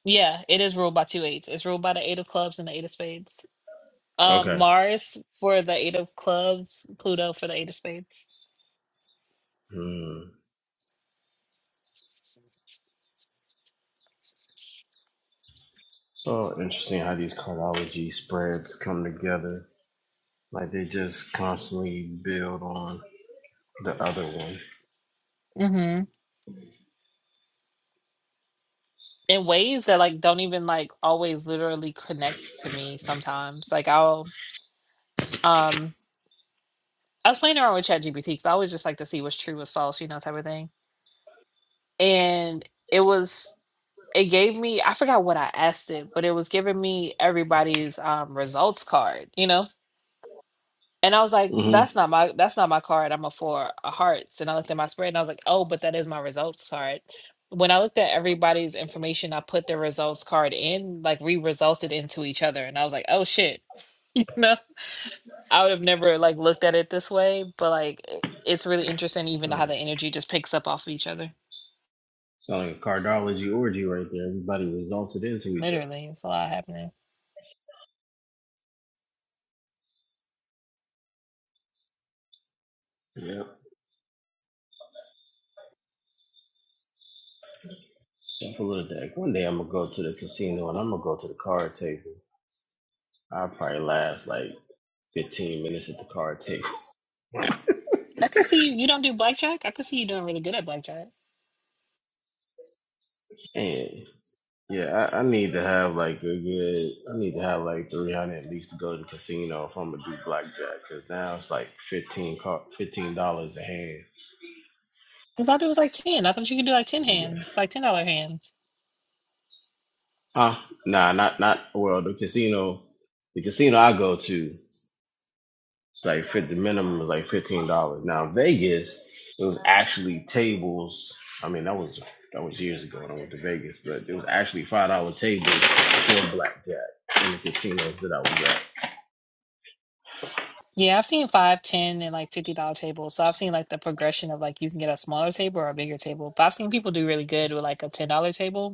yeah, it is ruled by two eights. It's ruled by the eight of clubs and the eight of spades. Um, Okay. Mars for the eight of clubs, Pluto for the eight of spades. Hmm. So interesting how these cardiology spreads come together. Like they just constantly build on. the other one. Mm-hmm. In ways that like don't even like always literally connect to me sometimes. Like I'll um I was playing around with ChatGPT because I always just like to see what's true, what's false, you know, type of thing. And it was, it gave me, I forgot what I asked it, but it was giving me everybody's um, results card, you know? And I was like, hmm that's not my, that's not my card. I'm a four of hearts. And I looked at my spread and I was like, oh, but that is my results card. When I looked at everybody's information, I put their results card in, like re-resulted into each other. And I was like, oh shit. you know. I would have never like looked at it this way, but like it- it's really interesting even how So the energy just picks up off of each other. sound like a cardology orgy right there. Everybody resulted into each other. Literally, it's a lot happening. Yeah. Cephalodeck. One day I'm gonna go to the casino and I'm gonna go to the card table. I'll probably last like 15 minutes at the card table. I could see you. You don't do blackjack. I could see you doing really good at blackjack. And yeah, I, I need to have like a good. I need to have like 300 at least to go to the casino if I'm gonna do blackjack. Cause now it's like 15 car, 15 dollars a hand. I thought it was like ten. I thought you could do like ten You got hands, like ten dollar hands. Huh? Nah, not not well. The casino, the casino I go to, it's like fifty. The minimum was like fifteen dollars. Now Vegas, it was actually tables. I mean, that was that was years ago when I went to Vegas, but it was actually five dollar tables for blackjack in the casinos that I was at. Yeah, I've seen five, ten, and like fifty dollar tables. So I've seen like the progression of like you can get a smaller table or a bigger table. But I've seen people do really good with like a ten dollar table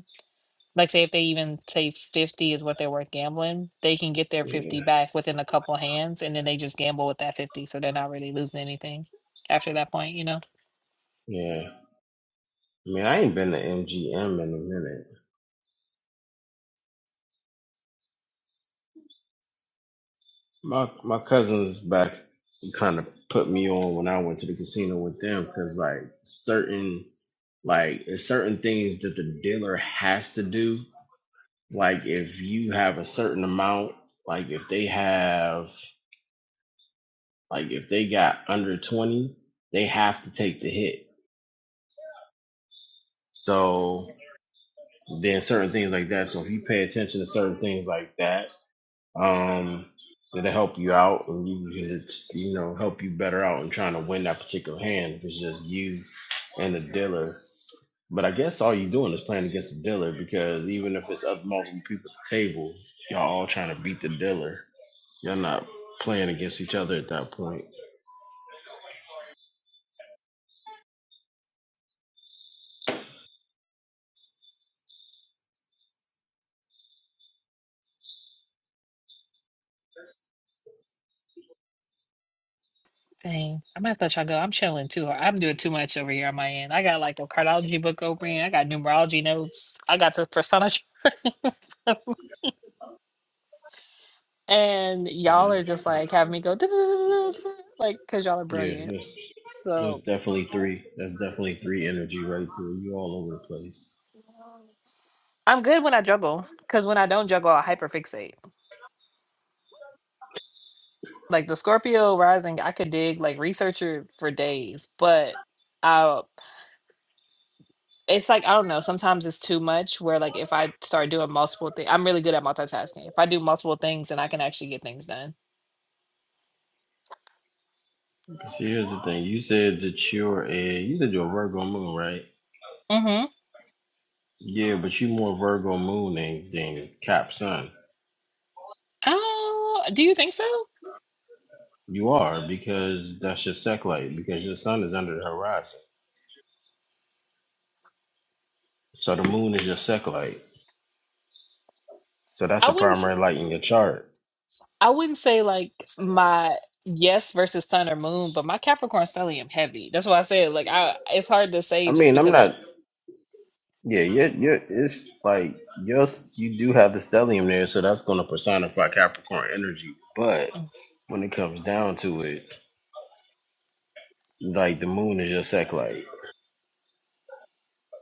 like say if they even say 50 is what they're worth gambling they can get their Yeah, 50 back within a couple hands and then they just gamble with that 50 so they're not really losing anything after that point you know yeah. I mean, I ain't been to MGM in a minute. My my cousins back kind of put me on when I went to the casino with them because like certain like it's certain things that the dealer has to do. Like if you have a certain amount, like if they have like if they got under twenty, they have to take the hit. So then certain things like that. So if you pay attention to certain things like that Um, it'll help you out, and you can, you know, help you better out in trying to win that particular hand. If it's just you and the dealer, but I guess all you're doing is playing against the dealer because even if it's up multiple people at the table, y'all all trying to beat the dealer. You're not playing against each other at that point. dang i might have to let y'all go i'm chilling too hard i'm doing too much over here on my end i got like a cardiology book open. i got numerology notes i got the persona chart. and y'all are just like having me go like because y'all are Yeah, brilliant so definitely. You all always. i'm good when i juggle because when i don't juggle i hyperfixate like the Scorpio rising, I could dig like researcher for days, but I it's like I don't know, sometimes it's too much where like if I start doing multiple things, I'm really good at multitasking. If I do multiple things then I can actually get things done. And you said that you're a you said you're a Virgo moon, right? Mhm. Yeah, but you more Virgo moon than than Cap Sun. Oh, do you think so? You are because that's your sec light because your sun is under the horizon. So the moon is your sec light. So that's I the wouldn't s- primary light in your chart. I wouldn't say like my yes versus sun or moon, but my Capricorn stellium heavy. That's why I said like I it's hard to I say just mean, I'm because of not. Yeah, you're, you're, it's like yes, you do have the stellium there, so that's going to personify Capricorn energy. But Mm, when it comes down to it, like the moon is your sec light.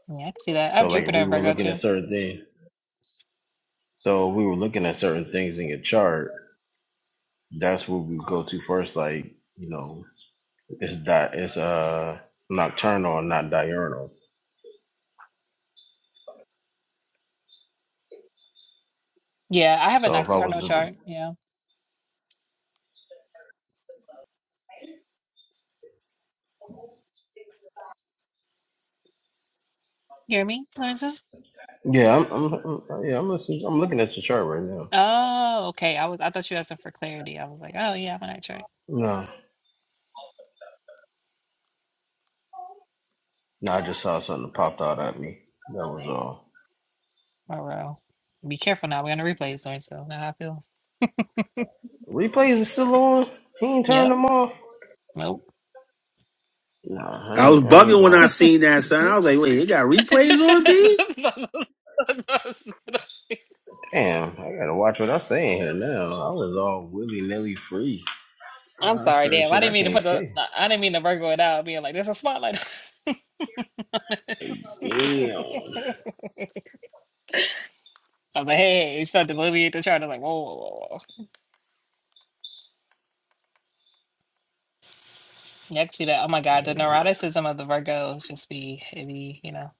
yeah, I can see that. I have So like if Jupiter we and were Virgo looking at too. certain things, so if we were looking at certain things in your chart, that's what we go to first. Like you know It's di- it's uh nocturnal, not diurnal. Yeah, I have a So if I was nocturnal to, chart. Yeah. You hear me, Lorenzo? yeah, I'm, I'm, I'm yeah, I'm listening. I'm looking at your chart right now. Oh, okay. I was I thought you asked for clarity. I was like, oh yeah, I'm a night No, no, I just saw something that popped out at me. That was all. Oh well. Be careful now. We're gonna replay this joint, so now I feel. Replays is still on. He ain't turned Yep. them off. Nope. No, I I was ain't, I ain't. bugging when I seen that, son. I was like, wait, it got replays on, B? Damn, I gotta watch what I'm saying here now. I was all willy nilly free. I'm I sorry, certain damn. I shit didn't I mean to can't put the say. I didn't mean to Virgo it out being like there's a spotlight. on this." Damn. I was like, hey, you start to alleviate the chart. I was like, whoa, whoa, whoa, whoa. You can see that. Oh my God, the neuroticism of the Virgo just be, it be, you know,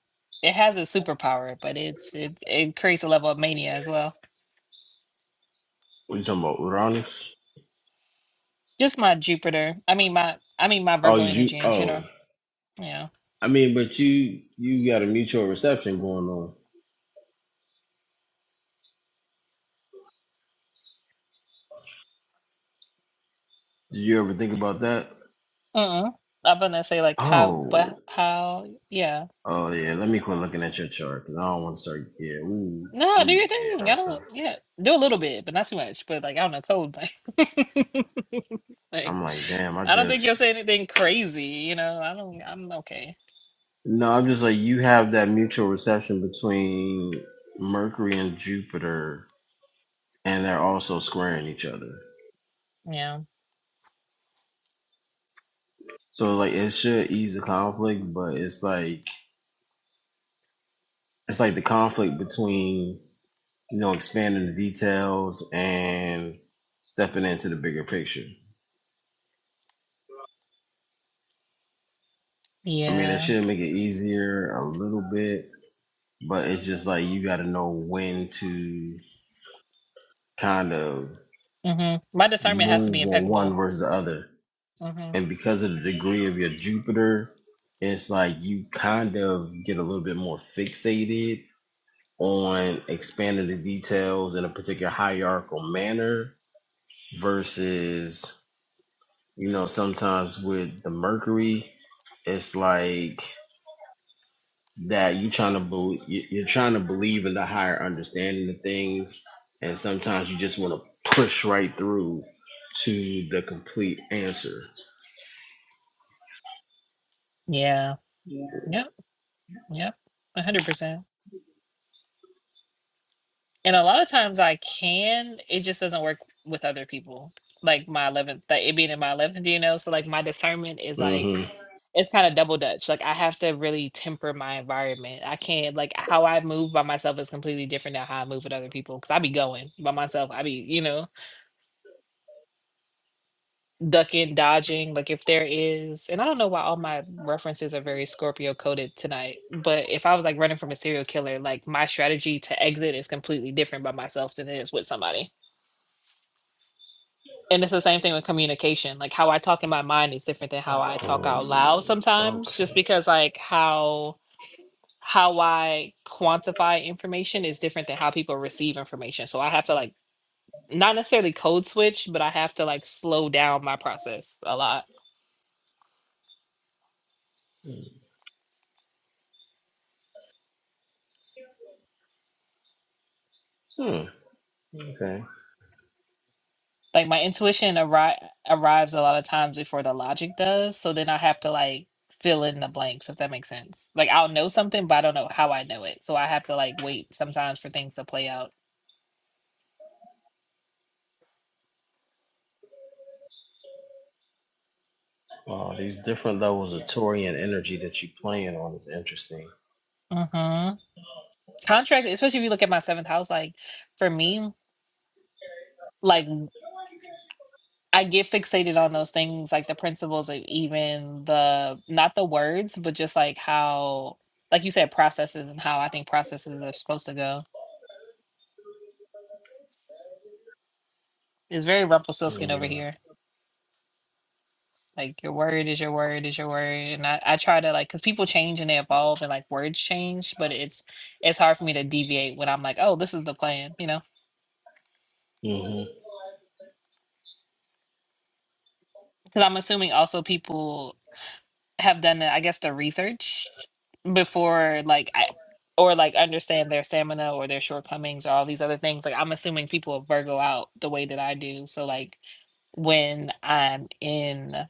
it has a superpower, but it's it, it creates a level of mania as well. What you talking about, Uranus? Just my Jupiter. I mean my I mean my Oh, Virgo you. energy in Oh, general. Yeah. I mean, but you you got a mutual reception going on. Did you ever think about that? Uh-uh. I'm gonna say like how Oh, but how yeah. oh yeah. Let me quit looking at your chart because I don't want to start. Yeah, ooh, No, do ooh, your yeah. thing. I That's a. don't yeah. Do a little bit, but not too much. But like I don't know, cold like I'm like like, damn. I I don't think you'll say just anything crazy, you know. I don't I'm okay. no. I'm just like you have that mutual reception between Mercury and Jupiter, and they're also squaring each other. Yeah. So like, it should ease the conflict, but it's like it's like the conflict between you know expanding the details and stepping into the bigger picture. I mean, it Yeah. should make it easier a little bit, but it's just like you got to know when to kind of Mm-hmm. My discernment has to move be on one impeccable. versus the other. Mm-hmm. And because of the degree of your Jupiter, it's like you kind of get a little bit more fixated on expanding the details in a particular hierarchical manner versus, you know, sometimes with the Mercury, it's like that you trying to believe you're trying to believe in the higher understanding of things and sometimes you just want to push right through to the complete answer Yeah. Yep. Yep. A hundred percent. And a lot of times I can, it just doesn't work with other people. Like my 11th, like it being in my 11th DNO. So like my discernment is like, hmm it's kind of double dutch. Like I have to really temper my environment. I can't, like how I move by myself is completely different than how I move with other people. Cause I be going by myself. I be, you know, ducking, dodging. Like if there is, and I don't know why all my references are very Scorpio coded tonight, but if I was like running from a serial killer, like my strategy to exit is completely different by myself than it is with somebody And it's the same thing with communication. Like how I talk in my mind is different than how I talk out loud um, sometimes, just okay because like how how I quantify information is different than how people receive information. So I have to like not necessarily code switch, but I have to like slow down my process a lot. hmm. okay Like my intuition arri- arrives a lot of times before the logic does. So then I have to like fill in the blanks if that makes sense. Like I'll know something, but I don't know how I know it. So I have to like wait sometimes for things to play out. wow different levels of torian energy that you playing on is interesting Mhm. contract, especially if you look at my seventh house, like for me, like I get fixated on those things, like the principles of even the not the words, but just like how, like you said, processes and how I think processes are supposed to go. It's very Rumpelstiltskin over here. Like your word is your word is your word, and I, I try to like because people change and they evolve and like words change, but it's it's hard for me to deviate when I'm like, oh, this is the plan, you know? Mhm. Because I'm assuming also people have done uh, I guess the research before like I or like understand their stamina or their shortcomings or all these other things. Like I'm assuming people Virgo out the way that I do. So like when I'm in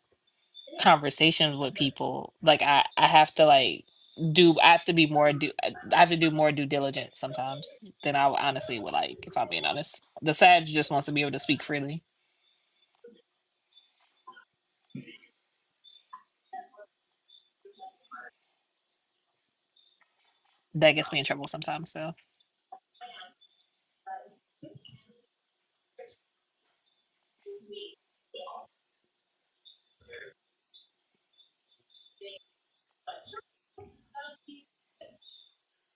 conversations with people, like I I have to like do I have to be more do I have to do more due diligence sometimes than I honestly would like if I'm being honest. The Sag just wants to be able to speak freely. That gets me in trouble sometimes. So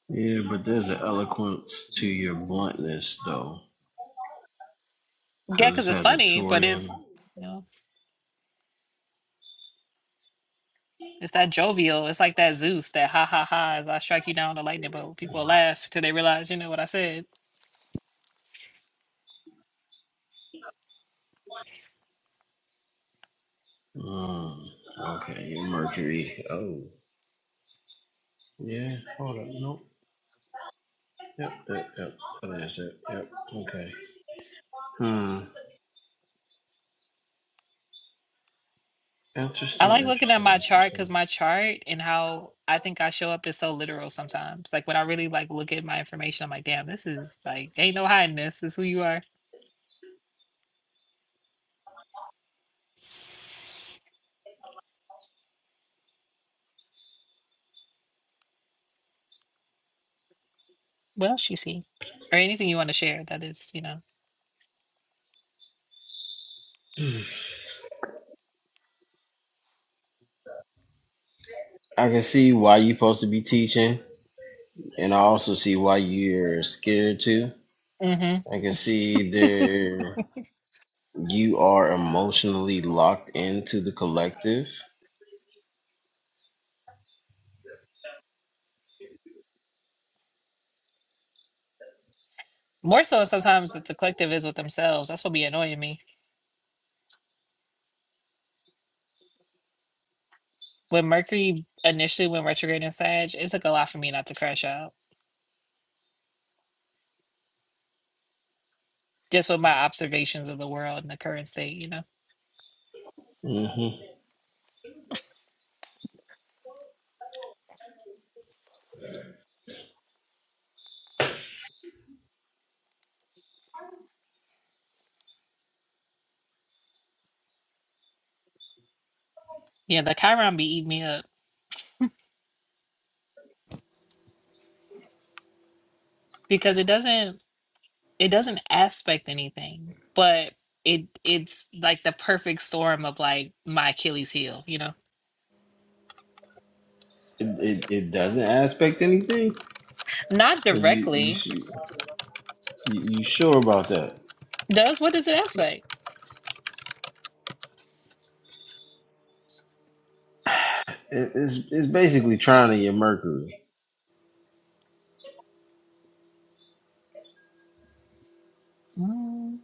yeah blunt to your bluntness because yeah, because this it's has a funny, torian but it's you know. It's that jovial. It's like that Zeus, that ha ha ha, as I strike you down with a lightning bolt. People laugh till they realize, you know what I said. mm. oh I like looking at my chart because my chart and how I think I show up is so literal sometimes. Like when I really like look at my information, I'm like, damn, this is like ain't no hiding this. This is who you are. What else you see? Or anything you want to share that is, you know. I can see why you supposed to be teaching. And I also see why you're scared too. hmm I can see there you are emotionally locked into the collective. More so sometimes that the collective is with themselves. That's what be annoying me. When Mercury initially went retrograde in Sag, it took a lot for me not to crash out just with my observations of the world and the current state, you know. hmm Yeah, the Chiron be eating me up because it doesn't it doesn't aspect anything, but it it's like the perfect storm of like my Achilles heel, you know. It, it it doesn't aspect anything. Not You you directly. su- you, you sure about that? Does what does it aspect? It, it's it's basically trying to your Mercury. Mm,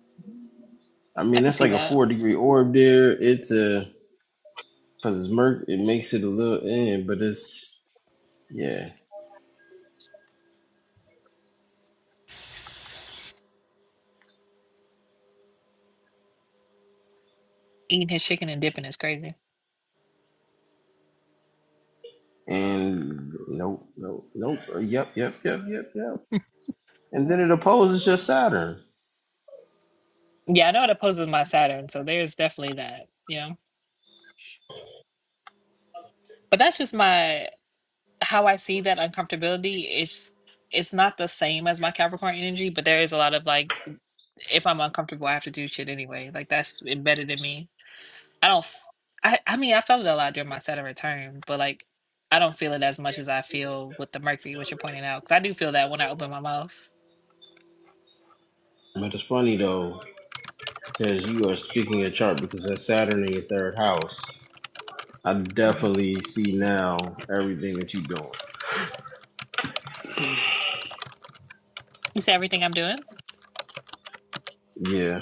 I I mean, can that's see like a that. four degree orb there. It's a because it's Merc. It makes it a little in, but it's yeah. Eating his chicken and dipping is crazy. And nope, nope, nope. Yep, yep, yep, yep, yep. and then it opposes your Saturn. Yeah, I know it opposes my Saturn, so there's definitely that, you know. But that's just my how I see that uncomfortability. It's it's not the same as my Capricorn energy, but there is a lot of like if I'm uncomfortable, I have to do shit anyway. Like that's embedded in me. I don't. f- I I mean, I felt it a lot during my set of return, but like, I don't feel it as much as I feel with the mercury, which you're pointing out. Because I do feel that when I open my mouth. But it's funny though, because you are speaking your chart because that's Saturn in your third house. I hmm definitely see now everything that you're doing. You see everything I'm doing. Yeah.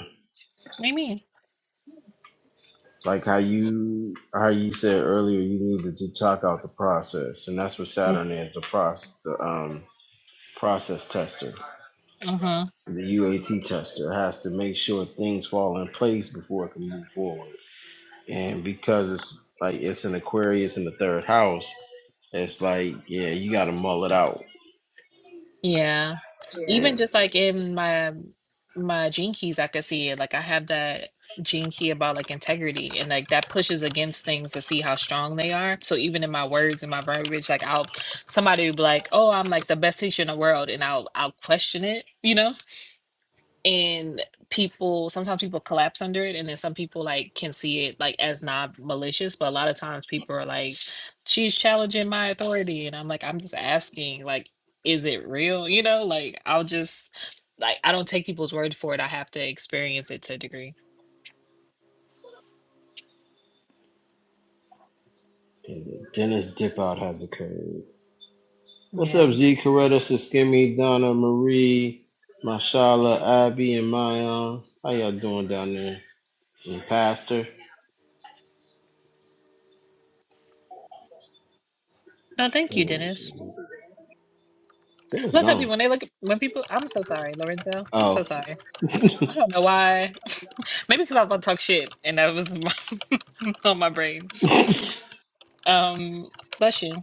What do you mean? Like how you how you said earlier you needed to talk out the process. And that's what Saturn is, the process the um process tester. Mm-hmm. The UAT tester has to make sure things fall in place before it can move forward. And because it's like it's an Aquarius in the third house, It's like, yeah, you gotta mull it out. Yeah. Even And, just like in my my gene keys, I could see it. Like I have that gene key about like integrity and like that pushes against things to see how strong they are. So even in my words and my verbiage, like I'll somebody will be like, Oh, I'm like the best teacher in the world and I'll I'll question it, you know? and people sometimes people collapse under it and then some people like can see it like as not malicious but a lot of times people are like she's challenging my authority and i'm like i'm just asking like is it real you know like i'll just like i don't take people's word for it i have to experience it to a degree and the Dennis dip out has occurred. What's up, yeah Z Coretta, Siskimi, Donna, Marie, Mashala, Abby, and Mayan? How y'all doing down there? And Pastor? no Hmm, thank you dennis Dennis i tell people gone. when they look at- when people i'm so sorry lorenzo i'm Oh. so sorry i don't know why maybe because i was about to talk shit and that was my, on my brain um bless you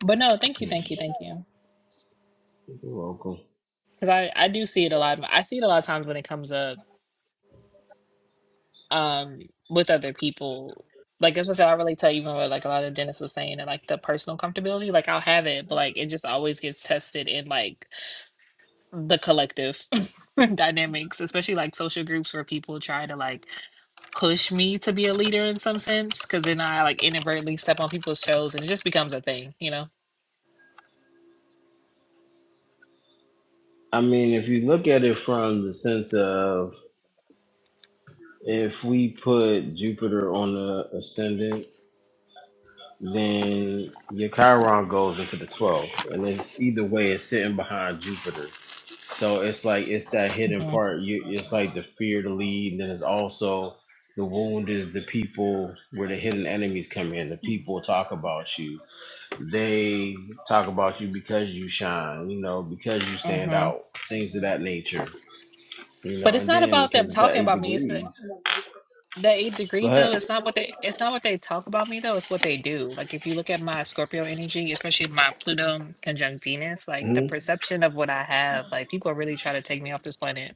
But no, thank you, thank you, thank you. You're welcome. Because I I do see it a lot. I see it a lot of times when it comes up um with other people. Like that's what I said, I relate to even what like a lot of dentists was saying and like the personal comfortability. Like I'll have it, but like it just always gets tested in like the collective dynamics, especially like social groups where people try to like push me to be a leader in some sense. Because then I like inadvertently step on people's toes and it just becomes a thing, you know. I mean, if you look at it from the sense of if we put Jupiter on the ascendant, then your Chiron goes into the 12th. And it's either way, it's sitting behind Jupiter. So it's like it's that hidden hmm part. You it's like the fear to lead, and then it's also the wound is the people where the hidden enemies come in. The Hmm, people talk about you. They talk about you because you shine, you know, because you stand hmm out, things of that nature. You But know, it's and not then about them because it's talking eight about me. It's the degrees. The eighth degree though, But it's not what they it's not what they talk about me though, it's what they do. Like if you look at my Scorpio energy, especially my Pluto conjunct Venus, like the mhm. perception of what I have, like people are really trying to take me off this planet.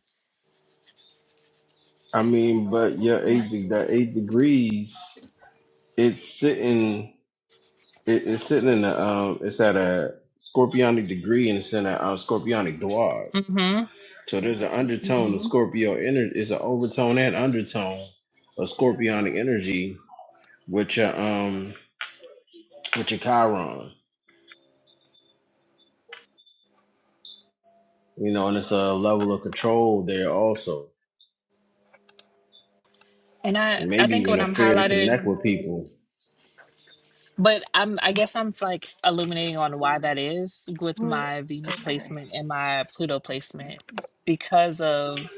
I mean, but your eight de- that eight degrees. It's sitting. It, it's sitting in the. Um, it's at a scorpionic degree, and it's in a um, scorpionic dwarf. hmm So there's an undertone of hmm Scorpio energy. It's an overtone and undertone of scorpionic energy, with your um, with your Chiron. You know, and it's a level of control there also, And I and I maybe think even when a I'm fear to highlighted, connect. but I'm I guess I'm like illuminating on why that is with What? my Venus Okay. placement and my Pluto Let's see. placement because of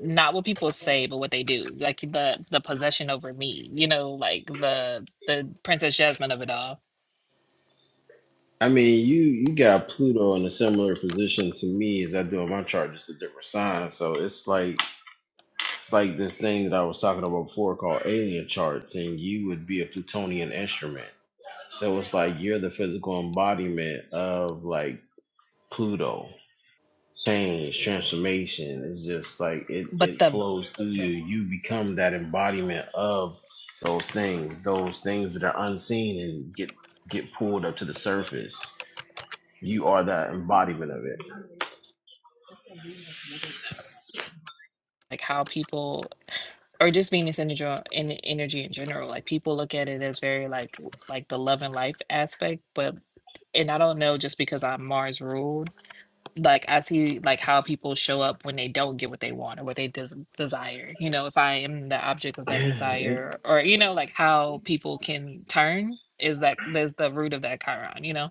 not what people say, but what they do. Like the the possession over me, you know, like the the Princess Jasmine of it all I mean, you you got Pluto in a similar position to me as I do in my chart, just a different sign. So it's like It's like this thing that I was talking about before called alien charts, and you would be a plutonian instrument. So it's like you're the physical embodiment of like Pluto. Change, transformation. It's just like it, but it the flows through you. You become that embodiment of those things, those things that are unseen and get get pulled up to the surface. You are that embodiment of it. like how people or just Venus energy in energy in general, like people look at it as very like w- like the love and life aspect, but and I don't know just because I'm Mars ruled, like I see like how people show up when they don't get what they want or what they des- desire. You know, if I am the object of that Yeah, it desire, or you know, like how people can turn is that there's the root of that Chiron. You know,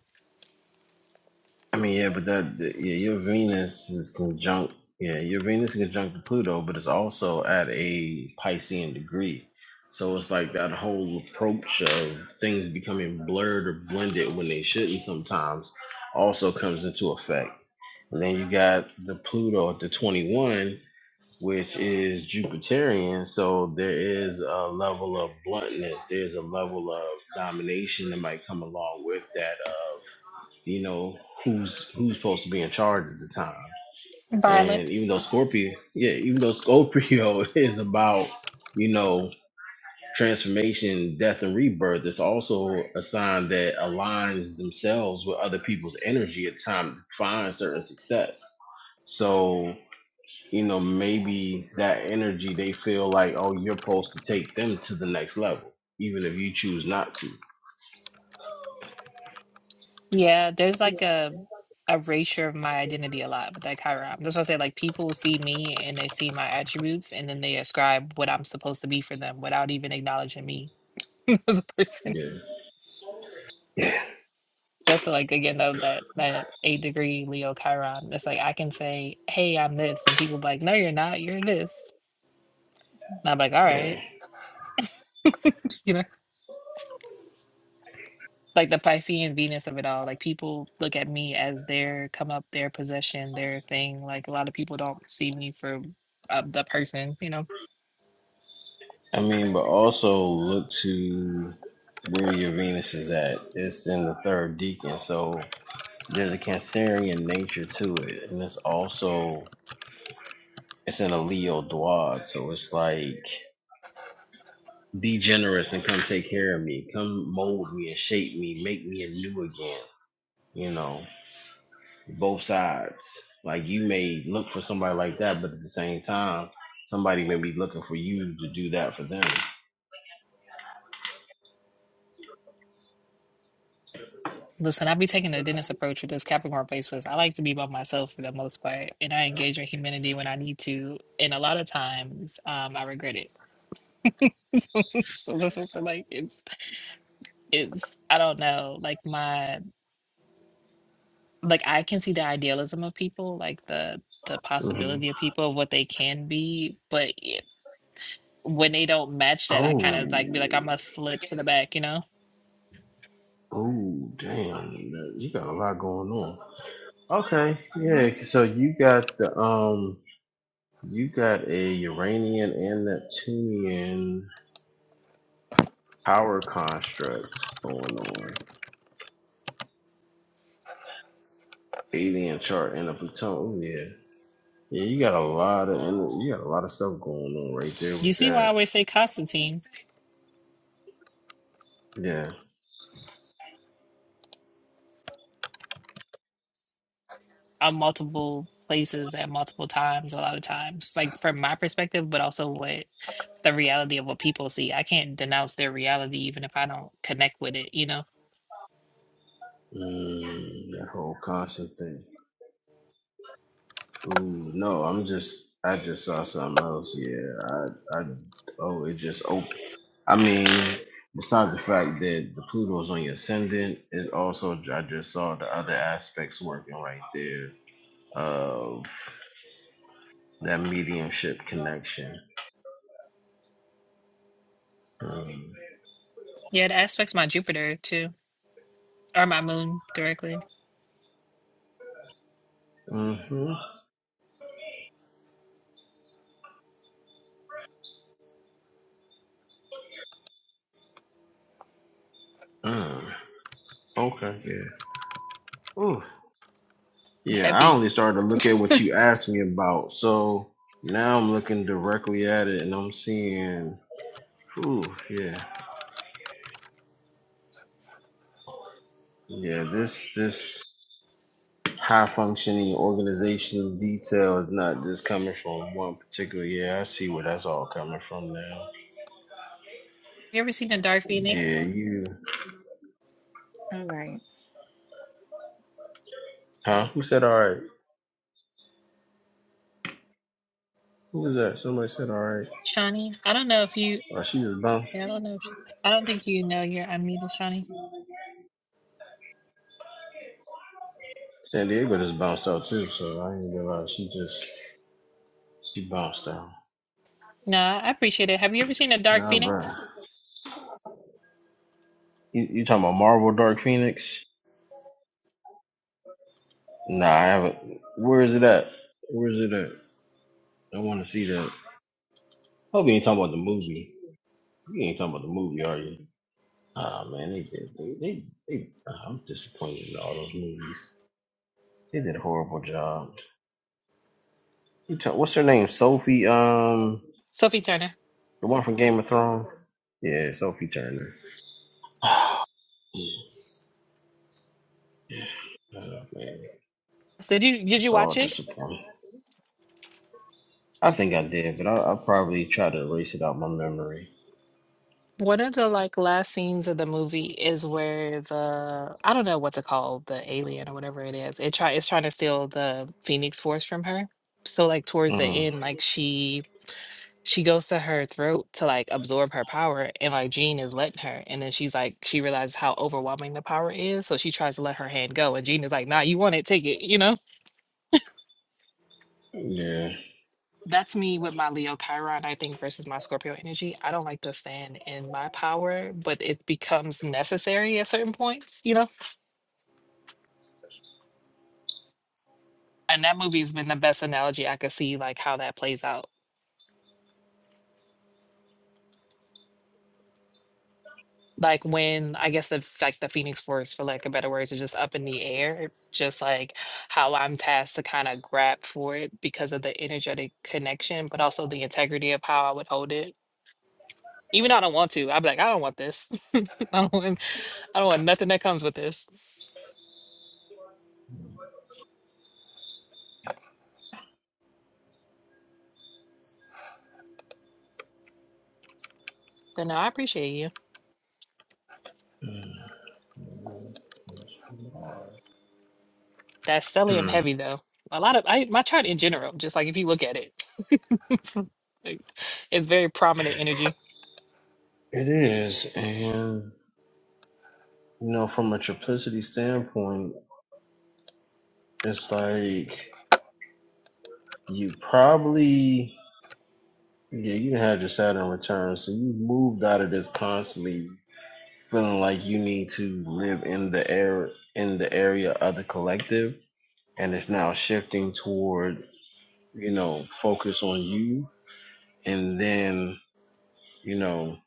I mean, yeah, but that, the- yeah, your Venus is conjunct, yeah, your Venus is conjunct to Pluto, but it's also at a Piscean degree. So it's like that whole approach of things becoming blurred or blended when they shouldn't sometimes also comes into effect. And then you got the Pluto at the 21, which is Jupiterian. So there is a level of bluntness, there's a level of domination that might come along with that. uh, you know who's who's supposed to be in charge at the time and violence. even though scorpio yeah even though scorpio is about you know transformation death and rebirth it's also a sign that aligns themselves with other people's energy at the time to find certain success so you know maybe that energy they feel like oh you're supposed to take them to the next level even if you choose not to Yeah, there's like a erasure of my identity a lot with that Chiron. That's why I say like people see me and they see my attributes and then they ascribe what I'm supposed to be for them without even acknowledging me as a person. yeah Just like again though that that eight degree Leo Chiron. It's like I can say, Hey, I'm this and people be like, No, you're not, you're this. And I'm like, all yeah right, you know. Like the Piscean Venus of it all. Like people look at me as their come up, their possession, their thing. Like a lot of people don't see me for uh, the person, you know I mean, but also look to where your Venus is at. It's in the third decan, so there's a Cancerian nature to it, and it's also it's in a Leo duad, so it's like be generous and come take care of me, come mold me and shape me, make me anew again. You know, both sides. Like you may look for somebody like that, but at the same time, somebody may be looking for you to do that for them. Listen, I be taking a Dennis approach with this Capricorn place because I like to be by myself for the most part, and I engage in humanity when I need to. And a lot of times, um, I regret it. So, so that's what I feel like it's it's I don't know, like my like I can see the idealism of people, like the the hmm possibility of people of what they can be, but it- when they don't match that, I kind of like be like I Oh. must slip to the back, you know. Oh, damn. You got a lot going on. Okay. Yeah. So you got the, um, you got a Uranian and Neptunian power construct going on. Alien chart and a Pluton. Oh, yeah. Yeah, you got a lot of and you got a lot of stuff going on right there with You see why I always say Constantine. yeah. on multiple places at multiple times a lot of times like from my perspective but also what the reality of what people see i can't denounce their reality even if i don't connect with it you know Mm, that whole constant thing. Ooh, no, I'm just I just saw something else. Yeah, I I oh it just opened. I mean, besides the fact that the Pluto's on your ascendant, it also I just saw the other aspects working right there of that mediumship connection. Mm. yeah it aspects my jupiter too or my moon directly hmm Mm. Okay. Yeah. Ooh. Yeah. I heavy only started to look at what you asked me about, so now I'm looking directly at it, and I'm seeing. Ooh. Yeah. Yeah. This. This. high functioning organizational detail is not just coming from one particular yeah i see where that's all coming from now you ever seen a dark yeah phoenix you All right. huh who Book. said all right who was that somebody said all right shawnee i don't know if you she just bounced yeah, i don't know if i don't think you know you're unmuted shawnee san diego just bounced out too so i didn't realize she just she bounced out no i appreciate it have you ever seen a dark nah bro. phoenix you, you talking about marvel dark phoenix nah i haven't where is it at where is it at i want to see that hope you ain't talking about the movie you ain't talking about the movie are you Oh man, they did. They, they, they ah, I'm disappointed in all those movies. They did a horrible job. Who ta- What's her name? Sophie. Um, sophie turner the one from Game of Thrones. Yeah, Sophie Turner. Yeah. Oh, man, So did you it's did you just all watch it disappointing. I think I did, but I'll, I'll probably try to erase it out my memory. One of the like last scenes of the movie is where the I don't know what to call the alien or whatever it is. It try it's trying to steal the Phoenix Force from her. So like towards the Mm, end, like she she goes to her throat to like absorb her power, and like Jean is letting her, and then she's like she realizes how overwhelming the power is, so she tries to let her hand go, and Jean is like, "Nah, you want it, take it," you know. yeah. that's me with my Leo Chiron, I think, versus my Scorpio energy. I don't like to stand in my power, but it becomes necessary at certain points, you know? And that movie's been the best analogy I could see, like how that plays out. Like when I guess the f- like the Phoenix Force, for lack of better words, is just up in the air, just like how I'm tasked to kind of grab for it because of the energetic connection, but also the integrity of how I would hold it. Even though I don't want to, I'd be like, I don't want this. I don't want, I don't want nothing that comes with this. Then no, I appreciate you. That's stellium Mm. heavy though. A lot of I my chart in general, just like if you look at it, it's, like, it's very prominent energy. It is, and you know, from a triplicity standpoint, it's like. You probably yeah, you had your Saturn return, so you moved out of this constantly feeling like you need to live in the air in the area of the collective, and it's now shifting toward you know focus on you, and then you know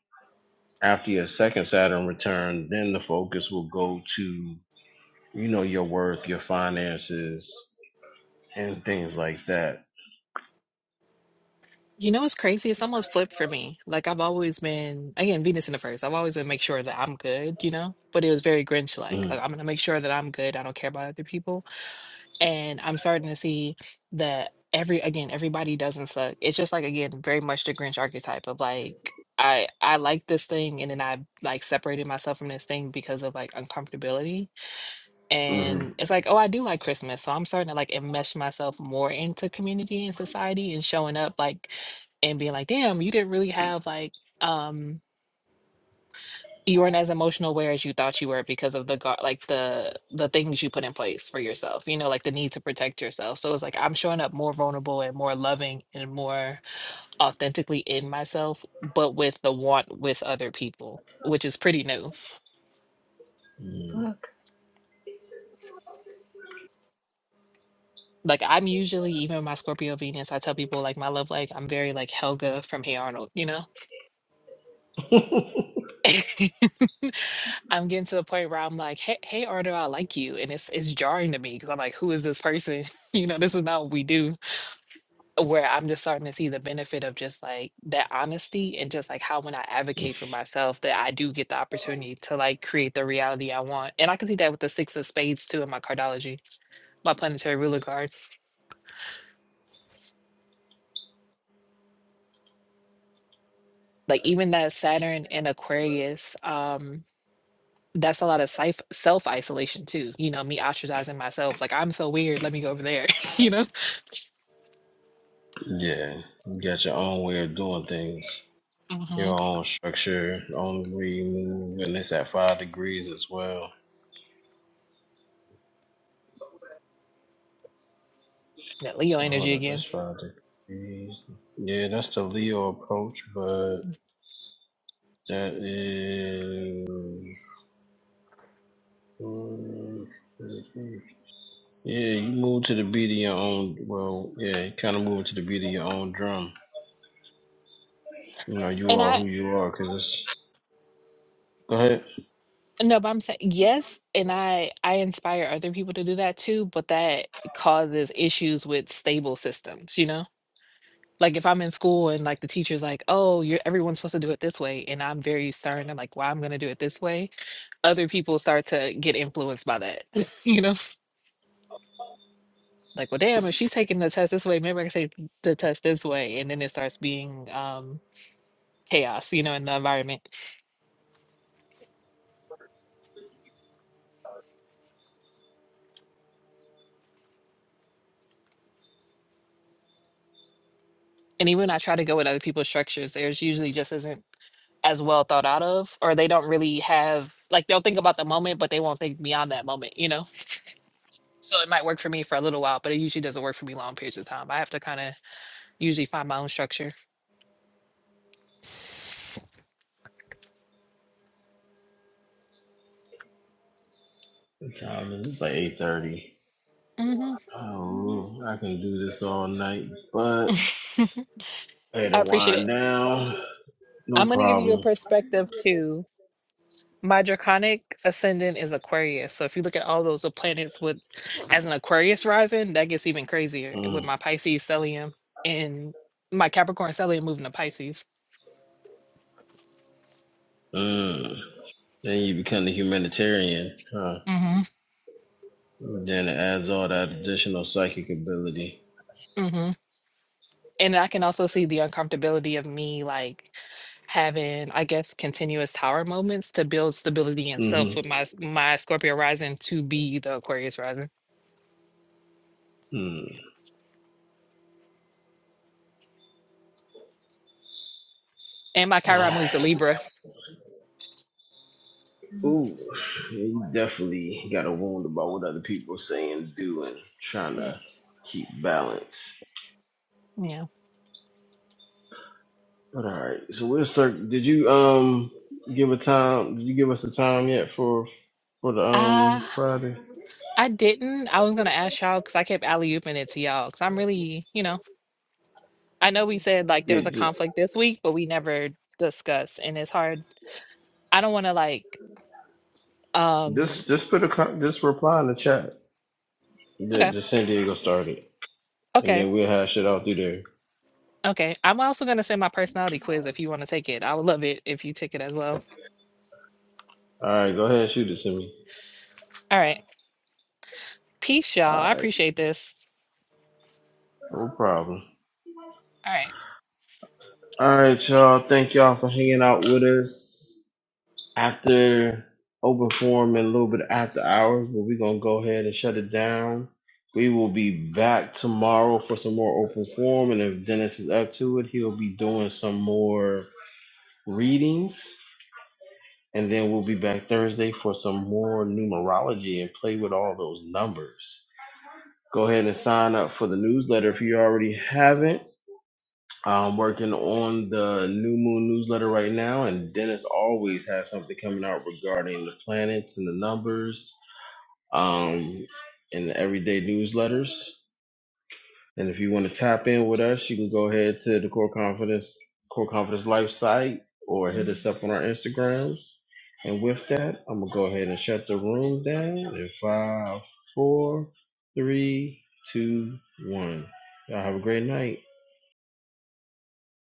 after your second Saturn return, then the focus will go to you know your worth, your finances, and things like that. You know what's crazy? It's almost flipped for me. Like I've always been again Venus in the first. I've always been make sure that I'm good, you know. But it was very Grinch like. Mm, I'm gonna make sure that I'm good. I don't care about other people. and I'm starting to see that every again everybody doesn't suck. It's just like again very much the Grinch archetype of like I I like this thing and then I like separated myself from this thing because of like uncomfortability mhm, and it's like oh I do like Christmas so I'm starting to like enmesh myself more into community and society and showing up like and being like damn you didn't really have like um you weren't as emotional aware as you thought you were because of the guard like the the things you put in place for yourself you know like the need to protect yourself so it's like i'm showing up more vulnerable and more loving and more authentically in myself but with the want with other people which is pretty new Book. like i'm usually even my scorpio venus i tell people like my love like i'm very like helga from hey arnold you know mm. i'm getting to the point where i'm like hey hey arnold i like you and it's it's jarring to me because i'm like who is this person you know this is not what we do where I'm just starting to see the benefit of just like that honesty and just like how when I advocate for myself that I do get the opportunity to like create the reality I want. And I can see that with the six of spades too in my cardology, my planetary ruler card. Like even that Saturn and Aquarius, um, that's a lot of self self isolation too. You know, me ostracizing myself. Like I'm so weird. Let me go over there. you know, Yeah, you got your own way of doing things, hmm your own structure, your own way you move, and it's at five degrees as well. that Leo So hold energy up, again. that's five degrees. Yeah, that's the Leo approach, but that is. Yeah, you move to the beat of your own. Well, yeah, you kind of move to the beat of your own drum. You know, you and are I. who you are, cause it's. Go ahead. No, but I'm saying yes, and I I inspire other people to do that too, but that causes issues with stable systems, you know? Like if I'm in school and like the teacher's like, "Oh, you're everyone's supposed to do it this way," and I'm very stern and like, well, I'm going to do it this way," other people start to get influenced by that, you know? Like, well, damn, if she's taking the test this way, maybe I can take the test this way, and then it starts being um chaos, you know, in the environment. And even when I try to go with other people's structures, there's usually just isn't as well thought out of, or they don't really have like they'll think about the moment, but they won't think beyond that moment, you know? So it might work for me for a little while, but it usually doesn't work for me long periods of time. I have to kind of usually find my own structure. What time is it? It's like eight thirty. hmm I can do this all night. But I had I to appreciate wind it. down. No I'm going to give you a problem. perspective too. My draconic ascendant is Aquarius. So if you look at all those planets with as an Aquarius rising, that gets even crazier with Mm, my Pisces stellium and my Capricorn stellium moving to Pisces. mm. Then you become the humanitarian, huh? hmm then it adds all that additional psychic ability. hmm and I can also see the uncomfortability of me like having, I guess, continuous tower moments to build stability and self with Mm-hmm. my s- my Scorpio rising to be the Aquarius rising. Mm. And my Chiron Uh, moves to Libra. Hmm, Ooh, yeah, you definitely got a wound about what other people are saying, doing, trying to Shit. keep balance. Yeah. But all right, so we're cir- Did you um give a time? Did you give us a time yet for for the um Uh Friday? I didn't. I was gonna ask y'all because I kept alley ooping it to y'all. Cause I'm really, you know, I I'm know we not said sure. like there was Yeah, a just conflict this week, but we never discussed. And it's hard. I don't wanna like um just, just put a con- just reply in the chat that okay. the San Diego started, and Okay. then we'll hash it out through there. Okay, I'm also gonna send my personality quiz if you want to take it. I would love it if you took it as well. All right, go ahead, shoot it to me. All right. Peace, y'all. All I right, appreciate this. no problem. All right. All right, y'all. Thank y'all for hanging out with us after open forum and a little bit after hours, but we're gonna go ahead and shut it down. We will be back tomorrow for some more open forum, and if Dennis is up to it, he'll be doing some more readings And then we'll be back Thursday for some more numerology and play with all those numbers. Go ahead and sign up for the newsletter if you already haven't. I'm working on the new moon newsletter right now, and Dennis always has something coming out regarding the planets and the numbers um, and the everyday newsletters. And if you want to tap in with us, you can go ahead to the Core Confidence Core Confidence Life site or hit us up on our Instagrams. And with that, I'm gonna go ahead and shut the room down in five, four, three, two, one. Y'all have a great night.